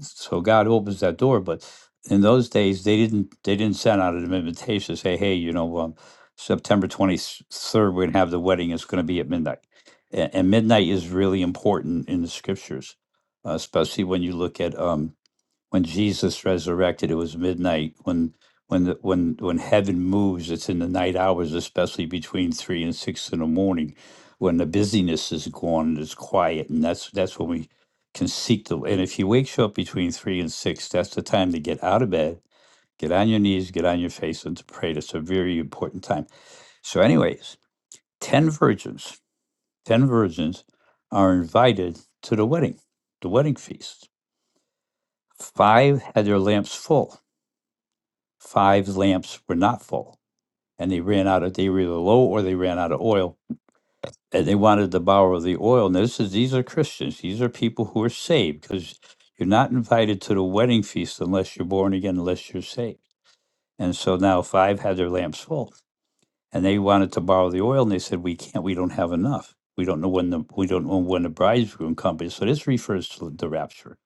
[SPEAKER 8] so God opens that door. But in those days, they didn't they didn't send out an invitation to say, hey, you know, um, September twenty third, we're gonna have the wedding. It's gonna be at midnight, and, and midnight is really important in the scriptures, uh, especially when you look at um, when Jesus resurrected, it was midnight. When when the, when when heaven moves, it's in the night hours, especially between three and six in the morning, when the busyness is gone and it's quiet, and that's that's when we can seek the. And if you wakes you up between three and six, that's the time to get out of bed, get on your knees, get on your face, and to pray. That's a very important time. So, anyways, ten virgins, ten virgins are invited to the wedding, the wedding feast. Five had their lamps full five lamps were not full and they ran out of they were either low or they ran out of oil and they wanted to borrow the oil now this is these are christians these are people who are saved because you're not invited to the wedding feast unless you're born again unless you're saved and so now five had their lamps full and they wanted to borrow the oil and they said we can't we don't have enough we don't know when the we don't know when the bridegroom comes so this refers to the rapture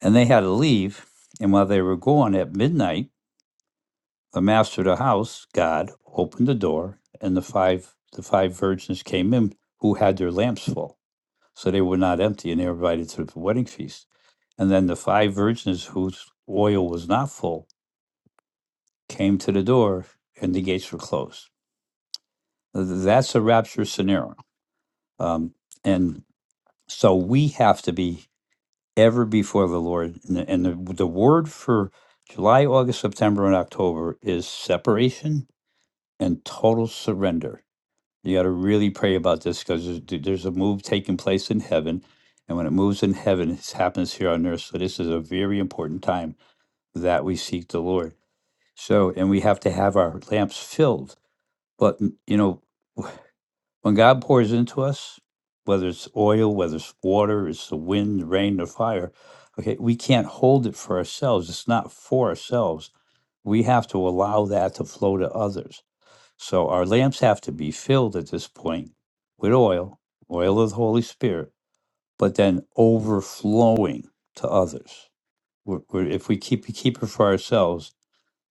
[SPEAKER 8] and they had to leave and while they were gone at midnight the master of the house, God, opened the door, and the five the five virgins came in who had their lamps full, so they were not empty, and they were invited to the wedding feast. And then the five virgins whose oil was not full came to the door, and the gates were closed. That's a rapture scenario, um, and so we have to be ever before the Lord. And, the, and the, the word for July, August, September, and October is separation and total surrender You got to really pray about this because there's, th- there's a move taking place in heaven. And when it moves in heaven, it happens here on earth. So this is a very important time that we seek the Lord. So, and we have to have our lamps filled. But, n- you know, when God pours into us, whether it's oil, whether it's water, it's the wind, rain, or fire, okay, we can't hold it for ourselves. It's not for ourselves. We have to allow that to flow to others. So our lamps have to be filled at this point with oil, oil of the Holy Spirit, but then overflowing to others. We're, we're, if we keep keep it for ourselves,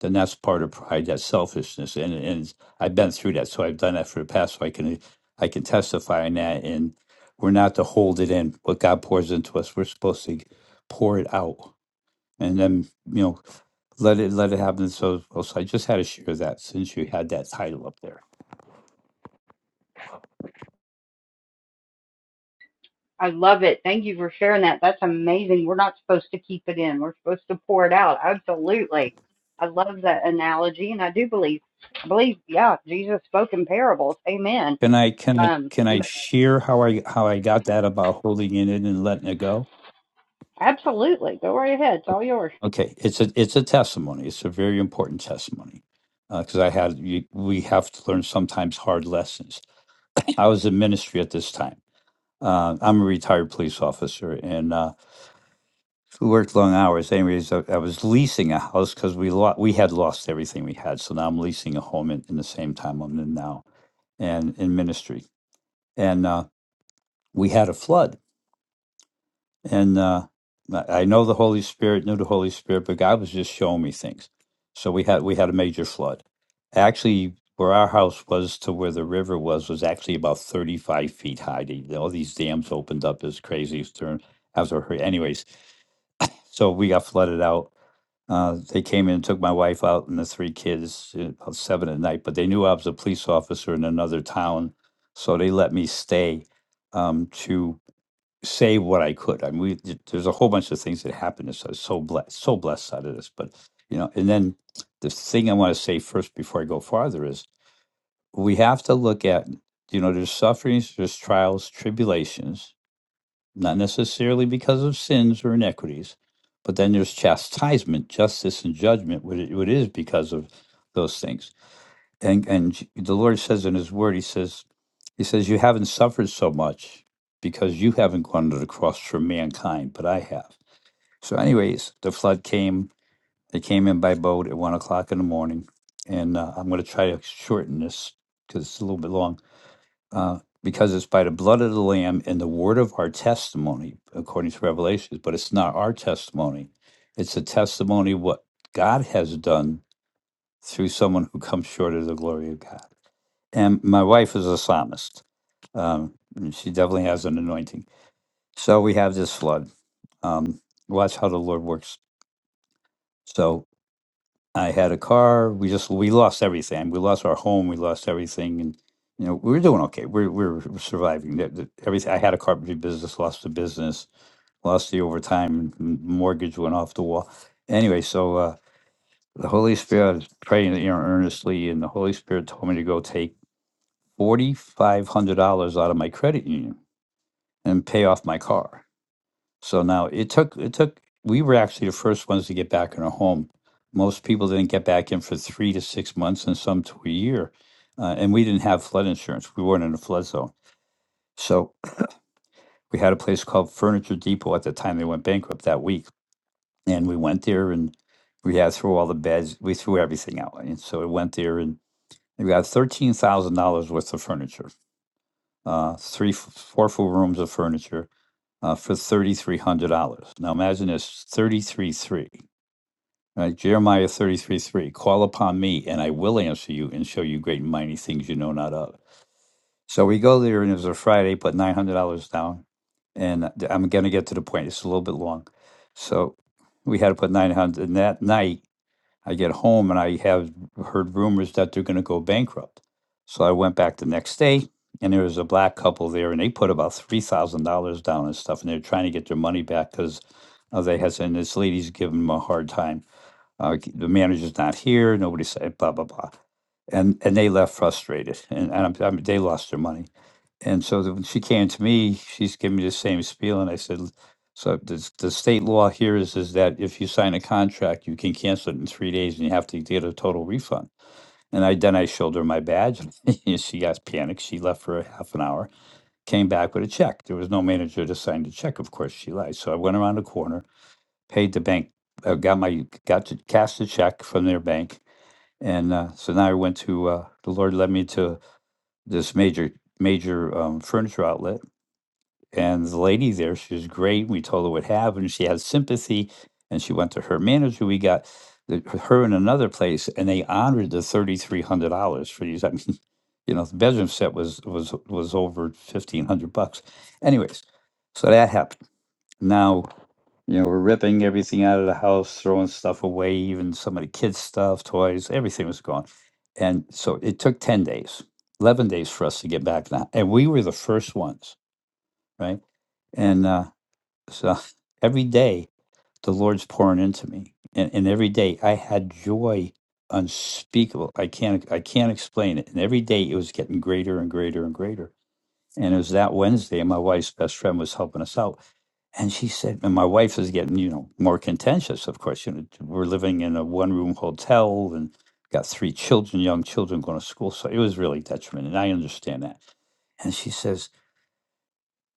[SPEAKER 8] then that's part of pride, that's selfishness, and and I've been through that, so I've done that for the past, so I can I can testify in that. And we're not to hold it in. What God pours into us, we're supposed to pour it out, and then you know. Let it let it happen. So, oh, so I just had to share that since you had that title up there.
[SPEAKER 1] I love it. Thank you for sharing that. That's amazing. We're not supposed to keep it in. We're supposed to pour it out. Absolutely. I love that analogy and I do believe I believe, yeah, Jesus spoke in parables. Amen.
[SPEAKER 8] Can I can I
[SPEAKER 1] Um
[SPEAKER 8] can I
[SPEAKER 1] but
[SPEAKER 8] share how I how I got that about holding it in and letting it go?
[SPEAKER 1] absolutely. Go right ahead. It's all yours.
[SPEAKER 8] Okay, it's a it's a testimony. It's a very important testimony because I had you, we have to learn sometimes hard lessons. I was in ministry at this time. Uh, I'm a retired police officer, and uh, who worked long hours. Anyways, I, I was leasing a house because we lo- we had lost everything we had. So now I'm leasing a home in, in the same time I'm in now and in ministry. And uh, we had a flood. And uh, I I know the Holy Spirit, knew the Holy Spirit, but God was just showing me things. So we had we had a major flood. Actually, where our house was to where the river was was actually about 35 feet high. They- All these dams opened up as crazy as during- after her. Anyways, so we got flooded out Uh, they came in and took my wife out and the three kids uh, about seven at night, but they knew I was a police officer in another town, so they let me stay um, to say what I could. I mean, we, th- there's a whole bunch of things that happened. So I was so blessed, so blessed out of this. But you know, and then the thing I want to say first before I go farther is we have to look at you know there's sufferings, there's trials, tribulations, not necessarily because of sins or iniquities, but then there's chastisement, justice, and judgment, what it is because of those things. And and the Lord says in His Word, He says, He says, you haven't suffered so much because you haven't gone to the cross for mankind, but I have. So, anyways, the flood came. They came in by boat at one o'clock in the morning, and uh, I'm going to try to shorten this because it's a little bit long uh, because it's by the blood of the Lamb and the word of our testimony, according to Revelations. But it's not our testimony; it's a testimony of what God has done through someone who comes short of the glory of God. And my wife is a psalmist; um, and she definitely has an anointing. So we have this flood. Um, watch how the Lord works. So I had a car. We just we lost everything. We lost our home. We lost everything, and you know we were doing okay. We're we're surviving. The- the- Everything. I had a carpentry business. Lost the business. Lost the overtime. m- Mortgage went off the wall. Anyway, so uh, the Holy Spirit I was praying you know, earnestly, and the Holy Spirit told me to go take forty five hundred dollars out of my credit union and pay off my car. So now it took it took we were actually the first ones to get back in our home. Most people didn't get back in for three to six months, and some to a year. Uh, and we didn't have flood insurance; we weren't in a flood zone. So we had a place called Furniture Depot at the time they went bankrupt that week, and we went there and we had throw all the beds, we threw everything out, and so we went there and we got thirteen thousand dollars worth of furniture, uh, three f- four full rooms of furniture uh, for thirty three hundred dollars. Now imagine this thirty three three. Right, Jeremiah 33 3. Call upon me, and I will answer you and show you great and mighty things you know not of. So we go there, and it was a Friday, put $900 down. And I'm going to get to the point. It's a little bit long. So we had to put 900 And that night, I get home and I have heard rumors that they're going to go bankrupt. So I went back the next day, and there was a black couple there, and they put about $3,000 down and stuff. And they're trying to get their money back because uh, they had, and this lady's giving them a hard time. Uh, the manager's not here. Nobody said blah blah blah, and and they left frustrated, and, and I'm, I'm, they lost their money. And so the, when she came to me, she's giving me the same spiel, and I said, so the the state law here is is that if you sign a contract, you can cancel it in three days, and you have to get a total refund. And I then I showed her my badge, and she got panicked. She left for a half an hour, came back with a check. There was no manager to sign the check. Of course, she lied. So I went around the corner paid the bank, uh, got my got to cast a check from their bank, and uh, so now I went to uh, the Lord led me to this major major um, furniture outlet, and the lady there, she was great. We told her what happened. She had sympathy, and she went to her manager. We got the, her in another place, and they honored the thirty three hundred dollars for these. I mean, you know, the bedroom set was was was over fifteen hundred bucks. Anyways, so that happened now you know, we're ripping everything out of the house, throwing stuff away, even some of the kids' stuff, toys, everything was gone. And so it took 10 days, 11 days for us to get back now. And we were the first ones, right? And uh, so every day the Lord's pouring into me. And, and every day I had joy unspeakable. I can't I can't explain it. And every day it was getting greater and greater and greater. And it was that Wednesday, and my wife's best friend was helping us out. And she said, and my wife is getting, you know, more contentious, of course. You know, we're living in a one room hotel and got three children, young children going to school. So it was really detriment. And I understand that. And she says,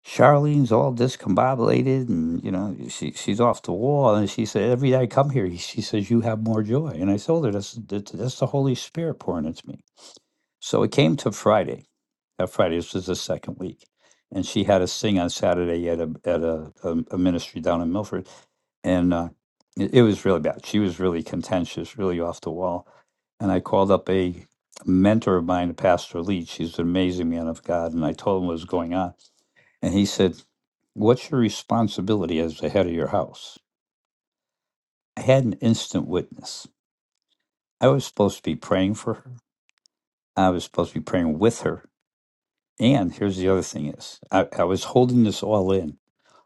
[SPEAKER 8] Charlene's all discombobulated and, you know, she, she's off the wall. And she said, every day I come here, she says, you have more joy. And I told her, that's, that's the Holy Spirit pouring into me. So it came to Friday that Friday. This was the second week, and she had us sing on Saturday at a at a, a, a ministry down in Milford, and uh, it, it was really bad. She was really contentious, really off the wall. And I called up a mentor of mine, Pastor Lee. She's an amazing man of God, and I told him what was going on, and he said, "What's your responsibility as the head of your house?" I had an instant witness. I was supposed to be praying for her. I was supposed to be praying with her. And here's the other thing is, I, I was holding this all in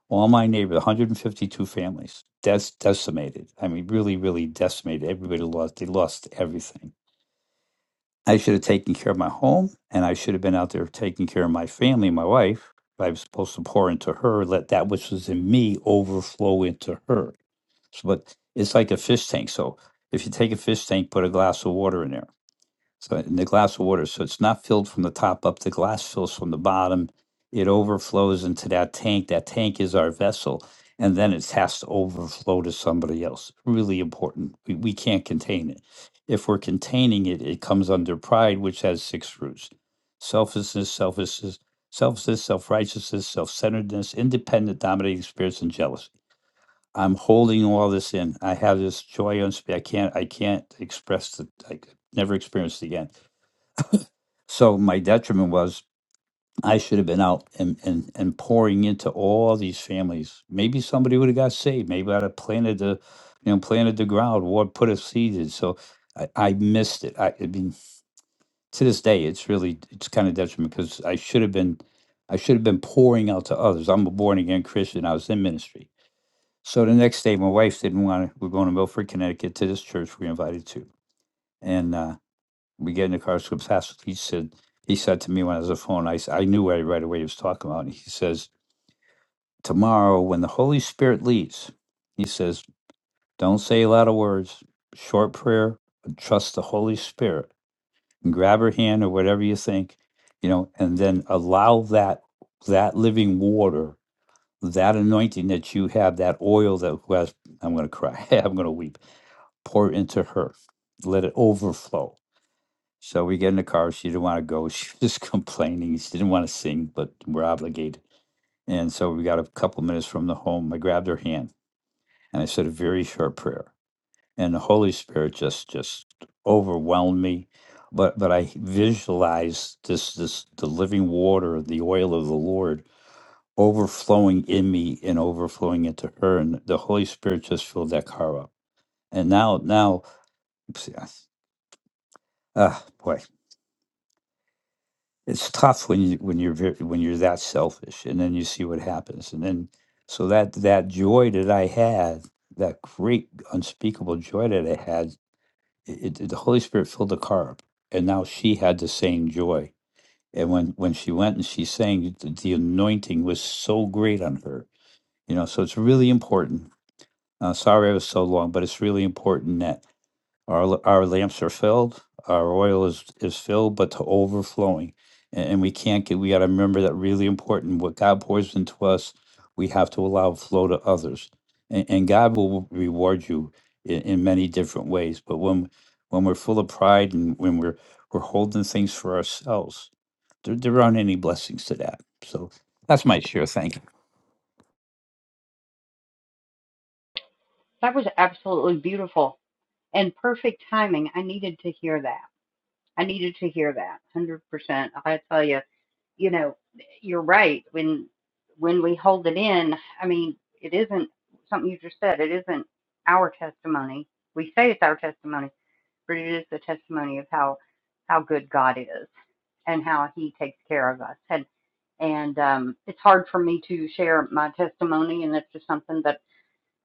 [SPEAKER 8] all my neighbors, 152 families that's decimated i mean really really decimated everybody lost they lost everything i should have taken care of my home and i should have been out there taking care of my family my wife i was supposed to pour into her let that which was in me overflow into her so, but it's like a fish tank so if you take a fish tank put a glass of water in there so in the glass of water, so it's not filled from the top up. The glass fills from the bottom. It overflows into that tank. That tank is our vessel, and then it has to overflow to somebody else. Really important. We, we can't contain it. If we're containing it, it comes under pride, which has six roots: selfishness, selfishness, selfishness, self-righteousness, self-centeredness, independent, dominating spirits, and jealousy. I'm holding all this in. I have this joy unspeakable. I can't. I can't express the. I could never experienced it again so my detriment was I should have been out and, and, and pouring into all these families. Maybe somebody would have got saved. Maybe I'd have planted the, you know, planted the ground or put a seed in. So I, I missed it. I, I mean, to this day, it's really it's kind of detriment because I should have been, I should have been pouring out to others. I'm a born again Christian. I was in ministry. So the next day, my wife didn't want to. We're going to Milford, Connecticut, to this church we're invited to, and uh, we get in the car so fast. He said, he said to me when I was on the phone, I, s- I knew right, right away he was talking about. He says, tomorrow when the Holy Spirit leads, he says, don't say a lot of words, short prayer, but trust the Holy Spirit and grab her hand or whatever you think, you know, and then allow that, that living water, that anointing that you have, that oil that who has, I'm going to cry, I'm going to weep, pour into her, let it overflow So we get in the car. She didn't want to go. She was just complaining. She didn't want to sing, but we're obligated. And so we got a couple minutes from the home. I grabbed her hand and I said a very short prayer. And the Holy Spirit just just overwhelmed me. But but I visualized this this the living water, the oil of the Lord overflowing in me and overflowing into her. And the Holy Spirit just filled that car up. And now now oops, yes. Ah, boy. it's tough when you when you're very, when you're that selfish and then you see what happens and then so that that joy that i had that great unspeakable joy that i had it, it- the holy spirit filled the car up and now she had the same joy and when when she went and she sang the, the anointing was so great on her you know so it's really important uh, sorry i was so long but it's really important that. Our, our lamps are filled, our oil is, is filled, but to overflowing. And, and we can't get, we got to remember that really important. What God pours into us, we have to allow flow to others. And, and God will reward you in, in many different ways. But when, when we're full of pride and when we're, we're holding things for ourselves, there, there aren't any blessings to that. So that's my share. Thank
[SPEAKER 1] That was absolutely beautiful and perfect timing. I needed to hear that. I needed to hear that 100%. I tell you, you know, you're right. When when we hold it in, I mean, it isn't something you just said. It isn't our testimony. We say it's our testimony, but it is the testimony of how how good God is and how He takes care of us. And and um, it's hard for me to share my testimony, and that's just something that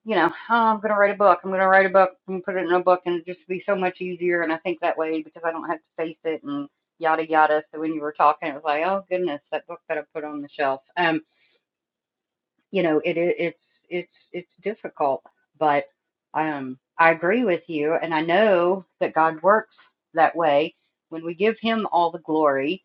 [SPEAKER 1] you know, oh, I'm going to write a book. I'm going to write a book and put it in a book and it just be so much easier. And I think that way because I don't have to face it and yada yada. So when you were talking, it was like, oh goodness, that book that I put on the shelf. Um, you know, it i- it's it's it's difficult, but um, I agree with you, and I know that God works that way when we give Him all the glory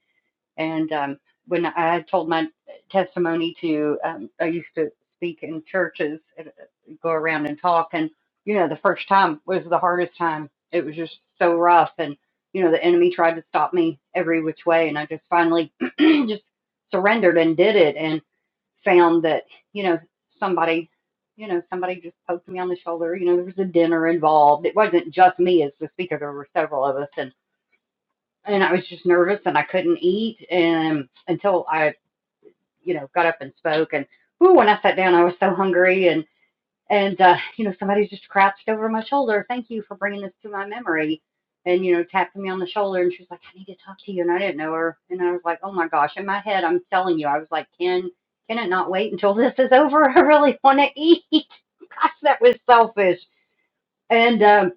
[SPEAKER 1] and um, when I told my testimony to, um, I used to speak in churches, and uh, go around and talk. And, you know, the first time was the hardest time. It was just so rough. And, you know, the enemy tried to stop me every which way. And I just finally just surrendered and did it and found that, you know, somebody, you know, somebody just poked me on the shoulder. You know, there was a dinner involved. It wasn't just me as the speaker, there were several of us. And and I was just nervous and I couldn't eat and until I, you know, got up and spoke and ooh, when I sat down I was so hungry and and uh, you know, somebody just crouched over my shoulder. Thank you for bringing this to my memory. And you know, tapped me on the shoulder and she was like, I need to talk to you. And I didn't know her. And I was like, oh my gosh. In my head, I'm telling you, I was like, can can it not wait until this is over? I really want to eat. gosh, that was selfish. And um,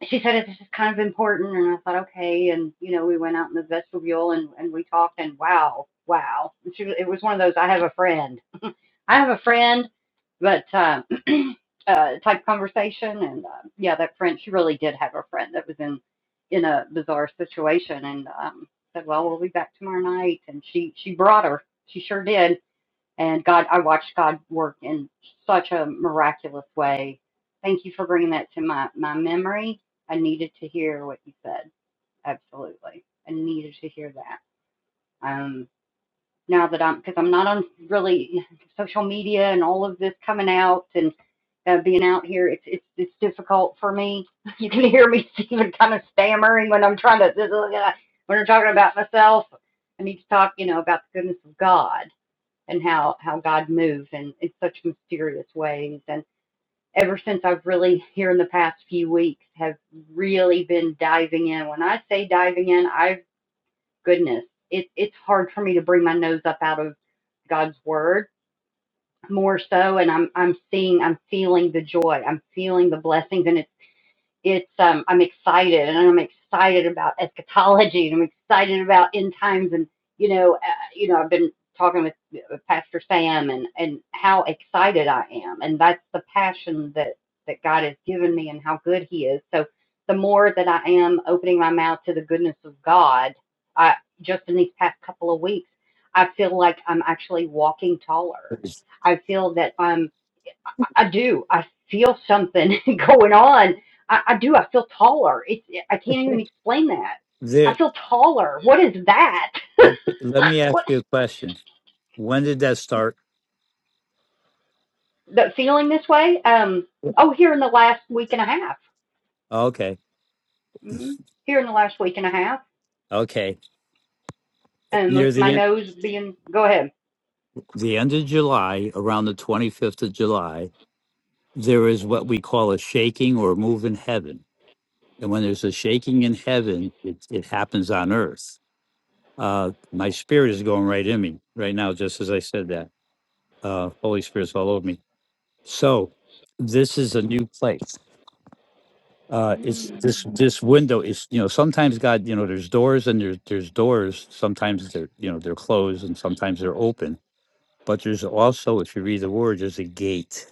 [SPEAKER 1] she said this is kind of important and i thought okay and you know we went out in the vestibule and and we talked and wow wow and she, it was one of those i have a friend i have a friend but um uh type conversation and uh, yeah that friend she really did have a friend that was in in a bizarre situation and um said well we'll be back tomorrow night and she she brought her she sure did and God, I watched God work in such a miraculous way. Thank you for bringing that to my, my memory. I needed to hear what you said. Absolutely. I needed to hear that. Um, now that I'm, because I'm not on really social media and all of this coming out and uh, being out here, it's, it's, it's difficult for me. You can hear me even kind of stammering when I'm trying to, when I'm talking about myself. I need to talk, you know, about the goodness of God and how how God moved and in such mysterious ways. And ever since I've really here in the past few weeks have really been diving in. When I say diving in, I've goodness, it, it's hard for me to bring my nose up out of God's word more so and I'm I'm seeing I'm feeling the joy. I'm feeling the blessings and it's it's um, I'm excited and I'm excited about eschatology and I'm excited about end times and you know uh, you know I've been talking with uh, Pastor Sam and and how excited I am and that's the passion that that God has given me and how good He is. So the more that I am opening my mouth to the goodness of God, I just in these past couple of weeks, I feel like I'm actually walking
[SPEAKER 8] you.
[SPEAKER 1] taller.
[SPEAKER 8] Is
[SPEAKER 1] I feel that I'm I do. I feel something going on. I, I do. I feel taller. It's. I can't even explain that.
[SPEAKER 8] There,
[SPEAKER 1] I feel taller. What is that?
[SPEAKER 8] okay, let me ask
[SPEAKER 1] What
[SPEAKER 8] you a question. When did that start?
[SPEAKER 1] the feeling this way? Um. Oh, here in the last week and a half.
[SPEAKER 8] Okay.
[SPEAKER 1] Mm, here in the last week and a half.
[SPEAKER 8] Okay.
[SPEAKER 1] And um, with
[SPEAKER 8] Near
[SPEAKER 1] my
[SPEAKER 8] the
[SPEAKER 1] nose being. Go ahead.
[SPEAKER 8] the end of July, around the 25th of July, there is what we call a shaking or a move in heaven. And when there's a shaking in heaven, it, it happens on earth. Uh, my spirit is going right in me right now, just as I said that. Uh, Holy Spirit's all over me. So this is a new place. Uh, it's
[SPEAKER 1] Mm,
[SPEAKER 8] this this window is you know sometimes God you know there's doors and there's there's doors sometimes they're you know they're closed and sometimes they're open but there's also if you read the word there's a gate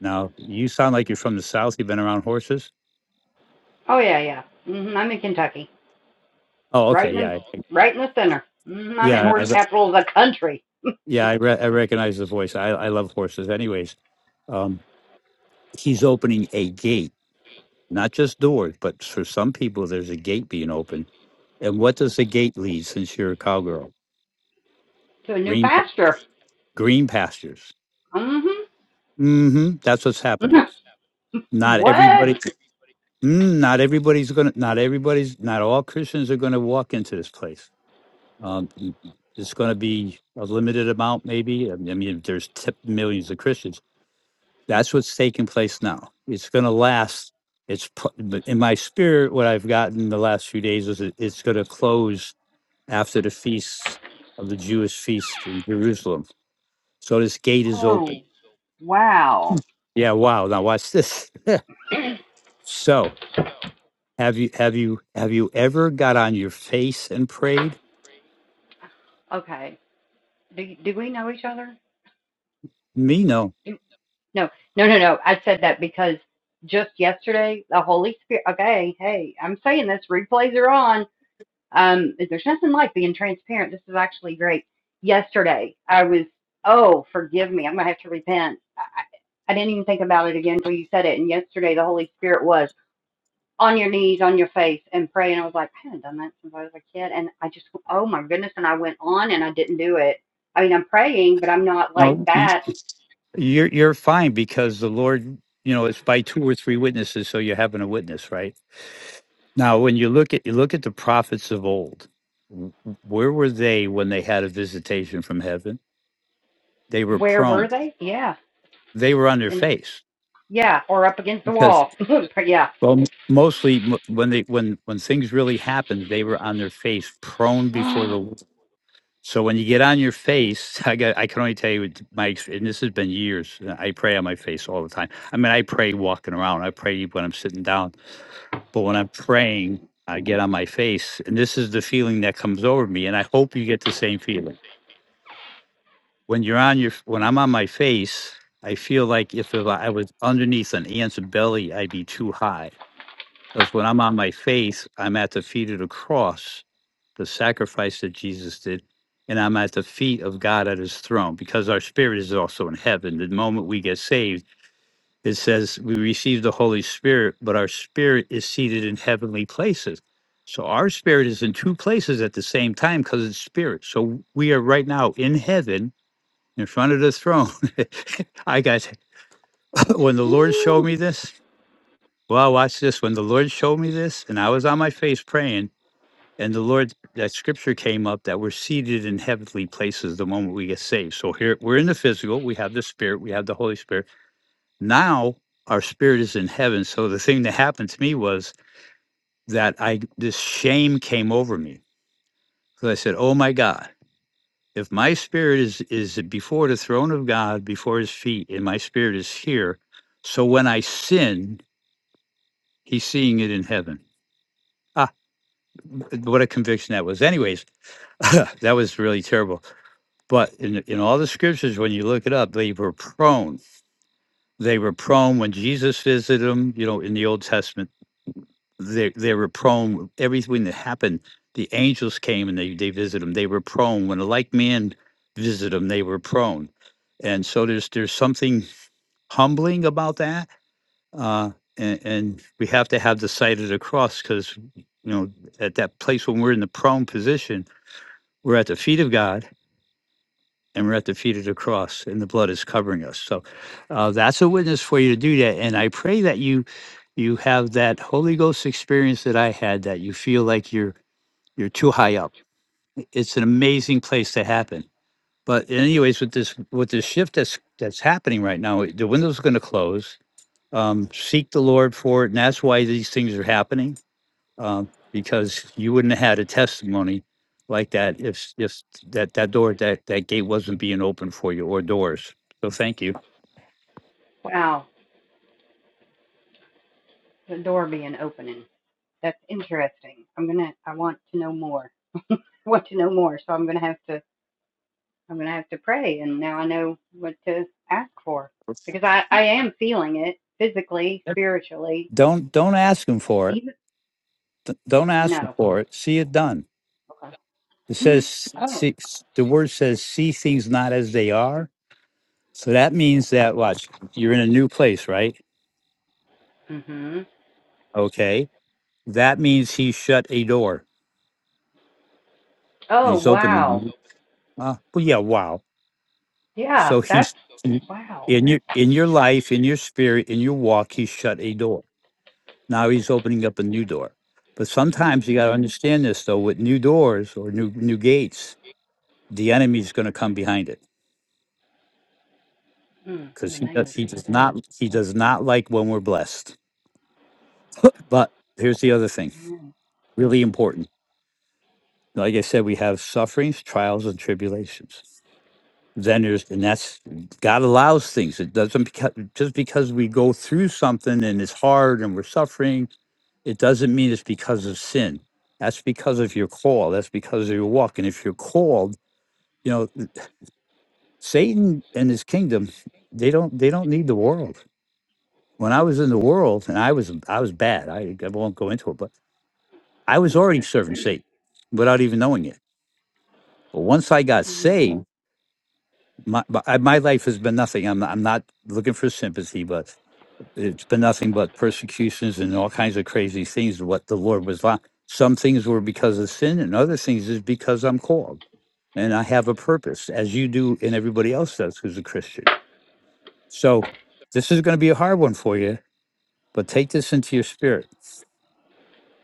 [SPEAKER 8] Now, you sound like you're from the South. You've been around horses.
[SPEAKER 1] oh yeah, yeah. hmm I'm in Kentucky,
[SPEAKER 8] Oh,
[SPEAKER 1] right
[SPEAKER 8] okay.
[SPEAKER 1] in
[SPEAKER 8] Yeah.
[SPEAKER 1] the
[SPEAKER 8] I-
[SPEAKER 1] right in the center. hmm I'm in
[SPEAKER 8] Yeah. I,
[SPEAKER 1] horse
[SPEAKER 8] re-
[SPEAKER 1] capital of the country
[SPEAKER 8] yeah. I, re- I recognize the voice. I, I love horses. Anyways, um, he's opening a gate, not just doors, but for some people, there's a gate being opened. And what does the gate lead since you're a cowgirl?
[SPEAKER 1] to a new
[SPEAKER 8] Green, pa-
[SPEAKER 1] pasture.
[SPEAKER 8] green pastures.
[SPEAKER 1] hmm
[SPEAKER 8] Mm-hmm. That's what's happening. Not
[SPEAKER 1] what?
[SPEAKER 8] everybody, mm, not everybody's going to, not everybody's, not all Christians are going to walk into this place Um, y- y- it's going to be a limited amount, maybe. I mean, I mean, there's t- millions of Christians. That's what's taking place now. It's going to last. It's pl- but in my spirit. What I've gotten the last few days is it, it's going to close after the feast of the Jewish feast in Jerusalem. So this gate is
[SPEAKER 1] Oh,
[SPEAKER 8] open.
[SPEAKER 1] wow.
[SPEAKER 8] Yeah. Wow. Now watch this. so have you have you have you ever got on your face and prayed?
[SPEAKER 1] Okay. Do, do we know each other?
[SPEAKER 8] Me, no.
[SPEAKER 1] Do, no, no, no, no. I said that because just yesterday, the Holy Spirit. Okay, hey, I'm saying this. Replays are on. Um, there's nothing like being transparent. This is actually great. Yesterday, I was. Oh, forgive me. I'm gonna have to repent. I, I I didn't even think about it again until you said it. And yesterday, the Holy Spirit was. on your knees, on your face, and pray. And I was like, I haven't done that since I was a kid. And I just, oh my goodness. And I went on and I didn't do it. I mean, I'm praying, but I'm not like
[SPEAKER 8] No.
[SPEAKER 1] that.
[SPEAKER 8] You're you're fine because the Lord, you know, it's by two or three witnesses, so you're having a witness, right? Now, when you look at you look at the prophets of old, w- where were they when they had a visitation from heaven? They were
[SPEAKER 1] Where were
[SPEAKER 8] prone.
[SPEAKER 1] they? Yeah.
[SPEAKER 8] They were on their
[SPEAKER 1] And
[SPEAKER 8] face
[SPEAKER 1] yeah, or up against the
[SPEAKER 8] because
[SPEAKER 1] wall. yeah.
[SPEAKER 8] well, mostly m- when they when when things really happened, they were on their face, prone before the Lord. So when you get on your face, I got I can only tell you my ex- and this has been years. and I pray on my face all the time. I mean, I pray walking around. I pray when I'm sitting down, but when I'm praying, I get on my face, and this is the feeling that comes over me. And I hope you get the same feeling when you're on your when I'm on my face. I feel like if, if I was underneath an ant's belly, I'd be too high. Because when I'm on my face, I'm at the feet of the cross the sacrifice that Jesus did, and I'm at the feet of God at his throne because our spirit is also in heaven. The moment we get saved, it says we receive the Holy Spirit, but our spirit is seated in heavenly places. So our spirit is in two places at the same time because it's spirit. So we are right now in heaven in front of the throne. I got when the Lord showed me this, well, watch this. When the Lord showed me this, and I was on my face praying, and the Lord, that scripture came up that we're seated in heavenly places the moment we get saved. So here we're in the physical, we have the spirit, we have the Holy Spirit. Now our spirit is in heaven. So the thing that happened to me was that I this shame came over me. So I said, Oh my God, if my spirit is is before the throne of God, before his feet, and my spirit is here, so when I sin, he's seeing it in heaven. Ah, what a conviction that was. Anyways, that was really terrible But in, in all the scriptures, when you look it up, they were prone. They were prone when Jesus visited them, you know, in the Old Testament. They, they were prone. Everything that happened, the angels came and they, they visited them. They were prone. When a like man visited them, they were prone. And so there's there's something humbling about that. Uh, and, and we have to have the sight of the cross because, you know, at that place when we're in the prone position, we're at the feet of God and we're at the feet of the cross, and the blood is covering us. So uh, that's a witness for you to do that. And I pray that you you have that Holy Ghost experience that I had, that you feel like you're you're too high up. It's an amazing place to happen. But anyways, with this with this shift that's that's happening right now, the window's going to close. Um, seek the Lord for it, and that's why these things are happening uh, because you wouldn't have had a testimony like that if if that that door that that gate wasn't being open for you or doors. So thank you.
[SPEAKER 1] Wow. The door being opening. That's interesting. I'm going to, I want to know more. I want to know more. So I'm going to have to, I'm going to have to pray. And now I know what to ask for because I, I am feeling it physically, spiritually,
[SPEAKER 8] Don't don't ask him for it.
[SPEAKER 1] even,
[SPEAKER 8] D- Don't ask
[SPEAKER 1] no.
[SPEAKER 8] him for it. See it done. It says
[SPEAKER 1] Oh.
[SPEAKER 8] see, the word says see things not as they are. So that means that watch you're in a new place, right?
[SPEAKER 1] Mhm.
[SPEAKER 8] Okay. That means he shut a door and
[SPEAKER 1] Oh
[SPEAKER 8] he's
[SPEAKER 1] wow.
[SPEAKER 8] opening. Uh, well, yeah. Wow.
[SPEAKER 1] Yeah.
[SPEAKER 8] So
[SPEAKER 1] That's
[SPEAKER 8] he's in
[SPEAKER 1] wow.
[SPEAKER 8] in your in your life, in your spirit, in your walk, He shut a door. Now he's opening up a new door. But sometimes you
[SPEAKER 1] Mm,
[SPEAKER 8] gotta understand this though, with new doors or new new gates, the enemy's gonna come behind it.
[SPEAKER 1] in
[SPEAKER 8] Because
[SPEAKER 1] the
[SPEAKER 8] he
[SPEAKER 1] name
[SPEAKER 8] does
[SPEAKER 1] of
[SPEAKER 8] he does
[SPEAKER 1] Jesus.
[SPEAKER 8] not he does not like when we're blessed. But here's the other thing,
[SPEAKER 1] Amen.
[SPEAKER 8] really important. Like I said, we have sufferings, trials, and tribulations. then there's and that's god allows things it doesn't because just because we go through something and it's hard and we're suffering it doesn't mean it's because of sin that's because of your call that's because of your walk and if you're called you know satan and his kingdom they don't they don't need the world when i was in the world and i was i was bad i, I won't go into it but i was already serving satan without even knowing it but once i got
[SPEAKER 1] Mm.
[SPEAKER 8] saved my, my, I- my life has been nothing. I'm, not, I'm not looking for sympathy, but It's been nothing but persecutions and all kinds of crazy things. What the Lord was like. Some things were because of sin, and other things is because I'm called and I have a purpose, as you do, and everybody else does who's a Christian. So this is going to be a hard one for you, but take this into your spirit.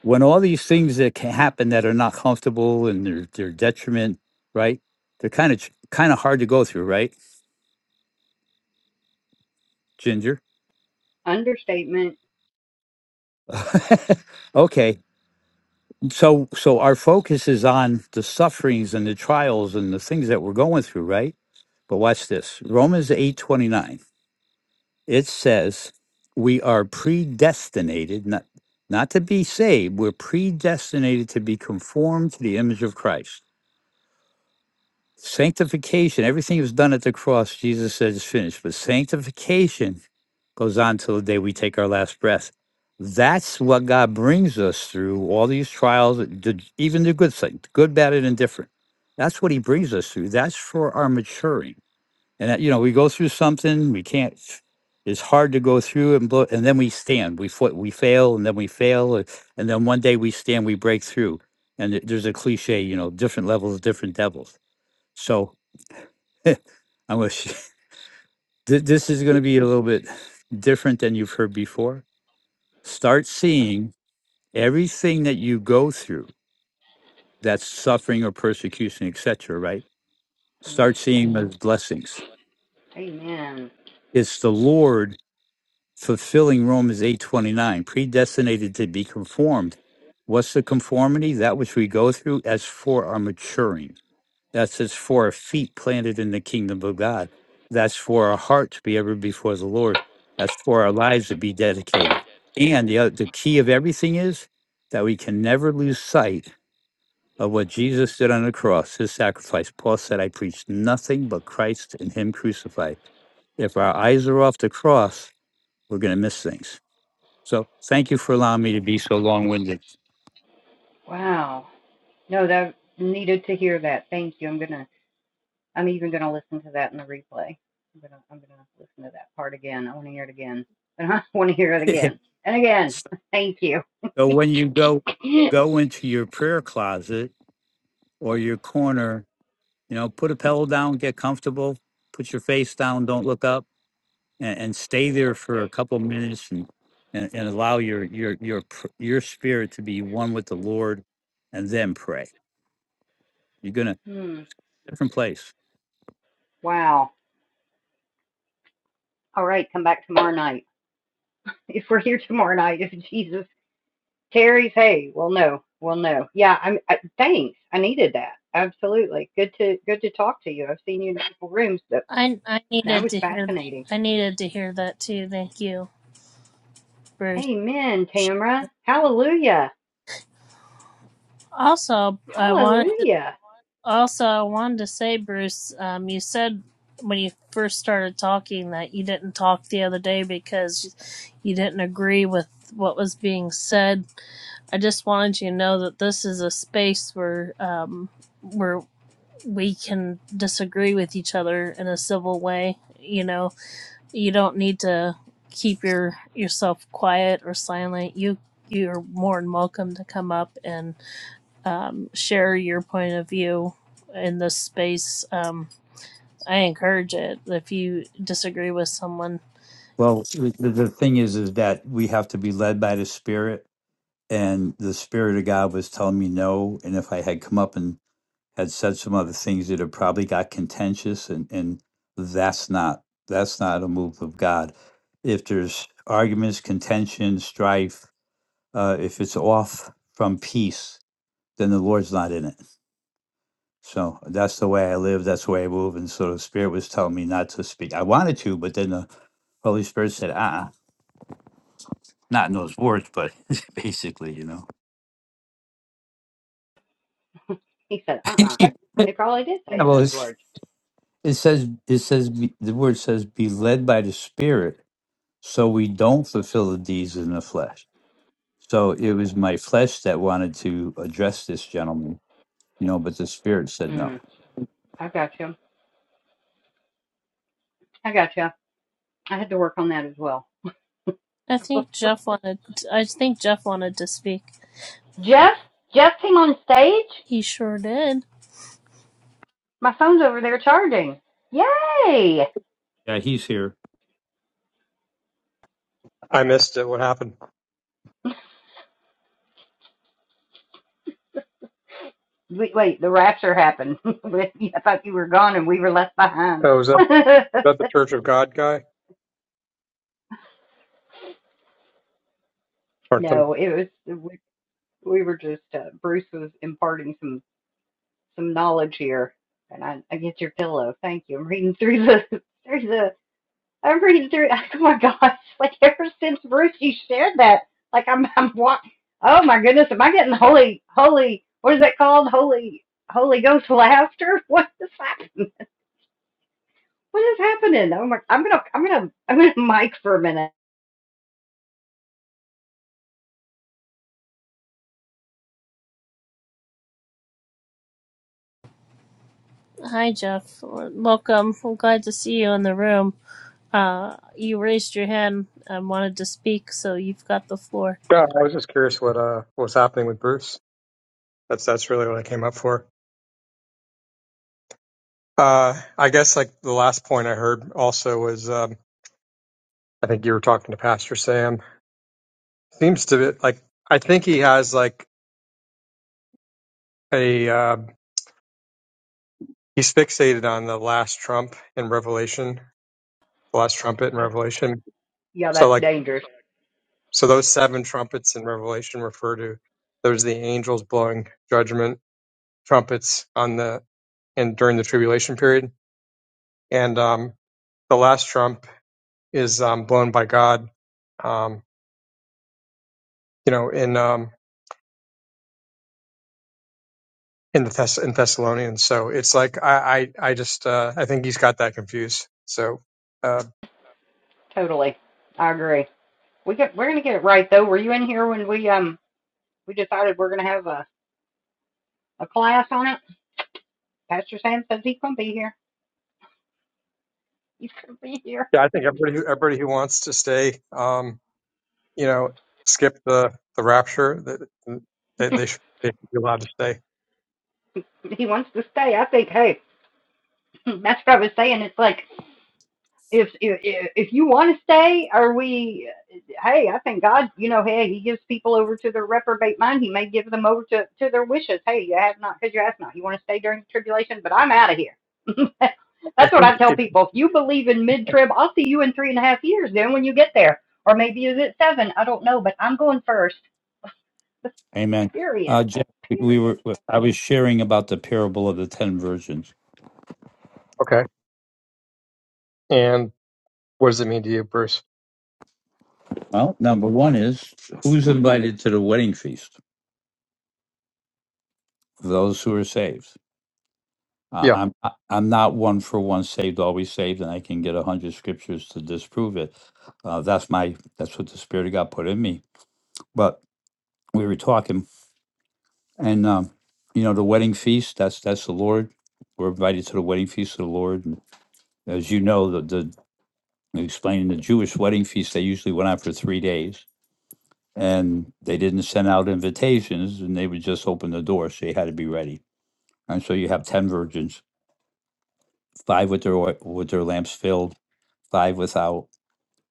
[SPEAKER 8] When all these things that can happen that are not comfortable and they're, they're detriment, right? They're kind of kind of hard to go through, right, Ginger?
[SPEAKER 1] Understatement.
[SPEAKER 8] okay, So, so our focus is on the sufferings and the trials and the things that we're going through, right? But watch this. Romans 8:29. It says, "We are predestinated not not to be saved, we're predestinated to be conformed to the image of Christ." Sanctification, everything was done at the cross. Jesus said it's finished. But sanctification goes on till the day we take our last breath. That's what God brings us through all these trials, the- even the good things, good, bad, and indifferent. That's what He brings us through. That's for our maturing. And that, you know, we go through something we can't. It's hard to go through and blow, and then we stand. We fa- we fail, and then we fail, uh, and then one day we stand. We break through. And th- there's a cliche, you know, different levels, different devils. So I wish th- this is going to be a little bit different than you've heard before start seeing everything that you go through that's suffering or persecution etc right
[SPEAKER 1] Mm.
[SPEAKER 8] start seeing them as blessings
[SPEAKER 1] Amen.
[SPEAKER 8] it's the lord fulfilling romans 8.29 predestinated to be conformed what's the conformity that which we go through as for our maturing that's as for our feet planted in the kingdom of god that's for our heart to be ever before the lord that's for our lives to be dedicated and the, other, the key of everything is that we can never lose sight of what Jesus did on the cross, his sacrifice. Paul said, I preach nothing but Christ and him crucified. If our eyes are off the cross, we're going to miss things. So thank you for allowing me to be so long winded.
[SPEAKER 1] Wow. No, that needed to hear that. Thank you. I'm gonna. I'm even gonna listen to that in the replay. I'm gonna. I'm gonna listen to that part again. I want to hear it again. I want to hear it
[SPEAKER 8] so
[SPEAKER 1] again and again. Thank you.
[SPEAKER 8] when you go, go into your prayer closet or your corner, you know, put a pillow down, get comfortable, put your face down, don't look up and, and stay there for a couple minutes and, and, and allow your, your, your, pr- your spirit to be one with the Lord and then pray You're gonna
[SPEAKER 1] Hmm.
[SPEAKER 8] different place.
[SPEAKER 1] Wow. All right. Come back tomorrow night. If we're here tomorrow night, if Jesus Terry's. Hey, well, no, well, no. Yeah, I'm. I, thanks. I needed that. Absolutely. Good to good to talk to you. I've seen you in multiple rooms, but
[SPEAKER 3] I I
[SPEAKER 1] that
[SPEAKER 3] needed
[SPEAKER 1] was
[SPEAKER 3] to hear
[SPEAKER 1] fascinating.
[SPEAKER 3] I needed to hear that too. Thank you, Bruce.
[SPEAKER 1] Amen, Tamra. Hallelujah.
[SPEAKER 3] Also, I wanted
[SPEAKER 1] Hallelujah.
[SPEAKER 3] Also, I wanted to say, Bruce, um, you said when you first started talking that you didn't talk the other day because you didn't agree with what was being said. I just wanted you to know that this is a space where um, where we can disagree with each other in a civil way. You know, you don't need to keep your yourself quiet or silent. You you're more than welcome to come up and um, share your point of view in this space. Um, I encourage it if you disagree with someone.
[SPEAKER 8] Well, the, the thing is, is that we have to be led by the Spirit, and the Spirit of God was telling me no. And if I had come up and had said some other things, that have probably got contentious, and and that's not that's not a move of God. If there's arguments, contention, strife, uh, if it's off from peace, then the Lord's not in it. So that's the way I live. That's the way I move. And so the Spirit was telling me not to speak. I wanted to, but then the Holy Spirit said, "Uh." not in those words, but basically, you know.
[SPEAKER 1] He said, uh-uh.
[SPEAKER 8] yeah,
[SPEAKER 1] He probably did say it in
[SPEAKER 8] well,
[SPEAKER 1] those
[SPEAKER 8] it's,
[SPEAKER 1] words.
[SPEAKER 8] it says it says be, the word says be led by the Spirit, so we don't fulfill the deeds in the flesh. So it was my flesh that wanted to address this gentleman, you know, but the Spirit said no.
[SPEAKER 1] Mm, I got you. I got you. I had to work on that as well.
[SPEAKER 3] I think Jeff wanted. I think Jeff wanted to speak.
[SPEAKER 1] Jeff, Jeff came on stage.
[SPEAKER 3] He sure did.
[SPEAKER 1] My phone's over there charging. Yay!
[SPEAKER 8] Yeah, he's here.
[SPEAKER 9] I missed it. What happened?
[SPEAKER 1] Wait, wait, the rapture happened. I thought you were gone and we were left behind.
[SPEAKER 9] Oh, was that, was that the Church of God guy or some?
[SPEAKER 1] no, it was we, we were just uh, Bruce was imparting some some knowledge here, and I I get your pillow. Thank you. I'm reading through the through the I'm reading through. Oh my gosh! Like ever since Bruce, you shared that. Like I'm I'm what? Oh my goodness! Am I getting holy holy? What is that called? Holy Holy Ghost laughter? What is happening? What is happening? Oh my! I'm gonna I'm gonna I'm gonna mic for a minute.
[SPEAKER 3] Hi, Jeff. Welcome. I'm glad to see you in the room. Uh, you raised your hand and wanted to speak, so you've got the floor.
[SPEAKER 9] Yeah, I was just curious what uh what was happening with Bruce. That's that's really what I came up for. Uh, I guess like the last point I heard also was um, I think you were talking to Pastor Sam. Seems to be like I think he has like a uh, he's fixated on the last trump in Revelation, the last trumpet in
[SPEAKER 1] That's,
[SPEAKER 9] Revelation.
[SPEAKER 1] yeah,
[SPEAKER 9] So
[SPEAKER 1] that's
[SPEAKER 9] like
[SPEAKER 1] dangerous.
[SPEAKER 9] so those seven trumpets in Revelation refer to those are the angels blowing judgment trumpets on the and during the tribulation period. And um, the last trump is um, blown by God, um, you know, in um, in the Thess- in Thessalonians. So it's like I I, I just uh, I think he's got that confused. So uh,
[SPEAKER 1] Totally. I agree. We get we're gonna get it right though. Were you in here when we um we decided we're gonna have a, a class on it? Pastor Sam says he can be here. He's gonna be here.
[SPEAKER 9] yeah, I think everybody who, everybody who wants to stay, um, you know, skip the the rapture, that they, they should they should be allowed to stay.
[SPEAKER 1] He wants to stay. I think hey, that's what I was saying. It's like if if if you want to stay, are we? Hey, I think God, you know, hey, He gives people over to their reprobate mind. He may give them over to to their wishes. Hey, you have not because you ask not. You want to stay during the tribulation, but I'm out of here.
[SPEAKER 9] I
[SPEAKER 1] That's what
[SPEAKER 9] think
[SPEAKER 1] I tell
[SPEAKER 9] it
[SPEAKER 1] people. If you believe in mid trib, I'll see you in three and a half years. Then when you get there, or maybe is it seven? I don't know, but I'm going first.
[SPEAKER 8] Amen.
[SPEAKER 1] Period.
[SPEAKER 8] Uh, Jeff, we
[SPEAKER 1] Period.
[SPEAKER 8] were I was sharing about the parable of the ten virgins.
[SPEAKER 9] okay. And what does it mean to you, Bruce?
[SPEAKER 8] Well, number one is who's invited to the wedding feast? Those who are saved. Uh,
[SPEAKER 9] Yeah.
[SPEAKER 8] I'm I- I'm not one for one saved, always saved, and I can get a hundred scriptures to disprove it. Uh, that's my that's what the Spirit of God put in me. But we were talking, and um, you know the wedding feast. That's that's the Lord. We're invited to the wedding feast of the Lord. And as you know, the the explaining the Jewish wedding feast they usually went on for three days and they didn't send out invitations and they would just open the door so you had to be ready and so you have 10 virgins five with their oil, with their lamps filled five without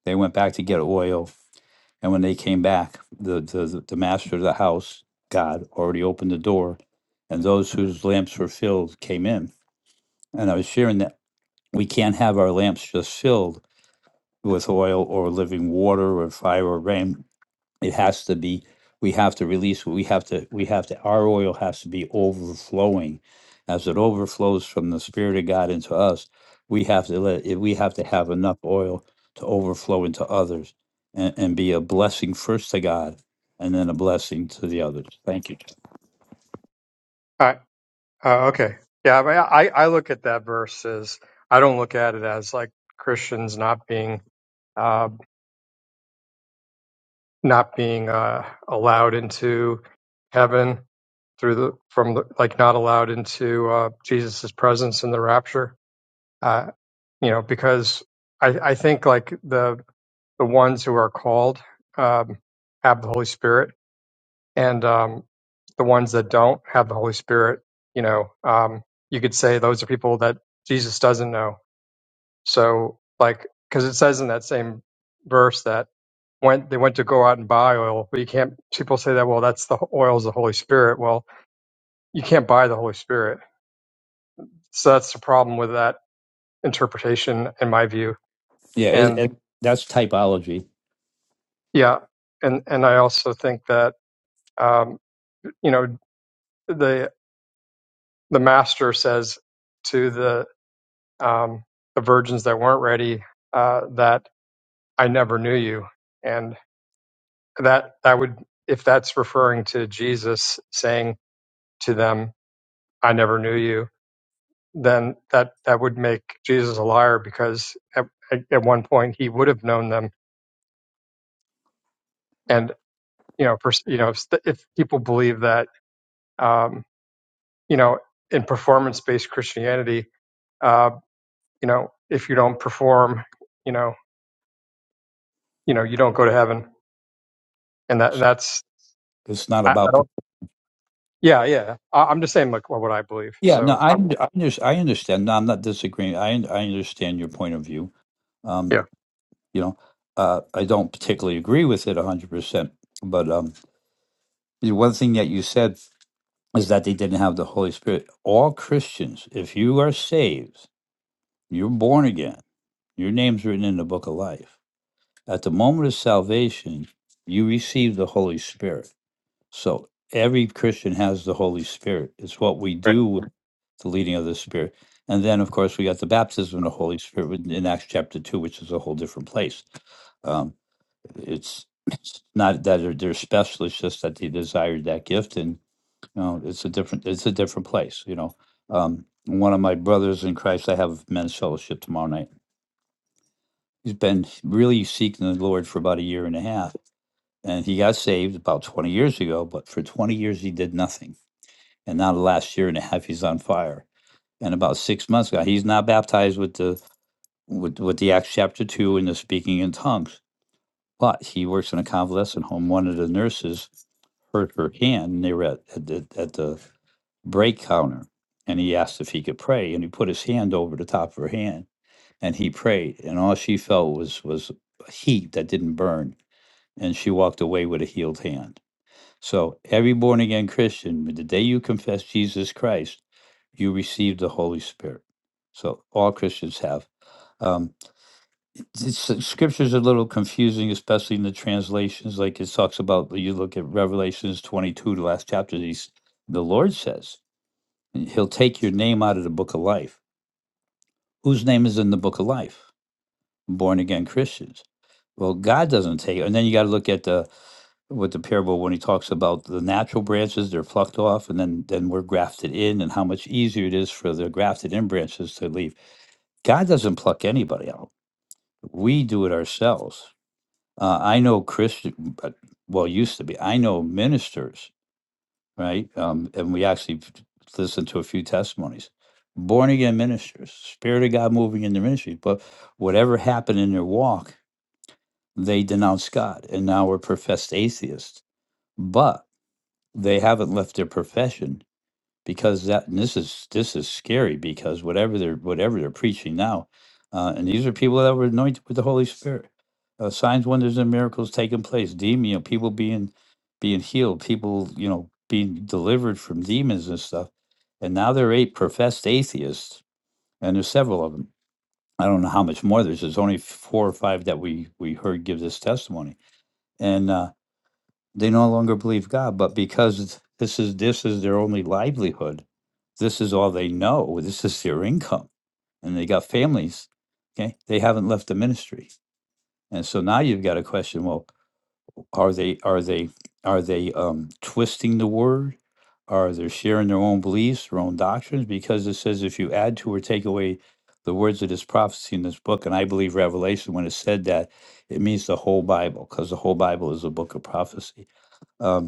[SPEAKER 8] they went back to get oil and when they came back the the, the master of the house god already opened the door and those whose lamps were filled came in and i was sharing that we can't have our lamps just filled with oil or living water or fire or rain it has to be we have to release we have to we have to our oil has to be overflowing as it overflows from the spirit of god into us we have to let it, we have to have enough oil to overflow into others and, and be a blessing first to god and then a blessing to the others thank you
[SPEAKER 9] Oh, okay. Yeah, I, mean, I I look at that verse as I don't look at it as like Christians not being uh, not being uh, allowed into heaven through the from the, like not allowed into uh, Jesus's presence in the rapture. Uh, you know, because I I think like the the ones who are called um, have the Holy Spirit and um, the ones that don't have the Holy Spirit, you know, um, you could say those are people that Jesus doesn't know. So, like, because it says in that same verse that when they went to go out and buy oil, but you can't. People say that, well, that's the oil is the Holy Spirit. Well, you can't buy the Holy Spirit. So that's the problem with that interpretation, in my view.
[SPEAKER 8] yeah it,
[SPEAKER 9] And
[SPEAKER 8] it, that's typology
[SPEAKER 9] yeah, and and I also think that um, you know the the master says to the um, the virgins that weren't ready uh, that I never knew you. And that that would if that's referring to Jesus saying to them, I never knew you, then that that would make Jesus a liar because at, at at one point he would have known them. And you know, pers- you know, if, if people believe that, um, you know, in performance-based Christianity, uh, you know, if you don't perform, you know, you know, you don't go to heaven, and that
[SPEAKER 8] it's,
[SPEAKER 9] that's
[SPEAKER 8] it's not
[SPEAKER 9] I, I don't.
[SPEAKER 8] about pe-
[SPEAKER 9] Yeah, yeah. I, I'm just saying like what I believe.
[SPEAKER 8] yeah no
[SPEAKER 9] So
[SPEAKER 8] i
[SPEAKER 9] I'm,
[SPEAKER 8] I, under, I understand no i'm not disagreeing i, I understand your point of view Um,
[SPEAKER 9] yeah,
[SPEAKER 8] You know, uh, I don't particularly agree with it 100%. But um, the one thing that you said is that they didn't have the Holy Spirit. All Christians, if you are saved, you're born again, your name's written in the book of life. At the moment of salvation, you receive the Holy Spirit so every Christian has the Holy Spirit. It's what we
[SPEAKER 9] right.
[SPEAKER 8] do with the leading of the Spirit. And then, of course, we got the baptism of the Holy Spirit with- in Acts chapter 2, which is a whole different place. Um, it's, it's not that they're, they're special, it's just that they desired that gift. And, you know, it's a different, it's a different place, you know. Um, one of my brothers in Christ, I have men's fellowship tomorrow night. He's been really seeking the Lord for about a year and a half. And he got saved about 20 years ago, but for 20 years he did nothing and now the last year and a half he's on fire. And about six months ago, he's not baptized with the with, with the Acts chapter two and the speaking in tongues, but he works in a convalescent home. One of the nurses hurt her hand, and they were at at the, at the break counter, and he asked if he could pray, and he put his hand over the top of her hand, and he prayed, and all she felt was was a heat that didn't burn, and she walked away with a healed hand so, every born again Christian, the day you confess Jesus Christ, you receive the Holy Spirit. So, all Christians have. Um, it's, it's- scripture's a little confusing, especially in the translations. Like it talks about, you look at Revelations 22, the last chapter, he's, the Lord says, He'll take your name out of the book of life. Whose name is in the book of life? Born again Christians. Well, God doesn't take it. And then you got to look at the with the parable when he talks about the natural branches they're plucked off and then then we're grafted in and how much easier it is for the grafted in branches to leave god doesn't pluck anybody out we do it ourselves uh, i know christian but well used to be i know ministers right um, and we actually listened to a few testimonies born again ministers spirit of god moving in the ministry but whatever happened in their walk they denounced god and now we're professed atheists but they haven't left their profession because that and this is this is scary because whatever they're whatever they're preaching now uh, and these are people that were anointed with the holy spirit uh, signs wonders and miracles taking place demon you know, people being being healed people you know being delivered from demons and stuff and now there are eight professed atheists and there's several of them i don't know how much more there's there's only four or five that we we heard give this testimony and uh they no longer believe God, but because this is this is their only livelihood, this is all they know, this is their income, and they got families. Okay, they haven't left the ministry, and so now you've got a question: Well, are they are they are they um, twisting the word? Are they sharing their own beliefs, their own doctrines? Because it says if you add to or take away the words of this prophecy in this book, and I believe Revelation when it said that, it means the whole Bible, because the whole Bible is a book of prophecy. Um,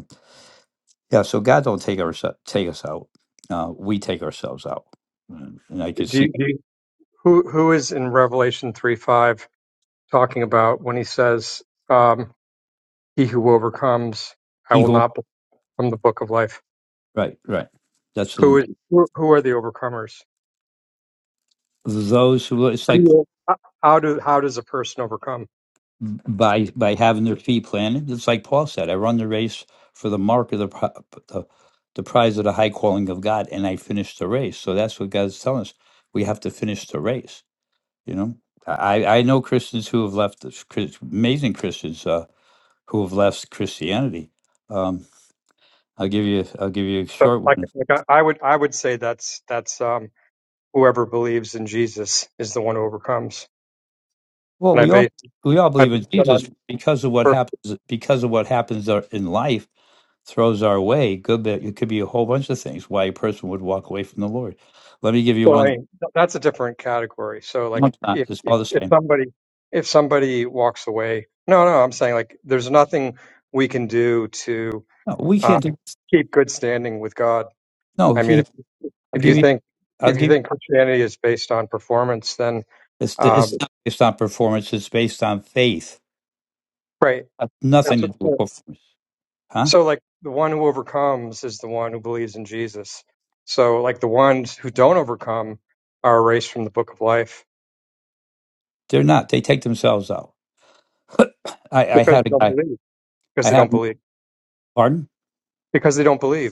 [SPEAKER 8] yeah, so God don't take our take us out. Uh, we take ourselves out, and, and I can
[SPEAKER 9] Do
[SPEAKER 8] see
[SPEAKER 9] you, do you, who who is in Revelation three five talking about when he says, um, "He who overcomes, I
[SPEAKER 8] he
[SPEAKER 9] will
[SPEAKER 8] who
[SPEAKER 9] not from the book of life."
[SPEAKER 8] right, right. That's
[SPEAKER 9] Who
[SPEAKER 8] the,
[SPEAKER 9] is who, who are the overcomers?
[SPEAKER 8] those who. It's
[SPEAKER 9] How do
[SPEAKER 8] like
[SPEAKER 9] you- how- how do how does a person overcome?
[SPEAKER 8] by by having their feet planted. It's like Paul said, "I run the race for the mark of the pri- the, the prize of the high calling of God, and I finished the race." So that's what God's telling us. We have to finish the race. You know, I I know Christians who have left this- Chris- amazing Christians uh, who have left Christianity. Um, I'll give you I'll give you a
[SPEAKER 9] So
[SPEAKER 8] short
[SPEAKER 9] like
[SPEAKER 8] one
[SPEAKER 9] like I, I would I would say that's that's um, whoever believes in Jesus is the one who overcomes,
[SPEAKER 8] Well,
[SPEAKER 9] and I
[SPEAKER 8] we all
[SPEAKER 9] base
[SPEAKER 8] we all
[SPEAKER 9] I
[SPEAKER 8] believe
[SPEAKER 9] base
[SPEAKER 8] in
[SPEAKER 9] that
[SPEAKER 8] Jesus
[SPEAKER 9] on.
[SPEAKER 8] because of what happens because of what happens our- in life throws our way. Good, bit- it could be a whole bunch of things why a person would walk away from the Lord. Let me give you
[SPEAKER 9] Well, I
[SPEAKER 8] one.
[SPEAKER 9] mean, th- that's a different category. So,
[SPEAKER 8] No,
[SPEAKER 9] like,
[SPEAKER 8] it's not.
[SPEAKER 9] if,
[SPEAKER 8] It's
[SPEAKER 9] if
[SPEAKER 8] all the
[SPEAKER 9] if
[SPEAKER 8] same.
[SPEAKER 9] somebody if somebody walks away, no, no, I'm saying like, there's nothing we can do to
[SPEAKER 8] No, we
[SPEAKER 9] uh,
[SPEAKER 8] can't do.
[SPEAKER 9] keep good standing with God.
[SPEAKER 8] No,
[SPEAKER 9] I mean,
[SPEAKER 8] he.
[SPEAKER 9] if
[SPEAKER 8] I'll
[SPEAKER 9] if you
[SPEAKER 8] give you.
[SPEAKER 9] think
[SPEAKER 8] I'll
[SPEAKER 9] if you
[SPEAKER 8] give.
[SPEAKER 9] think Christianity is based on performance, then
[SPEAKER 8] It's the, it's
[SPEAKER 9] um,
[SPEAKER 8] not based on performance. It's based on faith.
[SPEAKER 9] right.
[SPEAKER 8] Uh,
[SPEAKER 9] That's
[SPEAKER 8] Nothing to
[SPEAKER 9] what,
[SPEAKER 8] do with
[SPEAKER 9] so,
[SPEAKER 8] performance, huh?
[SPEAKER 9] so, like, the one who overcomes is the one who believes in Jesus. So, like, the ones who don't overcome are erased from the book of life
[SPEAKER 8] They're not. They take themselves out. I, I
[SPEAKER 9] because
[SPEAKER 8] had a
[SPEAKER 9] they don't
[SPEAKER 8] guy.
[SPEAKER 9] believe. Because
[SPEAKER 8] I
[SPEAKER 9] they don't
[SPEAKER 8] had.
[SPEAKER 9] believe.
[SPEAKER 8] Pardon.
[SPEAKER 9] Because they don't believe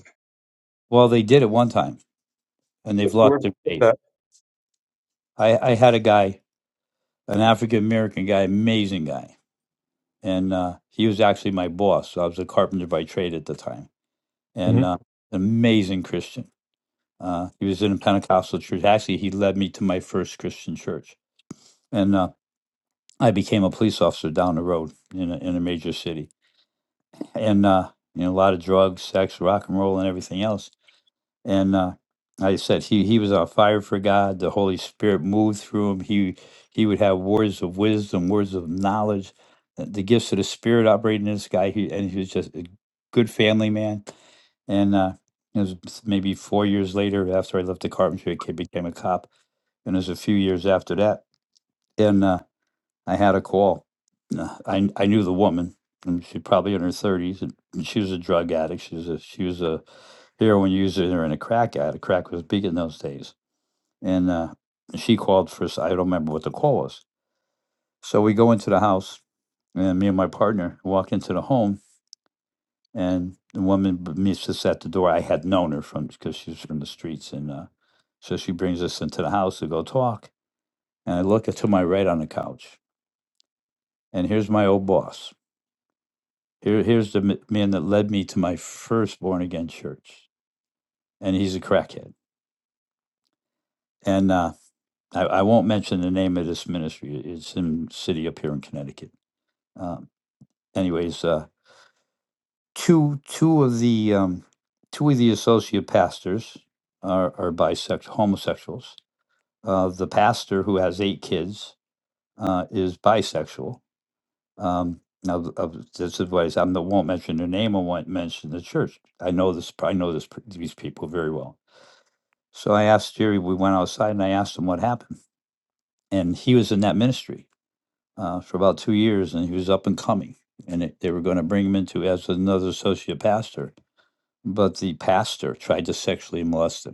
[SPEAKER 8] Well, they did at one time, and they've lost
[SPEAKER 9] We're
[SPEAKER 8] their faith.
[SPEAKER 9] that.
[SPEAKER 8] I, I had a guy an African American guy, amazing guy, and uh, he was actually my boss. So I was a carpenter by trade at the time,
[SPEAKER 9] hmm
[SPEAKER 8] and uh, an amazing Christian. Uh, he was in a Pentecostal church. Actually, he led me to my first Christian church, and uh, I became a police officer down the road in a, in a major city, and uh, you know a lot of drugs, sex, rock and roll, and everything else and uh, like I said he he was on fire for God. The Holy Spirit moved through him. He he would have words of wisdom, words of knowledge, uh, the gifts of the Spirit operating in this guy. He and he was just a good family man. And uh, it was maybe four years later after I left the carpentry, I ca- became a cop. And it was a few years after that, and uh, I had a call. Uh, I I knew the woman. and She probably in her thirties, and she was a drug addict. She was a she was a heroin users are in a crack addict. Crack was big in those days. And uh, she called for, s- I don't remember what the call was. So we go into the house, and me and my partner walk into the home, and the woman b- meets us at the door. I had known her from because she was from the streets. And uh, so she brings us into the house to go talk. And I look to my right on the couch, and here's my old boss. Here, here's the m- man that led me to my first born again church, and he's a crackhead and uh, I, I won't mention the name of this ministry. It's in city up here in Connecticut. Um, anyways, uh, two two of the um, two of the associate pastors are, are bisexual homosexuals. Uh, the pastor who has eight kids uh, is bisexual. Um, now, th- of- this is what I said. I won't mention their name. I won't mention the church. I know this. I know this. These people very well. So I asked Jerry. We went outside, and I asked him what happened, and he was in that ministry uh, for about two years, and he was up and coming. And it, they were going to bring him into as another associate pastor, but the pastor tried to sexually molest him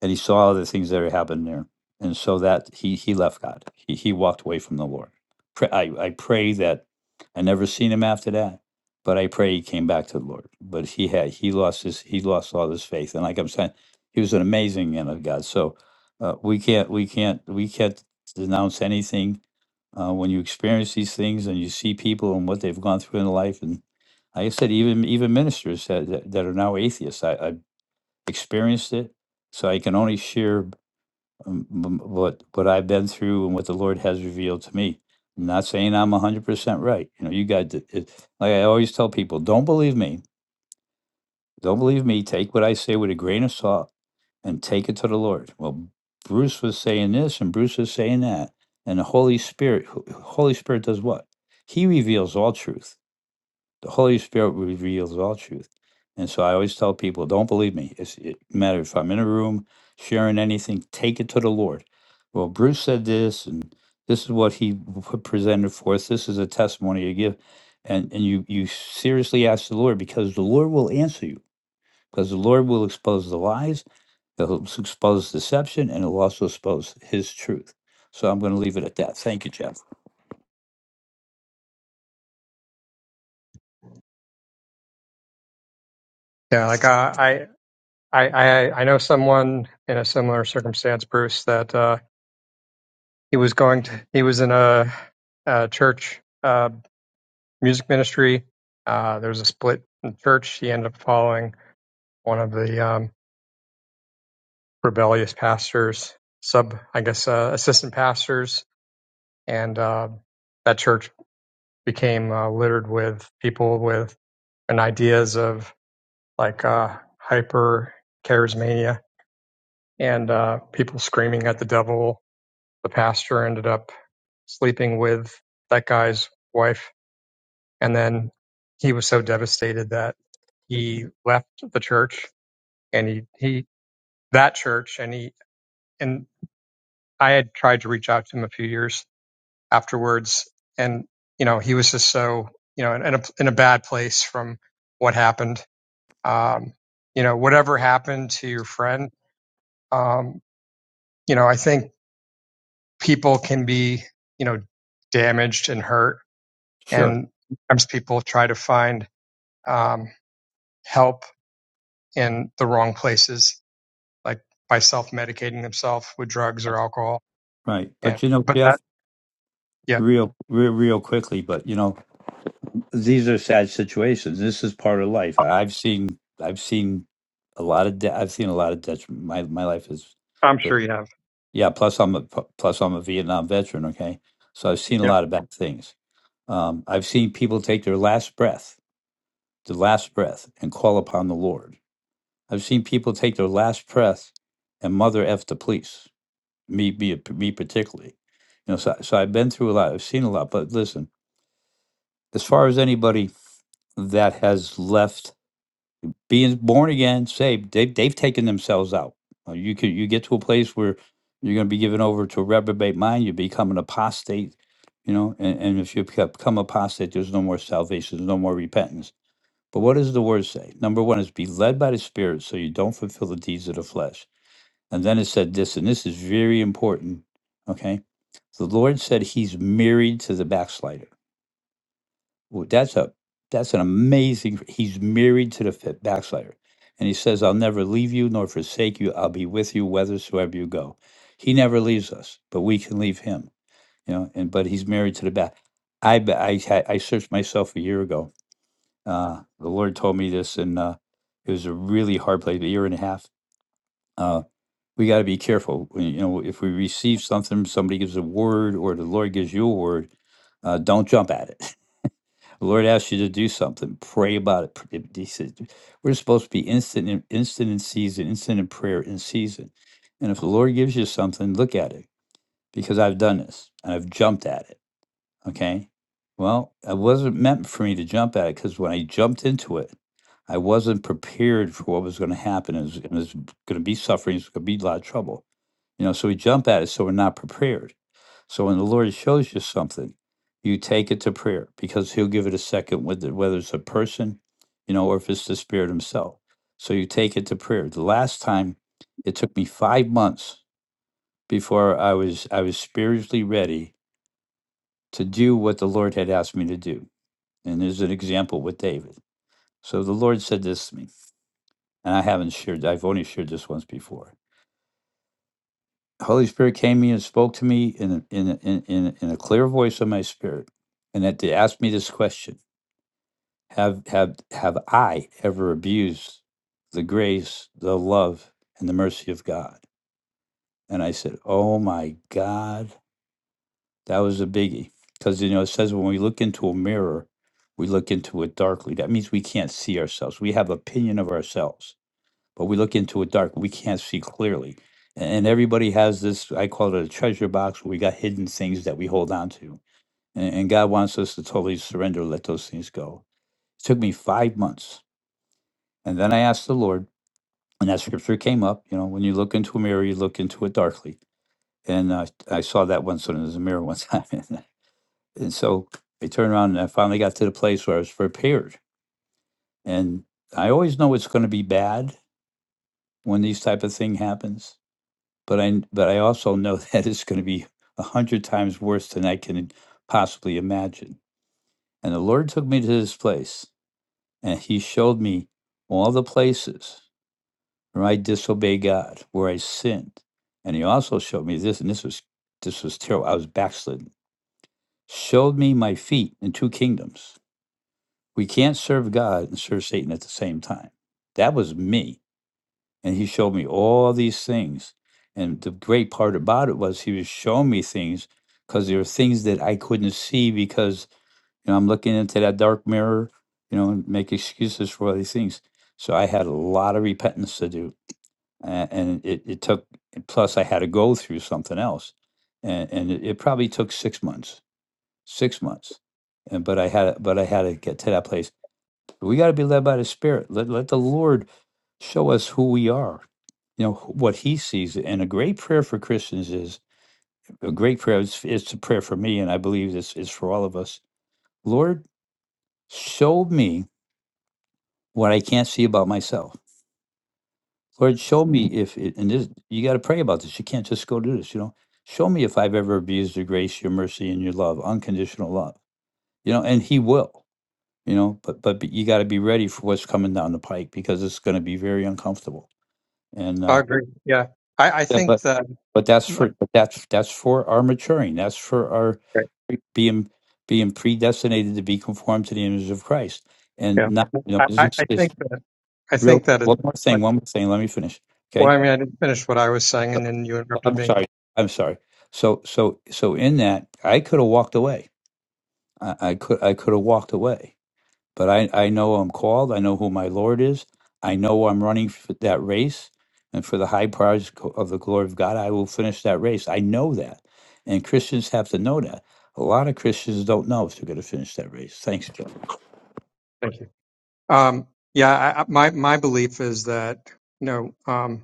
[SPEAKER 8] and he saw the things that had happened there, and so that he he left God. He he walked away from the Lord. Pray, I I pray that I never seen him after that, but I pray he came back to the Lord. But he had he lost his he lost all his faith, and like I'm saying, he was an amazing man of God. So uh, we can't we can't we can't denounce anything uh, when you experience these things and you see people and what they've gone through in life and. Like I said, even even ministers that, that, that are now atheists. I, I experienced it. So I can only share um, m- what what I've been through and what the Lord has revealed to me. I'm not saying I'm 100% right. You know, you got to, it, like I always tell people, don't believe me. Don't believe me. Take what I say with a grain of salt and take it to the Lord. Well, Bruce was saying this and Bruce was saying that. And the Holy Spirit, Holy Spirit does what? He reveals all truth the Holy Spirit reveals all truth. And so I always tell people, don't believe me. It's it matter if I'm in a room sharing anything, take it to the Lord. Well, Bruce said this, and this is what he p- presented forth. This is a testimony you give, and and you you seriously ask the Lord because the Lord will answer you because the Lord will expose the lies that will expose deception and it'll also expose his truth. So I'm going to leave it at that. Thank you, Jeff.
[SPEAKER 9] Yeah, like uh, I, I, I, I know someone in a similar circumstance, Bruce, that uh, he was going to, he was in a, a church uh, music ministry. Uh, there was a split in the church. He ended up following one of the um, rebellious pastors, sub, I guess, uh, assistant pastors, and uh, that church became uh, littered with people with and ideas of like uh, hyper charismania and uh, people screaming at the devil. The pastor ended up sleeping with that guy's wife, and then he was so devastated that he left the church and he he that church and he and I had tried to reach out to him a few years afterwards, and you know he was just so you know in, in a in a bad place from what happened. Um, you know whatever happened to your friend, um, you know I think people can be, you know, damaged and hurt.
[SPEAKER 8] Sure.
[SPEAKER 9] And sometimes people try to find um, help in the wrong places, like by self medicating themselves with drugs or alcohol.
[SPEAKER 8] Right.
[SPEAKER 9] And,
[SPEAKER 8] But you know,
[SPEAKER 9] but
[SPEAKER 8] Jeff,
[SPEAKER 9] that, yeah,
[SPEAKER 8] real, real, real quickly, but you know, these are sad situations. This is part of life. I- I've seen, I've seen a lot of, de- I've seen a lot of detriment. My my life is,
[SPEAKER 9] I'm
[SPEAKER 8] but
[SPEAKER 9] sure you have.
[SPEAKER 8] yeah. Plus, I'm a pu- plus I'm a Vietnam veteran. Okay, so I've seen a
[SPEAKER 9] Yeah,
[SPEAKER 8] lot of bad things. Um, I've seen people take their last breath, the last breath, and call upon the Lord. I've seen people take their last breath and mother f the police. Me, me, me particularly. You know, so so I've been through a lot. I've seen a lot. But listen. as far as anybody that has left being born again, saved, they've they've taken themselves out. Uh, You could you get to a place where you're going to be given over to a reprobate mind. You become an apostate, you know. And, and if you beca- become apostate, there's no more salvation, there's no more repentance. But what does the word say? Number one is be led by the Spirit, so you don't fulfill the deeds of the flesh. And then it said this, and this is very important. Okay, the Lord said He's married to the backslider. Well, that's a that's an amazing. He's married to the fit backslider, and he says, "I'll never leave you nor forsake you. I'll be with you whithersoever you go." He never leaves us, but we can leave him. You know, and but he's married to the back. I be- I had- I searched myself a year ago. Uh, the Lord told me this, and uh, it was a really hard place. A year and a half. Uh, we got to be careful. We- You know, if we receive something, somebody gives a word, or the Lord gives you a word, uh, don't jump at it. The Lord asks you to do something. Pray about it. Pr- He says we're supposed to be instant, in, instant in season, instant in prayer in season. And if the Lord gives you something, look at it because I've done this and I've jumped at it. Okay. Well, it wasn't meant for me to jump at it because when I jumped into it, I wasn't prepared for what was going to happen. It was, it was going to be suffering. It's going to be a lot of trouble. You know, so we jump at it, so we're not prepared. So when the Lord shows you something, you take it to prayer because He'll give it a second, whether whether it's a person, you know, or if it's the Spirit Himself. So you take it to prayer. The last time, it took me five months before I was I was spiritually ready to do what the Lord had asked me to do. And there's an example with David. So the Lord said this to me, and I haven't shared. I've only shared this once before. Holy Spirit came to me and spoke to me in a, in a, in in in a clear voice of my spirit, and that they asked me this question: Have have have I ever abused the grace, the love, and the mercy of God? And I said, Oh my God, that was a biggie, because you know it says when we look into a mirror, we look into it darkly. That means we can't see ourselves. We have opinion of ourselves but we look into it dark. We can't see clearly. And everybody has this, I call it a treasure box where we got hidden things that we hold on to. And, and God wants us to totally surrender, let those things go. It took me five months. And then I asked the Lord, and that scripture came up. You know, when you look into a mirror, you look into it darkly. And uh, I saw that once in the mirror one time. and so I turned around and I finally got to the place where I was prepared. And I always know it's going to be bad when these type of thing happens but I but I also know that it's going to be a hundred times worse than I can possibly imagine. And the Lord took me to this place, and He showed me all the places where I disobeyed God, where I sinned, and He also showed me this, and this was this was terrible. I was backslidden. Showed me my feet in two kingdoms. We can't serve God and serve Satan at the same time. That was me and he showed me all these things and the great part about it was he was showing me things because there were things that i couldn't see because you know i'm looking into that dark mirror you know and make excuses for all these things so i had a lot of repentance to do and, and it, it took plus i had to go through something else and, and it, it probably took six months six months and but i had but i had to get to that place we got to be led by the spirit let, let the lord show us who we are you know what he sees and a great prayer for christians is a great prayer it's, it's a prayer for me and i believe this is for all of us lord show me what i can't see about myself lord show me if it, and this you got to pray about this you can't just go do this you know show me if i've ever abused your grace your mercy and your love unconditional love you know and he will you know but but, you got to be ready for what's coming down the pike because it's going to be very uncomfortable and uh
[SPEAKER 9] I agree. Yeah. I, I
[SPEAKER 8] Yeah, but
[SPEAKER 9] think that,
[SPEAKER 8] but that's for
[SPEAKER 9] like,
[SPEAKER 8] but that's that's for our maturing. That's for our being being predestinated to be conformed to the image of Christ, and
[SPEAKER 9] yeah,
[SPEAKER 8] not you know
[SPEAKER 9] I,
[SPEAKER 8] this
[SPEAKER 9] I
[SPEAKER 8] is this
[SPEAKER 9] think that, I
[SPEAKER 8] real.
[SPEAKER 9] think that it's
[SPEAKER 8] One more thing,
[SPEAKER 9] like,
[SPEAKER 8] one more thing. Let me finish.
[SPEAKER 9] well,
[SPEAKER 8] Okay,
[SPEAKER 9] I mean, I didn't finish what I was saying
[SPEAKER 8] so,
[SPEAKER 9] and then you interrupted
[SPEAKER 8] I'm
[SPEAKER 9] me.
[SPEAKER 8] sorry. I'm sorry. So so so in that, I could have walked away. I, I could I could have walked away but I, I know I'm called. I know who my Lord is. I know I'm running for that race. And for the high prize co- of the glory of God, I will finish that race. I know that. And Christians have to know that. A lot of Christians don't know if they're going to finish that race. Thanks, Jeff.
[SPEAKER 9] Thank you. Um, yeah, I, I- my, my belief is that, you know, um,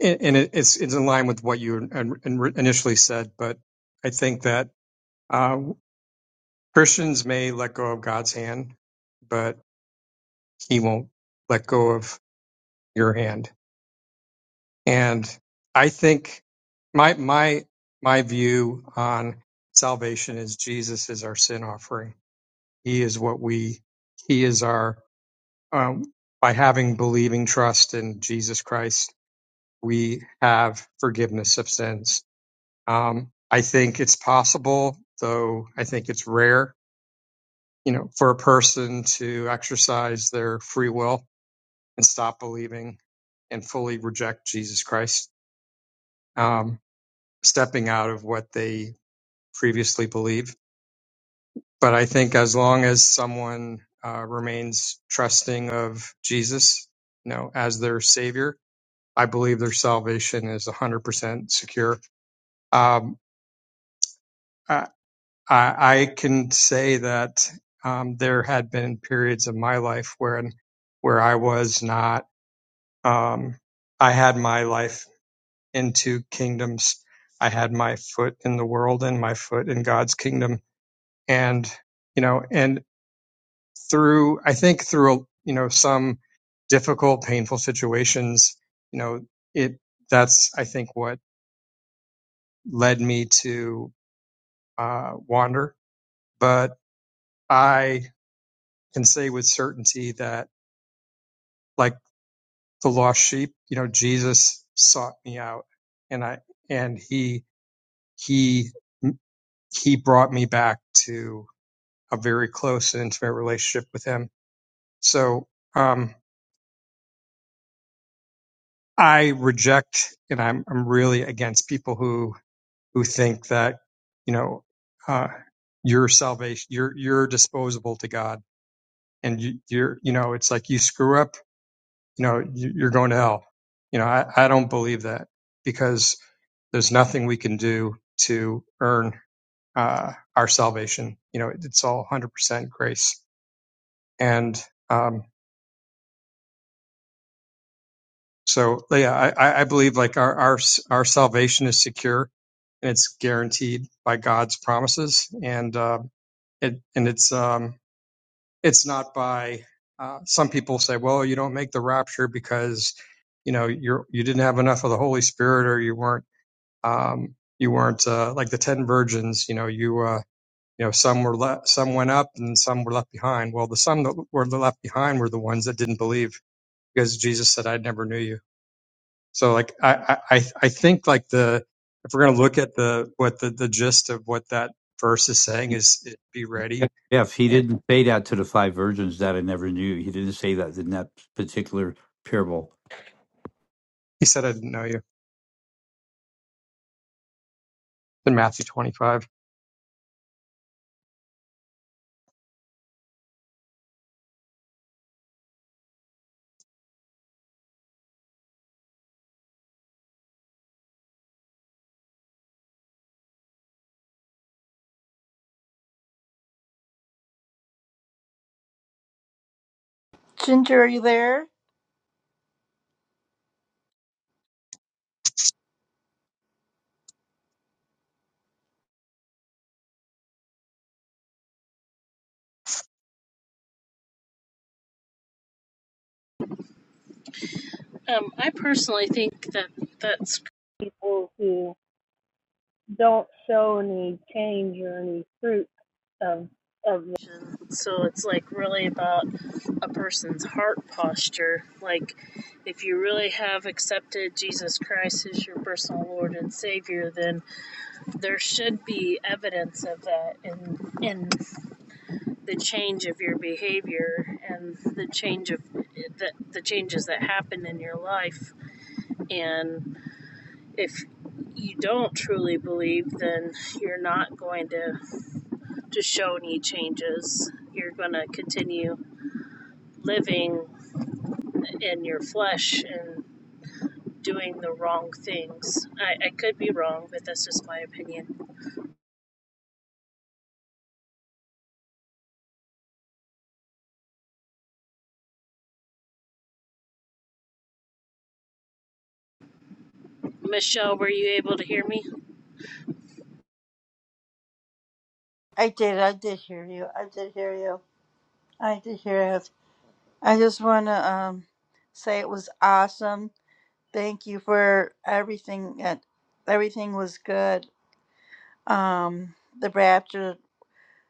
[SPEAKER 9] And and it- it's it's in line with what you in- in- initially said, but I think that uh, Christians may let go of God's hand, but He won't let go of your hand. And I think my my my view on salvation is Jesus is our sin offering. He is what we. He is our um, by having believing trust in Jesus Christ, we have forgiveness of sins Um, I think it's possible, though I think it's rare, you know, for a person to exercise their free will and stop believing and fully reject Jesus Christ, um, stepping out of what they previously believed. But I think as long as someone uh, remains trusting of Jesus, you know, as their savior, I believe their salvation is 100% secure. Um, I, I, I can say that um, there had been periods of my life where where I was not. Um, I had my life in two kingdoms. I had my foot in the world and my foot in God's kingdom, and you know, and through I think through you know some difficult, painful situations, you know, it that's I think what led me to uh, wander. But I can say with certainty that like the lost sheep, you know, Jesus sought me out and I, and he, he, he brought me back to a very close and intimate relationship with him. So, um, I reject and I'm, I'm really against people who, who think that, you know, uh, your salvation, you're, you're disposable to God and you, you're, you know, it's like you screw up, you know, you- you're going to hell. You know, I, I don't believe that because There's nothing we can do to earn uh, our salvation. You know, it's all 100% grace. And um, so, yeah, I, I believe like our, our our salvation is secure and it's guaranteed by God's promises, and uh, it and it's um, it's not by. Uh, some people say, well, you don't make the rapture because you know you're you didn't have enough of the Holy Spirit or you weren't um, you weren't uh, like the ten virgins. You know, you uh, You know, some were le- some went up and some were left behind. Well, the some that were left behind were the ones that didn't believe because Jesus said, "I never knew you." So, like, I I I I think like the if we're going to look at the what the the gist of what that verse is saying is it, be
[SPEAKER 8] Yeah.
[SPEAKER 9] ready.
[SPEAKER 8] Jeff, he
[SPEAKER 9] And
[SPEAKER 8] didn't say that to the five virgins that I never knew. He didn't say that in that particular parable.
[SPEAKER 9] he said, "I didn't know you." In Matthew twenty five.
[SPEAKER 2] Ginger, are you there?
[SPEAKER 3] Um, I personally think that that's people who don't show any change or any fruit of of the So it's like really about a person's heart posture. Like, if you really have accepted Jesus Christ as your personal Lord and Savior, then there should be evidence of that in in the change of your behavior and the change of the, the changes that happen in your life. And if you don't truly believe, then you're not going to. to show any changes. You're going to continue living in your flesh and doing the wrong things. I, I could be wrong, but that's just my opinion. Michelle, were you able to hear me?
[SPEAKER 2] I did. I did hear you. I did hear you. I did hear it. I just want to um say it was awesome. Thank you for everything. That everything was good. Um, the rapture.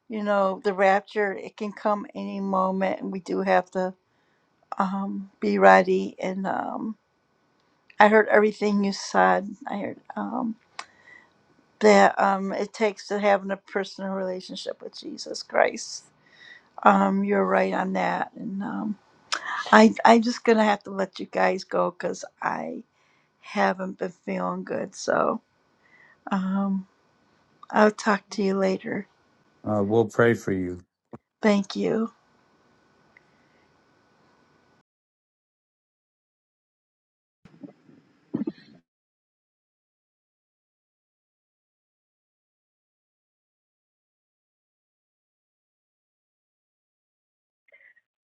[SPEAKER 2] You know, the rapture. It can come any moment, and we do have to um be ready. And um, I heard everything you said. I heard. um. that um, it takes to having a personal relationship with Jesus Christ. Um, you're right on that, and um, I I'm just gonna have to let you guys go because I haven't been feeling good. So um, I'll talk to you later.
[SPEAKER 8] Uh, we'll pray for you.
[SPEAKER 2] Thank you.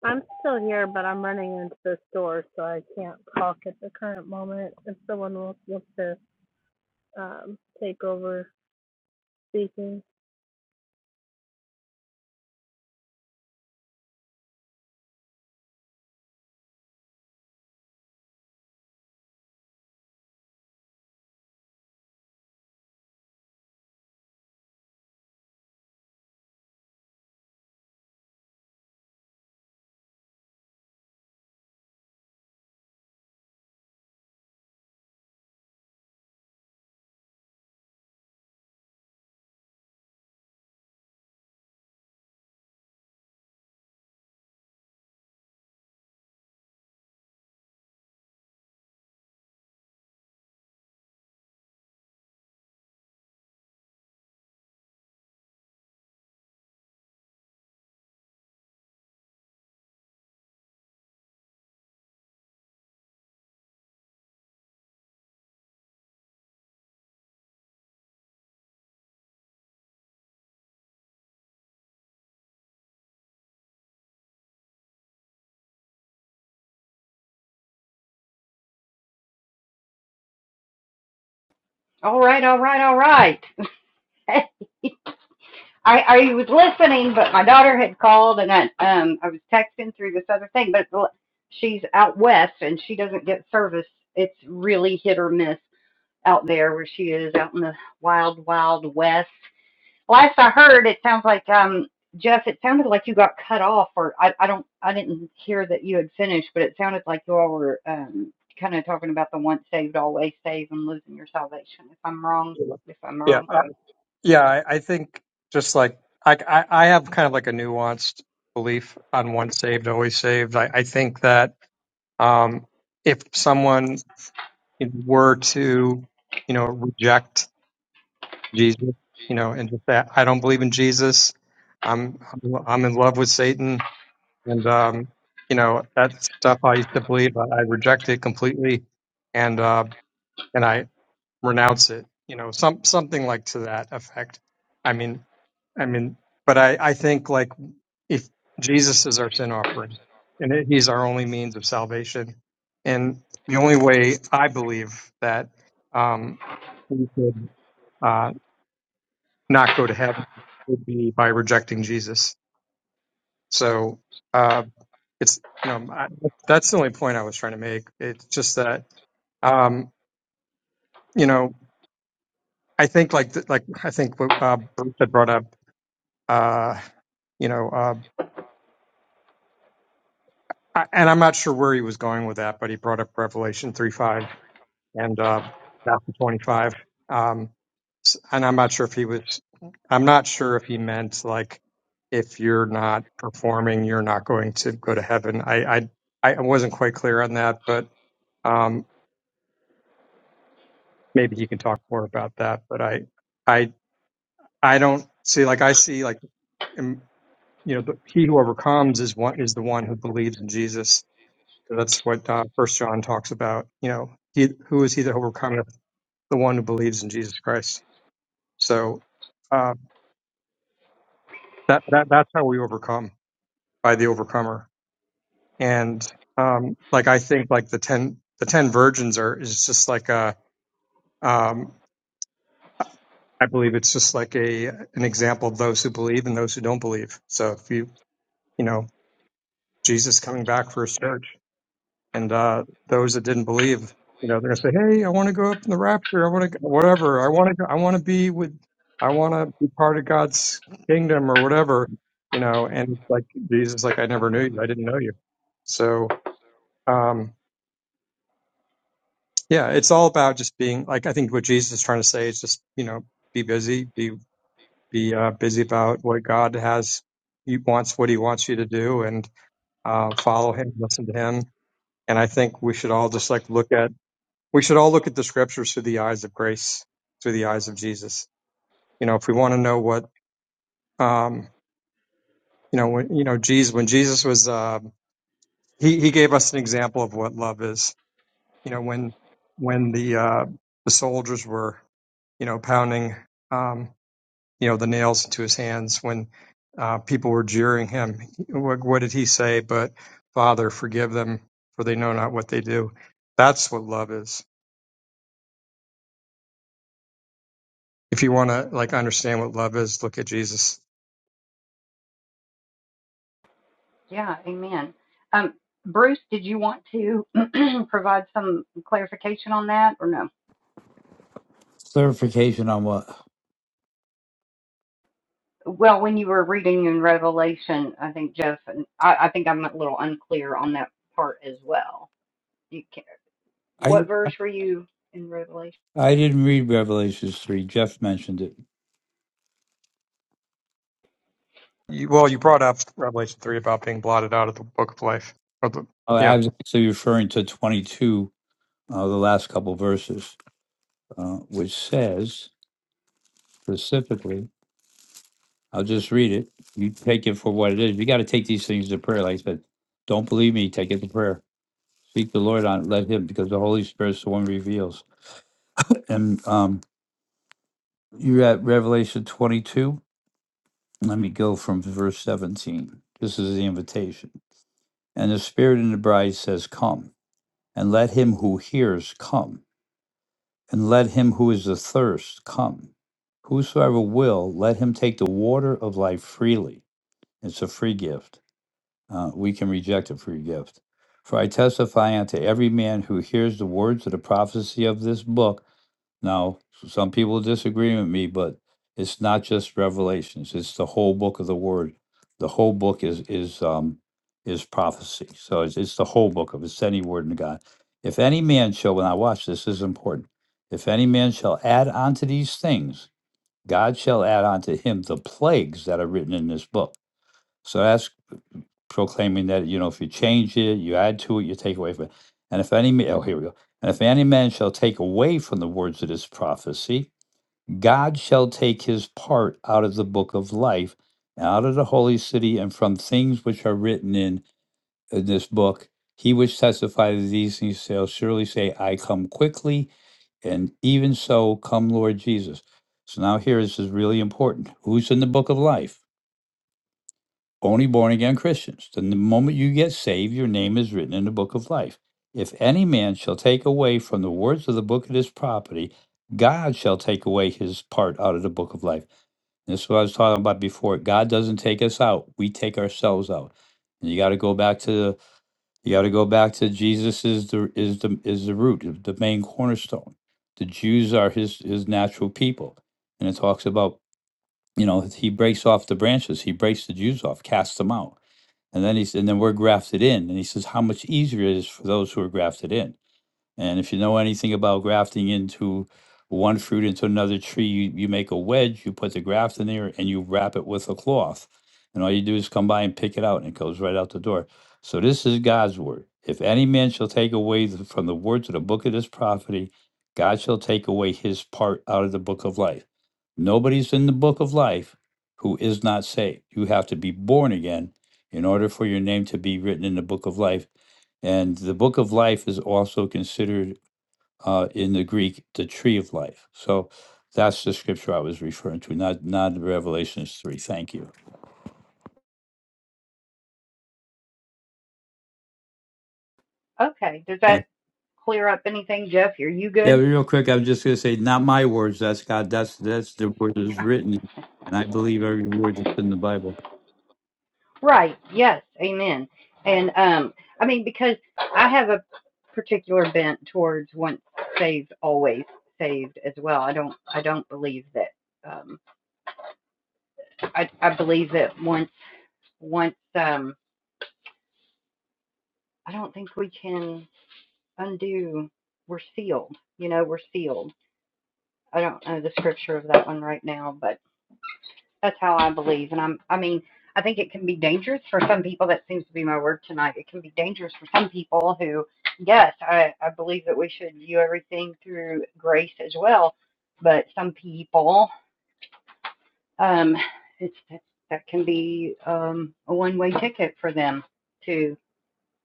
[SPEAKER 3] I'm still here, but I'm running into the store, so I can't talk at the current moment. If someone wants to um, take over speaking,
[SPEAKER 1] All right, all right, all right. I, I was listening, but my daughter had called and I, um, I was texting through this other thing, but she's out west and she doesn't get service. It's really hit or miss out there where she is out in the wild, wild west. Last I heard, it sounds like um, Jeff. It sounded like you got cut off, or I, I don't, I didn't hear that you had finished, but it sounded like you all were um, kind of talking about the once saved, always saved, and losing your salvation. If I'm wrong, if I'm
[SPEAKER 9] Yeah,
[SPEAKER 1] wrong,
[SPEAKER 9] I, yeah. I, I think just like I, I, I have kind of like a nuanced belief on once saved, always saved. I, I think that um, if someone it were to, you know, reject Jesus, you know, and just that I don't believe in Jesus. I'm I'm in love with Satan, and um, you know that stuff I used to believe. I, I reject it completely, and uh, and I renounce it. You know, some something like to that effect. I mean, I mean, but I I think like if Jesus is our sin offering, and it- He's our only means of salvation, and the only way I believe that um, we could uh, not go to heaven would be by rejecting Jesus. So uh, it's you know I, that's the only point I was trying to make. It's just that um, you know I think like th- like I think what uh, Bert had brought up. Uh, you know, uh, I- and I'm not sure where he was going with that, but he brought up Revelation three five. and uh, chapter 25. Um, and I'm not sure if he was, I'm not sure if he meant like, if you're not performing, you're not going to go to heaven. I, I, I wasn't quite clear on that, but um, maybe he can talk more about that. But I, I, I don't see like I see like, um, you know, the, he who overcomes is one is the one who believes in Jesus. So that's what uh, First John talks about. You know, he who is he that overcometh? The one who believes in Jesus Christ. So um, that, that that's how we overcome by the overcomer. And um, like I think like the ten the ten virgins are is just like a um, I believe it's just like a an example of those who believe and those who don't believe. So if you you know Jesus coming back for his church. And uh, those that didn't believe, you know, they're gonna say, "Hey, I want to go up in the rapture. I want to whatever. I want to. I want to be with. I want to be part of God's kingdom or whatever." You know, and it's like Jesus, is like I never knew you. I didn't know you. So, um, yeah, it's all about just being like I think what Jesus is trying to say is just you know be busy, be be uh, busy about what God has. He wants what He wants you to do, and uh, follow Him, listen to Him. And I think we should all just like look at we should all look at the scriptures through the eyes of grace, through the eyes of Jesus. You know, if we want to know what, um, you know, when, you know, Jesus, when Jesus was, uh, he, he gave us an example of what love is. You know, when, when the, uh, the soldiers were, you know, pounding, um, you know, the nails into his hands, when, uh, people were jeering him, what, what did he say? But Father, forgive them for they know not what they do. That's what love is. If you want to like understand what love is, look at Jesus
[SPEAKER 1] yeah, Amen. Um, Bruce, did you want to provide some clarification on that, or no?
[SPEAKER 8] Clarification on what?
[SPEAKER 1] Well, when you were reading in Revelation, I think Jeff and I, I think I'm a little unclear on that part as well. You can,
[SPEAKER 8] I
[SPEAKER 1] what verse were you in Revelation?
[SPEAKER 8] I didn't read Revelations 3. Jeff mentioned it.
[SPEAKER 9] You, well, you brought up Revelation three about being blotted out of the book of life. Or the,
[SPEAKER 8] Oh, I
[SPEAKER 9] yeah,
[SPEAKER 8] was actually referring to 22 uh, the last couple verses, uh, which says specifically, I'll just read it. You take it for what it is. You got to take these things to prayer. Like I said, don't believe me, take it to prayer. Seek the Lord on it, let Him, because the Holy Spirit's the one who reveals. And um, you're at Revelation 22. Let me go from verse 17. This is the invitation. And the Spirit and the bride says, Come. And let him who hears come and let him who is athirst come. Whosoever will, let him take the water of life freely. It's a free gift. Uh, we can reject a free gift. For I testify unto every man who hears the words of the prophecy of this book now, some people disagree with me, but it's not just Revelations; it's the whole book of the Word. The whole book is is um is prophecy. So it's it's the whole book of it's any word in God. If any man shall, when I watch this, this is important. If any man shall add unto these things, God shall add unto him the plagues that are written in this book. So that's proclaiming that you know if you change it, you add to it, you take away from it. And if any ma- oh here we go. And if any man shall take away from the words of this prophecy, God shall take his part out of the book of life, and out of the holy city, and from things which are written in, in this book. He which testifies these things shall surely say, I come quickly, and even so come Lord Jesus. So now here this is really important. Who's in the book of life? Only born again Christians. Then the moment you get saved, your name is written in the book of life. If any man shall take away from the words of the book of this property, God shall take away his part out of the book of life this is what I was talking about before. God doesn't take us out; we take ourselves out. And you got to go back to you got to go back to Jesus is the is the is the root, the main cornerstone. The Jews are his his natural people, and it talks about you know he breaks off the branches, he breaks the Jews off, casts them out, and then he's and then we're grafted in, and he says how much easier it is for those who are grafted in and if you know anything about grafting into one fruit into another tree, you, you make a wedge, you put the graft in there, and you wrap it with a cloth. And all you do is come by and pick it out, and it goes right out the door. So this is God's word. If any man shall take away the, from the words of the book of this prophecy, God shall take away his part out of the book of life. Nobody's in the book of life who is not saved. You have to be born again in order for your name to be written in the book of life and the book of life is also considered uh, in the Greek the tree of life. So that's the scripture I was referring to, not not Revelations three. Thank you.
[SPEAKER 1] Okay. Does
[SPEAKER 8] Yeah,
[SPEAKER 1] that clear up anything, Jeff? Are you
[SPEAKER 8] yeah.
[SPEAKER 1] good?
[SPEAKER 8] Real quick, I'm just going to say, not my words. That's God. That's that's the word that is written, and I believe every word that's in the Bible.
[SPEAKER 1] Right. Yes. Amen. And um, I mean, because I have a particular bent towards once saved, always saved as well. I don't. I don't believe that. Um, I I believe that once once um, I don't think we can undo. We're sealed. You know, we're sealed. I don't know the scripture of that one right now, but. That's how I believe. And I'm, I mean, I think it can be dangerous for some people. That seems to be my word tonight. It can be dangerous for some people who, yes, I, I believe that we should view everything through grace as well. But some people, um, it's, that that can be um, a one way ticket for them to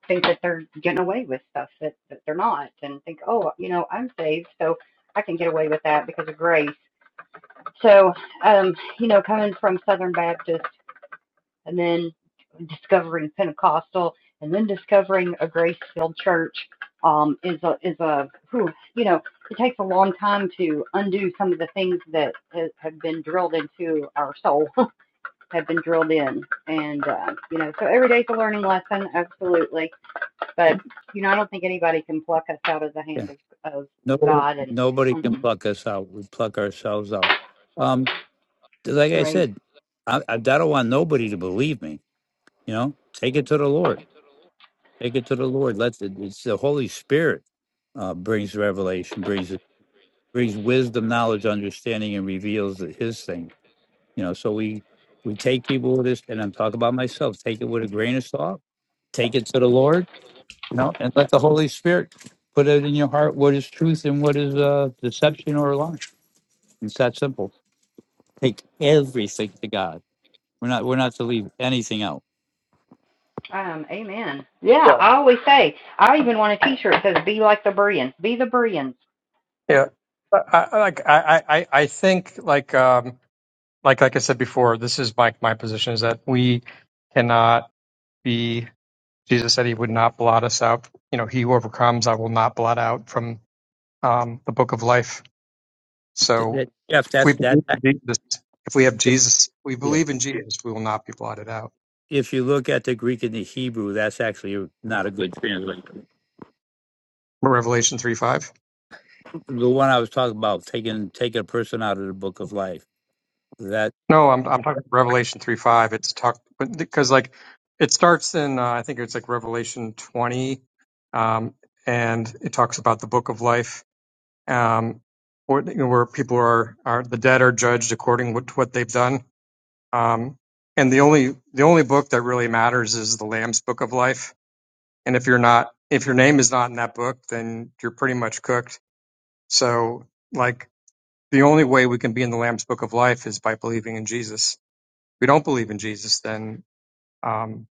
[SPEAKER 1] think that they're getting away with stuff that, that they're not and think, oh, you know, I'm saved, so I can get away with that because of grace. So, um, you know, coming from Southern Baptist and then discovering Pentecostal, and then discovering a grace-filled church um, is a is a whew, you know it takes a long time to undo some of the things that ha- have been drilled into our soul, have been drilled in, and uh, you know so every day's a learning lesson, absolutely. But you know I don't think anybody can pluck us out of the
[SPEAKER 8] Yeah.
[SPEAKER 1] hand of of, of
[SPEAKER 8] No,
[SPEAKER 1] God and
[SPEAKER 8] nobody can
[SPEAKER 1] mm-mm,
[SPEAKER 8] pluck us out. We pluck ourselves out. Um, like I
[SPEAKER 1] right.
[SPEAKER 8] said, I, I I don't want nobody to believe me. You know, take it to the Lord. Take it to the Lord. Let the, it's the Holy Spirit uh, brings revelation, brings brings wisdom, knowledge, understanding, and reveals His thing. You know, so we we take people with this, and I'm talking about myself. Take it with a grain of salt. Take it to the Lord. You know, and let the Holy Spirit put it in your heart what is truth and what is uh, deception or lie. It's that simple. Take everything to God. We're not we're not to leave anything out.
[SPEAKER 1] Um, amen. Yeah,
[SPEAKER 9] yeah,
[SPEAKER 1] I always say I even want a T-shirt that says "Be like the Bereans." Be the Bereans
[SPEAKER 9] yeah. I, I like I, I, I think like um like like I said before, this is my my position is that we cannot be. Jesus said he would not blot us out. You know, he who overcomes, I will not blot out from um, the book of life.
[SPEAKER 8] Th-
[SPEAKER 9] So
[SPEAKER 8] that- Jeff,
[SPEAKER 9] if we
[SPEAKER 8] that's that.
[SPEAKER 9] believe
[SPEAKER 8] that-
[SPEAKER 9] in Jesus, if we have Jesus, we
[SPEAKER 8] Yeah,
[SPEAKER 9] believe in Jesus, we will not be blotted out.
[SPEAKER 8] if you look at the Greek and the Hebrew, that's actually not a good translation.
[SPEAKER 9] Revelation three five.
[SPEAKER 8] The one I was talking about, taking taking a person out of the book of life. That
[SPEAKER 9] No, I'm I'm talking Revelation three five. It's talk but because like it starts in uh, I think it's like Revelation twenty, um, and it talks about the book of life, um, where, where people are are the dead are judged according what to what they've done. Um, and the only the only book that really matters is the Lamb's book of life. And if you're not if your name is not in that book, then you're pretty much cooked. So like the only way we can be in the Lamb's book of life is by believing in Jesus we don't believe in Jesus, then um,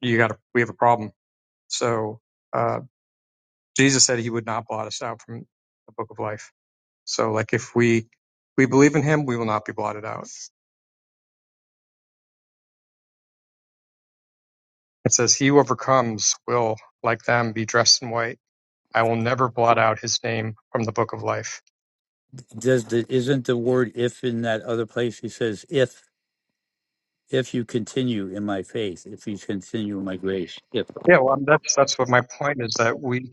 [SPEAKER 9] you got we have a problem. So uh, Jesus said he would not blot us out from the book of life. So like if we we believe in him, we will not be blotted out. It says he who overcomes will like them be dressed in white. I will never blot out his name from the book of life.
[SPEAKER 8] does the, isn't the word if in that other place. He says if if you continue in my faith, if you continue in my grace. If
[SPEAKER 9] Yeah, well, that's that's what my point is that we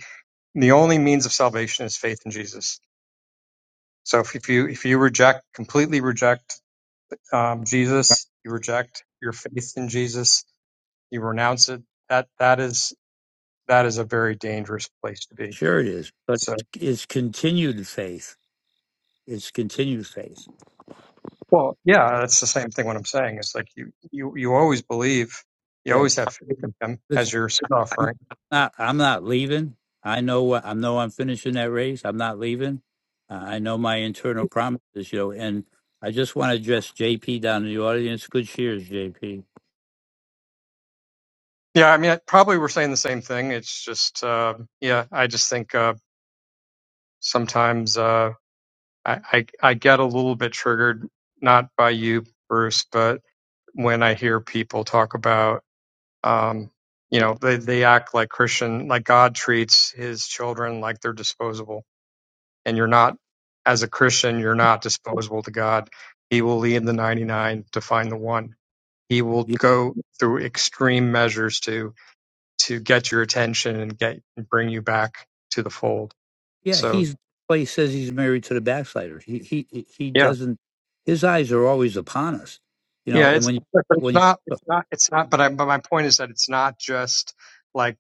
[SPEAKER 9] the only means of salvation is faith in Jesus. So if, if you if you reject completely reject um, Jesus, you reject your faith in Jesus, you renounce it that that is that is a very dangerous place to be
[SPEAKER 8] sure it is, but
[SPEAKER 9] so
[SPEAKER 8] it's continued faith. It's continued faith.
[SPEAKER 9] well yeah that's the same thing what i'm saying is like you you you always believe you
[SPEAKER 8] Yeah,
[SPEAKER 9] always have faith in him as your sin offering
[SPEAKER 8] not I'm not leaving. I know what I know I'm finishing that race. I'm not leaving. Uh, I know my internal promises, you know, and I just want to address JP down in the audience. Good cheers, JP.
[SPEAKER 9] yeah i mean I- probably we're saying the same thing it's just uh, yeah i just think uh, sometimes uh, I, I i get a little bit triggered not by you bruce but when i hear people talk about um, you know they, they act like christian like god treats his children like they're disposable and you're not as a Christian, you're not disposable to God. He will leave the 99 to find the one. He will
[SPEAKER 8] You-
[SPEAKER 9] go through extreme measures to to get your attention and get and bring you back to the fold.
[SPEAKER 8] Yeah,
[SPEAKER 9] So
[SPEAKER 8] he's well, he says he's married to the backslider. He he he
[SPEAKER 9] yeah,
[SPEAKER 8] doesn't his eyes are always upon us. You know,
[SPEAKER 9] yeah,
[SPEAKER 8] and
[SPEAKER 9] it's
[SPEAKER 8] when you
[SPEAKER 9] but it's
[SPEAKER 8] when you
[SPEAKER 9] not it's not it's not. But I, but my point is that it's not just like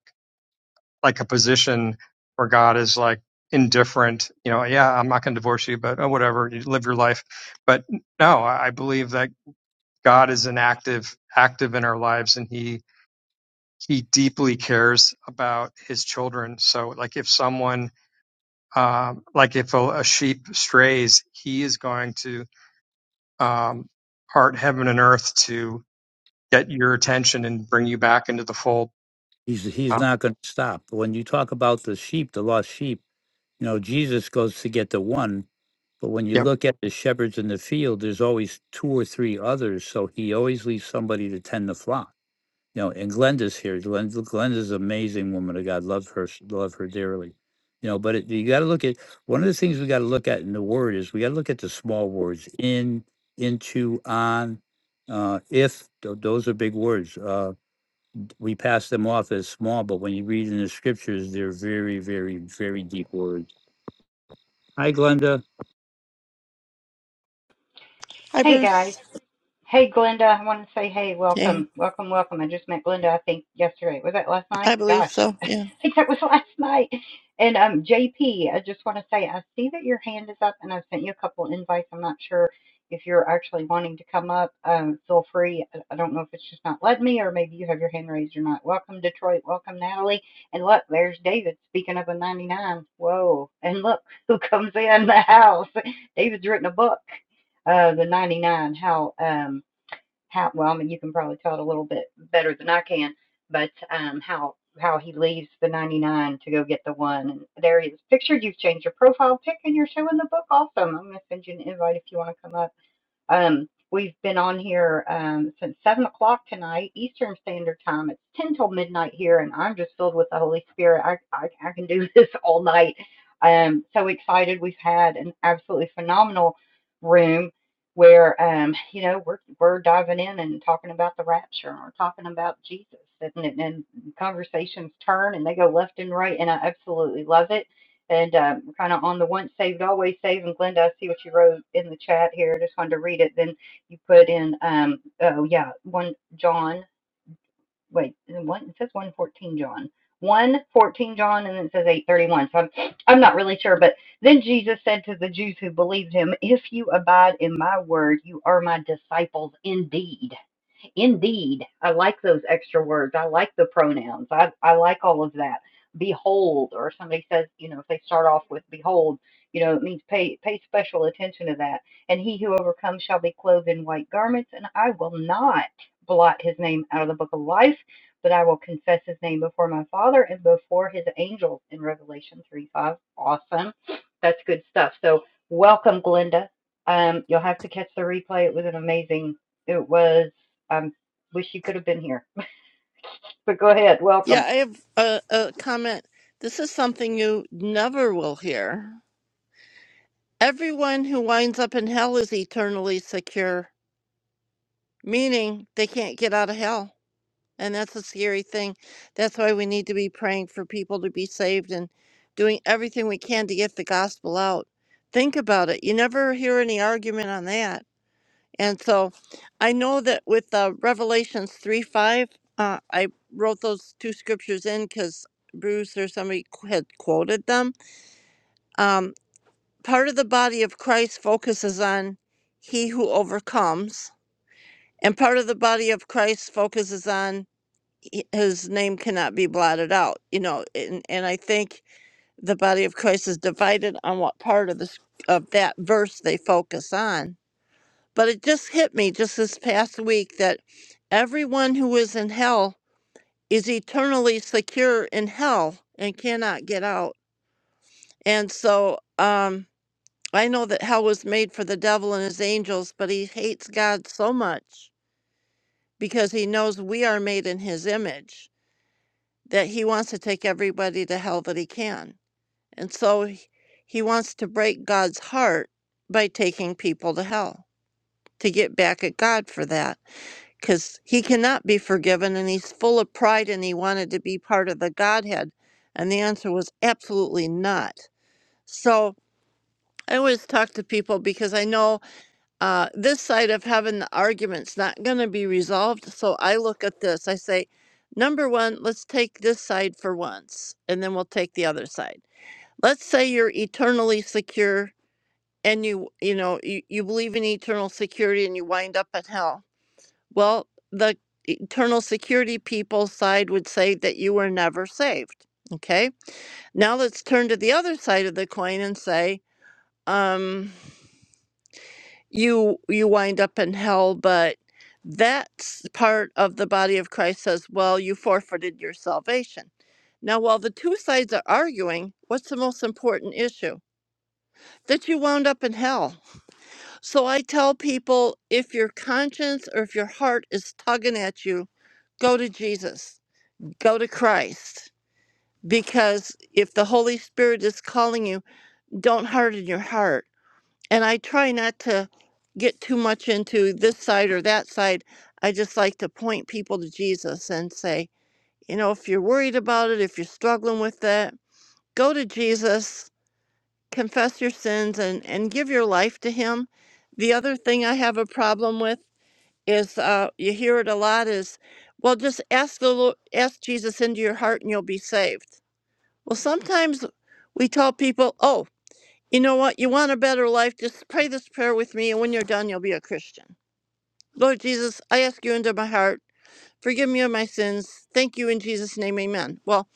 [SPEAKER 9] like a position where God is like indifferent. You know, yeah, I'm not going to divorce you, but oh, whatever, you live your life. But no, I believe that God is an active active in our lives and he he deeply cares about his children. So like if someone um, like if a, a sheep strays, he is going to um, part heaven and earth to get your attention and bring you back into the fold.
[SPEAKER 8] he's he's
[SPEAKER 9] Um,
[SPEAKER 8] not going to stop. When you talk about the sheep, the lost sheep, you know, Jesus goes to get the one But when you
[SPEAKER 9] yep,
[SPEAKER 8] look at the shepherds in the field, there's always two or three others. So he always leaves somebody to tend the flock. You know, and Glenda's here. Glenda, Glenda's an amazing woman of God. Love her, s- love her dearly. You know, but it, you got to look at one of the things we got to look at in the word is we got to look at the small words in, into, on, uh, if. tho- Those are big words. Uh, we pass them off as small, but when you read in the scriptures, they're very, very, very deep words. Hi, Glenda.
[SPEAKER 10] Hi,
[SPEAKER 1] Hey guys,
[SPEAKER 10] Bruce.
[SPEAKER 1] Hey, Glenda, I want to say, hey, welcome,
[SPEAKER 10] Hey,
[SPEAKER 1] welcome, welcome. I just met Glenda, I think, yesterday. Was that last
[SPEAKER 10] I
[SPEAKER 1] night?
[SPEAKER 10] believe
[SPEAKER 1] Gosh,
[SPEAKER 10] so.
[SPEAKER 1] I
[SPEAKER 10] Yeah.
[SPEAKER 1] think that was last night. And um, JP, I just want to say, I see that your hand is up, and I sent you a couple invites. I'm not sure if you're actually wanting to come up. Um, feel free. I I don't know if it's just not letting me, or maybe you have your hand raised or not. Welcome, Detroit. Welcome, Natalie. And look, there's David speaking of a 99. Whoa! And look who comes in the house. David's written a book, uh, the 99. How um how well, I mean, you can probably tell it a little bit better than I can, but um, how how he leaves the 99 to go get the one. And there he is pictured. You've changed your profile pic and you're showing the book. Awesome. I'm going to send you an invite if you want to come up. Um, we've been on here um, since seven o'clock tonight, Eastern Standard Time. It's ten till midnight here, and I'm just filled with the Holy Spirit. I I, I can do this all night. Um, so excited. We've had an absolutely phenomenal room where um, you know we're we're diving in and talking about the rapture, and we're talking about Jesus, and, and and conversations turn and they go left and right, and I absolutely love it. And um, kind of on the once saved, always saved. And Glenda, I see what you wrote in the chat here. Just wanted to read it. Then you put in, um, oh yeah, one John. Wait, one it says one fourteen John, one fourteen John, and then it says eight thirty one. So I'm, I'm not really sure. But then Jesus said to the Jews who believed him, "If you abide in my word, you are my disciples indeed." Indeed, I like those extra words. I like the pronouns. I, I like all of that. Behold, or somebody says, you know, if they start off with behold, you know, it means pay pay special attention to that. And he who overcomes shall be clothed in white garments, and I will not blot his name out of the book of life, but I will confess his name before my Father and before his angels in Revelation three five. Awesome. That's good stuff. So welcome, Glenda. Um, you'll have to catch the replay. It was an amazing. It was. I wish you could have been here. But go ahead, welcome.
[SPEAKER 10] Yeah, I have a, a comment. This is something you never will hear. Everyone who winds up in hell is eternally secure, meaning they can't get out of hell. And that's a scary thing. That's why we need to be praying for people to be saved and doing everything we can to get the gospel out. Think about it. You never hear any argument on that And so I know that with uh, Revelations 3 5, uh, I wrote those two scriptures in because Bruce or somebody qu- had quoted them. Um, part of the body of Christ focuses on he who overcomes, and part of the body of Christ focuses on he- his name cannot be blotted out. You know, and, and I think the body of Christ is divided on what part of this of that verse they focus on But it just hit me just this past week that everyone who is in hell is eternally secure in hell and cannot get out. And so um, I know that hell was made for the devil and his angels, but he hates God so much because he knows we are made in his image that he wants to take everybody to hell that he can. And so he he wants to break God's heart by taking people to hell to get back at God for that. because he cannot be forgiven and he's full of pride and he wanted to be part of the Godhead. And the answer was absolutely not. So I always talk to people because I know uh, this side of heaven, the argument's not going to be resolved. So I look at this. I say, number one, let's take this side for once, and then we'll take the other side. Let's say you're eternally secure and you you know you, you believe in eternal security and you wind up at hell well, the eternal security people side would say that you were never saved. Okay. Now let's turn to the other side of the coin and say, um, you you wind up in hell, but that s- part of the body of Christ says, well, you forfeited your salvation. Now, while the two sides are arguing, what's the most important issue? That you wound up in hell. So I tell people if your conscience or if your heart is tugging at you, go to Jesus go to Christ because if the Holy Spirit is calling you, don't harden your heart. And I try not to get too much into this side or that side. I just like to point people to Jesus and say, you know, if you're worried about it, if you're struggling with that, go to Jesus, confess your sins, and, and give your life to Him. The other thing I have a problem with is uh, you hear it a lot is, well, just ask the Lord, ask Jesus into your heart and you'll be saved Well, sometimes we tell people, oh, you know what? You want a better life? Just pray this prayer with me, and when you're done, you'll be a Christian. Lord Jesus, I ask you into my heart. Forgive me of my sins. Thank you in Jesus' name, amen. Well,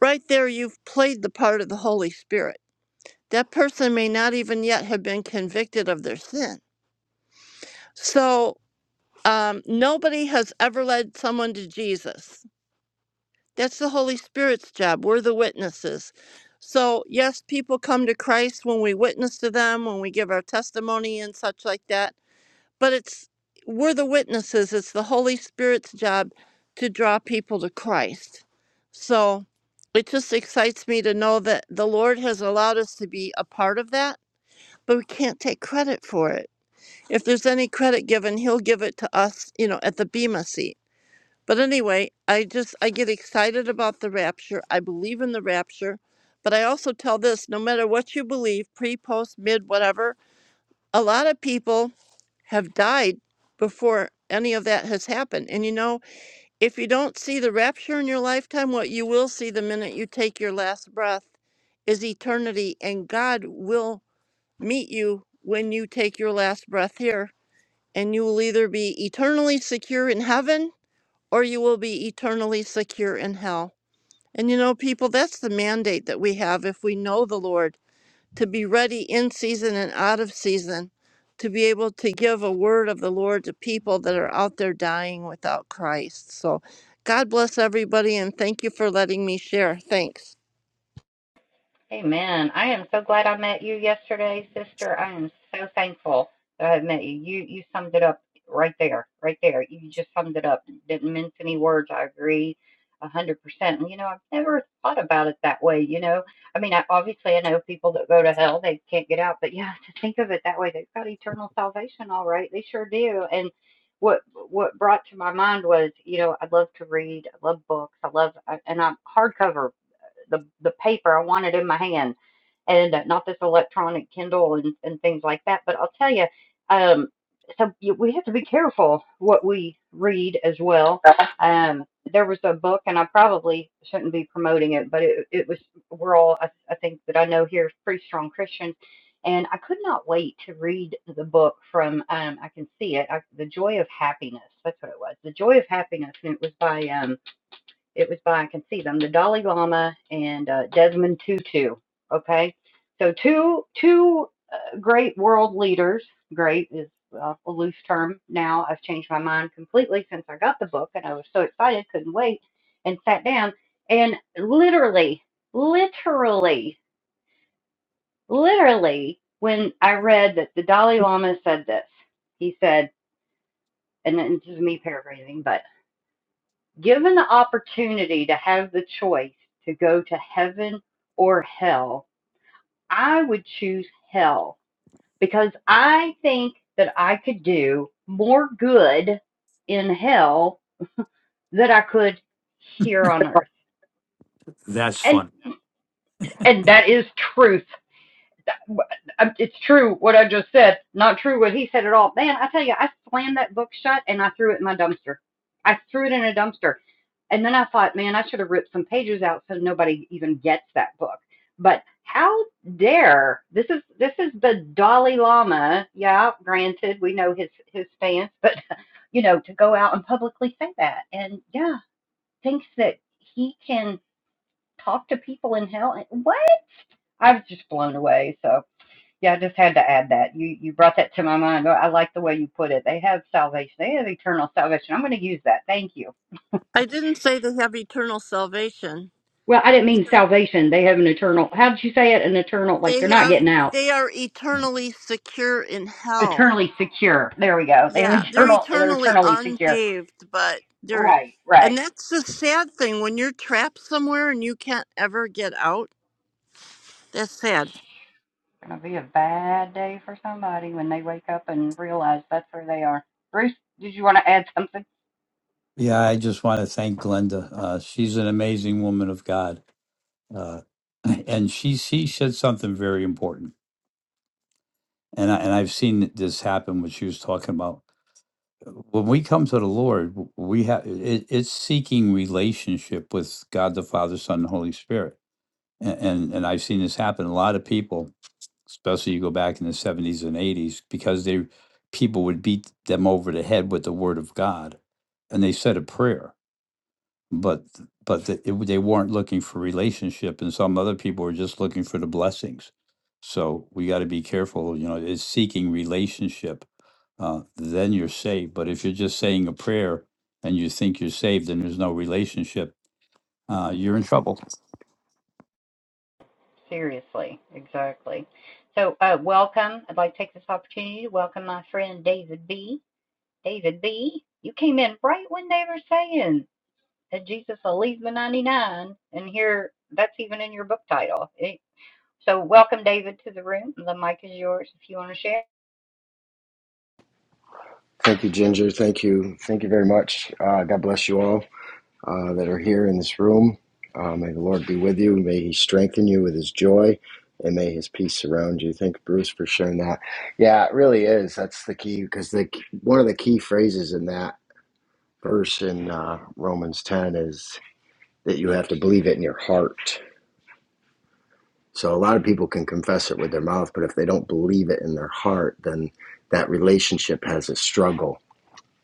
[SPEAKER 10] right there, you've played the part of the Holy Spirit. That person may not even yet have been convicted of their sin. So, um, nobody has ever led someone to Jesus. That's the Holy Spirit's job. We're the witnesses. So, yes, people come to Christ when we witness to them, when we give our testimony and such like that. But it's we're the witnesses. It's the Holy Spirit's job to draw people to Christ. So, it just excites me to know that the Lord has allowed us to be a part of that, but we can't take credit for it. If there's any credit given, he'll give it to us, you know, at the Bema seat but anyway, I just I get excited about the rapture. I believe in the rapture, but I also tell this no matter what you believe, pre, post, mid, whatever, a lot of people have died before any of that has happened. And you know, if you don't see the rapture in your lifetime, what you will see the minute you take your last breath is eternity and God will meet you when you take your last breath here and you will either be eternally secure in heaven or you will be eternally secure in hell. And you know, people, that's the mandate that we have if we know the Lord to be ready in season and out of season, to be able to give a word of the Lord to people that are out there dying without Christ. So, God bless everybody and thank you for letting me share. Thanks.
[SPEAKER 1] Amen. I am so glad I met you yesterday, sister. I am so thankful that I met you. You you summed it up right there, right there. You just summed it up. Didn't mince any words. I agree a hundred percent. And you know, I've never thought about it that way, you know. I mean I obviously I know people that go to hell, they can't get out, but yeah, to think of it that way, they've got eternal salvation all right. They sure do. And what what brought to my mind was, you know, I love to read, I love books, I love I, and I'm hardcover the the paper I wanted in my hand, and uh, not this electronic Kindle and and things like that. But I'll tell you, um, so you, we have to be careful what we read as well. Um, there was a book, and I probably shouldn't be promoting it, but it it was we're all I, I think that I know here pretty strong Christians. And I could not wait to read the book from um, I can see it, I, The Joy of Happiness. That's what it was, The Joy of Happiness, and it was by um, it was by, I can see them, the Dalai Lama and uh, Desmond Tutu. Okay, so two two uh, great world leaders. Great is uh, a loose term now. I've changed my mind completely since I got the book, and I was so excited, couldn't wait, and sat down. And literally, literally, literally, when I read that the Dalai Lama said this, he said, and this is me paraphrasing, but. Given the opportunity to have the choice to go to heaven or hell, I would choose hell because I think that I could do more good in hell than I could here on earth.
[SPEAKER 8] That's
[SPEAKER 1] And
[SPEAKER 8] fun.
[SPEAKER 1] and that is truth um, It's true what I just said. Not true what he said at all. Man, I tell you, I slammed that book shut and I threw it in my dumpster. I threw it in a dumpster. And then I thought, man, I should have ripped some pages out so nobody even gets that book. But how dare this is this is the Dalai Lama. Yeah, granted, we know his his stance, but you know, to go out and publicly say that and yeah, thinks that he can talk to people in hell. What? I was just blown away. So yeah, I just had to add that. You you brought that to my mind. I like the way you put it. They have salvation. They have eternal salvation. I'm going to use that. Thank you.
[SPEAKER 10] I didn't say they have eternal salvation.
[SPEAKER 1] Well, I didn't mean salvation. They have an eternal. How did you say it? An eternal. Like
[SPEAKER 10] They
[SPEAKER 1] they're not
[SPEAKER 10] have
[SPEAKER 1] getting out.
[SPEAKER 10] they are eternally secure in hell.
[SPEAKER 1] Eternally secure. There we go. They have
[SPEAKER 10] Yeah, they're
[SPEAKER 1] eternal. They're
[SPEAKER 10] eternally
[SPEAKER 1] eternally secure.
[SPEAKER 10] unsaved, but they're,
[SPEAKER 1] Right. Right.
[SPEAKER 10] and that's the sad thing when you're trapped somewhere and you can't ever get out. That's sad.
[SPEAKER 1] It's going to be a bad day for somebody when they wake up and realize that's where they are. Bruce, did you want to add something?
[SPEAKER 8] Yeah, I just want to thank Glenda. Uh, she's an amazing woman of God, uh, and she she said something very important. And I, and I've seen this happen when she was talking about when we come to the Lord, we have it, it's seeking relationship with God the Father, Son, and Holy Spirit. And, and and I've seen this happen. A lot of people, especially you go back in the seventies and eighties, because they people would beat them over the head with the Word of God, and they said a prayer but but the, it, they weren't looking for relationship and some other people were just looking for the blessings so we got to be careful you know it's seeking relationship uh, then you're saved but if you're just saying a prayer and you think you're saved and there's no relationship uh, you're in trouble
[SPEAKER 1] Seriously. Exactly. So, uh, welcome. I'd like to take this opportunity to welcome my friend David B. David B., you came in right when they were saying that Jesus will leave the 99, and here that's even in your book title. It- so, welcome, David, to the room. The mic is yours if you want to share.
[SPEAKER 11] Thank you, Ginger. Thank you. Thank you very much. Uh, God bless you all uh, that are here in this room. Uh, may the Lord be with you. May He strengthen you with His joy, and may His peace surround you. Thank you, Bruce, for sharing that. Yeah, it really is. That's the key because the one of the key phrases in that verse in uh, Romans ten is that you have to believe it in your heart. So a lot of people can confess it with their mouth, but if they don't believe it in their heart, then that relationship has a struggle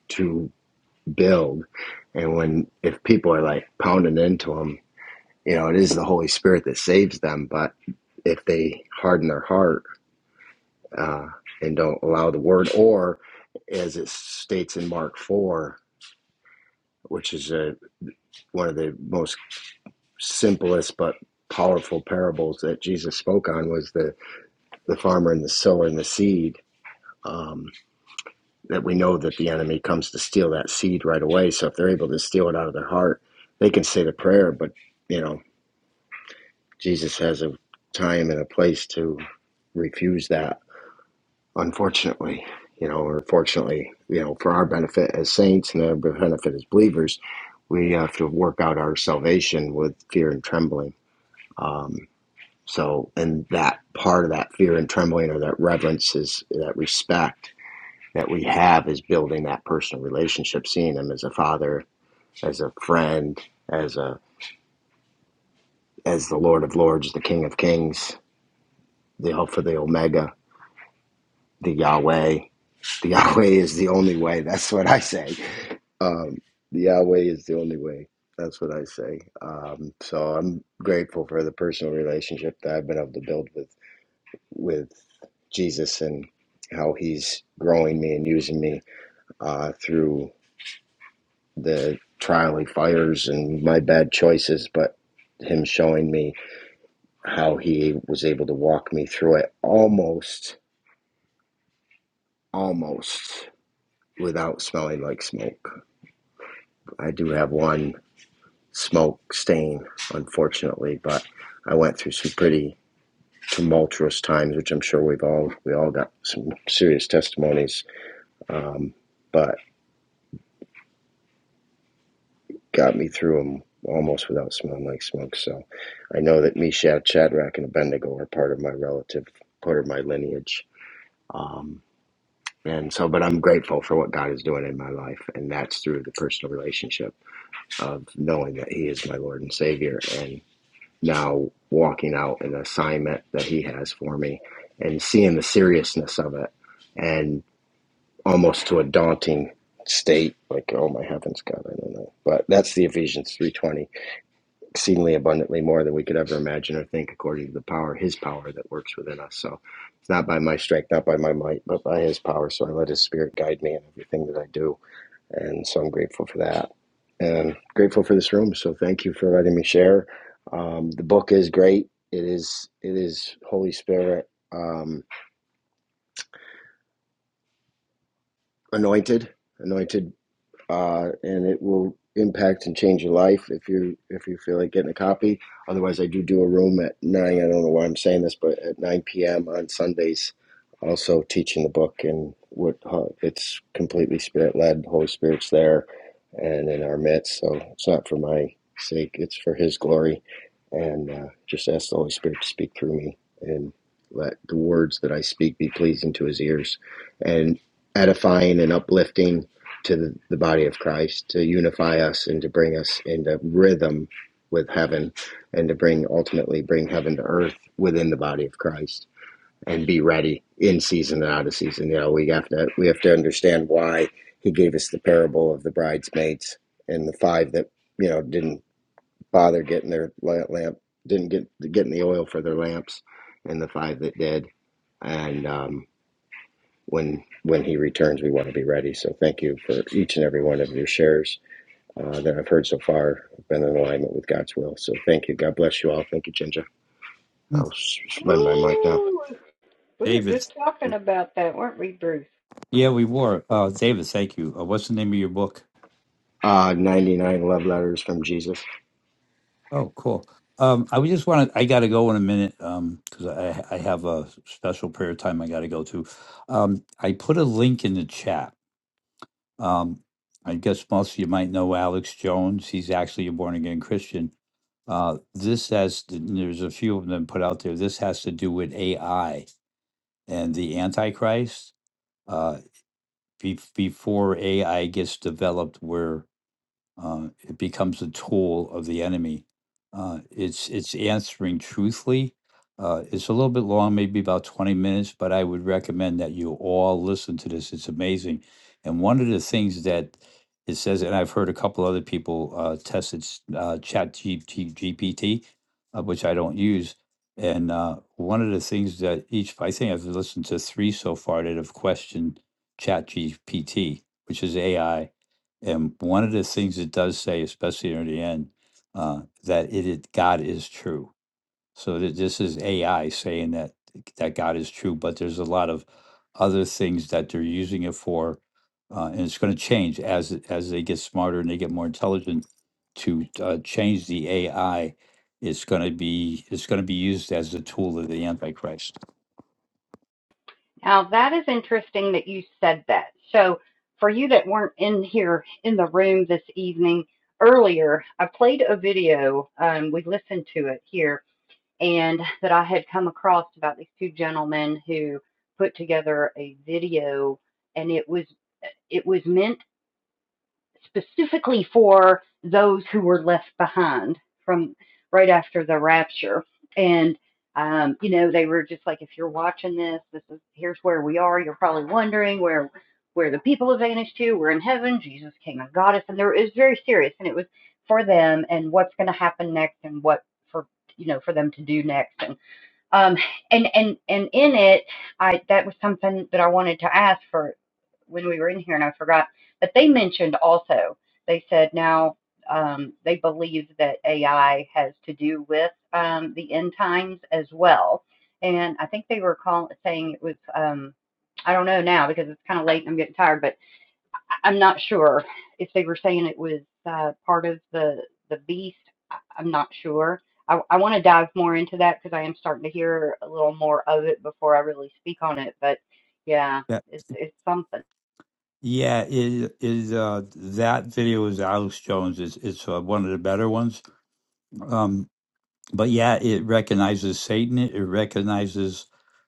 [SPEAKER 11] to build. And when, if people are like pounding into them, you know, it is the Holy Spirit that saves them. But if they harden their heart uh, and don't allow the word, or as it states in Mark 4, which is a, one of the most simplest but powerful parables that Jesus spoke on, was the, the farmer and the sower and the seed. Um, that we know that the enemy comes to steal that seed right away. So if they're able to steal it out of their heart, they can say the prayer, but you know Jesus has a time and a place to refuse that, unfortunately, you know, or fortunately, you know, for our benefit as saints and the benefit as believers, we have to work out our salvation with fear and trembling. Um, so, and that part of that fear and trembling or that reverence is that respect that we have is building that personal relationship, seeing him as a father, as a friend, as a as the Lord of Lords, the King of Kings, the Alpha, the Omega, the Yahweh. The Yahweh is the only way. That's what I say. Um, the Yahweh is the only way. That's what I say. Um, so I'm grateful for the personal relationship that I've been able to build with with Jesus and how He's growing me and using me uh, through the trial He fires and my bad choices, but Him showing me how He was able to walk me through it almost, almost without smelling like smoke I do have one smoke stain, unfortunately, but I went through some pretty tumultuous times, which I'm sure we've all we all got some serious testimonies, um, but got me through them almost without smelling like smoke. So I know that Meshach, Shadrach, and Abednego are part of my relative, part of my lineage. Um, and so, but I'm grateful for what God is doing in my life, and that's through the personal relationship of knowing that He is my Lord and Savior, and now walking out an assignment that he has for me and seeing the seriousness of it and almost to a daunting state like oh my heavens god i don't know but that's the ephesians 3.20 exceedingly abundantly more than we could ever imagine or think according to the power his power that works within us so it's not by my strength not by my might but by his power so i let his spirit guide me in everything that i do and so I'm grateful for that and grateful for this room. So thank you for letting me share. Um, the book is great. It is, it is Holy Spirit um, anointed, anointed uh, and it will impact and change your life if you if you feel like getting a copy. Otherwise, I do do a room at nine. I don't know why I'm saying this, but at nine p.m. on Sundays, also teaching the book and what how- it's completely spirit led. Holy Spirit's there and in our midst, so it's not for my sake; it's for His glory. And uh, just ask the Holy Spirit to speak through me and let the words that I speak be pleasing to His ears and edifying and uplifting to the, the body of Christ to unify us and to bring us into rhythm with heaven and to bring ultimately bring heaven to earth within the body of Christ and be ready in season and out of season. You know, we have to we have to understand why he gave us the parable of the bridesmaids and the five that, you know, didn't bother getting their lamp didn't get getting the oil for their lamps and the five that did. And um when when he returns, we want to be ready. So thank you for each and every one of your shares uh, that I've heard so far. I've been in alignment with God's will. So thank you. God bless you all. Thank you, Ginger. I'll
[SPEAKER 8] Mm.
[SPEAKER 11] s- lend my mic now.
[SPEAKER 1] Ooh, we were
[SPEAKER 8] david
[SPEAKER 1] just talking about that, weren't we, Bruce?
[SPEAKER 8] yeah we were uh, david thank you uh, what's the name of your book
[SPEAKER 11] Uh, 99 love letters from Jesus.
[SPEAKER 8] Oh, cool. Um, I would just want to, I got to go in a minute um, because I, I have a special prayer time I got to go to. Um, I put a link in the chat. Um, I guess most of you might know Alex Jones. He's actually a born again Christian. Uh, this has, there's a few of them put out there. This has to do with AI and the Antichrist. Uh, be, before AI gets developed, uh, it becomes a tool of the enemy. Uh, it's it's answering truthfully. Uh, it's a little bit long, maybe about twenty minutes, but I would recommend that you all listen to this. It's amazing, and one of the things that it says, and I've heard a couple other people uh, test it's uh, Chat GPT, uh, which I don't use. And uh, one of the things that each, I think I've listened to three so far that have questioned Chat GPT, which is AI and one of the things it does say, especially near the end, uh, that it, it God is true so th- this is AI saying that that God is true, but there's a lot of other things that they're using it for, uh, and it's going to change as it- as they get smarter and they get more intelligent. To uh, change the AI, it's going to be it's going to be used as a tool of the Antichrist.
[SPEAKER 1] Now, that is interesting that you said that. So, for you that weren't in here in the room this evening, earlier, I played a video. Um, we listened to it here and that I had come across about these two gentlemen who put together a video and it was it was meant specifically for those who were left behind from right after the rapture and um, you know they were just like if you're watching this this is here's where we are you're probably wondering where where the people have vanished to we're in heaven jesus came and got us and there it was very serious and it was for them and what's going to happen next and what for you know for them to do next and um, and and and in it, I that was something that I wanted to ask for when we were in here, and I forgot. But they mentioned also they said now um, they believe that AI has to do with um, the end times as well. And I think they were call, saying it was um, I don't know now because it's kind of late and I'm getting tired, but. I'm not sure if they were saying it was uh, part of the the beast. I- I'm not sure. I, I want to dive more into that because I am starting to hear a little more of it before I really speak on it. But yeah,
[SPEAKER 8] Yeah,
[SPEAKER 1] it's it's something.
[SPEAKER 8] yeah. Is is uh, that video is Alex Jones? It's it's uh, one of the better ones. Um, but yeah, it recognizes Satan. It recognizes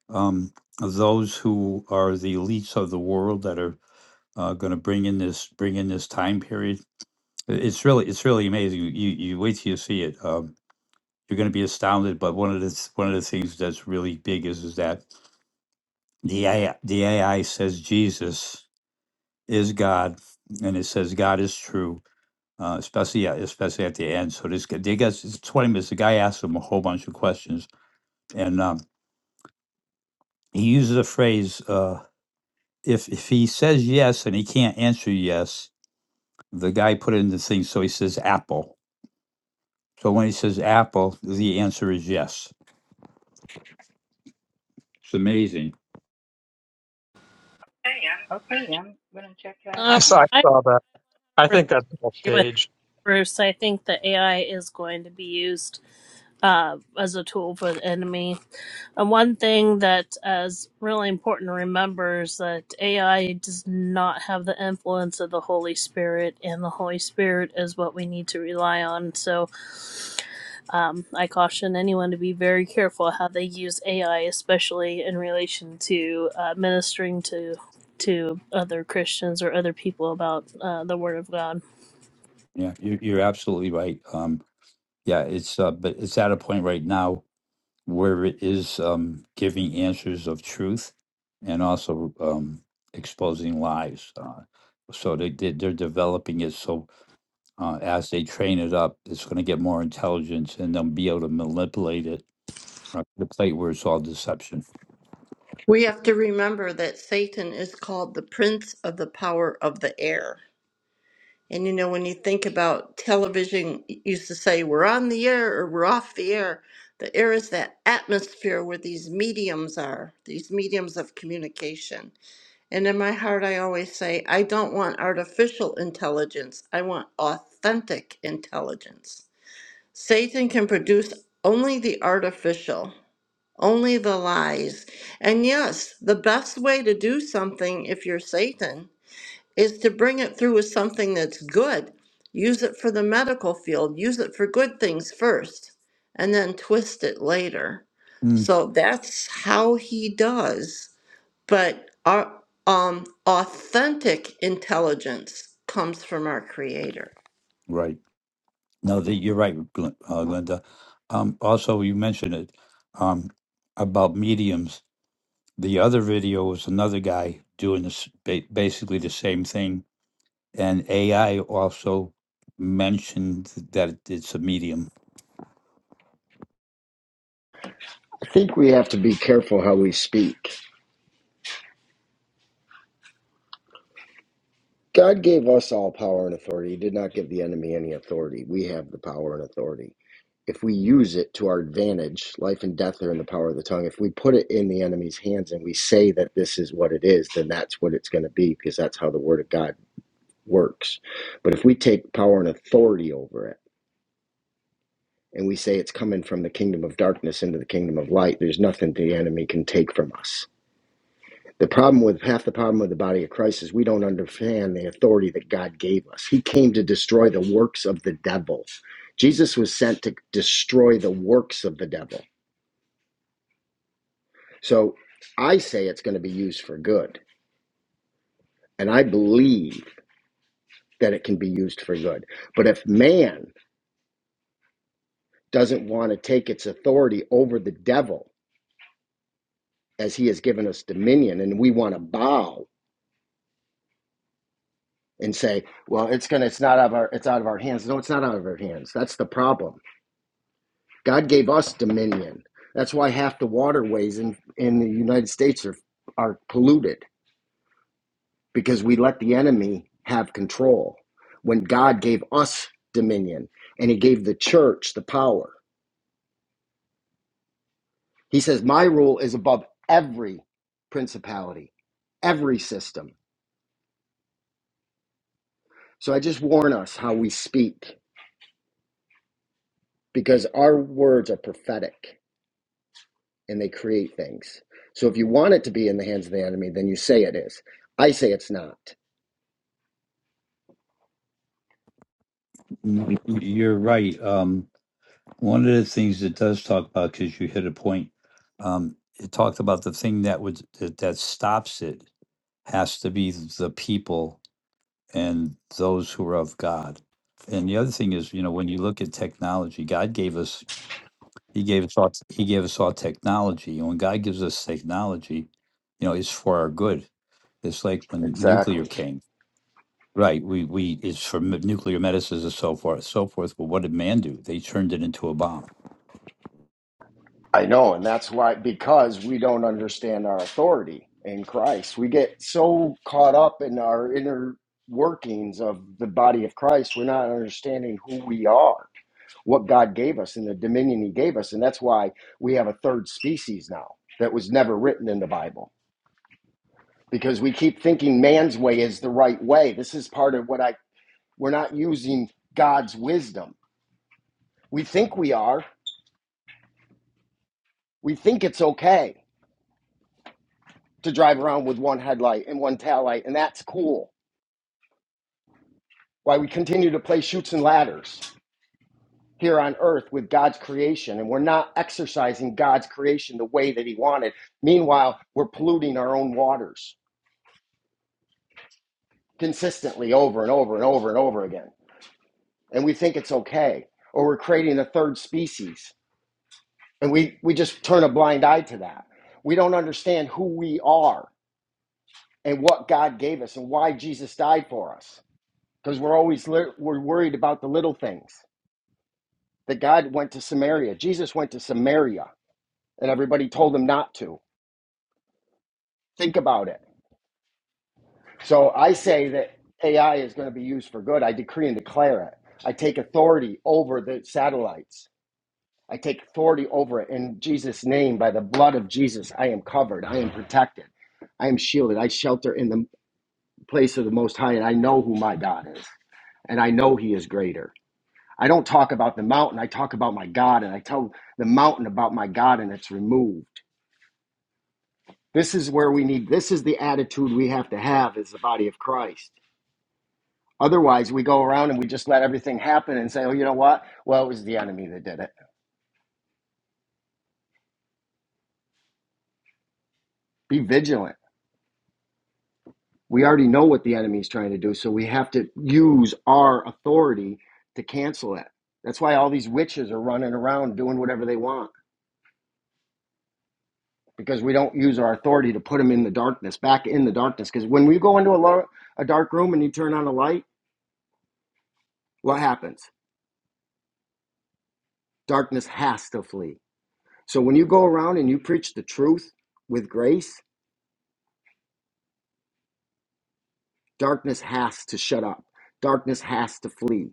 [SPEAKER 8] um, those who are the elites of the world that are uh, going to bring in this bring in this time period. I- It's really it's really amazing. You you wait till you see it. Um, you're going to be astounded. But one of the th- one of the things that's really big is is that The AI, the AI says Jesus is God, and it says God is true, uh, especially at, especially at the end. So this guy, they guess it's twenty minutes. The guy asks him a whole bunch of questions, and um, he uses a phrase: uh, "If if he says yes and he can't answer yes, the guy put in the thing." So he says apple. So when he says apple, the answer is yes. It's amazing.
[SPEAKER 1] Okay, I'm gonna check that
[SPEAKER 9] I
[SPEAKER 3] Um,
[SPEAKER 1] out
[SPEAKER 9] saw, I
[SPEAKER 3] I
[SPEAKER 9] saw that. I
[SPEAKER 3] remember
[SPEAKER 9] think that's all
[SPEAKER 3] somebody
[SPEAKER 9] staged.
[SPEAKER 3] Bruce, I think that AI is going to be used uh, as a tool for the enemy. And one thing that is really important to remember is that AI does not have the influence of the Holy Spirit, and the Holy Spirit is what we need to rely on. So um, I caution anyone to be very careful how they use AI, especially in relation to uh, ministering to to other Christians or other people about uh, the Word of God.
[SPEAKER 8] Yeah, you're, you're absolutely right. Um, yeah, it's uh, but it's at a point right now where it is um, giving answers of truth and also um, exposing lies. Uh, so they, they they're developing it. So uh, as they train it up, it's going to get more intelligence, and they'll be able to manipulate it uh, to the plate where it's all deception.
[SPEAKER 10] We have to remember that Satan is called the prince of the power of the air. And you know, when you think about television, it used to say we're on the air or we're off the air. The air is that atmosphere where these mediums are, these mediums of communication And in my heart, I always say, I don't want artificial intelligence. I want authentic intelligence. Satan can produce only the artificial, only the lies. And yes, the best way to do something, if you're Satan, is to bring it through with something that's good. Use it for the medical field, use it for good things first, and then twist it later.
[SPEAKER 8] Mm.
[SPEAKER 10] So that's how he does. But our um, authentic intelligence comes from our Creator.
[SPEAKER 8] Right. No, that you're right, Gl- uh, Linda. Um, also, you mentioned it um, about mediums. The other video was another guy doing this, ba- basically the same thing And AI also mentioned that it's a medium.
[SPEAKER 11] I think we have to be careful how we speak. God gave us all power and authority. He did not give the enemy any authority. We have the power and authority. If we use it to our advantage, life and death are in the power of the tongue. If we put it in the enemy's hands and we say that this is what it is, then that's what it's going to be because that's how the word of God works. But if we take power and authority over it and we say it's coming from the kingdom of darkness into the kingdom of light, there's nothing the enemy can take from us. The problem with half the problem with the body of Christ is we don't understand the authority that God gave us. He came to destroy the works of the devil. Jesus was sent to destroy the works of the devil. So I say it's going to be used for good, and I believe that it can be used for good. But if man doesn't want to take its authority over the devil as he has given us dominion and we want to bow and say, well, it's going to it's not out of our it's out of our hands. No, it's not out of our hands. That's the problem God gave us dominion. That's why half the waterways in, in the United States are, are polluted because we let the enemy have control when God gave us dominion and he gave the church the power. He says, My rule is above every principality, every system. So I just warn us how we speak because our words are prophetic and they create things. So if you want it to be in the hands of the enemy, then you say it is. I say it's not.
[SPEAKER 8] Mm, You're right. Um, one of the things it does talk about, because you hit a point, um, it talked about the thing that would that, that stops it has to be the people and those who are of God. And the other thing is, you know, when you look at technology, God gave us He gave us all He gave us all technology. And when God gives us technology, you know, it's for our good. It's like when nuclear
[SPEAKER 11] Exactly.
[SPEAKER 8] came. Right. We we it's for m- nuclear medicines and so forth, so forth. But what did man do? They turned it into a bomb.
[SPEAKER 11] I know, and that's why because we don't understand our authority in Christ. We get so caught up in our inner workings of the body of Christ, we're not understanding who we are, what God gave us, and the dominion He gave us, and that's why we have a third species now that was never written in the Bible because we keep thinking man's way is the right way. This is part of what I we're not using God's wisdom. We think we are. We think it's okay to drive around with one headlight and one taillight, and that's cool. Why we continue to play shoots and ladders here on earth with God's creation, and we're not exercising God's creation the way that He wanted. Meanwhile, we're polluting our own waters consistently over and over and over and over again. And we think it's okay, or we're creating a third species, and we, we just turn a blind eye to that. We don't understand who we are and what God gave us and why Jesus died for us because we're always lit- we're worried about the little things. That God went to Samaria. Jesus went to Samaria, and everybody told him not to. Think about it. So I say that AI is going to be used for good. I decree and declare it. I take authority over the satellites. I take authority over it in Jesus' name. By the blood of Jesus, I am covered. I am protected. I am shielded. I shelter in the place of the Most High, and I know who my God is, and I know He is greater. I don't talk about the mountain. I talk about my God and I tell the mountain about my God and it's removed. This is where we need, this is the attitude we have to have as the body of Christ. Otherwise, we go around and we just let everything happen and say, oh, you know what? Well, it was the enemy that did it. Be vigilant. We already know what the enemy is trying to do, so we have to use our authority to cancel it. That's why all these witches are running around doing whatever they want because we don't use our authority to put them in the darkness, back in the darkness. Because when we go into a, lo- a dark room and you turn on a light, what happens? Darkness has to flee. So when you go around and you preach the truth with grace, darkness has to shut up. Darkness has to flee.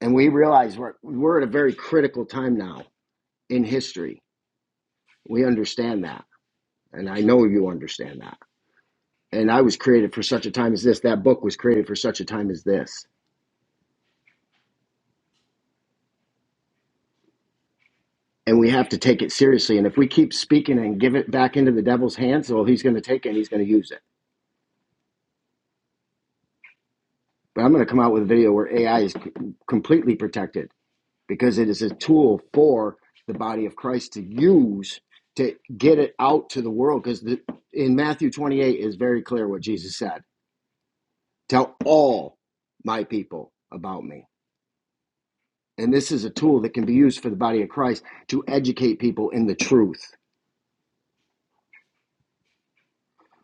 [SPEAKER 11] And we realize we're, we're at a very critical time now in history. We understand that. And I know you understand that. And I was created for such a time as this. That book was created for such a time as this and we have to take it seriously. And if we keep speaking and give it back into the devil's hands, well, he's going to take it and he's going to use it. But I'm going to come out with a video where AI is c- completely protected because it is a tool for the body of Christ to use to get it out to the world. Because in Matthew 28 is very clear what Jesus said Tell all my people about me. And this is a tool that can be used for the body of Christ to educate people in the truth.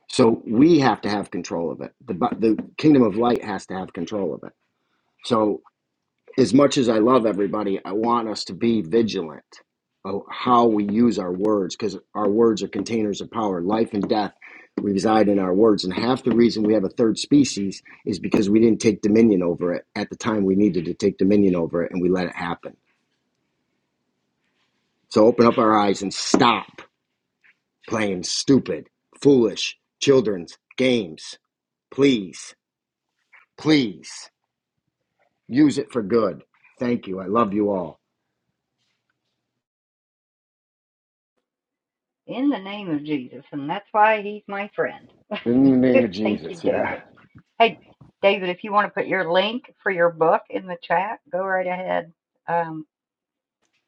[SPEAKER 11] So we have to have control of it. The bu- the kingdom of light has to have control of it. So as much as I love everybody, I want us to be vigilant of how we use our words because our words are containers of power. Life and death reside in our words, and half the reason we have a third species is because we didn't take dominion over it at the time we needed to take dominion over it, and we let it happen. So open up our eyes and stop playing stupid, foolish children's games, please, please. Use it for good. Thank you. I love you all.
[SPEAKER 1] in the name of Jesus, and that's why he's my friend.
[SPEAKER 11] In the name of
[SPEAKER 1] Thank you,
[SPEAKER 11] Jesus. Yeah.
[SPEAKER 1] David. Hey, David, if you want to put your link for your book in the chat, go right ahead. Um,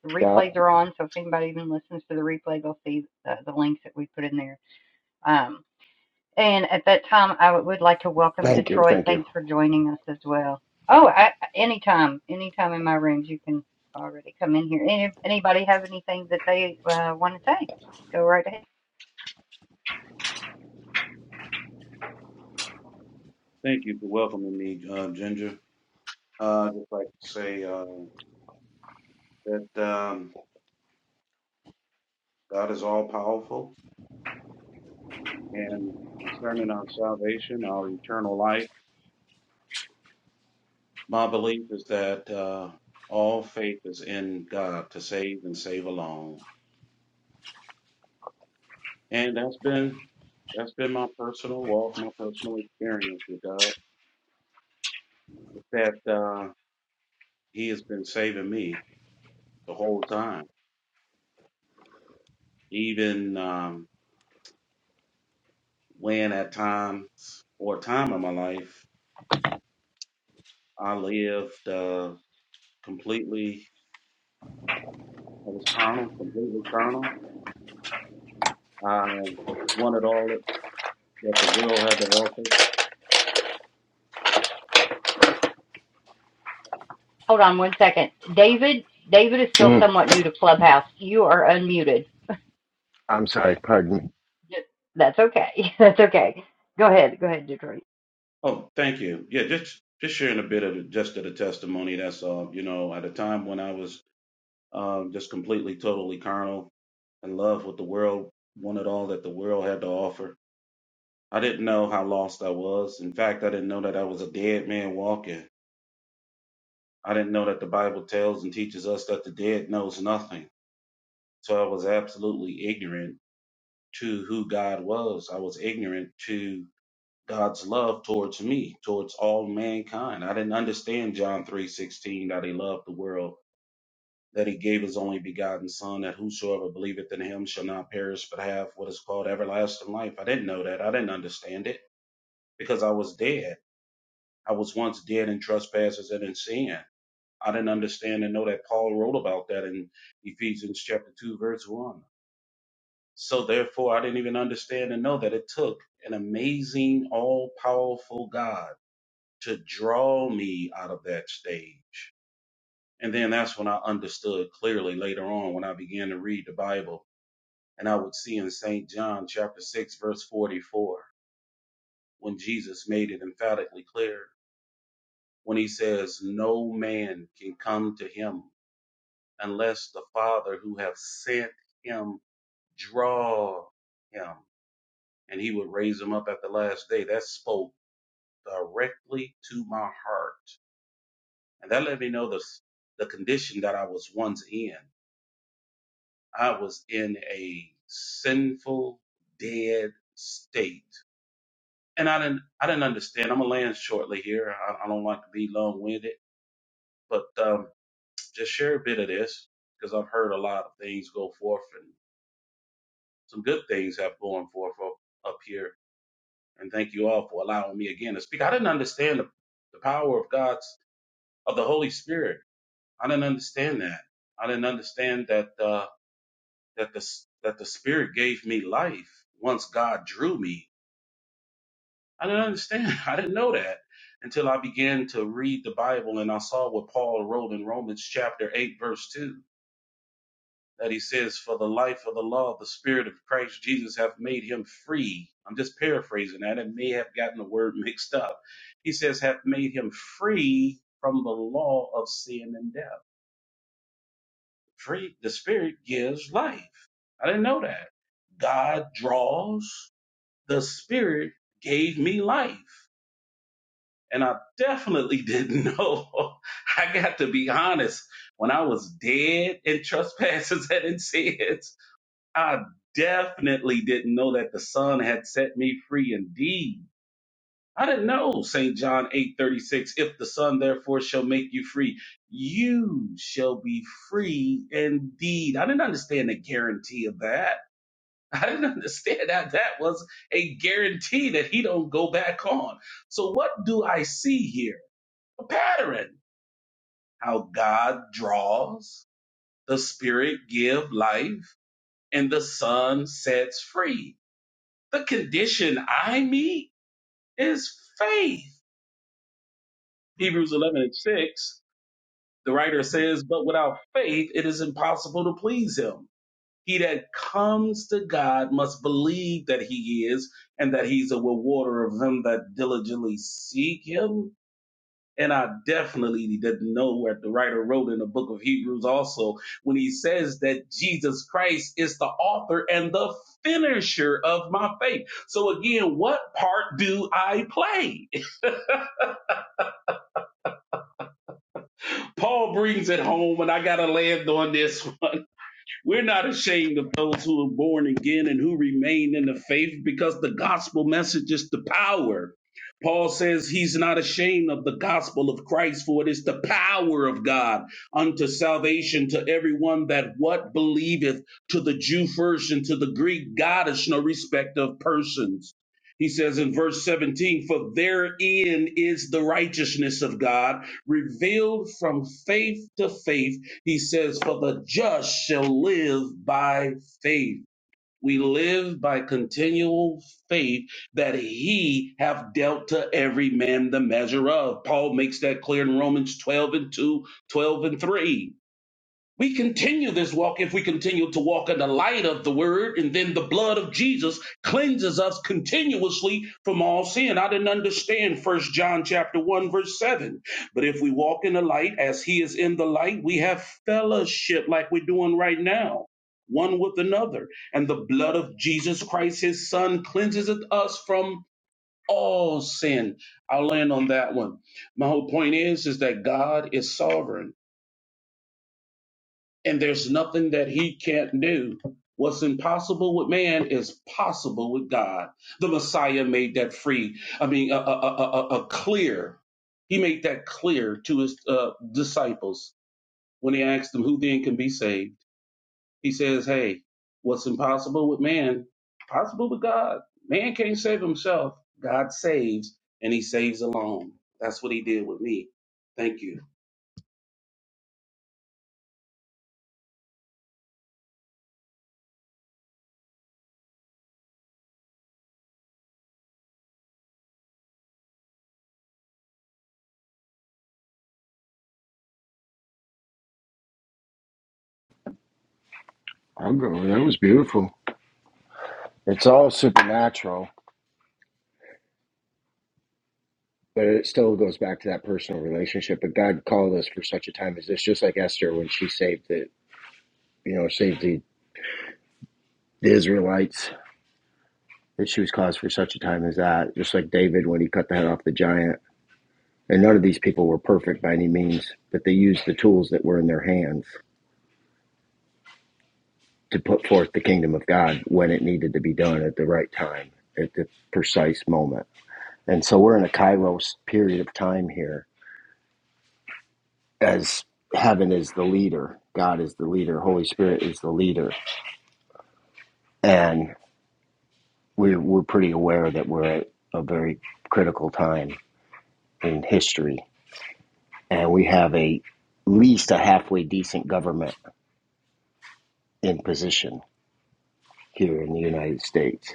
[SPEAKER 1] The
[SPEAKER 11] Yeah.
[SPEAKER 1] replays are on, so if anybody even listens to the replay, they'll see the, the links that we put in there. Um, and at that time, I would like to welcome
[SPEAKER 11] Thank you.
[SPEAKER 1] Detroit.
[SPEAKER 11] Thank you.
[SPEAKER 1] Thanks for joining us as well. Oh, I, anytime, anytime in my rooms, you can already come in here. Any, anybody have anything that they uh, want to say? Go right ahead.
[SPEAKER 12] Thank you for welcoming me, uh, Ginger. Uh, I'd just like to say uh, that um, God is all powerful and concerning our salvation, our eternal life. My belief is that uh, all faith is in God to save and save alone, and that's been that's been my personal walk, my personal experience with God. Is that uh, He has been saving me the whole time, even um, when at times or a time in my life I lived uh, completely, I was carnal, completely carnal. I wanted all that, that the world had to offer.
[SPEAKER 1] Hold on one second. David, David is still
[SPEAKER 11] Mm,
[SPEAKER 1] somewhat new to Clubhouse. You are unmuted.
[SPEAKER 11] I'm sorry. Pardon me.
[SPEAKER 1] Yes. That's okay. That's okay. Go ahead. Go ahead, Detroit.
[SPEAKER 12] Oh, thank you. Yeah, just just sharing a bit of the just of the testimony. That's all. You know, at a time when I was um, just completely, totally carnal, in love with the world, wanted all that the world had to offer. I didn't know how lost I was. In fact, I didn't know that I was a dead man walking. I didn't know that the Bible tells and teaches us that the dead knows nothing. So I was absolutely ignorant to who God was. I was ignorant to God's love towards me, towards all mankind. I didn't understand John 3:16 that he loved the world, that he gave his only begotten son that whosoever believeth in him shall not perish but have what is called everlasting life. I didn't know that. I didn't understand it because I was dead. I was once dead in trespasses and in sin. I didn't understand and know that Paul wrote about that in Ephesians chapter 2 verse 1. So therefore, I didn't even understand and know that it took an amazing, all powerful God to draw me out of that stage. And then that's when I understood clearly later on when I began to read the Bible and I would see in St. John chapter 6 verse 44 when Jesus made it emphatically clear when he says no man can come to him unless the father who have sent him draw him and he would raise them up at the last day. That spoke directly to my heart. And that let me know the, the condition that I was once in. I was in a sinful, dead state. And I didn't, I didn't understand. I'm going to land shortly here. I, I don't like to be long winded, but um, just share a bit of this because I've heard a lot of things go forth and some good things have gone forth up, up here. And thank you all for allowing me again to speak. I didn't understand the the power of God's. of the Holy Spirit. I didn't understand that. I didn't understand that uh, that the that the Spirit gave me life once God drew me. I didn't understand. I didn't know that until I began to read the Bible and I saw what Paul wrote in Romans chapter eight verse two that he says, "For the life of the law, the Spirit of Christ Jesus hath made him free." I'm just paraphrasing that. It may have gotten the word mixed up. He says, "Hath made him free from the law of sin and death." Free the spirit gives life. I didn't know that. God draws, the spirit gave me life. And I definitely didn't know. I got to be honest, when I was dead in trespasses and in sins, I definitely didn't know that the Son had set me free indeed I didn't know St. John 8:36 if the son therefore shall make you free you shall be free indeed. I didn't understand the guarantee of that. I didn't understand that that was a guarantee that he don't go back on. So what do I see here? A pattern. How God draws, the spirit give life and the son sets free. The condition I meet is faith. Hebrews 11 and 6 The writer says, But without faith, it is impossible to please him. He that comes to God must believe that he is, and that he's a rewarder of them that diligently seek him. And I definitely didn't know what the writer wrote in the book of Hebrews also when he says that Jesus Christ is the author and the finisher of my faith. So again, what part do I play? Paul brings it home, and I gotta land on this one. We're not ashamed of those who are born again and who remain in the faith because the gospel message is the power. Paul says he's not ashamed of the gospel of Christ, for it is the power of God unto salvation to everyone that what believeth, to the Jew first and to the Greek, God is no respect of persons. He says in verse 17, for therein is the righteousness of God revealed from faith to faith he says, For the just shall live by faith. We live by continual faith that he hath dealt to every man the measure of. Paul makes that clear in Romans 12 and 2, 12 and 3. We continue this walk if we continue to walk in the light of the word, and then the blood of Jesus cleanses us continuously from all sin. I didn't understand First John chapter 1, verse 7. But if we walk in the light as he is in the light, we have fellowship like we're doing right now, one with another. And the blood of Jesus Christ, his son, cleanses us from all sin. I'll land on that one. My whole point is, is that God is sovereign and there's nothing that he can't do. What's impossible with man is possible with God. The Messiah made that free. I mean, a, a, a, a a clear. He made that clear to his uh, disciples when he asked them, "Who then can be saved?" He says, "Hey, what's impossible with man? Possible with God. Man can't save himself. God saves, and He saves alone. That's what He did with me. Thank you."
[SPEAKER 11] I'll go. That was beautiful. It's all supernatural, but it still goes back to that personal relationship. But God called us for such a time as this, just like Esther when she saved the, you know, saved the, the Israelites. That she was caused for such a time as that, just like David when he cut the head off the giant. And none of these people were perfect by any means, but they used the tools that were in their hands. to put forth the kingdom of God when it needed to be done at the right time, at the precise moment. And so we're in a kairos period of time here as heaven is the leader, God is the leader, Holy Spirit is the leader. And we're, we're pretty aware that we're at a very critical time in history. And we have a least a halfway decent government in position here in the United States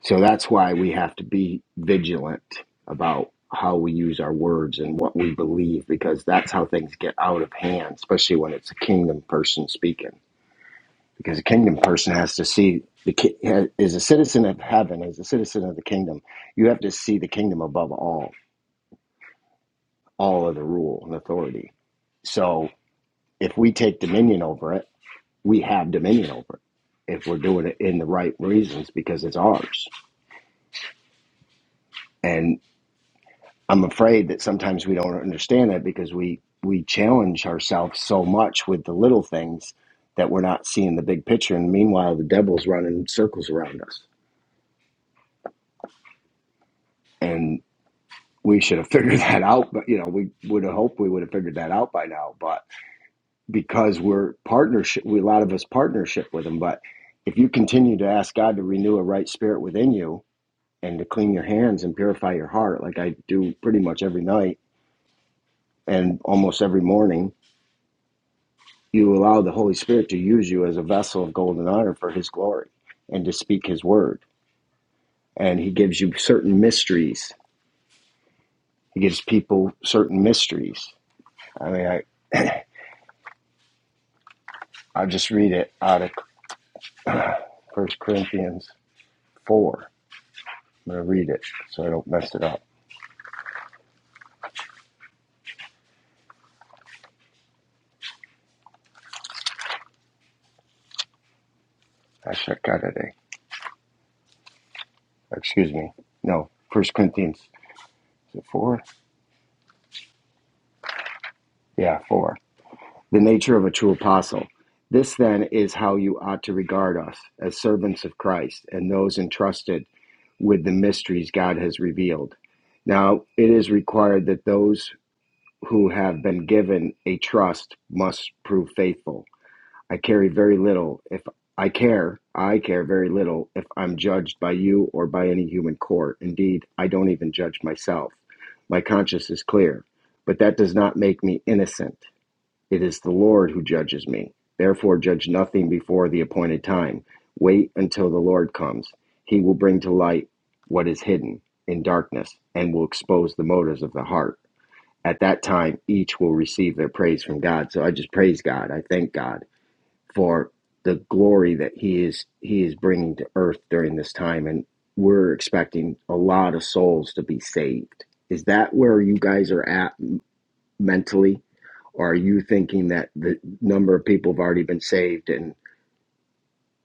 [SPEAKER 11] So that's why we have to be vigilant about how we use our words and what we believe, because that's how things get out of hand, especially when it's a kingdom person speaking. Because a kingdom person has to see the ki- ha- is a citizen of heaven, is a citizen of the kingdom. You have to see the kingdom above all, all of the rule and authority. So if we take dominion over it, we have dominion over it. If we're doing it in the right reasons, because it's ours I'm afraid that sometimes we don't understand that because we we challenge ourselves so much with the little things that we're not seeing the big picture. And meanwhile, the devil's running circles around us, and we should have figured that out. But you know, we would have hoped we would have figured that out by now. But because we're partnership, we a lot of us partnership with him. But if you continue to ask God to renew a right spirit within you and to clean your hands and purify your heart, like I do pretty much every night and almost every morning you allow the Holy Spirit to use you as a vessel of gold and iron for His glory and to speak His word. And He gives you certain mysteries. He gives people certain mysteries. I mean, I, I'll just read it out of First Corinthians 4. I'm going to read it so I don't mess it up. Actually, I got it. eh? Excuse me. No, First Corinthians is it 4? Yeah, 4. The nature of a true apostle. This then is how you ought to regard us as servants of Christ and those entrusted with the mysteries God has revealed. Now, it is required that those who have been given a trust must prove faithful. I carry very little if I care, I care very little if I'm judged by you or by any human court. Indeed, I don't even judge myself. My conscience is clear, but that does not make me innocent. It is the Lord who judges me. Therefore, judge nothing before the appointed time. Wait until the Lord comes. He will bring to light what is hidden in darkness and will expose the motives of the heart. At that time, each will receive their praise from God. So I just praise God. I thank God for the glory that He is He is bringing to earth during this time, and we're expecting a lot of souls to be saved. Is that where you guys are at mentally? Or are you thinking that the number of people have already been saved and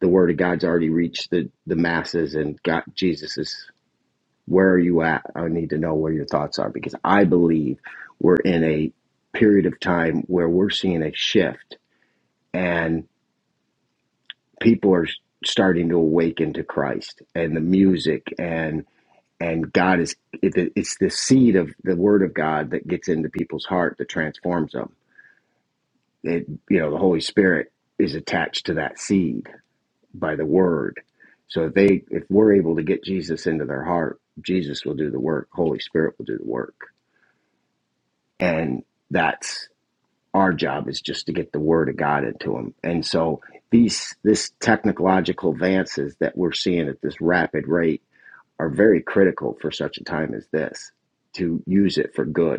[SPEAKER 11] the word of God's already reached the, the masses and got Jesus is where are you at? I need to know where your thoughts are because I believe we're in a period of time where we're seeing a shift and people are starting to awaken to Christ and the music and and God is it, it's the seed of the word of God that gets into people's heart that transforms them It, you know, the Holy Spirit is attached to that seed by the word. So if they, if we're able to get Jesus into their heart, Jesus will do the work. Holy Spirit will do the work, and that's our job is just to get the word of God into them. And so these, this technological advances that we're seeing at this rapid rate are very critical for such a time as this to use it for good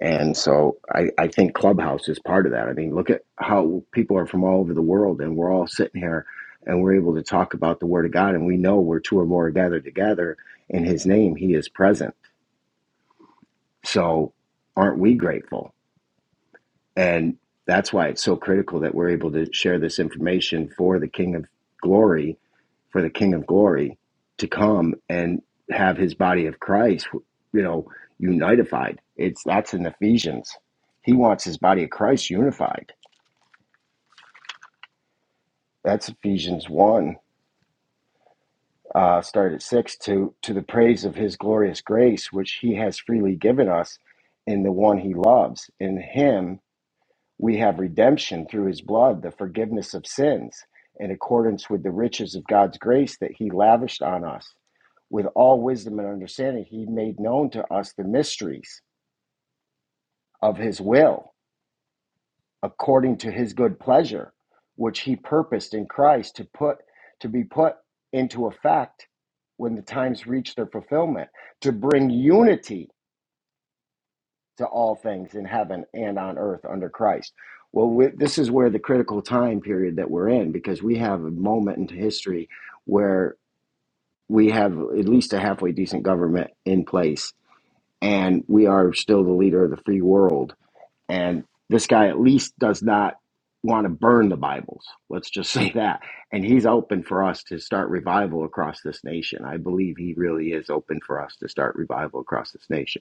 [SPEAKER 11] and so I, I think Clubhouse is part of that. I mean, look at how people are from all over the world and we're all sitting here and we're able to talk about the Word of God. And we know where two or more are gathered together in His name, He is present. So aren't we grateful? And that's why it's so critical that we're able to share this information for the King of Glory for the King of Glory to come and have his body of Christ, you know, unified. It's that's in Ephesians. He wants his body of Christ unified. That's Ephesians one, uh, start at six to to the praise of his glorious grace, which he has freely given us in the one he loves. In him We have redemption through his blood, the forgiveness of sins, in accordance with the riches of God's grace that he lavished on us. With all wisdom and understanding, he made known to us the mysteries of his will, according to his good pleasure, which he purposed in Christ to put to be put into effect when the times reach their fulfillment, to bring unity to all things in heaven and on earth under Christ. Well, we, this is where the critical time period that we're in, because we have a moment in history where we have at least a halfway decent government in place, and we are still the leader of the free world. And this guy at least does not want to burn the Bibles. Let's just say that. And he's open for us to start revival across this nation. I believe he really is open for us to start revival across this nation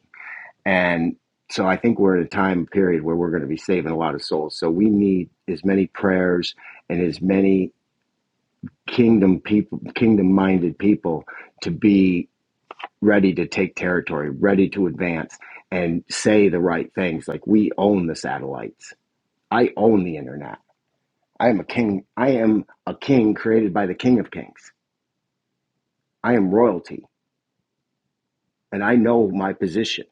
[SPEAKER 11] and so I think we're at a time period where we're going to be saving a lot of souls. So we need as many prayers and as many kingdom people, kingdom minded people to be ready to take territory, ready to advance and say the right things. Like we own the satellites. I own the internet. I am a king. I am a king created by the king of kings. I am royalty and I know my position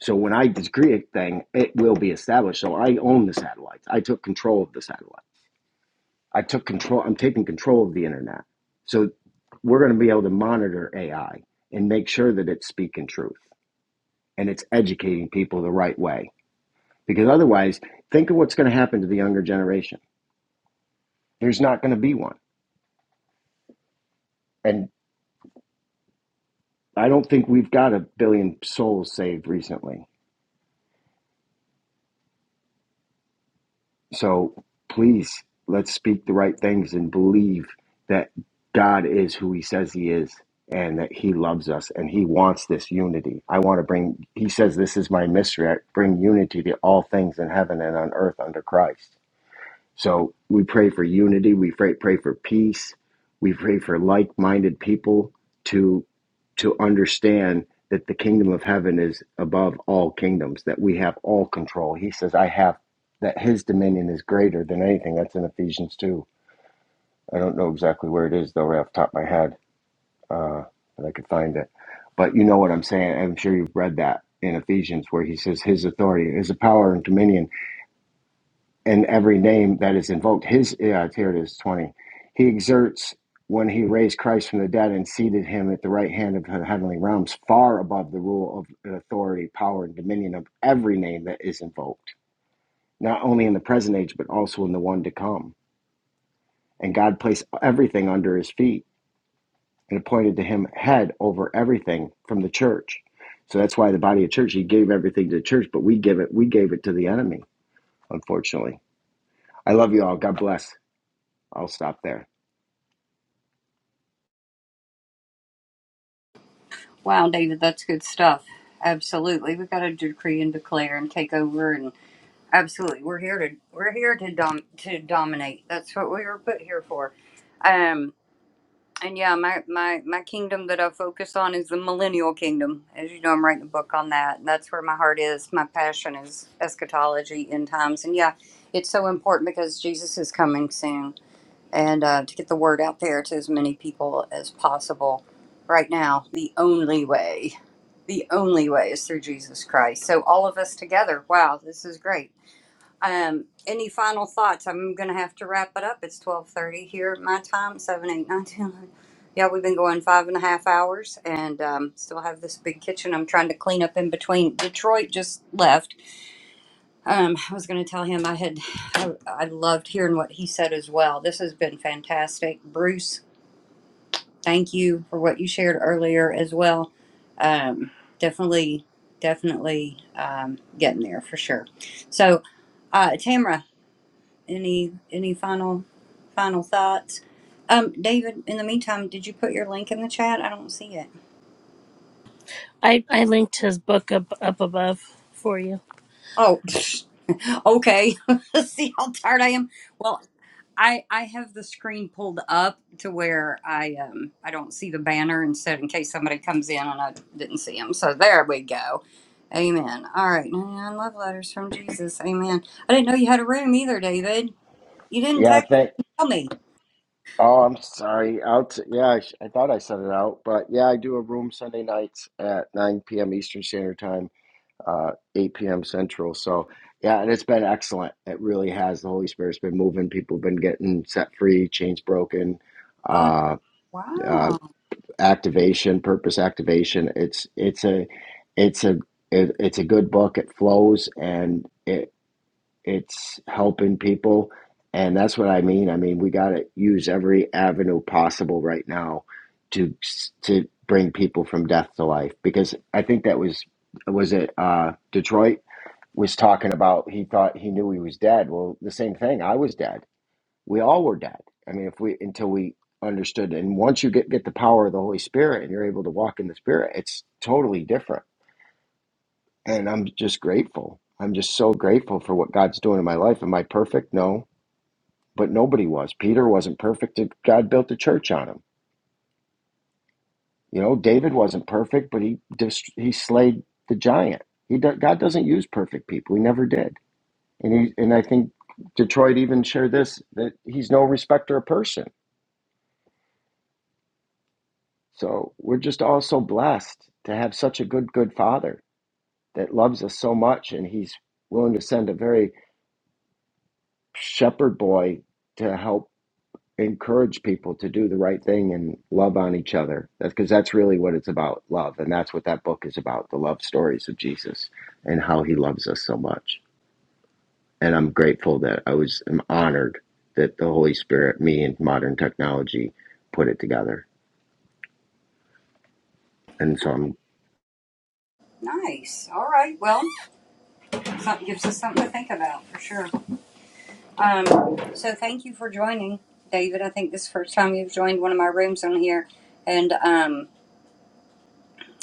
[SPEAKER 11] So when I decree a thing, it will be established. So I own the satellites. I took control of the satellite. I took control. I'm taking control of the internet. So we're going to be able to monitor AI and make sure that it's speaking truth and it's educating people the right way. Because otherwise, think of what's going to happen to the younger generation. There's not going to be one. And I don't think we've got a billion souls saved recently. So please, let's speak the right things and believe that God is who He says He is and that He loves us and He wants this unity. I want to bring, He says, This is my mystery. I bring unity to all things in heaven and on earth under Christ. So we pray for unity. We pray, pray for peace. We pray for like-minded people to to understand that the kingdom of heaven is above all kingdoms. That we have all control. He says, "I have that His dominion is greater than anything." That's in Ephesians two. I don't know exactly where it is though, right off the top of my head, uh, but I could find it. But you know what I'm saying. I'm sure you've read that in Ephesians where he says, "His authority, His power and dominion." and every name that is invoked. His uh, here it is twenty. He exerts when he raised Christ from the dead and seated him at the right hand of the heavenly realms, far above the rule of authority, power, and dominion of every name that is invoked, not only in the present age but also in the one to come. And God placed everything under his feet and appointed to him head over everything from the church. So that's why the body of church, he gave everything to the church, but we give it, we gave it to the enemy, unfortunately. I love you all. God bless. I'll stop there.
[SPEAKER 1] Wow, David, that's good stuff. Absolutely, we got to decree and declare and take over, and absolutely, we're here to we're here to dom to dominate. That's what we were put here for. Um, and yeah, my my my kingdom that I focus on is the millennial kingdom. As you know, I'm writing a book on that, and that's where my heart is. My passion is eschatology, end times, and yeah, it's so important because Jesus is coming soon, and uh, to get the word out there to as many people as possible. Right now, the only way, the only way is through Jesus Christ. So all of us together. Wow, this is great. Um, any final thoughts? I'm gonna have to wrap it up. It's 12:30 here, at my time. Seven, eight, nine, ten, eleven. Yeah, we've been going five and a half hours, and um, still have this big kitchen. I'm trying to clean up in between. Detroit just left um, I was going to tell him I had, I, I loved hearing what he said as well. This has been fantastic. Bruce, thank you for what you shared earlier as well. Um, definitely, definitely um, getting there for sure. So, uh, Tamara, any any final final thoughts? Um, David, in the meantime, did you put your link in the chat? I don't see it.
[SPEAKER 3] I, I linked his book up, up above for you.
[SPEAKER 1] Oh, okay. See how tired I am. Well, I I have the screen pulled up to where I um I don't see the banner instead in case somebody comes in and I didn't see him. So there we go. Amen. All right, 99 love letters from Jesus. Amen. I didn't know you had a room either, David. You didn't
[SPEAKER 11] Yeah, I
[SPEAKER 1] text
[SPEAKER 11] think.
[SPEAKER 1] me.
[SPEAKER 11] Oh, I'm sorry. Out. Yeah, I, sh- I thought I said it out, but yeah, I do a room Sunday nights at 9 p.m. Eastern Standard Time, uh, 8 p.m. Central. So yeah, and it's been excellent. It really has. The Holy Spirit's been moving. People have been getting set free, chains broken,
[SPEAKER 1] Oh,
[SPEAKER 11] uh, uh,
[SPEAKER 1] wow.
[SPEAKER 11] activation, purpose activation. It's it's a it's a it, it's a good book. It flows and it's helping people and that's what i mean i mean we got to use every avenue possible right now to to bring people from death to life because i think that was was it uh detroit was talking about he thought he knew he was dead well the same thing i was dead we all were dead i mean if we until we understood and once you get get the power of the holy spirit and you're able to walk in the spirit it's totally different and i'm just grateful i'm just so grateful for what god's doing in my life am i perfect no but nobody was. Peter wasn't perfect. God built the church on him. You know, David wasn't perfect, but he dist- he slayed the giant. He do- God doesn't use perfect people. He never did. And he and I think Detroit even shared this that he's no respecter of person. So we're just all so blessed to have such a good good father that loves us so much, and he's willing to send a very shepherd boy to help encourage people to do the right thing and love on each other. That's because that's really what it's about, love. And that's what that book is about, the love stories of Jesus and how he loves us so much. And I'm grateful that I was I'm honored that the Holy Spirit, me and modern technology put it together. And so I'm
[SPEAKER 1] Nice. All right. Well, something gives us something to think about for sure. Um, so thank you for joining, David. I think this is the first time you've joined one of my rooms on here, and um.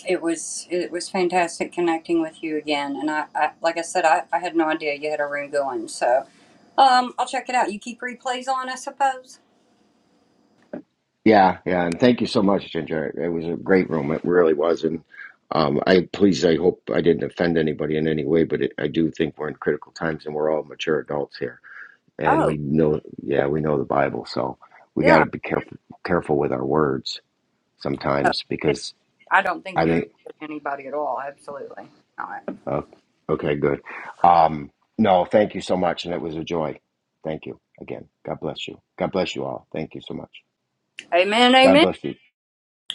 [SPEAKER 1] It was it was fantastic connecting with you again, and I, I like I said, I, I had no idea you had a room going, so um, I'll check it out. You keep replays on, I suppose.
[SPEAKER 11] yeah, yeah, and thank you so much, Ginger. It was a great room. It really was. And um, I please, I hope I didn't offend anybody in any way, but it, I do think we're in critical times and we're all mature adults here and
[SPEAKER 1] Oh
[SPEAKER 11] we know yeah we know the bible so we got
[SPEAKER 1] yeah,
[SPEAKER 11] to be careful careful with our words
[SPEAKER 1] no,
[SPEAKER 11] sometimes because
[SPEAKER 1] I don't think
[SPEAKER 11] i
[SPEAKER 1] you
[SPEAKER 11] think
[SPEAKER 1] offended anybody at all. Absolutely not.
[SPEAKER 11] uh, okay good um no thank you so much and it was a joy thank you again god bless you god bless you all thank you so much
[SPEAKER 1] Amen,
[SPEAKER 11] god
[SPEAKER 1] amen.
[SPEAKER 11] bless you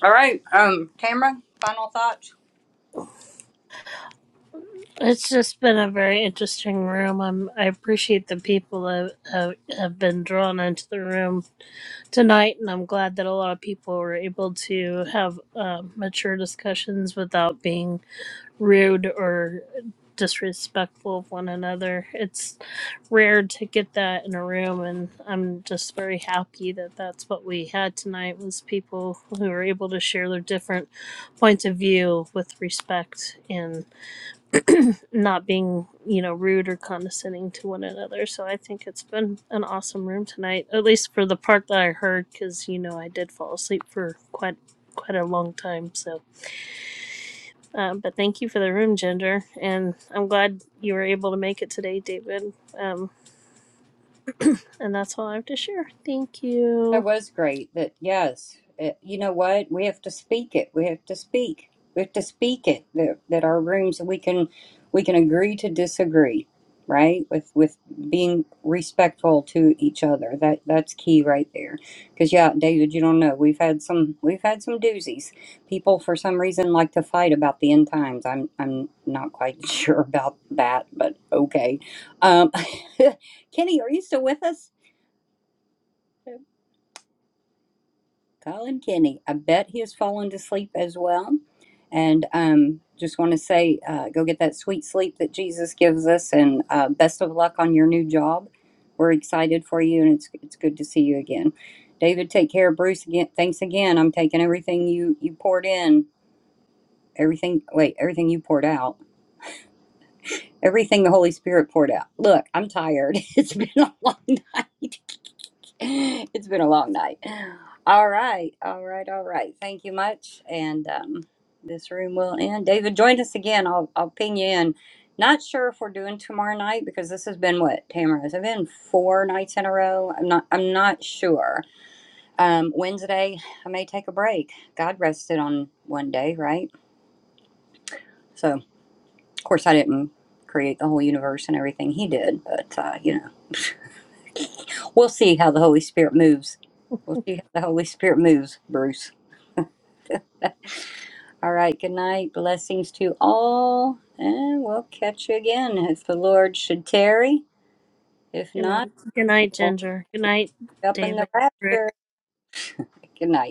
[SPEAKER 1] All right, um, Tamara, final thoughts.
[SPEAKER 3] It's just been a very interesting room. I'm, I appreciate the people that have, have been drawn into the room tonight, and I'm glad that a lot of people were able to have um mature discussions without being rude or disrespectful of one another. It's rare to get that in a room, and I'm just very happy that that's what we had tonight was people who were able to share their different points of view with respect and not being, you know, rude or condescending to one another. So I think it's been an awesome room tonight, at least for the part that I heard, because you know I did fall asleep for quite quite a long time. So. Uh, but thank you for the room, Ginger. And I'm glad you were able to make it today, David. Um, and that's all I have to share. Thank
[SPEAKER 1] That
[SPEAKER 3] you.
[SPEAKER 1] was great. That yes, it, you know what? We have to speak it. We have to speak. We have to speak it. That, that our rooms we can we can agree to disagree, right? With with being respectful to each other. That that's key right there. Because yeah, David, you don't know. We've had some we've had some doozies. People for some reason like to fight about the end times. I'm I'm not quite sure about that, but okay. Um, Kenny, are you still with us? Colin Kenny. I bet he has fallen to sleep as well. And um, just want to say, uh, go get that sweet sleep that Jesus gives us, and uh, best of luck on your new job. We're excited for you, and it's it's good to see you again. David, take care. Bruce, again, thanks again. I'm taking everything you you poured in, everything. Wait, everything you poured out, everything the Holy Spirit poured out. Look, I'm tired. It's been a long night. it's been a long night. All right, all right, all right. Thank you much, and um, this room will end. David, join us again. I'll I'll ping you in. Not sure if we're doing tomorrow night because this has been what Tamara. Has it been four nights in a row? I'm not. I'm not sure. Um, Wednesday, I may take a break. God rested on one day, right? So, of course, I didn't create the whole universe and everything He did, but uh, you know. We'll see how the Holy Spirit moves. We'll see how the Holy Spirit moves, Bruce. All right, good night. Blessings to all. And we'll catch you again if the Lord should tarry. If
[SPEAKER 3] Good
[SPEAKER 1] not,
[SPEAKER 3] night. Good night,
[SPEAKER 1] we'll
[SPEAKER 3] Ginger. Good night,
[SPEAKER 1] be up in the
[SPEAKER 3] David.
[SPEAKER 1] rapture. Good night.